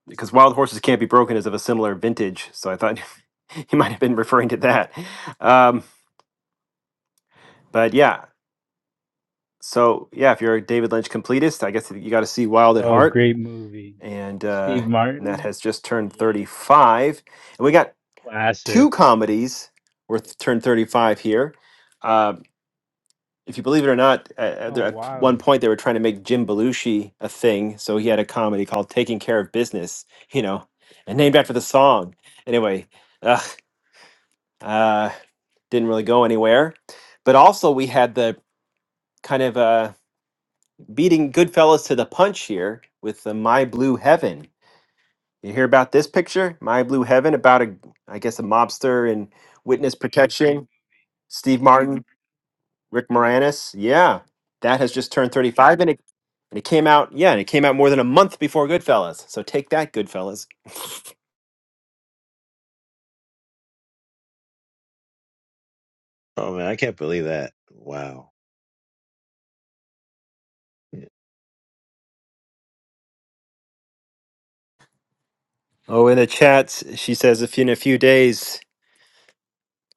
because Wild Horses Can't Be Broken is of a similar vintage, so I thought he might have been referring to that. Um, but yeah, so yeah, if you're a David Lynch completist, I guess you got to see Wild at
Oh,
Heart
great movie.
and uh,
Steve
and that
Martin.
has just turned
Yeah,
35. And we got two
classic.
comedies worth turned 35 here. Uh, if you believe it or not, uh, uh, there-
Oh,
at one
wow.
point they were trying to make Jim Belushi a thing, so he had a comedy called "Taking Care of Business," you know, and named after the song. Anyway, ugh, uh, didn't really go anywhere. But also we had the kind of uh, beating Goodfellas to the punch here with the "My Blue Heaven." You hear about this picture, My Blue Heaven, about a, I guess, a mobster in witness protection. Steve Martin, Rick Moranis. Yeah, that has just turned 35, and it and it came out. Yeah, and it came out more than a month before Goodfellas. So take that, Goodfellas.
Oh man, I can't believe that! Wow. Yeah.
Oh, in the chats, she says if in a few days,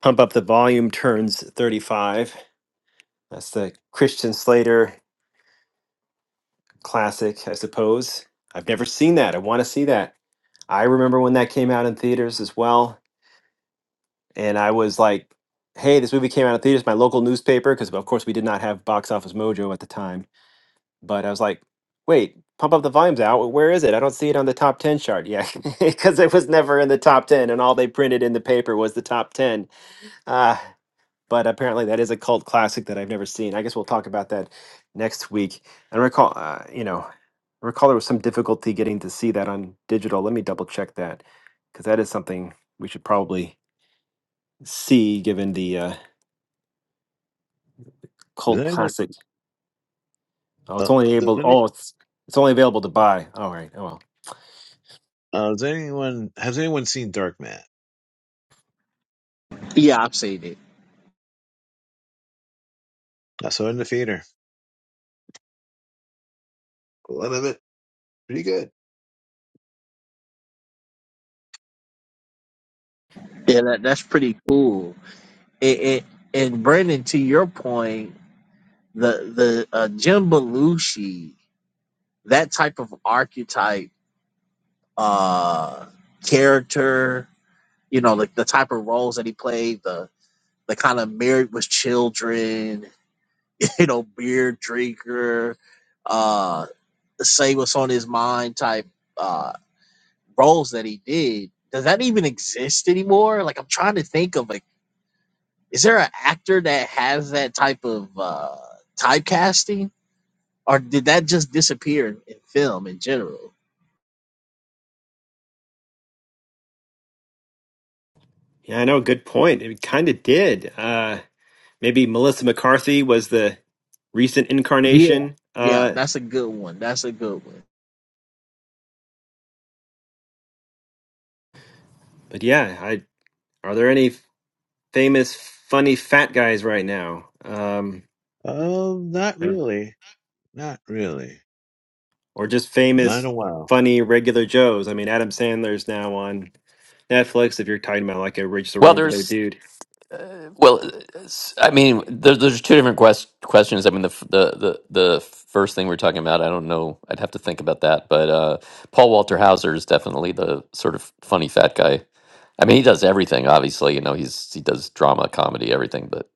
Pump Up the Volume turns 35. That's the Christian Slater classic, I suppose. I've never seen that. I want to see that. I remember when that came out in theaters as well and I was like, "Hey, this movie came out of theaters." My local newspaper, because of course we did not have Box Office Mojo at the time, but I was like, "Wait, pump up the volumes out. Where is it? I don't see it on the top ten chart." Yeah, because it was never in the top ten, and all they printed in the paper was the top ten. Uh, but apparently, that is a cult classic that I've never seen. I guess we'll talk about that next week. And recall, uh, you know, I recall there was some difficulty getting to see that on digital. Let me double check that because that is something we should probably see given the uh,
Does
Cult
anyone?
Classic. Oh, it's
Uh,
only
does
able.
any?
Oh, it's it's only available to buy. All right. Oh well.
Uh, does anyone? Has anyone seen Dark Man?
yeah i've seen it
I saw it in the theater. A lot of it pretty good.
yeah that, that's pretty cool it, it and brendan to your point the the uh, Jim Belushi, that type of archetype uh, character, you know, like the type of roles that he played, the the kind of married with children, you know, beer drinker, uh, say what's on his mind type uh, roles that he did. Does that even exist anymore? Like, I'm trying to think of like, is there an actor that has that type of uh, typecasting? Or did that just disappear in film in general?
Yeah, I know. Good point. It kind of did. Uh, maybe Melissa McCarthy was the recent
Yeah,
incarnation.
Yeah,
Uh,
that's a good one. That's a good one.
but yeah, I are there any famous funny fat guys right now? Um,
Um, not
and-
really. Not really.
or just
Not in
famous
a while.
funny regular Joes? I mean, Adam Sandler's now on Netflix. If you're talking about like a rich so
Well,
regular
there's,
dude.
uh, well, it's- I mean, there, there's two different quest, questions. I mean, the, f- the the the first thing we're talking about, I don't know, I'd have to think about that. But uh, Paul Walter Hauser is definitely the sort of funny fat guy. I mean, he does everything. Obviously, you know, he's he does drama, comedy, everything. But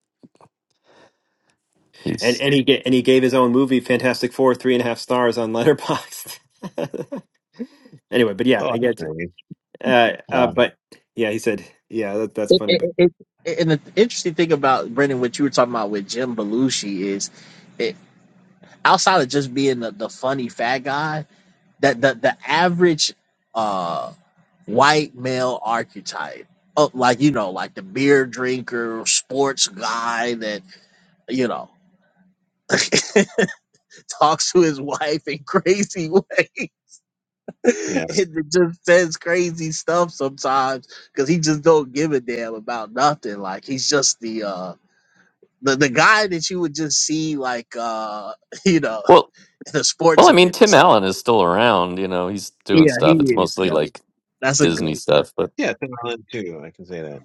And
he's
and he ga- and he gave his own movie Fantastic Four three and a half stars on Letterboxd. anyway, but
Oh,
yeah, I
that's
get you.
right.
Uh, uh,
Wow.
but yeah, he said, yeah, that, that's funny. But
It, and the interesting thing about Brendan, what you were talking about with Jim Belushi is, it, outside of just being the, the funny fat guy, that the, the average uh, white male archetype, oh, like you know, like the beer drinker, sports guy that you know talks to his wife in crazy ways.
Yes.
and just says crazy stuff sometimes because he just don't give a damn about nothing. Like he's just the uh the, the guy that you would just see like uh you know
well,
in a
well,
sports
I mean,
event or
Tim Allen
something.
is still around. You know, he's doing
Yeah, he
stuff. It's
is.
mostly
Yeah,
like
that's a good
Disney
one.
stuff, but
Yeah, Tim Allen too. I can say that.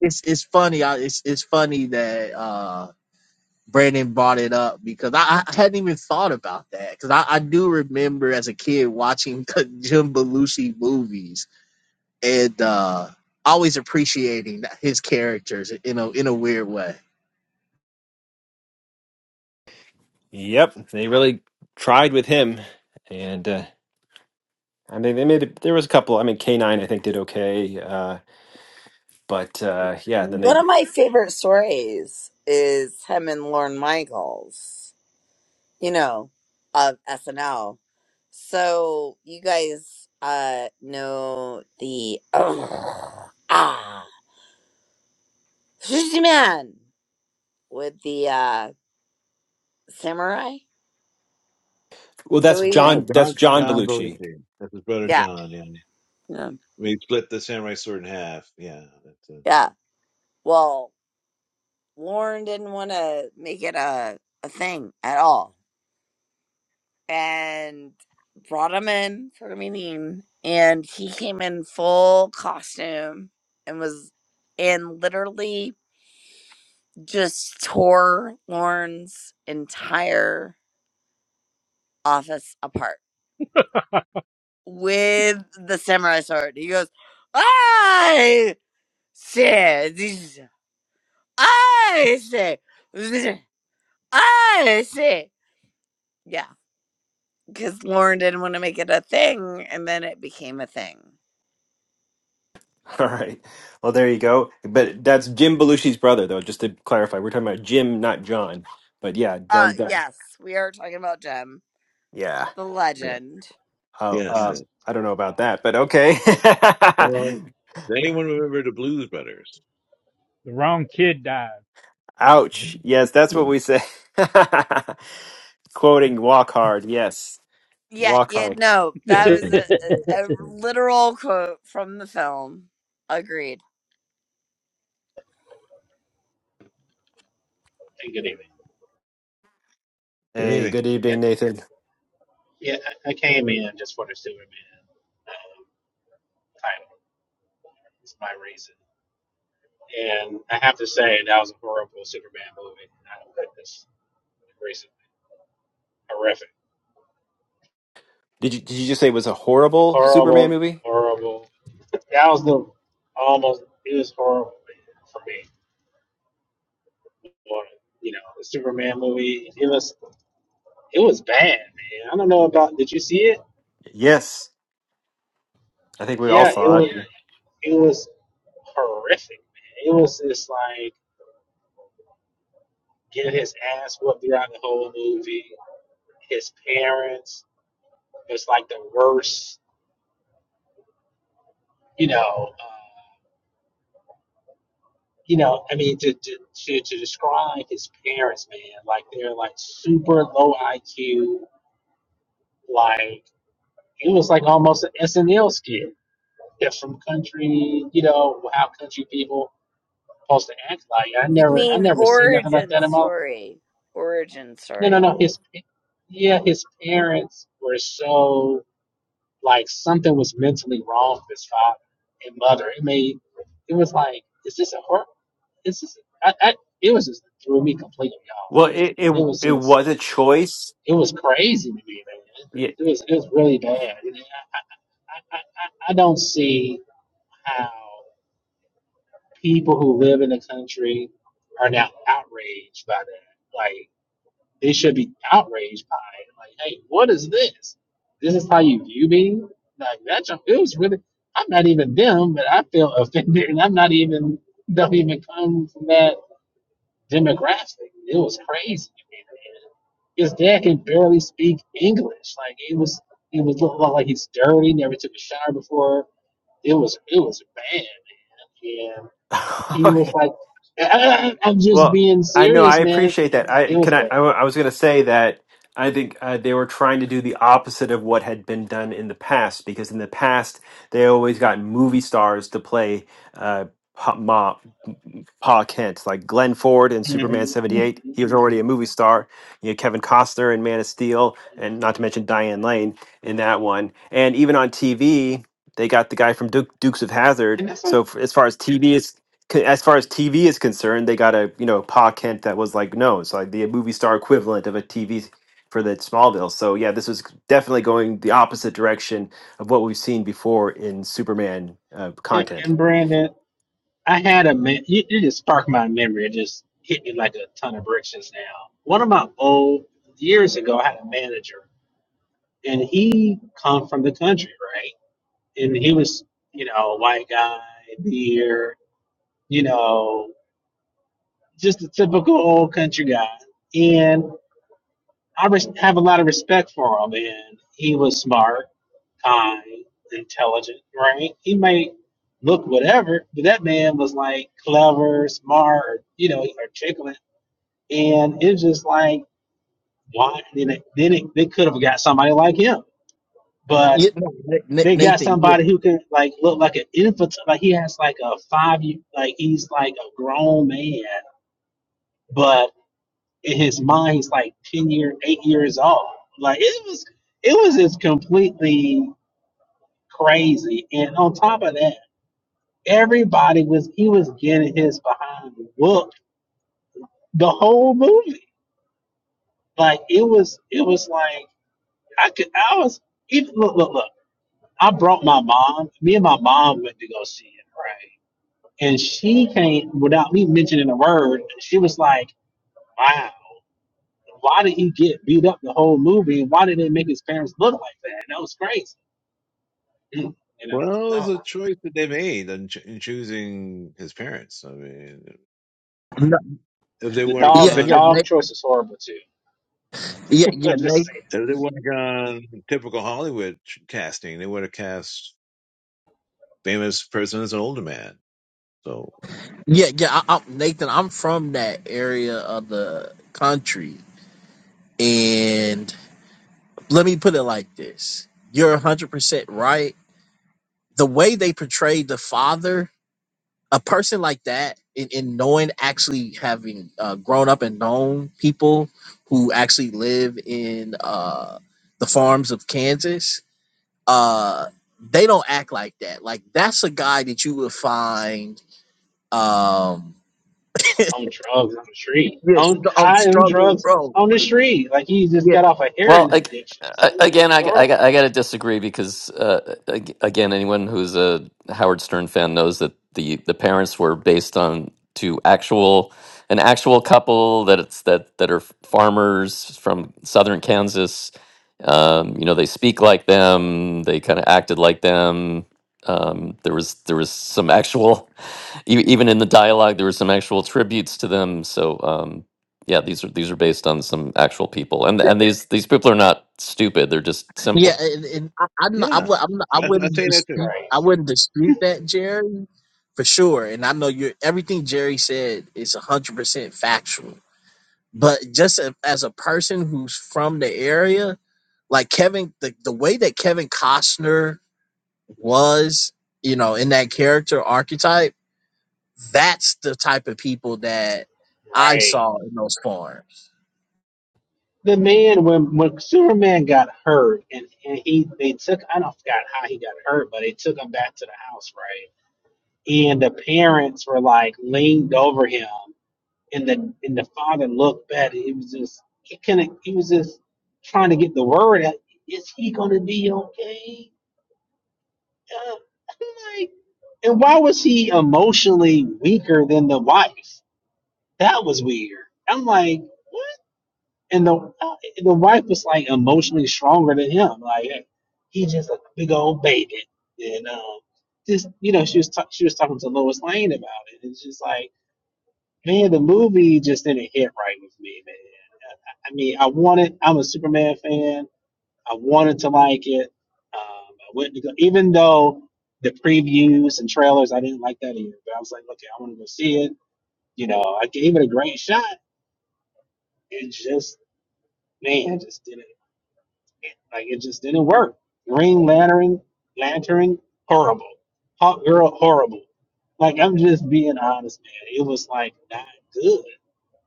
It's it's funny. I, it's it's funny that uh Brandon brought it up because I, I hadn't even thought about that because I, I do remember as a kid watching the Jim Belushi movies and uh, always appreciating his characters, you know, in a weird way.
yep, they really tried with him, and uh, I mean, they made it, there was a couple. I mean, K nine I think did okay, uh, but uh, yeah, and then
One
they
of my favorite stories is him and Lorne Michaels. you know, of SNL. So you guys uh know the ah sushi man with the uh samurai.
well,
So
that's
he's
Oh,
John, that's
John
John
John
Belushi.
Belushi. That's his brother
yeah
John. Yeah.
yeah
We split the samurai sword in half. Yeah. That's a,
yeah. Well, Lauren didn't want to make it a a thing at all, and brought him in for a meeting, and he came in full costume and was and literally just tore Lauren's entire office apart with the samurai sword. He goes, I say this, I say this, I say. Yeah, because Lauren didn't want to make it a thing, and then it became a thing.
All right, well there you go. But that's Jim Belushi's brother, though. Just to clarify, we're talking about Jim, not John. But yeah,
Uh,
John.
yes, we are talking about Jim,
Yeah.
the
Yeah.
legend.
Oh,
yes.
um,
Yeah.
I don't know about that, but okay.
Um, does anyone remember the Blues Brothers?
The wrong kid died. I'm just
Ouch. Yes, that's what
Good
we say. Quoting Walk Hard. Yes.
Yeah,
Walk
yeah,
Hard.
no, that was a,
kidding.
a, a literal quote from the film. Agreed.
And good evening.
Hey,
evening.
good
Yeah,
evening, Nathan.
yeah, I I came in just for the Superman title. It's my reason, and I have to say that was a horrible Superman movie. I don't like this recently. Horrific,
Did you did you just say it was a horrible Superman
horrible,
movie?
horrible. That was the almost it was horrible for me. Well, You know, the Superman movie. It was it was bad, man. I don't know about. Did you see it?
Yes. I think we all
Yeah, it
saw
was
it.
it was horrific, man. It was just like. get his ass whooped throughout the whole movie. His parents was like the worst, you know. Uh, you know, I mean, to, to to to describe his parents, man, like they're like super low IQ. Like it was like almost an SNL skit. They're from country, you know, how country people supposed to act like. I
You
never, I
mean
never seen nothing like
origin
that in my.
story. Origin
No, no,
story.
no. His, yeah, his parents were so Like something was mentally wrong with his father and mother. It made it was like, is this a horror? Is this? I, I it was just threw me completely off,
Well, it
man. And
it
it was
it
just
was a choice.
it was crazy to me, man.
Yeah.
It was it was really bad. And I, I, I, I don't see how people who live in the country are now outraged by that. Like. They should be outraged by it. Like, hey, what is this? This is how you view me? Like that's a- it was really I'm not even them, but I feel offended and I'm not even don't even come from that demographic. It was crazy. His dad can barely speak English. Like it was it was looked like he's dirty, never took a shower before. It was it was bad. And he
okay.
was like I, am just
Well,
being
I know I
serious, man.
appreciate that. I
It
can
was
I I, wa- I was going to say that I think uh, they were trying to do the opposite of what had been done in the past because in the past they always got movie stars to play uh, Pa, Ma, Pa Kent, like Glenn Ford in Superman
bad.
seventy
hmm
eight. He was already a movie star. You know, Kevin Costner in Man of Steel, and not to mention Diane Lane in that one. And even on TV, they got the guy from Duke, Dukes of Hazard.
And that's what,
So f as far as TV is c- as far as TV is concerned, they got a you know Pa Kent that was like no, it's like the movie star equivalent of a TV for the Smallville. So yeah, this was definitely going the opposite direction of what we've seen before in Superman uh,
and,
content.
and Brandon, I had a man, you, you just sparked my memory. It just hit me like a ton of bricks just now. One of my old years ago, I had a manager, and he come from the country, right? And he was, you know, a white guy, beard, you know, just a typical old country guy. And I res- have a lot of respect for him, and he was smart kind, intelligent, right? He may look whatever, but that man was like clever, smart, you know, articulate. And it's just like, why? Then, it, then it, they could have got somebody like him, but
Yeah, no, Na- Na-
they got
Nathan.
somebody
Yeah,
who can like look like an infant. Like he has like a five year, like he's like a grown man, but in his mind, he's like 10 year, eight years old. Like it was, it was just completely crazy. And on top of that, Everybody was he was getting his behind whooped the whole movie. Like it was it was like I could I was even look look look. I brought my mom. Me and my mom went to go see it, right? And she came without me mentioning a word. She was like, "Wow, why did he get beat up the whole movie? Why did they make his parents look like that? That was crazy." Mm, You know,
Well, it was
no.
a choice that they made in, ch- in choosing his parents. I mean,
no,
if they
the
would have
yeah,
dog the
yeah, Na-
dog
gone,
choice is horrible too.
yeah, yeah,
I'm just saying.
if they
Nathan.
would have gone typical Hollywood ch- casting, they would have cast famous person as an older man. So
Yeah, yeah, I, i Nathan. I'm from that area of the country, and let me put it like this: You're 100 percent right. The way they portrayed the father a person like that in, in knowing actually having uh, grown up and known people who actually live in uh, the farms of kansas uh, they don't act like that like that's a guy that you would find um
on drugs on the street,
yes
on
on
high on
struggle
drugs
road
on the street. Like he just
yeah
got off a
well,
heroin
I,
addiction. It's
I,
it's
again,
like,
I, I,
oh
I got to disagree because uh, ag- again, anyone who's a Howard Stern fan knows that the the parents were based on to actual an actual couple that it's that that are farmers from southern Kansas. Um, you know, they speak like them. They kind of acted like them. Um, there was there was some actual e- even in the dialogue there were some actual tributes to them. So um, yeah these are these are based on some actual people and and these these people are not stupid they're just
yeah,
simple
and, and I, I'm not,
yeah,
I, would, I'm not, I
That's I tell
wouldn't
you
Jesus
that too.
dispute. I
Christ,
wouldn't dispute that, Jerry, for sure. And I know you're everything Jerry said is hundred percent factual. But just a- as a person who's from the area, like Kevin, the, the way that Kevin Costner was, you know, in that character archetype, that's the type of people that I
right?
saw in those farms.
The man when when Superman got hurt and, and he they took I don't forgot how he got hurt, but they took him back to the house, right? And the parents were like leaned over him, and the and the father looked back. And he was just he couldn't. He was just trying to get the word out. Is he gonna be okay? Uh, I'm like, and why was he emotionally weaker than the wife? That was weird. I'm like, what? And the uh, the wife was like emotionally stronger than him. Like he just a big old baby, and um, just you know, she was ta- she was talking to Lois Lane about it. It's just like, man, the movie just didn't hit right with me, man. I, I mean, I wanted. I'm a Superman fan. I wanted to like it. Um, I went to go, even though the previews and trailers, I didn't like that either. But I was like, okay, I want to go see it. You know, I gave it a great shot. It just, man, it just didn't, it, like, it just didn't work. Green Lantern, Lantern, horrible. Hot Girl, horrible. Like, I'm just being honest, man. It was like not good.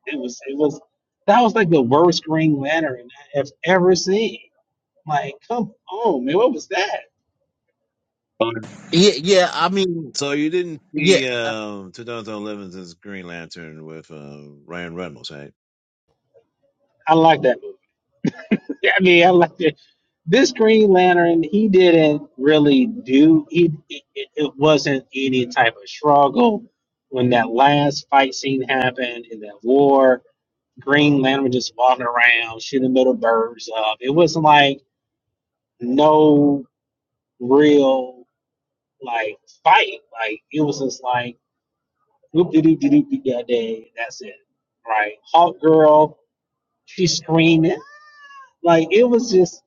It was, it was, that was like the worst Green Lantern I have ever seen. Like, come on, man, what was that?
Um,
Yeah, yeah. I mean,
So you didn't
yeah.
see um, 2011's Green Lantern with um, Ryan Reynolds, right?
I like that movie. Yeah, I mean, I like it. This Green Lantern, he didn't really do. He it, it wasn't any type of struggle when that last fight scene happened in that war. Green Lantern was just walking around shooting little birds up. It wasn't like no real like fight. Like it was just like whoop de doo doo doo doo that day. That's it, right? Hawk Girl, she screaming like it was just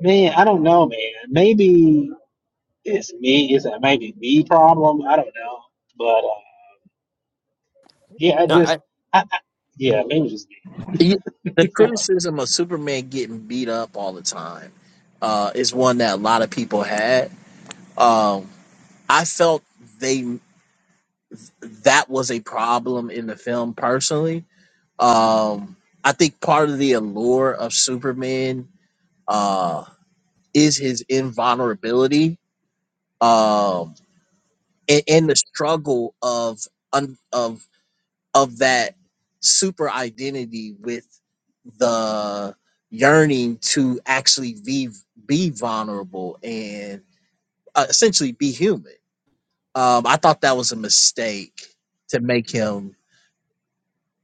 man. I don't know, man. Maybe it's me. It's a maybe me problem. I don't know, but uh, yeah, I
No,
just,
I
I, I, yeah, maybe it's just me.
y- The criticism of Superman getting beat up all the time uh, is one that a lot of people had. Um, I felt they that was a problem in the film personally Um, I think part of the allure of Superman uh, is his invulnerability um, and, and the struggle of un, of of that super identity with the yearning to actually be be vulnerable and uh, essentially be human. Um, I thought that was a mistake to make him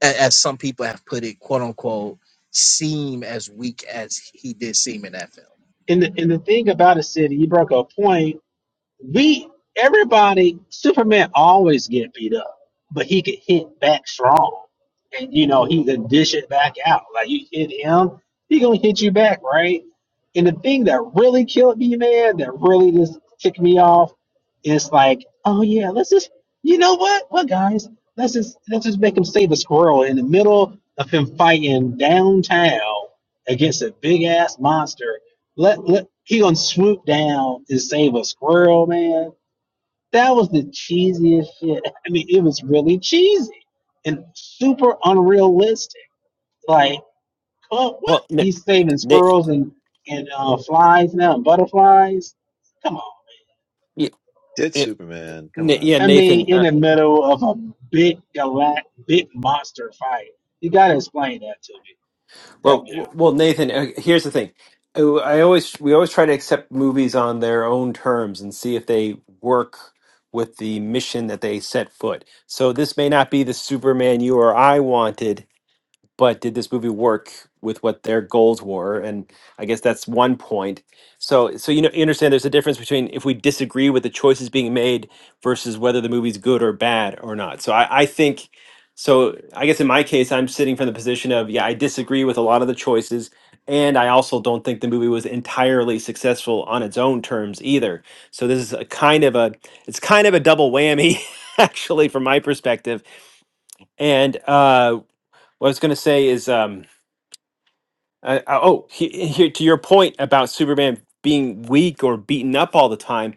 a- as some people have put it, quote unquote, seem as weak as he did seem in that film.
And the and the thing about a city, you broke a point We everybody Superman always get beat up, but he could hit back strong. And you know, he could dish it back out. Like you hit him, he gonna hit you back, right? And the thing that really killed me, man, that really just ticked me off, is like, oh yeah, let's just you know what? What guys, let's just let's just make him save a squirrel in the middle of him fighting downtown against a big ass monster let, let he gonna swoop down and save a squirrel, man. That was the cheesiest shit. I mean, it was really cheesy and super unrealistic. Like, come- what?
well, Na-
He's saving
Na-
squirrels and and uh, flies now, and butterflies. Come on.
y-
It's
y-
Superman. Come
Na-
on.
yeah,
Now.
I mean,
Nathan.
in the middle of a big galact, big monster fight, you gotta explain that to me. Help
Well,
me
w- well, Nathan. uh, Here's the thing. Uh, I always we always try to accept movies on their own terms and see if they work with the mission that they set foot. So this may not be the Superman you or I wanted, but did this movie work with what their goals were and i guess that's one point so so you know you understand there's a difference between if we disagree with the choices being made versus whether the movie's good or bad or not so i i think so i guess in my case i'm sitting from the position of yeah i disagree with a lot of the choices and i also don't think the movie was entirely successful on its own terms either so this is a kind of a it's kind of a double whammy actually from my perspective and uh what i was going to say is um uh, uh, oh, he- here to your point about Superman being weak or beaten up all the time,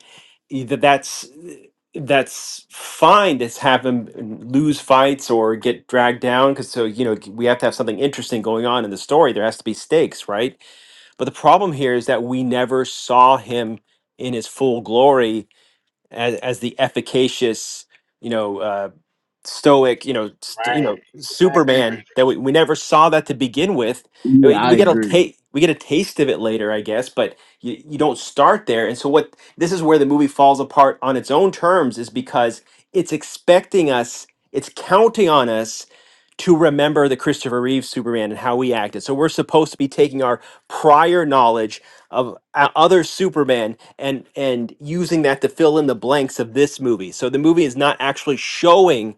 e- that that's that's fine to have him lose fights or get dragged down because so you know we have to have something interesting going on in the story. There has to be stakes, right? But the problem here is that we never saw him in his full glory as, as the efficacious, you know, uh, stoic, you know,
out.
st- you
Right.
know,
Exactly,
Superman
Brandon.
that we, we never saw that to begin with. I
Yeah,
mean,
I
We get a
agree.
ta- we get a taste of it later, I guess, but you, you don't start there. And so what this is where the movie falls apart on its own terms is because it's expecting us, it's counting on us to remember the Christopher Reeve Superman and how we acted. So we're supposed to be taking our prior knowledge of uh, other Superman and and using that to fill in the blanks of this movie. So the movie is not actually showing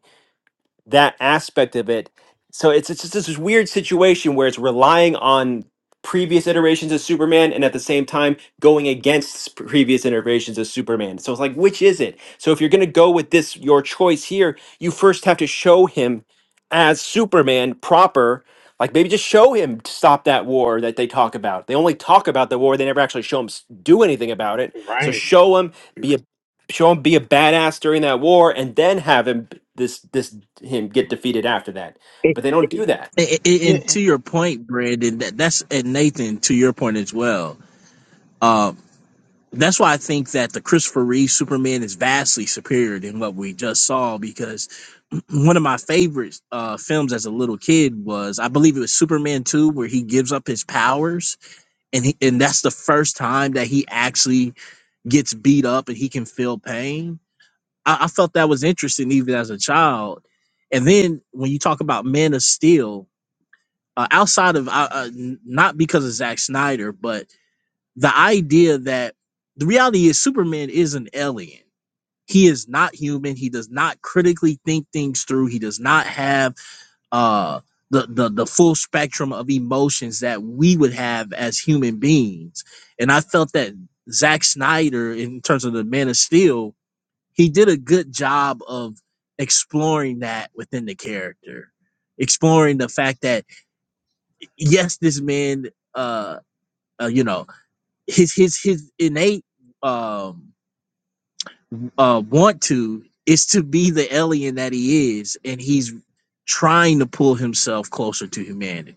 that aspect of it. So it's, it's just this weird situation where it's relying on previous iterations of Superman and at the same time going against previous iterations of Superman. So it's like, which is it? So if you're going to go with this, your choice here, you first have to show him as Superman proper. Like maybe just show him to stop that war that they talk about. They only talk about the war; they never actually show him s- do anything about it. So
Right.
show him, be a show him be a badass during that war and then have him this this him get defeated after that
It,
but they don't do that
it, it-
Yeah,
and
and,
to your point, Brandon, that, that's and Nathan, to your point as well. Um, that's why I think that the Christopher Reeve Superman is vastly superior than what we just saw. Because one of my favorite uh, films as a little kid was, I believe it was Superman Two, where he gives up his powers, and he, and that's the first time that he actually gets beat up and he can feel pain I, I felt that was interesting even as a child. And then when you talk about Man of Steel, uh, outside of uh, uh, n- not because of Zack Snyder, but the idea that the reality is Superman is an alien. He is not human. He does not critically think things through. He does not have uh, the, the the full spectrum of emotions that we would have as human beings. And I felt that Zack Snyder, in terms of the Man of Steel, he did a good job of exploring that within the character exploring the fact that yes this man uh, uh you know his his his innate um uh want to is to be the alien that he is and he's trying to pull himself closer to humanity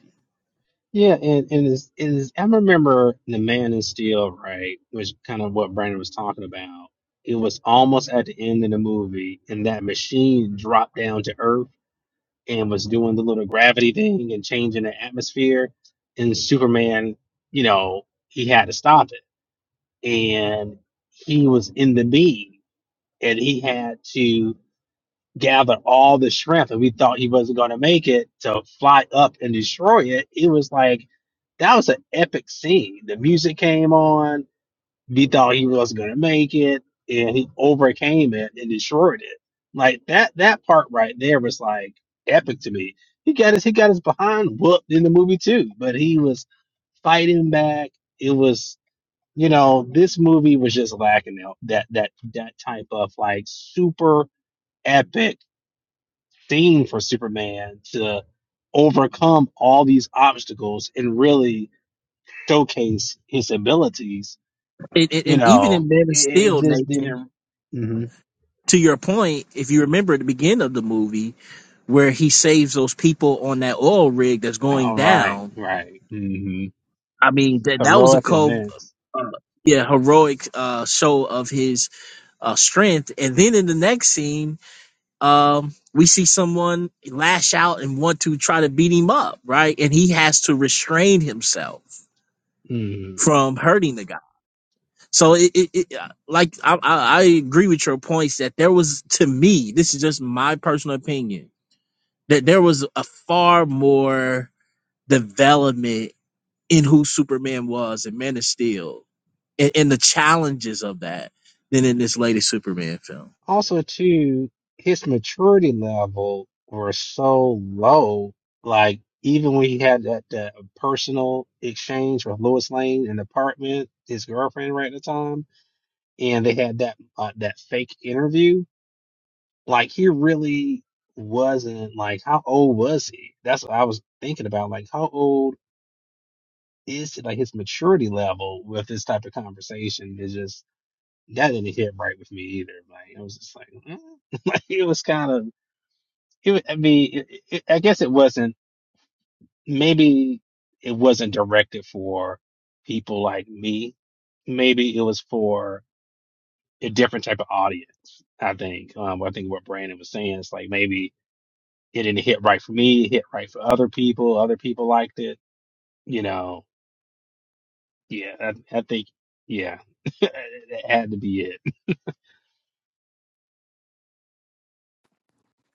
Yeah, and, and is is I remember the Man in Steel, right? Which kind of what Brandon was talking about. It was almost at the end of the movie, and that machine dropped down to Earth and was doing the little gravity thing and changing the atmosphere. And Superman, you know, he had to stop it, and he was in the beam, and he had to gather all the shrimp, and we thought he wasn't going to make it to fly up and destroy it. It was like, that was an epic scene. The music came on. We thought he wasn't going to make it and he overcame it and destroyed it. Like that, that part right there was like epic to me. He got his, he got his behind whooped in the movie too, but he was fighting back. It was, you know, this movie was just lacking that, that, that, that type of like super epic Theme for Superman to overcome all these obstacles and really showcase his abilities.
and, and,
You
and even
know,
in man of
it, it
steel
just
nathan
didn't. Mm-hmm.
to your point if you remember at the beginning of the movie where he saves those people on that oil rig that's going
All right,
down
right. Mm-hmm.
I mean, that that was a
Heroic
cold,
events.
uh, yeah, heroic uh, show of his uh, strength. And then in the next scene, um, we see someone lash out and want to try to beat him up, right? And he has to restrain himself
Mm.
from hurting the guy. So, it, it, it uh, like I, I, I agree with your points that there was, to me, this is just my personal opinion, that there was a far more development in who Superman was and Man of Steel and, and the challenges of that than in this latest Superman film.
Also, too, his maturity level were so low. Like even when he had that, that personal exchange with Lois Lane in the apartment, his girlfriend right at the time and they had that uh, that fake interview. Like he really wasn't like how old was he? That's what I was thinking about. Like how old is like his maturity level with this type of conversation? is just that didn't hit right with me either. Like I was just like, mm. like it was kind of it. was- I mean, it, it, I guess it wasn't. Maybe it wasn't directed for people like me. Maybe it was for a different type of audience. I think. Um, I think what Brandon was saying is like maybe it didn't hit right for me, it hit right for other people. Other people liked it. You know, yeah. I, I think, yeah, it had to be it.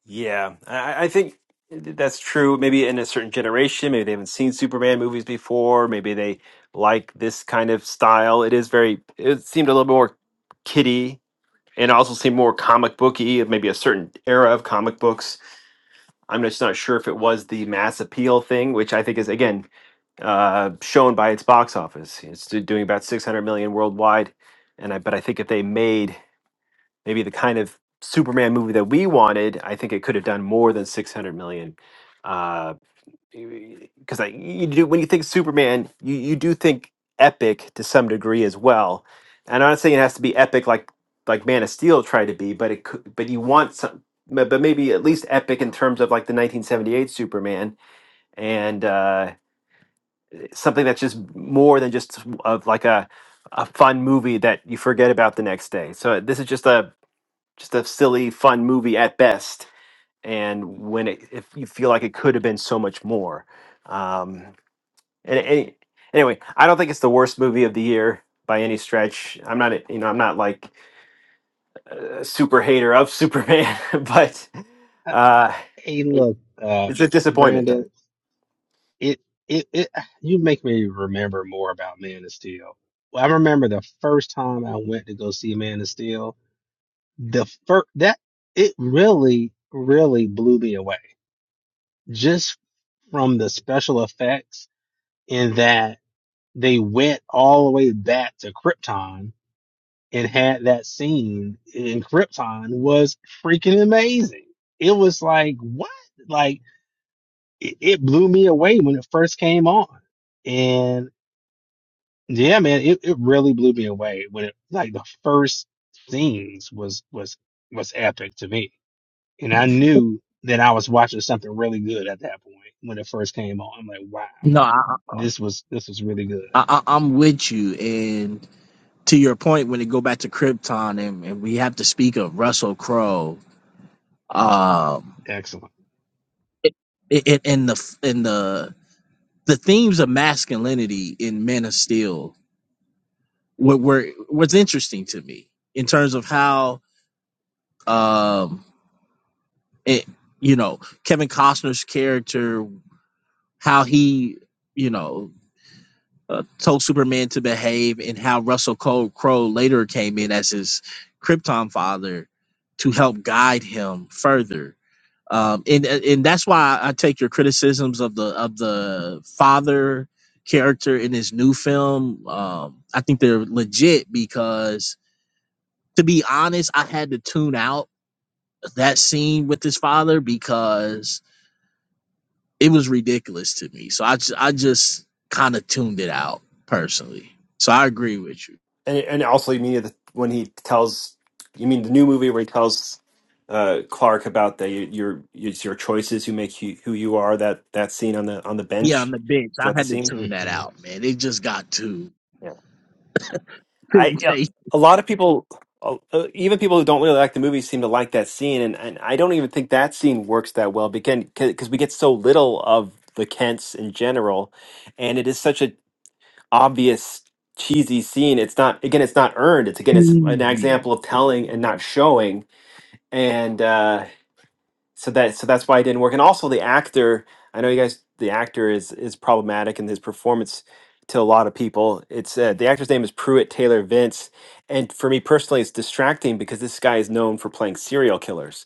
Yeah, I, I think that's true. Maybe in a certain generation, maybe they haven't seen Superman movies before. Maybe they like this kind of style. It is very. It seemed a little more kiddie, and also seemed more comic booky of maybe a certain era of comic books. I'm just not sure if it was the mass appeal thing, which I think is again uh, shown by its box office. It's do- doing about 600 million worldwide, and I but I think if they made maybe the kind of Superman movie that we wanted, I think it could have done more than 600 million. Uh, because like you do when you think Superman, you you do think epic to some degree as well. And I'm not saying it has to be epic like like Man of Steel tried to be, but it could, but you want some, but but maybe at least epic in terms of like the 1978 Superman and uh, something that's just more than just of like a a fun movie that you forget about the next day. So this is just a just a silly fun movie at best. And when it, if you feel like it could have been so much more. Um, and, and anyway, I don't think it's the worst movie of the year by any stretch. I'm not, you know, I'm not like a super hater of Superman, but
Uh,
uh,
Hey,
it-
look, uh,
it's a disappointment though.
Brandon, it, it, it, you make me remember more about Man of Steel. Well, I remember the first time I went to go see Man of Steel. The first that it really, really blew me away just from the special effects in that they went all the way back to Krypton and had that scene in Krypton was freaking amazing. It was like, what? Like, it, it blew me away when it first came on. And yeah, man, it, it really blew me away when it, like, the first scenes was, was, was epic to me. And I knew that I was watching something really good at that point when it first came on. I'm like, wow,
No, I,
this was, this was really good.
I, I- I'm with you. And to your point, when it go back to Krypton and, and we have to speak of Russell Crowe, um,
Excellent.
it, it, and the and the the themes of masculinity in Men of Steel were, were was interesting to me in terms of how um, it, you know Kevin Costner's character how he, you know, uh, told Superman to behave, and how Russell Cole Crowe later came in as his Krypton father to help guide him further. Um, and and that's why I take your criticisms of the of the father character in this new film. Um, I think they're legit because, to be honest, I had to tune out that scene with his father because It was ridiculous to me. So I just, I just kind of tuned it out personally. So I agree with you.
And and also, you mean the, when he tells, you mean the new movie where he tells uh, Clark about the your it's your choices who make you who you are. That that scene on the on the
Yeah, on
bench
the bench,
is
I
that the
had to
scene?
tune that
hmm
out, man. It just got too
I
couldn't
yeah,
take
a lot of people, uh, uh, even people who don't really like the movie, seem to like that scene, and, and I don't even think that scene works that well because because we get so little of the Kents in general, and it is such a obvious cheesy scene. It's not again, it's not earned. It's again,
it
it's an
easy.
example of telling and not showing, and. uh so that so that's why it didn't work. And also the actor, I know you guys, the actor is is problematic in his performance to a lot of people. It's uh, the actor's name is Pruitt Taylor Vince, and for me personally, it's distracting because this guy is known for playing serial killers.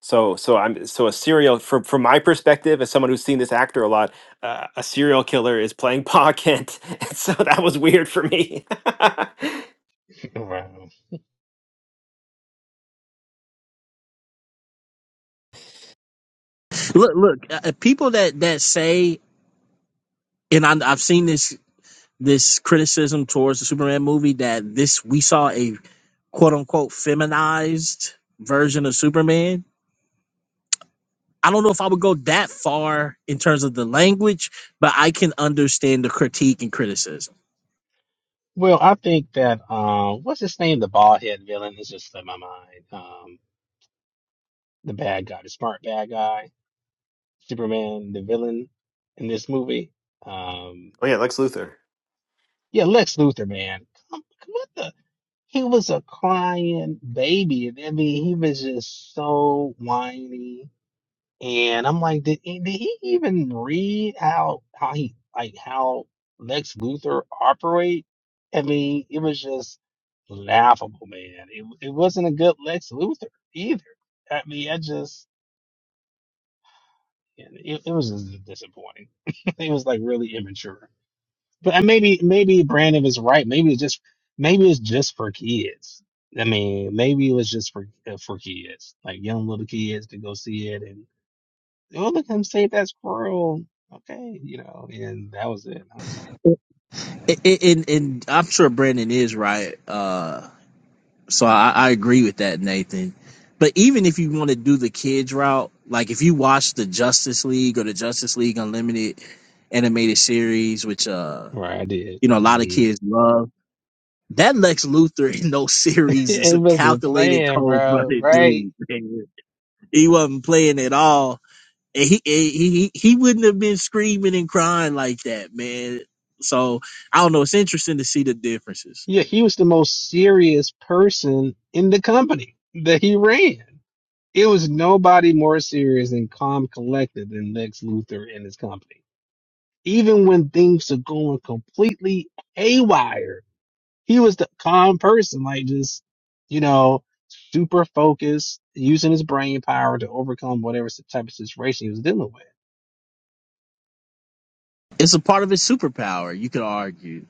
So so I'm so a serial from from my perspective as someone who's seen this actor a lot, uh, a serial killer is playing Pa Kent, and so that was weird for me.
Wow.
Look, look, uh, uh, people that that say, and I, I've seen this this criticism towards the Superman movie that this we saw a quote unquote feminized version of Superman. I don't know if I would go that far in terms of the language, but I can understand the critique and criticism.
Well, I think that um, what's his name? The bald head villain is just in my mind. Um, the bad guy, the smart bad guy, Superman, the villain in this movie. Um,
Oh yeah, Lex Luthor.
yeah, Lex Luthor, man. Come, come what the? He was a crying baby. I mean, he was just so whiny And I'm like, did, he- did he even read how how he like how Lex Luthor operate? I mean, it was just laughable, man. It it wasn't a good Lex Luthor either. I mean, I just yeah, it, it was just disappointing. it was like really immature. But uh, maybe maybe Brandon is right. Maybe it's just maybe it's just for kids. I mean, maybe it was just for uh, for kids, like young little kids to go see it and. oh look at him save that squirrel. Okay, you know, and that was it. I don't know.
and, and I'm sure Brandon is right. Uh, so I, I agree with that, Nathan. But even if you want to do the kids route, like if you watch the Justice League or the Justice League Unlimited animated series, which uh,
Right, I did.
you know a lot of
Mhm.
kids love, that Lex Luthor in those series is
it
a
wasn't
calculated,
playing, bro.
cold-blooded
Right?
dude. man. He wasn't playing at all, and he, he he he wouldn't have been screaming and crying like that, man. So I don't know. It's interesting to see the differences.
Yeah, he was the most serious person in the company that he ran. It was nobody more serious and calm, collected than Lex Luthor and his company. Even when things are going completely haywire, He was the calm person, like just, you know, super focused, using his brain power to overcome whatever s- type of situation he was dealing with.
It's a part of his superpower, you could argue.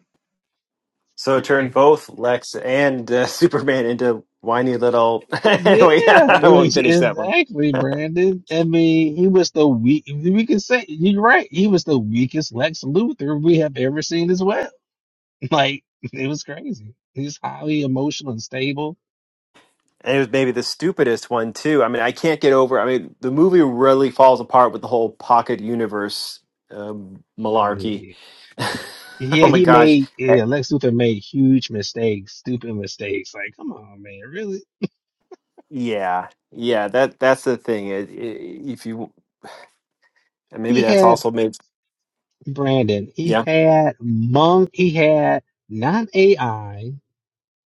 So it turned
Right.
both Lex and uh, Superman into whiny little. anyway,
Yeah,
I won't
ex-
finish that one.
exactly, Brandon. I mean, he was the weak. We can say you're right. He was the weakest Lex Luthor we have ever seen as well. Like it was crazy. He's highly emotional and stable.
And it was maybe the stupidest one too. I mean, I can't get over. I mean, the movie really falls apart with the whole pocket universe um,
Oh
malarkey.
yeah, yeah.
oh my
He
gosh!
made
Eh,
yeah. Lex Luthor made huge mistakes, stupid mistakes. Like, come on, man. Really?
Yeah, yeah. That that's the thing. It, it, if you and maybe
He
that's
had
also made.
Brandon, he
Yeah.
had monk, he had not AI,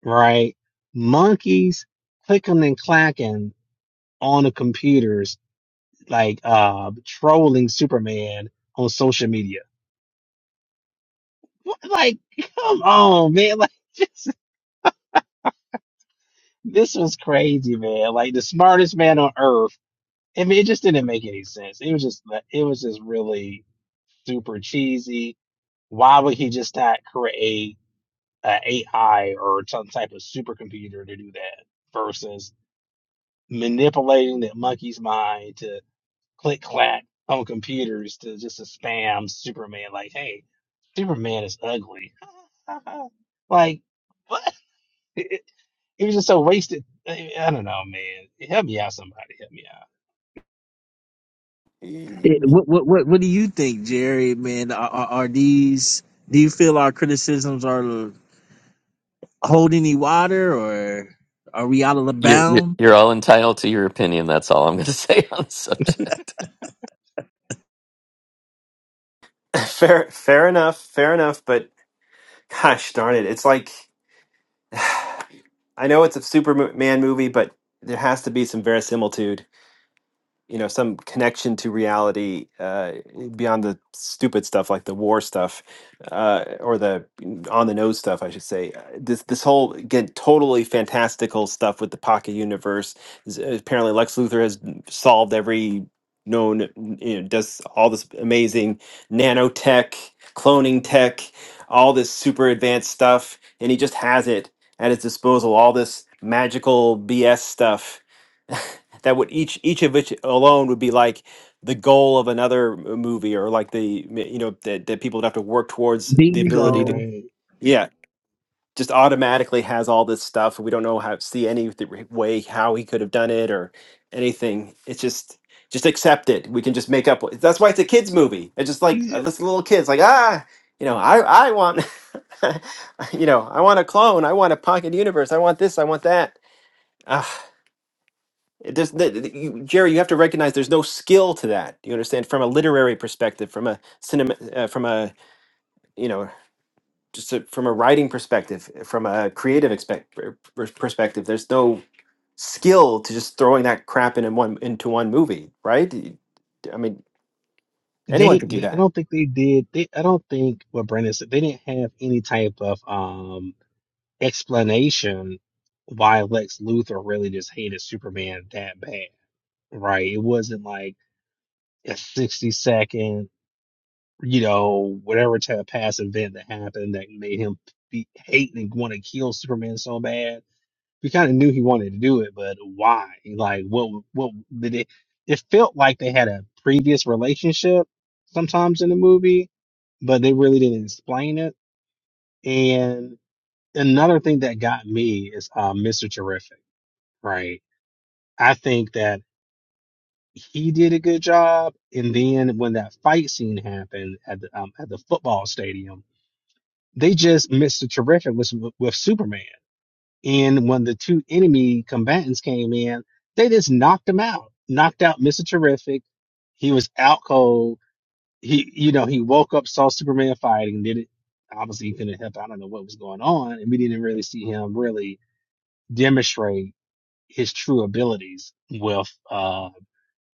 right? Monkeys clicking and clacking on the computers, like uh trolling Superman on social media. What, like, come on, man! Like, just, this was crazy, man. Like the smartest man on earth. I mean, it just didn't make any sense. It was just, it was just really super cheesy. Why would he just not create? a AI or some type of supercomputer to do that versus manipulating that monkey's mind to click clack on computers to just to spam Superman like, hey, Superman is ugly. like what? It was just so wasted. I I don't know, man. Help me out, somebody. Help me out.
Eh, What what what, what do you think, Jerry? Man, are, are are these? Do you feel our criticisms are hold any water, or are we out of the
you're you're
bound?
you're all entitled to your opinion that's all i'm going to say on the subject
Fair, fair enough. Fair enough. But gosh darn it, it's like. I know it's a Superman movie, but there has to be some verisimilitude you know some connection to reality uh, beyond the stupid stuff like the war stuff uh, or the on the nose stuff I should say Uh, this this whole again totally fantastical stuff with the pocket universe is- uh, apparently Lex Luthor has solved every known you know does all this amazing nanotech cloning tech all this super advanced stuff and he just has it at his disposal all this magical BS stuff that would each each of which alone would be like the goal of another m- movie or like the m- you know that, that people would have to work towards the ability to
Bingo.
Right.
yeah just automatically has all this stuff we don't know how see any th- re- way how he could have done it or anything it's just just accept it we can just make up wh- that's why it's a kids movie it's just like uh,
Yeah.
this little kids like ah you know i i want you know i want a clone i want a pocket universe i want this i want that Ah, it does, th- th- you, Jerry, you have to recognize there's no skill to that. Do You understand from a literary perspective, from a cinema, uh, from a you know, just a, from a writing perspective, eh, from a creative expect, per- per- perspective. There's no skill to just throwing that crap in, in one into one movie, right? Y- I mean,
They
anyone could
didn't.
do
they- I
that.
don't think they did. They, I don't think what Brandon said. They didn't have any type of um explanation why Lex Luthor really just hated Superman that bad. right? It wasn't like a 60 second, you know, whatever type of past event that happened that made him be hate and want to kill Superman so bad. We kind of knew he wanted to do it, but why? Like, what? What did it? It felt like they had a previous relationship sometimes in the movie, but they really didn't explain it. And another thing that got me is uh, Mr. Terrific, right? I think that he did a good job. And then when that fight scene happened at the um, at the football stadium, they just missed a terrific with with Superman. And when the two enemy combatants came in, they just knocked him out. Knocked out Mr. Terrific. He was out cold. He you know, he woke up, saw Superman fighting, did it obviously he couldn't help. I don't know what was going on. And we didn't really see him really demonstrate his true abilities with uh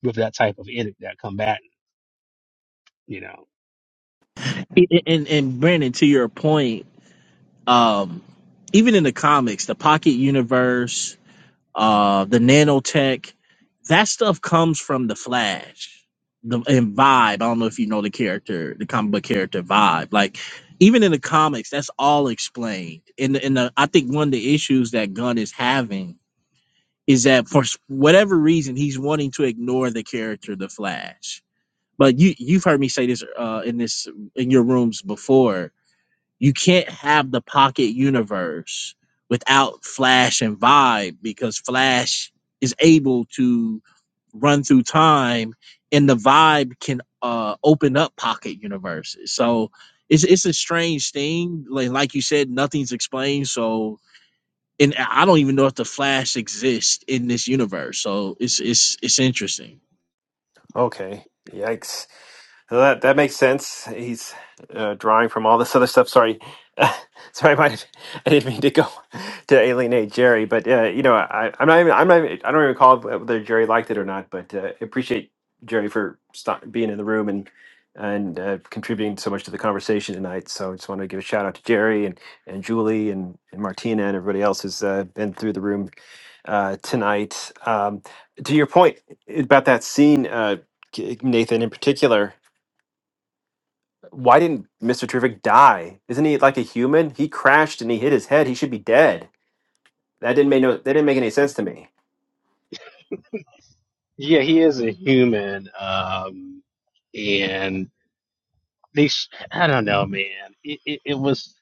with that type of enemy, that combatant, you know.
I- I- And and Brandon, to your point, um, even in the comics, the Pocket Universe. uh, the nanotech. That stuff comes from the Flash. The and Vibe. I don't know if you know the character, the comic book character Vibe. Like even in the comics, that's all explained. In the in the, I think one of the issues that Gunn is having is that for s- whatever reason he's wanting to ignore the character the Flash. But you you've heard me say this uh, in this in your rooms before you can't have the pocket universe without Flash and Vibe because Flash is able to run through time and the Vibe can uh, open up pocket universes. So it's it's a strange thing. Like like you said, nothing's explained. So and I don't even know if the Flash exists in this universe. So it's it's it's interesting.
Okay, yikes. Well, that that makes sense. He's uh, drawing from all this other stuff. Sorry, sorry, I, might have, I didn't mean to go to alienate Jerry, but uh, you know, I, I'm not even I'm not even, I don't even recall whether Jerry liked it or not, but uh, I appreciate Jerry for stop, being in the room and and uh, contributing so much to the conversation tonight. So I just want to give a shout out to Jerry and and Julie and, and Martina and everybody else who's uh, been through the room uh, tonight. Um, to your point about that scene, uh, Nathan in particular. Why didn't Mr. Terrific die? Isn't he like a human? He crashed and he hit his head. He should be dead. That didn't make no. That didn't make any sense to me.
Yeah, he is a human. Um, and they, sh- I don't know, man. It, it, it was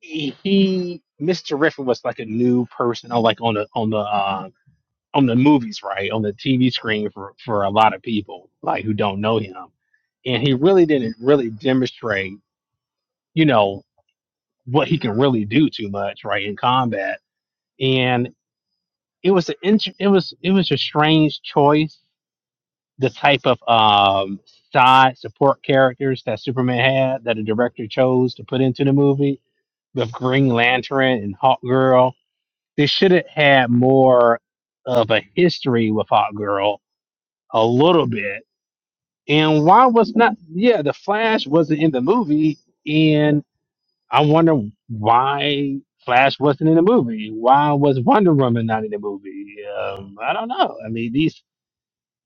he, Mr. Riffin was like a new person, on like on the on the uh, on the movies, right, on the TV screen for for a lot of people, like who don't know him, and he really didn't really demonstrate, you know, what he can really do too much, right, in combat. And it was an int- it was it was a strange choice the type of um, side support characters that Superman had that the director chose to put into the movie with Green Lantern and Hawk Girl. They should have had more of a history with Hawk Girl a little bit. And why was not, yeah, the Flash wasn't in the movie. And I wonder why Flash wasn't in the movie. Why was Wonder Woman not in the movie? Um, I don't know. I mean, these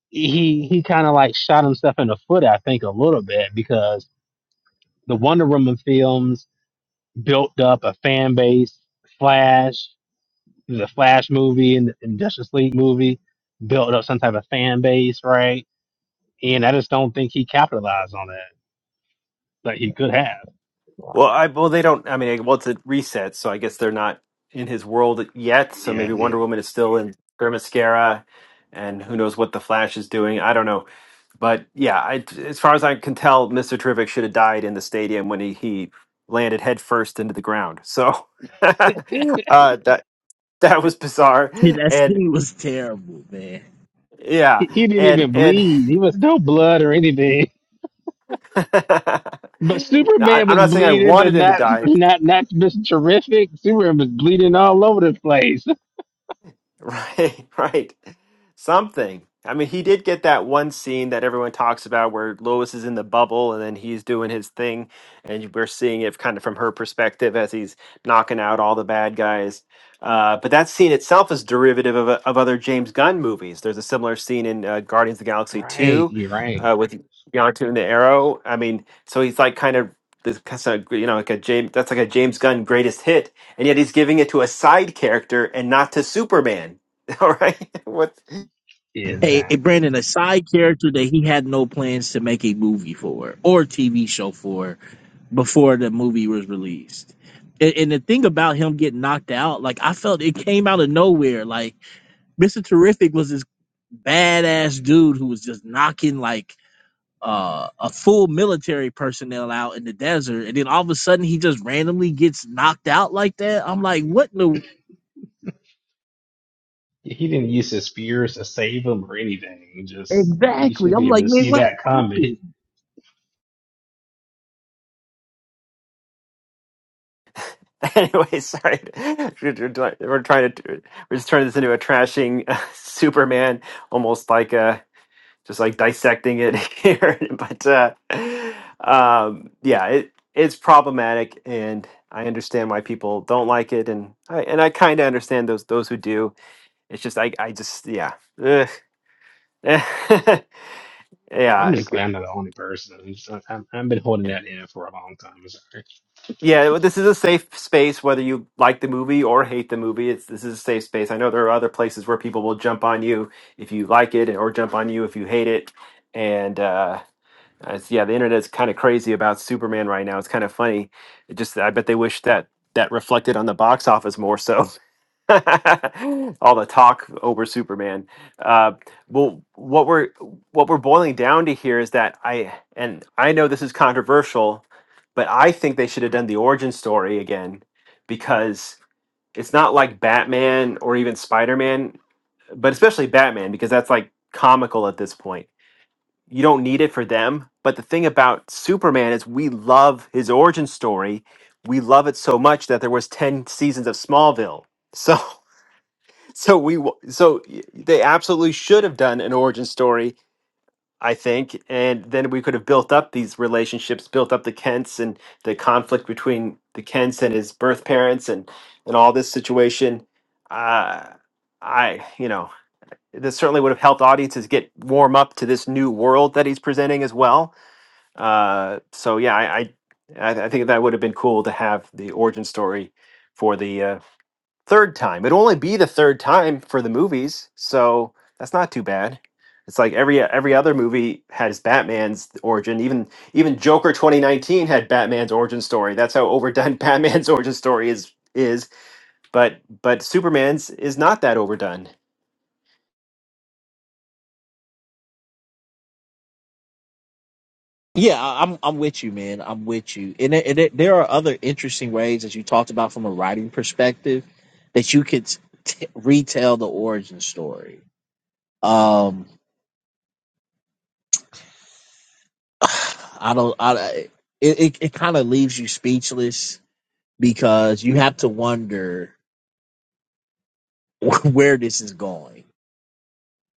he he kind of like shot himself in the foot, I think, a little bit because the Wonder Woman films built up a fan base. Flash, the Flash movie and, and Justice League movie built up some type of fan base, right? And I just don't think he capitalized on that like he could have.
Well, I well they don't. I mean, well it's a reset, so I guess they're not in his world yet. So
Yeah,
maybe
yeah.
Wonder Woman is still in their and who knows what the Flash is doing? I don't know. But yeah, I, as far as I can tell, Mr. Terrific should have died in the stadium when he, he landed headfirst into the ground. So uh, that that was bizarre,
Yeah, that
and
scene was terrible, man.
He,
yeah,
he didn't
and
even
and
bleed. He was no blood or anything.
now,
But
I,
Superman
I'm
was
not saying I
bleeding, but
wanted him to
not
die.
not not just terrific. Superman was bleeding all over the place.
Right, right. Something. I mean, he did get that one scene that everyone talks about where Lois is in the bubble and then he's doing his thing, and we're seeing it kind of from her perspective as he's knocking out all the bad guys. Uh, but that scene itself is derivative of, of other James Gunn movies. There's a similar scene in uh, Guardians of the Galaxy
Right,
2
you're right.
uh, with Yondu and the Arrow. I mean, so he's like kind of this kind of, you know, like a James, that's like a James Gunn greatest hit and yet he's giving it to a side character and not to Superman. All right. What?
Hey, hey,
Exactly.
Brandon, a side character that he had no plans to make a movie for or TV show for before the movie was released. And, and the thing about him getting knocked out, like I felt it came out of nowhere. Like Mr. Terrific was this badass dude who was just knocking like uh, a full military personnel out in the desert, and then all of a sudden he just randomly gets knocked out like that. I'm like, what in the
He didn't use his spears to save him or anything. Just you
exactly?
should be
I'm
able
like,
to
man,
see
what
that
happened?
coming.
Anyway, sorry. We're trying to. We're just turning this into a trashing uh, Superman, almost like a just like dissecting it here. But uh, um, yeah, it it's problematic, and I understand why people don't like it, and I and I kind of understand those those who do. It's just I I just yeah. Ugh.
I'm
yeah.
just glad
it-
I'm not the only person. I'm just, I'm, I've been holding that in for a long time. I'm sorry.
Yeah, well, this is a safe space whether you like the movie or hate the movie. It's this is a safe space. I know there are other places where people will jump on you if you like it or jump on you if you hate it. And uh uh, it's, yeah, the internet's kind of crazy about Superman right now. It's kind of funny. It just I bet they wish that that reflected on the box office more so. All the talk over Superman. Uh, well, what we're what we're boiling down to here is that I and I know this is controversial, but I think they should have done the origin story again because it's not like Batman or even Spider Man, but especially Batman because that's like comical at this point you don't need it for them. But the thing about Superman is we love his origin story. We love it so much that there was 10 seasons of Smallville. So so we wa- so y- they absolutely should have done an origin story, I think, and then we could have built up these relationships, built up the Kents and the conflict between the Kents and his birth parents and and all this situation. Uh I, you know, this certainly would have helped audiences get warm up to this new world that he's presenting as well uh, so yeah, I, I I I think that would have been cool to have the origin story for the uh, third time. It'd only be the third time for the movies, so that's not too bad. It's like every every other movie has Batman's origin. Even even Joker 2019 had Batman's origin story. That's how overdone Batman's origin story is is. But but Superman's is not that overdone.
Yeah, I- I'm I'm with you, man. I'm with you. And it, and it, there are other interesting ways that you talked about from a writing perspective that you could t- retell the origin story. Um, I don't. I I- it it, it kind of leaves you speechless because you have to wonder where this is going.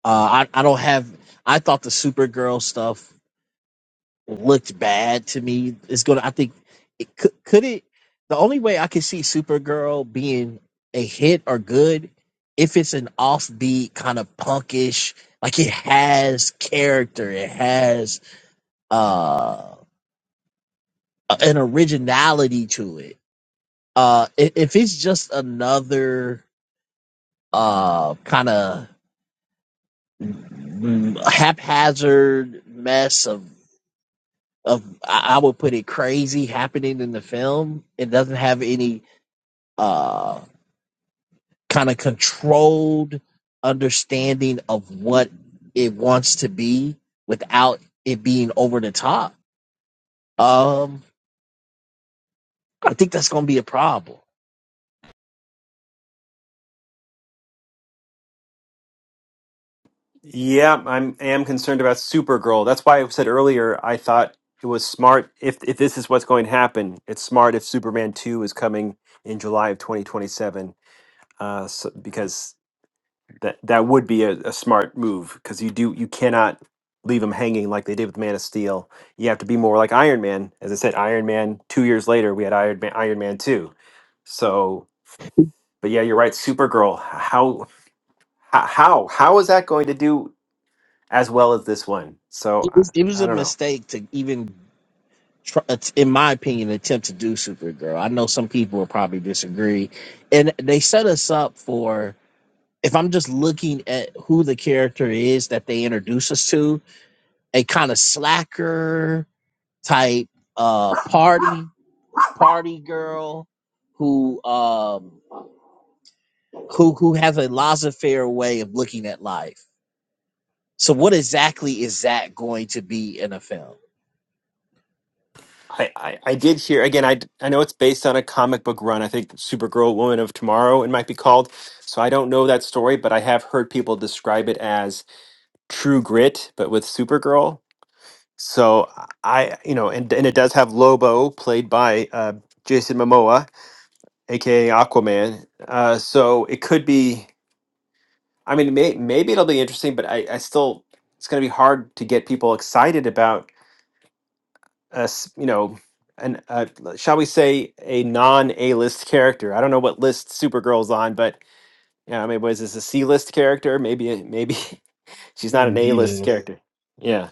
Uh, I I don't have. I thought the Supergirl stuff looked bad to me. It's gonna. I think it could. Could it? The only way I could see Supergirl being a hit or good if it's an offbeat kind of punkish. Like it has character. It has uh an originality to it. Uh, i- if it's just another uh kind of haphazard mess of. of I would put it crazy happening in the film. It doesn't have any uh kind of controlled understanding of what it wants to be without it being over the top. Um I think that's going to be a problem.
Yeah, I'm I am concerned about Supergirl. That's why I said earlier I thought it was smart if if this is what's going to happen. It's smart if Superman 2 is coming in July of 2027 uh so, because that that would be a, a smart move because you do you cannot leave him hanging like they did with Man of Steel. You have to be more like Iron Man. As I said, Iron Man. Two years later, we had Iron Man, Iron Man two. So, but yeah, you're right. Supergirl. How how how how is that going to do as well as this one? So
It
I,
was, it was
I
a
don't know.
mistake to even try, in my opinion attempt to do Supergirl. I know some people will probably disagree and they set us up for if I'm just looking at who the character is that they introduce us to, a kind of slacker type uh party party girl who um who who has a laissez-faire way of looking at life. So what exactly is that going to be in a film?
I, I, I did hear again. I, d- I know it's based on a comic book run. I think Supergirl, Woman of Tomorrow, it might be called. So I don't know that story, but I have heard people describe it as True Grit, but with Supergirl. So I, you know, and and it does have Lobo played by uh, Jason Momoa, aka Aquaman. Uh, so it could be. I mean, may, maybe it'll be interesting, but I, I still it's going to be hard to get people excited about us. You know, an uh, shall we say a non A list character? I don't know what list Supergirl's on, but yeah, I mean, was this a C list character? Maybe maybe she's not
The
an A
D
list
list.
character. Yeah.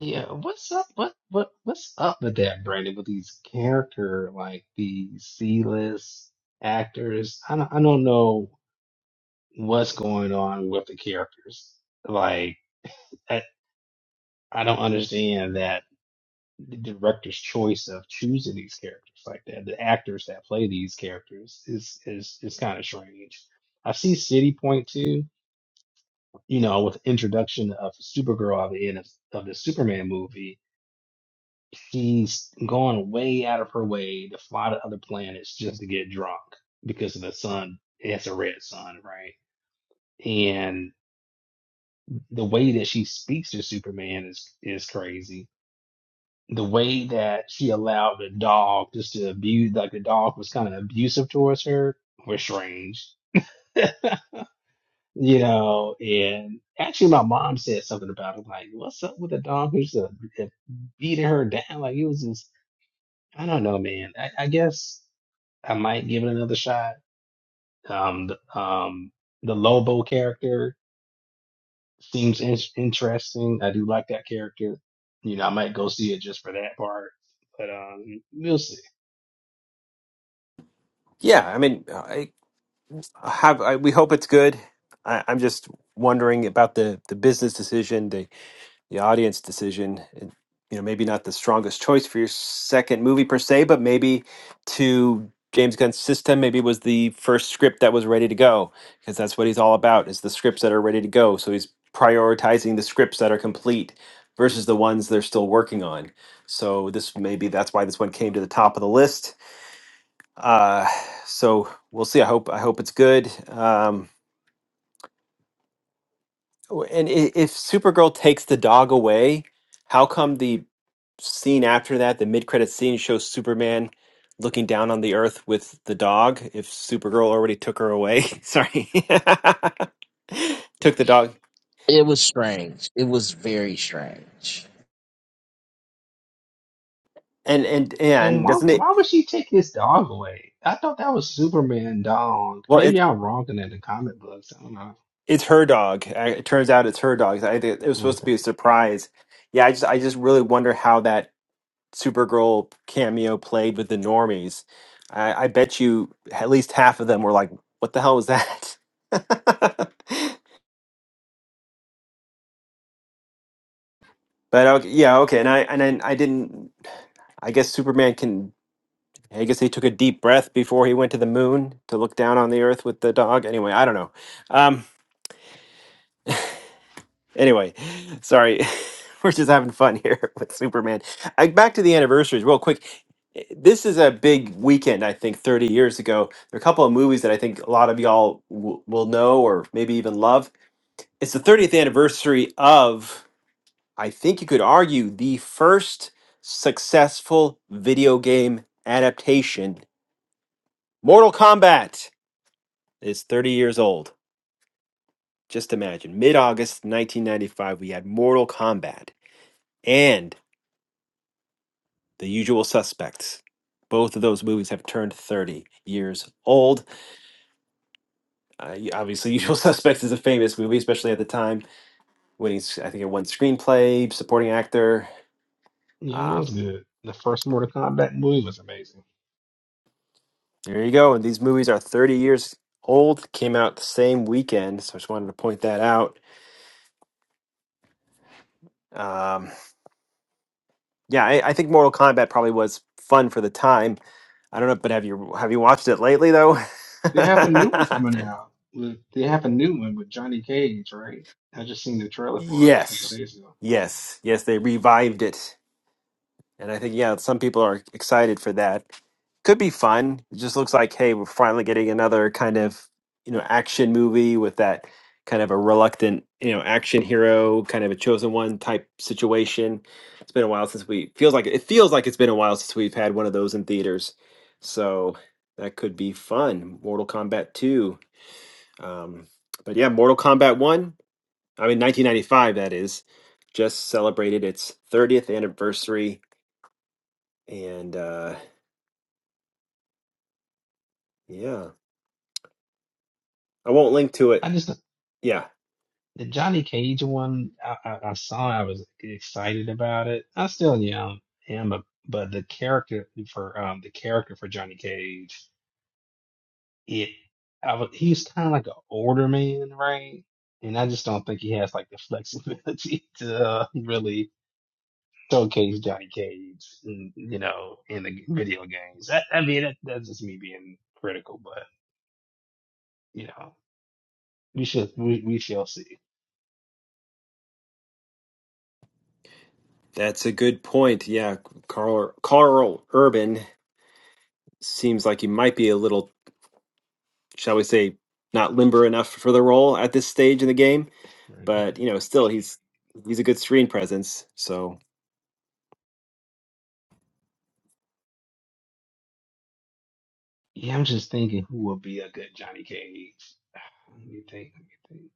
Yeah, what's up? What what what's up with that, Brandon? With these character like these C list actors, I don't I don't know what's going on with the characters. Like I, I don't understand that the director's choice of choosing these characters like that. The actors that play these characters is is is kind of strange. I see City Point too. You know, with introduction of Supergirl at the end of, of the Superman movie, she's gone way out of her way to fly to other planets just to get drunk because of the sun. It's a red sun, right? And the way that she speaks to Superman is is crazy the way that she allowed the dog just to abuse, like the dog was kind of abusive towards her, was strange. You know, and actually, my mom said something about it, like, "What's up with the dog who's uh, beating her down?" Like it was just, I don't know, man. I, I guess I might give it another shot. Um, the, um, the Lobo character seems in- interesting. I do like that character. You know, I might go see it just for that part, but um, we'll see.
Yeah, I mean, have I, we hope it's good. I, I'm just wondering about the the business decision, the the audience decision. and, you know, maybe not the strongest choice for your second movie per se, but maybe to James Gunn's system, maybe it was the first script that was ready to go because that's what he's all about is the scripts that are ready to go. So he's prioritizing the scripts that are complete versus the ones they're still working on. So this maybe that's why this one came to the top of the list. Uh, so we'll see. I hope I hope it's good. Um, Oh, And i- if Supergirl takes the dog away, how come the scene after that, the mid-credit scene, shows Superman looking down on the Earth with the dog? If Supergirl already took her away, sorry, took the dog,
It was strange. It was very strange.
and and
And
and
why
doesn't it?
why would she take his dog away? I thought that was Superman dog.
Well, it's
Maybe I'm wrong in the comic books. I don't know.
it's her dog. Uh, It turns out it's her dog. I, think it was supposed to
Okay.
be a surprise. Yeah, I just I just really wonder how that Supergirl cameo played with the normies, I, I bet you at least half of them were like, "What the hell was that?" but okay, yeah, okay, and I and then I didn't. I guess Superman can. I guess he took a deep breath before he went to the moon to look down on the Earth with the dog. Anyway, I don't know. Um, Anyway, sorry. We're just having fun here with Superman. I, back to the anniversaries, real quick. This is a big weekend, I think, 30 years ago. There are a couple of movies that I think a lot of y'all w- will know or maybe even love. It's the 30th anniversary of, I think you could argue, the first successful video game adaptation. Mortal Kombat is 30 years old. Just imagine. Mid August 1995, we had Mortal Kombat. and The Usual Suspects. Both of those movies have turned 30 years old. Uh, obviously, Usual Suspects is a famous movie, especially at the time when he's, I think, it won screenplay, supporting actor.
Yeah, it was
Um,
good. The first Mortal Kombat movie was amazing.
there you go. And these movies are 30 years old, came out the same weekend. So I just wanted to point that out. Um, yeah, I, I think Mortal Kombat probably was fun for the time. I don't know, but have you have you watched it lately though?
They have a new one coming out. With, they have a new one with Johnny Cage, right? I just seen the trailer for it a couple of
yes,
days ago.
yes, yes. They revived it And I think, yeah, some people are excited for that. Could be fun. It just looks like, hey, we're finally getting another kind of, you know, action movie with that kind of a reluctant, you know, action hero, kind of a chosen one type situation. It's been a while since we feels like it feels like it's been a while since we've had one of those in theaters. So that could be fun. Mortal Kombat 2. Um, but yeah, Mortal Kombat 1, I mean 1995 that is, just celebrated its 30th anniversary and uh yeah. I won't link to
I
it.
just
Yeah.
the Johnny Cage one. I, I, I saw. I was excited about it. I still young am, but but the character for um the character for Johnny Cage. it I was, he was kind of like an older man, right? And I just don't think he has like the flexibility to uh, really showcase Johnny Cage, in, you know, in the video games. I, I mean, that, that's just me being critical, but you know, we should we, we shall see.
That's a good point. Yeah, Carl Carl Urban seems like he might be a little, shall we say, not limber enough for the role at this stage in the game.
Right?
But you know, still he's he's a good screen presence. So
Yeah, I'm just thinking who would be a good Johnny Cage. Let me think. Let me think.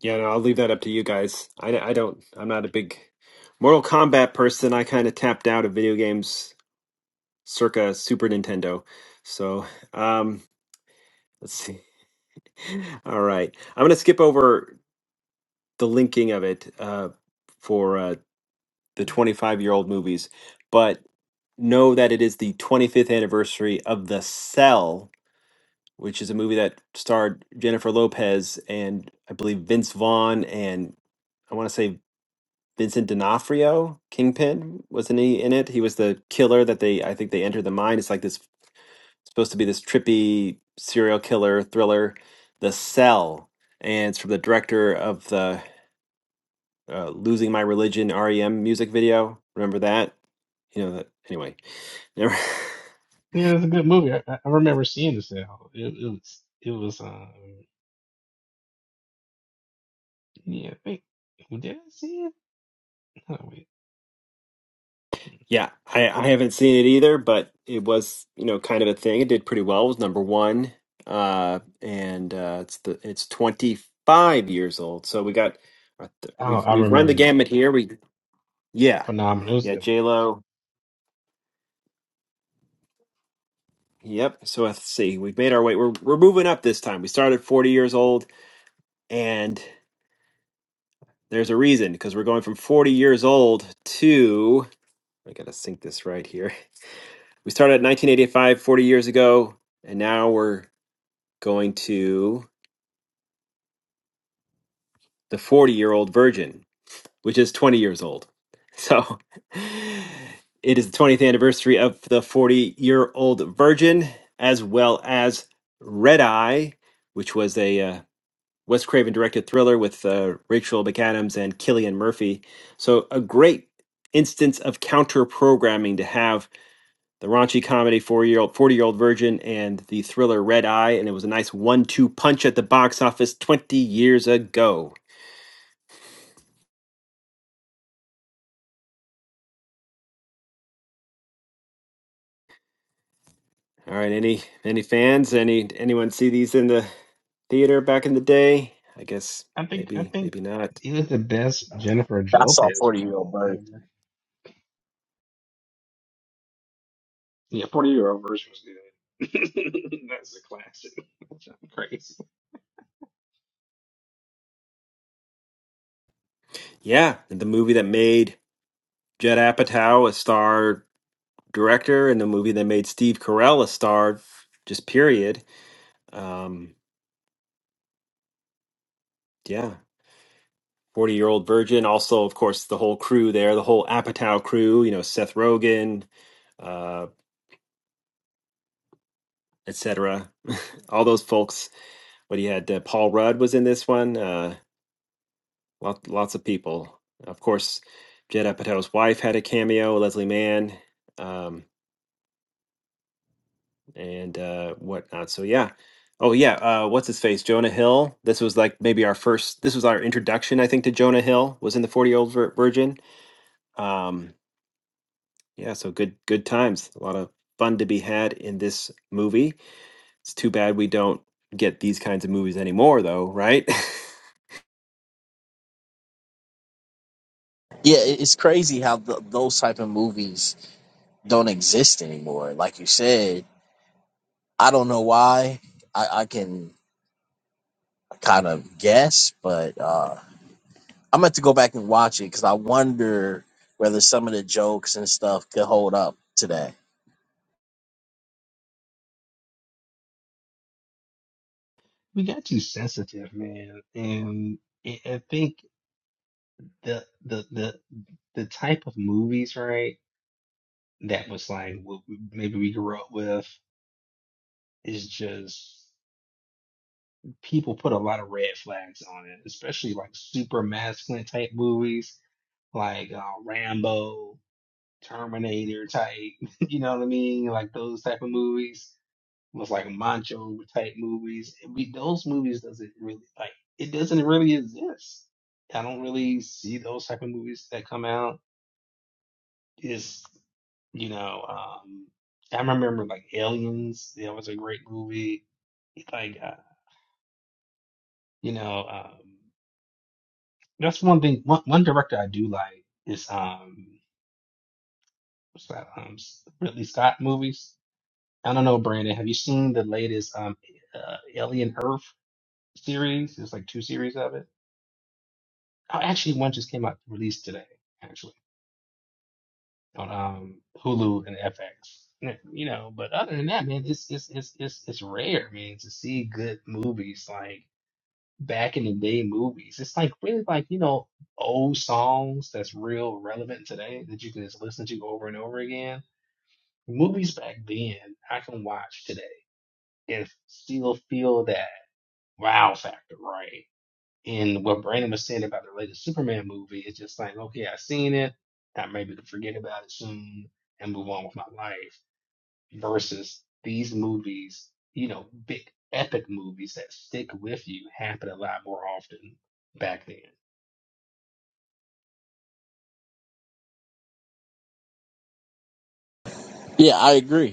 yeah, no, I'll leave that up to you guys. I, I don't. I'm not a big Mortal Kombat person. I kind of tapped out of video games circa Super Nintendo. So um, let's see. All right. I'm going to skip over the linking of it uh, for uh, the 25 year old movies, but know that it is the 25th anniversary of The Cell, which is a movie that starred Jennifer Lopez and I believe Vince Vaughn and I want to say Vincent D'Onofrio, Kingpin, wasn't he in it? He was the killer that they, I think they entered the mind. It's like this, supposed to be this trippy serial killer thriller, The Cell. And it's from the director of the uh, "Losing My Religion" REM music video. Remember that? You know that. Anyway, never.
Yeah, it's a good movie. I, I I remember seeing this now. It, it was it was um yeah. I think, did I see it? Oh, wait.
Yeah, I, I haven't seen it either, but it was you know kind of a thing. It did pretty well. It was number one, uh, and uh, it's the it's twenty five years old. So we got our th-
Oh,
we've
I
we've run the
remember now.
gamut here. We yeah
Phenomenal. It was a
yeah
good movie.
J Lo. Yep. So let's see. We've made our way. We're we're moving up this time. We started forty years old, and there's a reason because we're going from forty years old to. I gotta sync this right here. We started at 1985, 40 years ago, and now we're going to the 40 year old virgin, which is 20 years old. So it is the 20th anniversary of the 40 year old virgin, as well as Red Eye, which was a uh, Wes Craven directed thriller with uh, Rachel McAdams and Killian Murphy. So a great instance of counter programming to have the raunchy comedy forty year old virgin and the thriller Red Eye, and it was a nice one two punch at the box office twenty years ago. All right, any any fans? Any anyone see these in the theater back in the day? I guess
I think I
maybe
think
maybe not.
it was the best Jennifer
I saw
Lopez
Forty Year Old
role
Bird.
ever. Yeah, Forty Year Old Version was good. That's a classic. i crazy.
Yeah, and the movie that made Judd Apatow a star director, and the movie that made Steve Carell a star, just period. Um, yeah, 40 year old virgin. Also, of course, the whole crew there, the whole Apatow crew, you know, Seth Rogen, uh, etc. All those folks. What he had, uh, Paul Rudd was in this one. Uh, lot, lots of people. Of course, Jed Apatow's wife had a cameo, Leslie Mann, um, and uh, whatnot. So, yeah. Oh, yeah. Uh, what's his face? Jonah Hill. This was like maybe our first, this was our introduction, I think, to Jonah Hill, was in the 40 year old virgin. Um, Yeah, so good good times. A lot of fun to be had in this movie. It's too bad we don't get these kinds of movies anymore though, right?
Yeah, it- it's crazy how th those type of movies don't exist anymore. Like you said, I don't know why. I, I can kind of guess, but uh I'm gonna have to go back and watch it because I wonder whether some of the jokes and stuff could hold up today.
We got too sensitive, man, and I I think the the the the type of movies, right? That was like what we- maybe we grew up with is just people put a lot of red flags on it, especially like super masculine type movies like uh, Rambo, Terminator type, you know what I mean? Like those type of movies, almost like macho type movies. We, those movies doesn't really like it doesn't really exist. I don't really see those type of movies that come out. Is you know, um, I remember like Aliens. That was a great movie. Like uh, you know, um, that's one thing. One one director I do like is um, what's that? Um, Ridley Scott movies I don't know, Brandon. Have you seen the latest um uh, Alien Earth series? There's like two series of it. Oh, actually, one just came out released today, actually, on um Hulu and FX. Yeah, You know, but other than that, man, it's it's it's it's it's rare, man, to see good movies like back in the day movies. It's like really like you know old songs that's real relevant today that you can just listen to over and over again. Movies back then, I can watch today and still feel that. wow factor, right? And what Brandon was saying about the latest Superman movie, it's just like, okay, i seen it. I maybe can forget about it soon and move on with my life. Versus these movies, you know, big epic movies that stick with you happen a lot more often back then.
Yeah, I agree.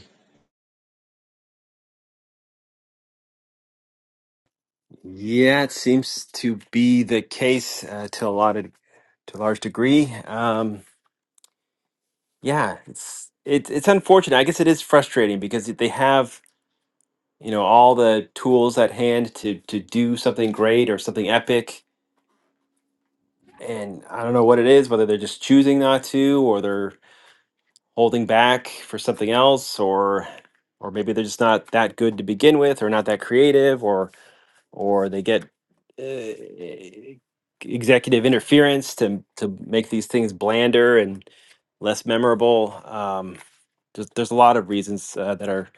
yeah, it seems to be the case uh, to a lot of to a large degree. Um, yeah, it's it, it's unfortunate. I guess it is frustrating because they have you know all the tools at hand to to do something great or something epic, and I don't know what it is. Whether they're just choosing not to, or they're holding back for something else or or maybe they're just not that good to begin with or not that creative or or they get uh, executive interference to to make these things blander and less memorable um there's, there's a lot of reasons uh, that are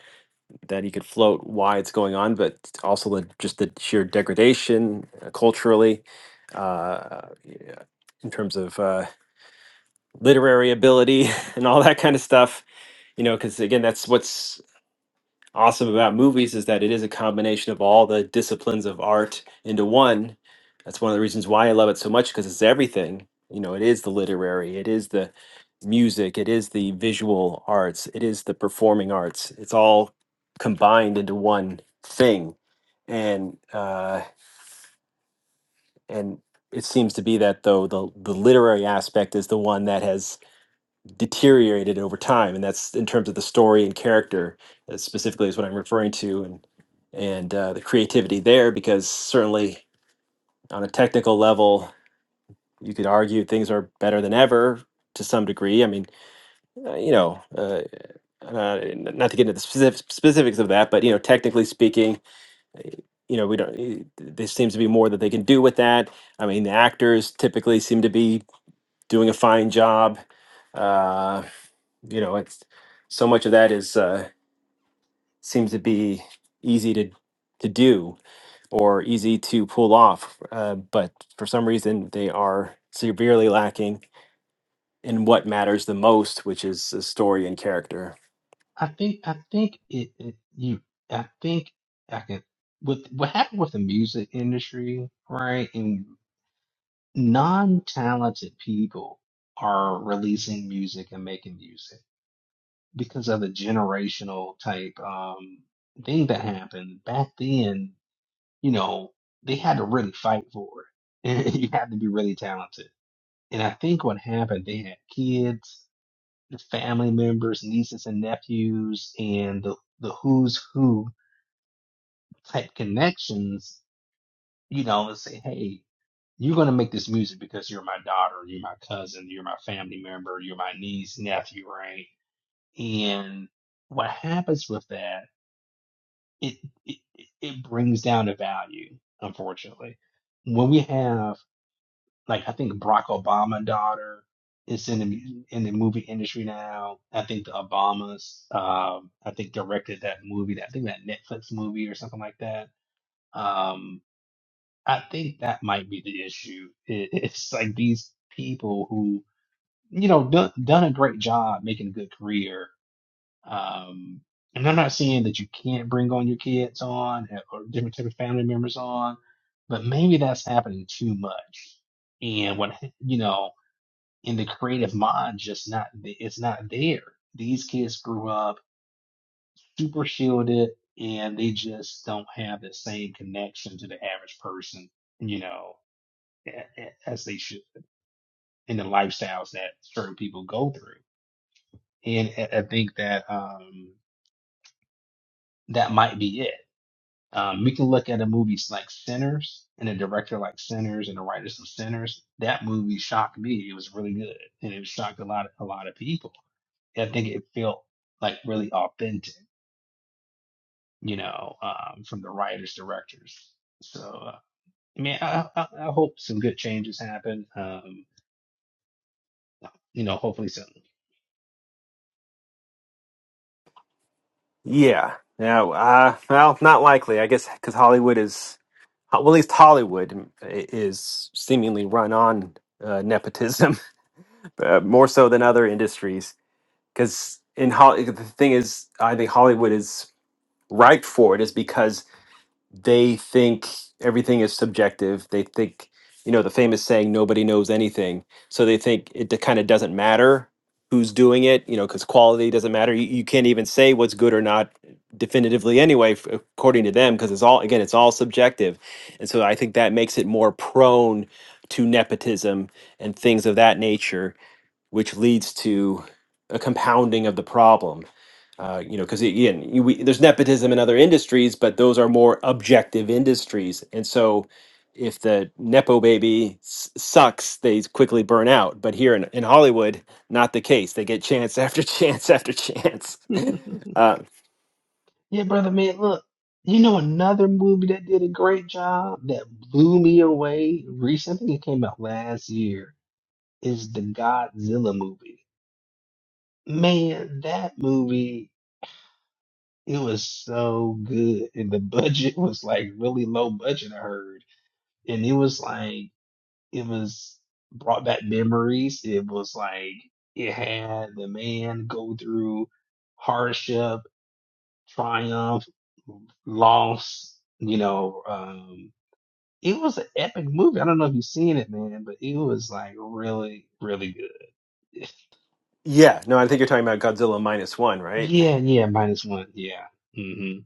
that you could float why it's going on but also the, just the sheer degradation uh, culturally uh yeah, in terms of uh literary ability and all that kind of stuff you know because again that's what's awesome about movies is that it is a combination of all the disciplines of art into one that's one of the reasons why i love it so much because it's everything you know it is the literary it is the music it is the visual arts it is the performing arts it's all combined into one thing and uh and it seems to be that though the the literary aspect is the one that has deteriorated over time and that's in terms of the story and character uh, specifically is what i'm referring to and and uh, the creativity there because certainly on a technical level you could argue things are better than ever to some degree i mean uh, you know uh, uh, not to get into the specific, specifics of that but you know technically speaking uh, you know we don't eh, there seems to be more that they can do with that i mean the actors typically seem to be doing a fine job Uh, you know it's so much of that is uh seems to be easy to to do or easy to pull off uh, but for some reason they are severely lacking in what matters the most which is the story and character
I think I think it, it you I think I can with what happened with the music industry, right? And non-talented people are releasing music and making music because of the generational type um thing that happened back then you know they had to really fight for it and you had to be really talented and i think what happened they had kids family members nieces and nephews and the the who's who type connections you know and say hey you're going to make this music because you're my daughter, you're my cousin, you're my family member, you're my niece, nephew, right? And what happens with that, it, it, it brings down the value, unfortunately. When we have, like, I think Barack Obama's daughter is in the, in the movie industry now. I think the Obamas, um, I think directed that movie, that, I think that Netflix movie or something like that. Um. I think that might be the issue. It, it's like these people who, you know, done, done a great job making a good career. Um, and I'm not saying that you can't bring on your kids on eh, or different type of family members on, but maybe that's happening too much. And what, ha- you know, in the creative mind, just not, th- it's not there. These kids grew up super shielded and they just don't have the same connection to the average person, you know a- as they should in the lifestyles that certain people go through. And I I think that um, that might be it. Um, we can look at a movie like Sinners and a director like Sinners and the writers of Sinners. That movie shocked me. It was really good and it shocked a lot a lot of people. I think it felt like really authentic, you know, um, from the writers directors. So uh, I mean, I, I, I hope some good changes happen. Um, you know, hopefully soon.
yeah Now, uh, well not likely i guess because hollywood is well at least hollywood i- is seemingly run on uh, nepotism uh, more so than other industries. Because in Hol- the thing is, I think Hollywood is ripe for it, is because they think everything is subjective. They think, you know, the famous saying, "Nobody knows anything," so they think it kind of doesn't matter who's doing it, you know, because quality doesn't matter. You, you can't even say what's good or not definitively anyway, f- according to them, because it's all again, it's all subjective, and so I think that makes it more prone to nepotism and things of that nature which leads to a compounding of the problem. Uh, you know, because again, you, we, there's nepotism in other industries, but those are more objective industries, and so if the nepo baby s- sucks, they quickly burn out. But here in, in Hollywood, not the case. They get chance after chance after chance. uh,
Yeah, brother man, look, you know another movie that did a great job that blew me away recently, it came out last year, is the Godzilla movie. Man, that movie, it was so good. And the budget was like really low budget, I heard. And it was like it was brought back memories. It was like it had the man go through hardships triumph, loss. You know, um, it was an epic movie. I don't know if you've seen it, man, but it was like really, really good.
yeah, no, I think you're talking about Godzilla minus one, right?
Yeah, yeah, minus one. Yeah. Mm-hmm.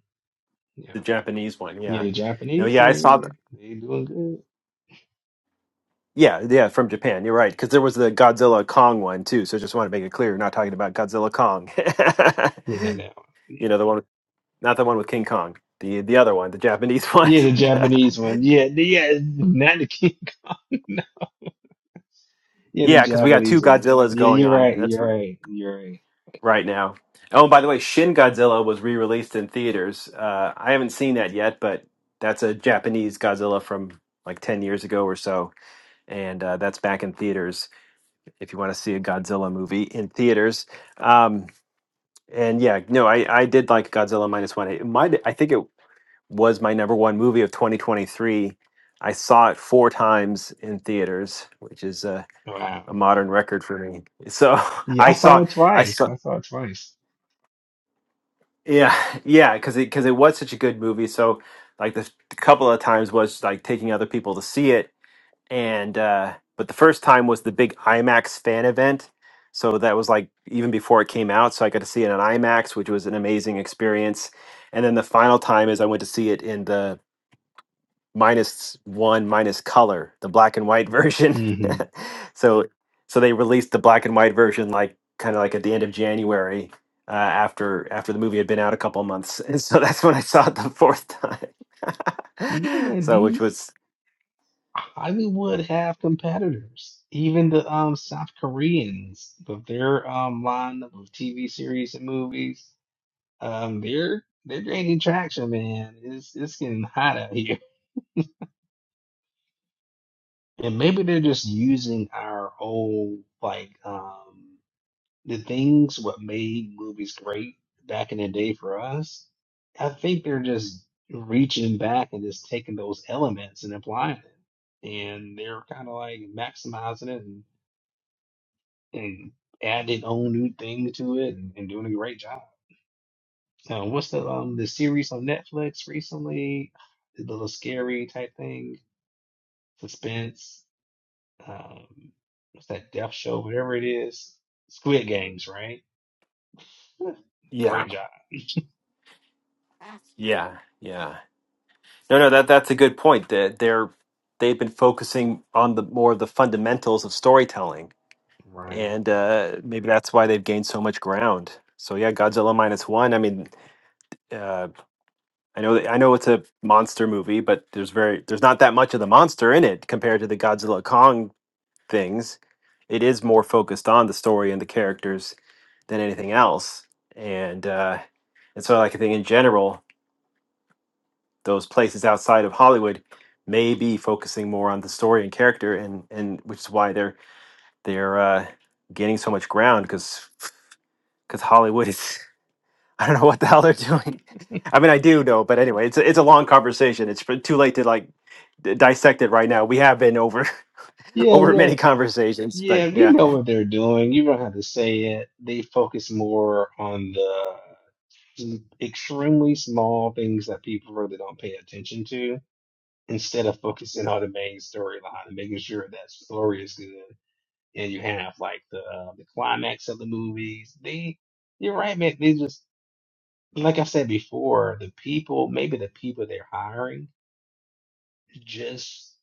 The
Yeah.
Japanese one.
Yeah,
Yeah.
the
No,
Japanese,
yeah, I saw.
yeah, they doing good.
Yeah, yeah, from Japan. You're right, because there was the Godzilla Kong one too. So just want to make it clear, we're not talking about Godzilla Kong.
Yeah, not that one.
you
Yeah.
know, the one, not the one with King Kong, the the other one, the Japanese one.
Yeah, the Japanese one. Yeah, the- yeah, not the King. Yeah, the
yeah, because we got two
Japanese one.
Godzillas
Yeah,
going
you're
on.
right.
That's
You're
r-
right. You're right.
right now. Oh, and by the way, Shin Godzilla was re-released in theaters. Uh, I haven't seen that yet, but that's a Japanese Godzilla from like ten years ago or so, and uh, that's back in theaters. If you want to see a Godzilla movie in theaters. Um, And yeah, no, I I did like Godzilla minus one. It might I think it was my number one movie of 2023. I saw it four times in theaters, which is a, a
Wow.
modern record for me. So
Yeah, I
I
saw
saw
it
I
twice.
saw
I saw it twice.
yeah yeah because it because it was such a good movie. So like the, the couple of times was like taking other people to see it and uh, but the first time was the big IMAX fan event. So that was like even before it came out. So I got to see it in IMAX, which was an amazing experience. And then the final time is I went to see it in the minus one minus color, the black and white version.
hmm
so so they released the black and white version like kind of like at the end of January uh, after after the movie had been out a couple of months. And so that's when I saw it the fourth
Yeah,
time.
man,
so which
these.
was
Hollywood have competitors. Even the um South Koreans with their um lineup of TV series and movies, um they're they're gaining traction, man. It's it's getting hot out here. And maybe they're just using our old like um the things what made movies great back in the day for us. I think they're just reaching back and just taking those elements and applying it. And they're kind of like maximizing it and added own new things to it and, and doing a great job. Now, what's the um the series on Netflix recently? The little scary type thing, suspense. Um, what's that death show? Whatever it is, Squid Games, right? Huh,
yeah
Great job,
yeah yeah No, no, that that's a good point. That they're they've been focusing on the more of the fundamentals of storytelling,
right?
and uh, maybe that's why they've gained so much ground. So yeah, Godzilla minus one. I mean, uh, I know that, I know it's a monster movie, but there's very there's not that much of the monster in it compared to the Godzilla Kong things. It is more focused on the story and the characters than anything else, and uh, and so like I think in general those places outside of Hollywood may be focusing more on the story and character, and and which is why they're they're uh, gaining so much ground because because Hollywood is I don't know what the hell they're doing. I mean, I do know, but anyway, it's a, it's a long conversation. It's pr- too late to like d- dissect it right now. We have been over
Yeah,
over
yeah,
many conversations, but
yeah. We
yeah,
know what they're doing. You don't have to say it. They focus more on the extremely small things that people really don't pay attention to instead of focusing on the main storyline and making sure that story is good and you have like the uh, the climax of the movies they you're right man they just like i said before the people maybe the people they're hiring just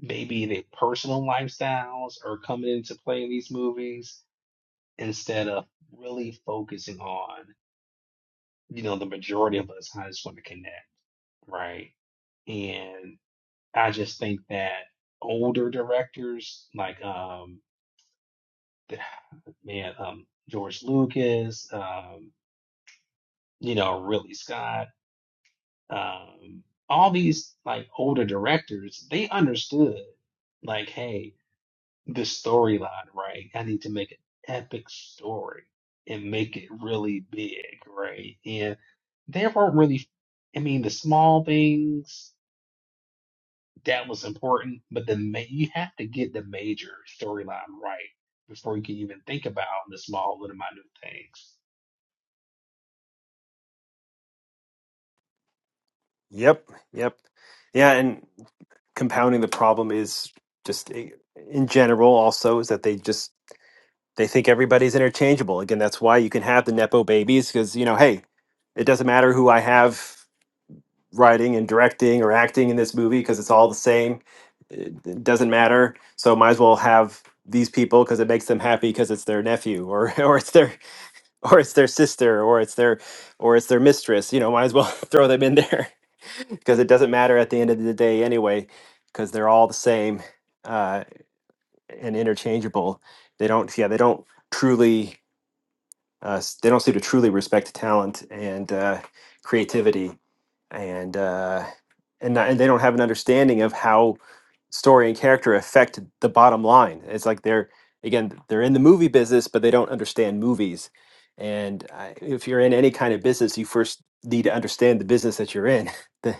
maybe their personal lifestyles are coming into play in these movies instead of really focusing on you know the majority of us how I just want to connect right and. I just think that older directors like um th- man um George Lucas, um you know Ridley Scott, um all these like older directors, they understood like hey, the storyline, right? I need to make an epic story and make it really big, right? And they weren't really I mean the small things that was important. But the ma- you have to get the major storyline right before you can even think about the small little minute things.
yep, yep, yeah, and compounding the problem is just eh, in general also is that they just They think everybody's interchangeable. Again, that's why you can have the Nepo babies because, you know, hey, it doesn't matter who I have writing and directing or acting in this movie because it's all the same. It it doesn't matter. So might as well have these people because it makes them happy because it's their nephew or or it's their or it's their sister or it's their or it's their mistress. You know, might as well throw them in there because it doesn't matter at the end of the day anyway because they're all the same uh, and interchangeable. They don't yeah they don't truly uh, s- they don't seem to truly respect talent and uh, creativity, and uh, and not- and they don't have an understanding of how story and character affect the bottom line. It's like they're again they're in the movie business, but they don't understand movies. And I, if you're in any kind of business, you first need to understand the business that you're in, the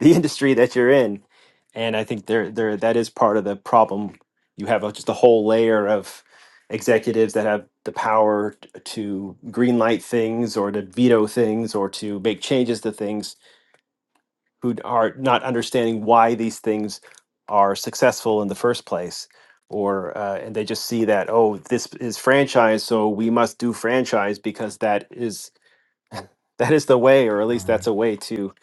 the industry that you're in. And I think there there that is part of the problem. You have a, just a whole layer of executives that have the power to green light things or to veto things or to make changes to things who are not understanding why these things are successful in the first place or uh, and they just see that oh this is franchise so we must do franchise because that is that is the way or at least that's
Right.
a way to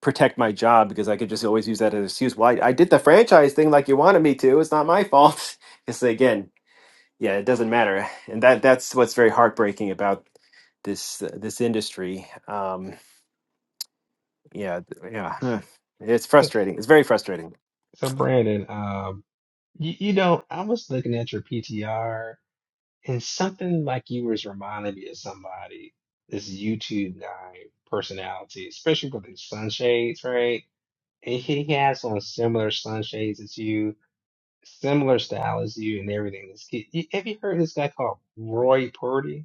protect my job because i could just always use that as an excuse well I, I did the franchise thing like you wanted me to it's not my fault it's again yeah, it doesn't matter, and that that's what's very heartbreaking about this uh, this industry. Um, yeah, th- yeah, huh. it's
So,
frustrating. It's very frustrating.
so Brandon, um, you, you know, I was looking at your PTR and something like you was reminding me of somebody, this YouTube guy personality, especially with his sunshades, right? And he has on similar sunshades as you, similar style as you, and everything. This kid, you- have you heard of this guy called Roy Purdy?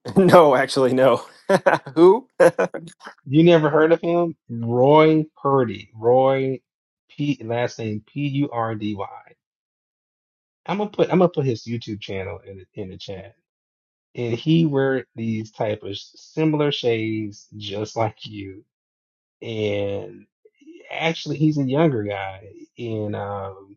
no, actually, no. Who? oh,
You never heard of him? Roy Purdy. Roy P last name P U R D Y. I'm gonna put I'm gonna put his YouTube channel in the, in the chat. And he wear these type of similar shades just like you. And actually he's a younger guy. And um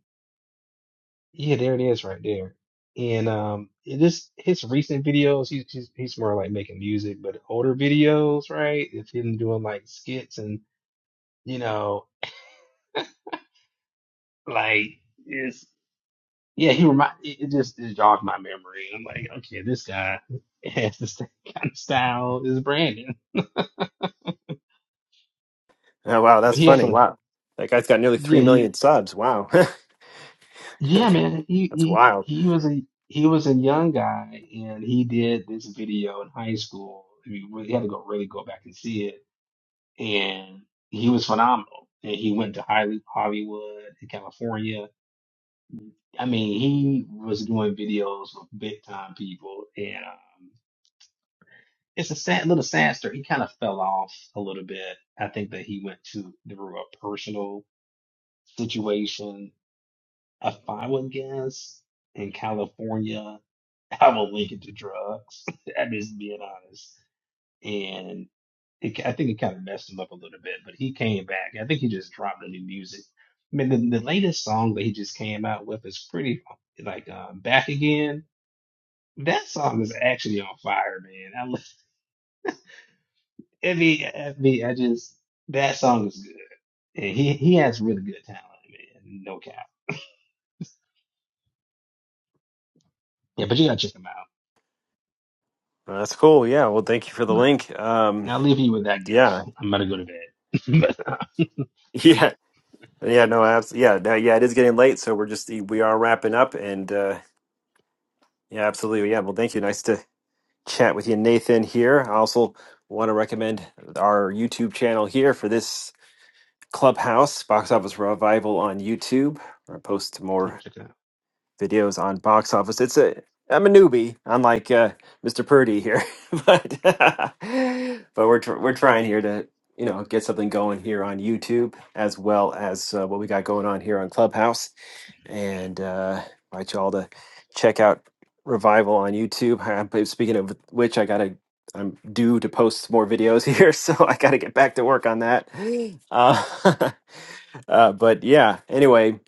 yeah, there it is right there. And um it just his recent videos, he's he's he's more like making music, but older videos, right? It's him doing like skits and you know Like it's yeah, he remind it it just it jogged my memory. I'm like, okay, this guy has the same kind of style as Brandon,
wow,
but
that's
he has
funny.
some
Wow, that guy's got nearly
yeah,
three
you,
million subs. Wow,
yeah, man. He
that's
he
wild.
he was a he was a young guy, and he did this video in high school. I mean, you really had to go really go back and see it, and he was phenomenal. And he went to Holly- Hollywood, in California. I mean, he was doing videos with big time people, and. um, it's a sad little sad story. He kind of fell off a little bit. I think that he went to through a personal situation, if I would guess, in California. I will link it to drugs. I'm just being honest. And it, I think it kind of messed him up a little bit, but he came back. I think he just dropped the new music. I mean, the, the latest song that he just came out with is pretty like uh, back again. That song is actually on fire, man. I, lo- I mean, I mean, I just that song is good. Yeah, he he has really good talent, man. No cap. Yeah, but you gotta check him out.
Uh, that's cool. Yeah. Well, thank you for the
But
link. Um,
I'll leave you with that gift.
yeah,
I'm gonna go to bed. but uh,
yeah, yeah. No, abs- yeah, no, yeah. It is getting late, so we're just we are wrapping up, and uh, yeah, absolutely. Yeah. Well, thank you. Nice to chat with you, Nathan, here. I also want to recommend our YouTube channel here for this Clubhouse Box Office Revival on YouTube, where I post
I'm gonna
more
check it out.
videos on box office. It's a I'm a newbie, unlike uh, Mr. Purdy here, but but we're tr- we're trying here to you know get something going here on YouTube as well as uh, what we got going on here on Clubhouse and uh, invite you all to check out Revival on YouTube. Uh, but Speaking of which, I gotta I'm due to post more videos here, so I gotta get back to work on that. Uh, uh, but yeah, anyway,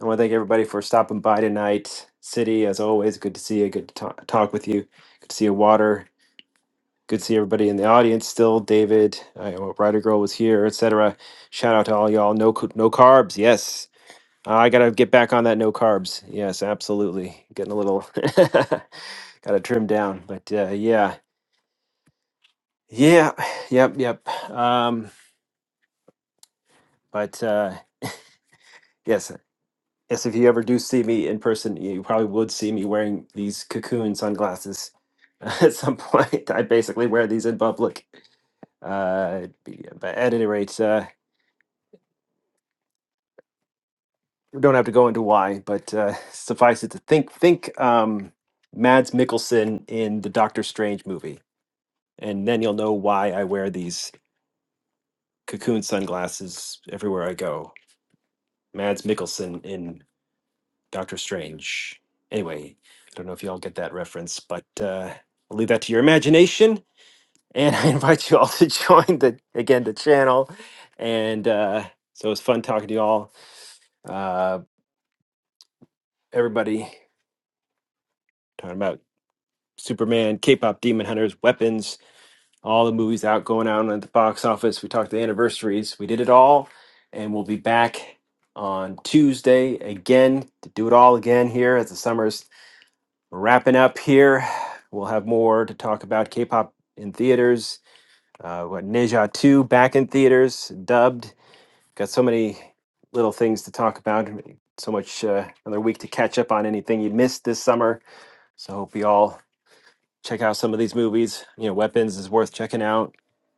I want to thank everybody for stopping by tonight. City, as always, good to see you. Good to talk, talk with you. Good to see you, Water. Good to see everybody in the audience still. David, uh, Rider Girl was here, etc. Shout out to all y'all. No, c- no carbs. Yes, uh, I gotta get back on that no carbs. Yes, absolutely. Getting a little gotta trim down, but uh, yeah, yeah, yep, yep. Um, but uh, yes, yes. If you ever do see me in person, you probably would see me wearing these cocoon sunglasses at some point. I basically wear these in public. Uh, be- but at any rate, uh, we don't have to go into why, but uh, suffice it to think, think um, Mads Mikkelsen in the Doctor Strange movie. and then you'll know why I wear these cocoon sunglasses everywhere I go. Mads Mikkelsen in Doctor Strange. Anyway, I don't know if you all get that reference, but uh, I'll leave that to your imagination. And I invite you all to join the again the channel. And uh, so it was fun talking to you all. Uh, everybody talking about Superman, K-pop, Demon Hunters, weapons, all the movies out going out at the box office. We talked the anniversaries. We did it all, and we'll be back on Tuesday again to do it all again here as the summer's wrapping up here. We'll have more to talk about K-pop in theaters. Uh, what Neja Two back in theaters, dubbed. Got so many little things to talk about. So much uh, another week to catch up on anything you missed this summer. So hope you all check out some of these movies. You know, Weapons is worth checking out.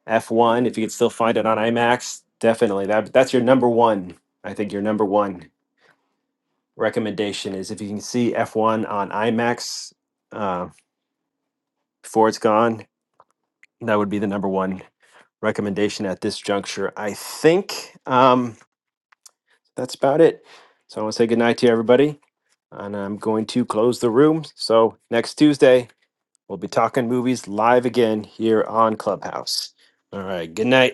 F1, if you could still find it on IMAX, definitely. That that's your number one. I think your number one recommendation is if you can see F1 on IMAX uh, before it's gone, that would be the number one recommendation at this juncture. I think um, that's about it. So I want to say goodnight to everybody, and I'm going to close the room. So next Tuesday, we'll be talking movies live again here on Clubhouse. All right, good night.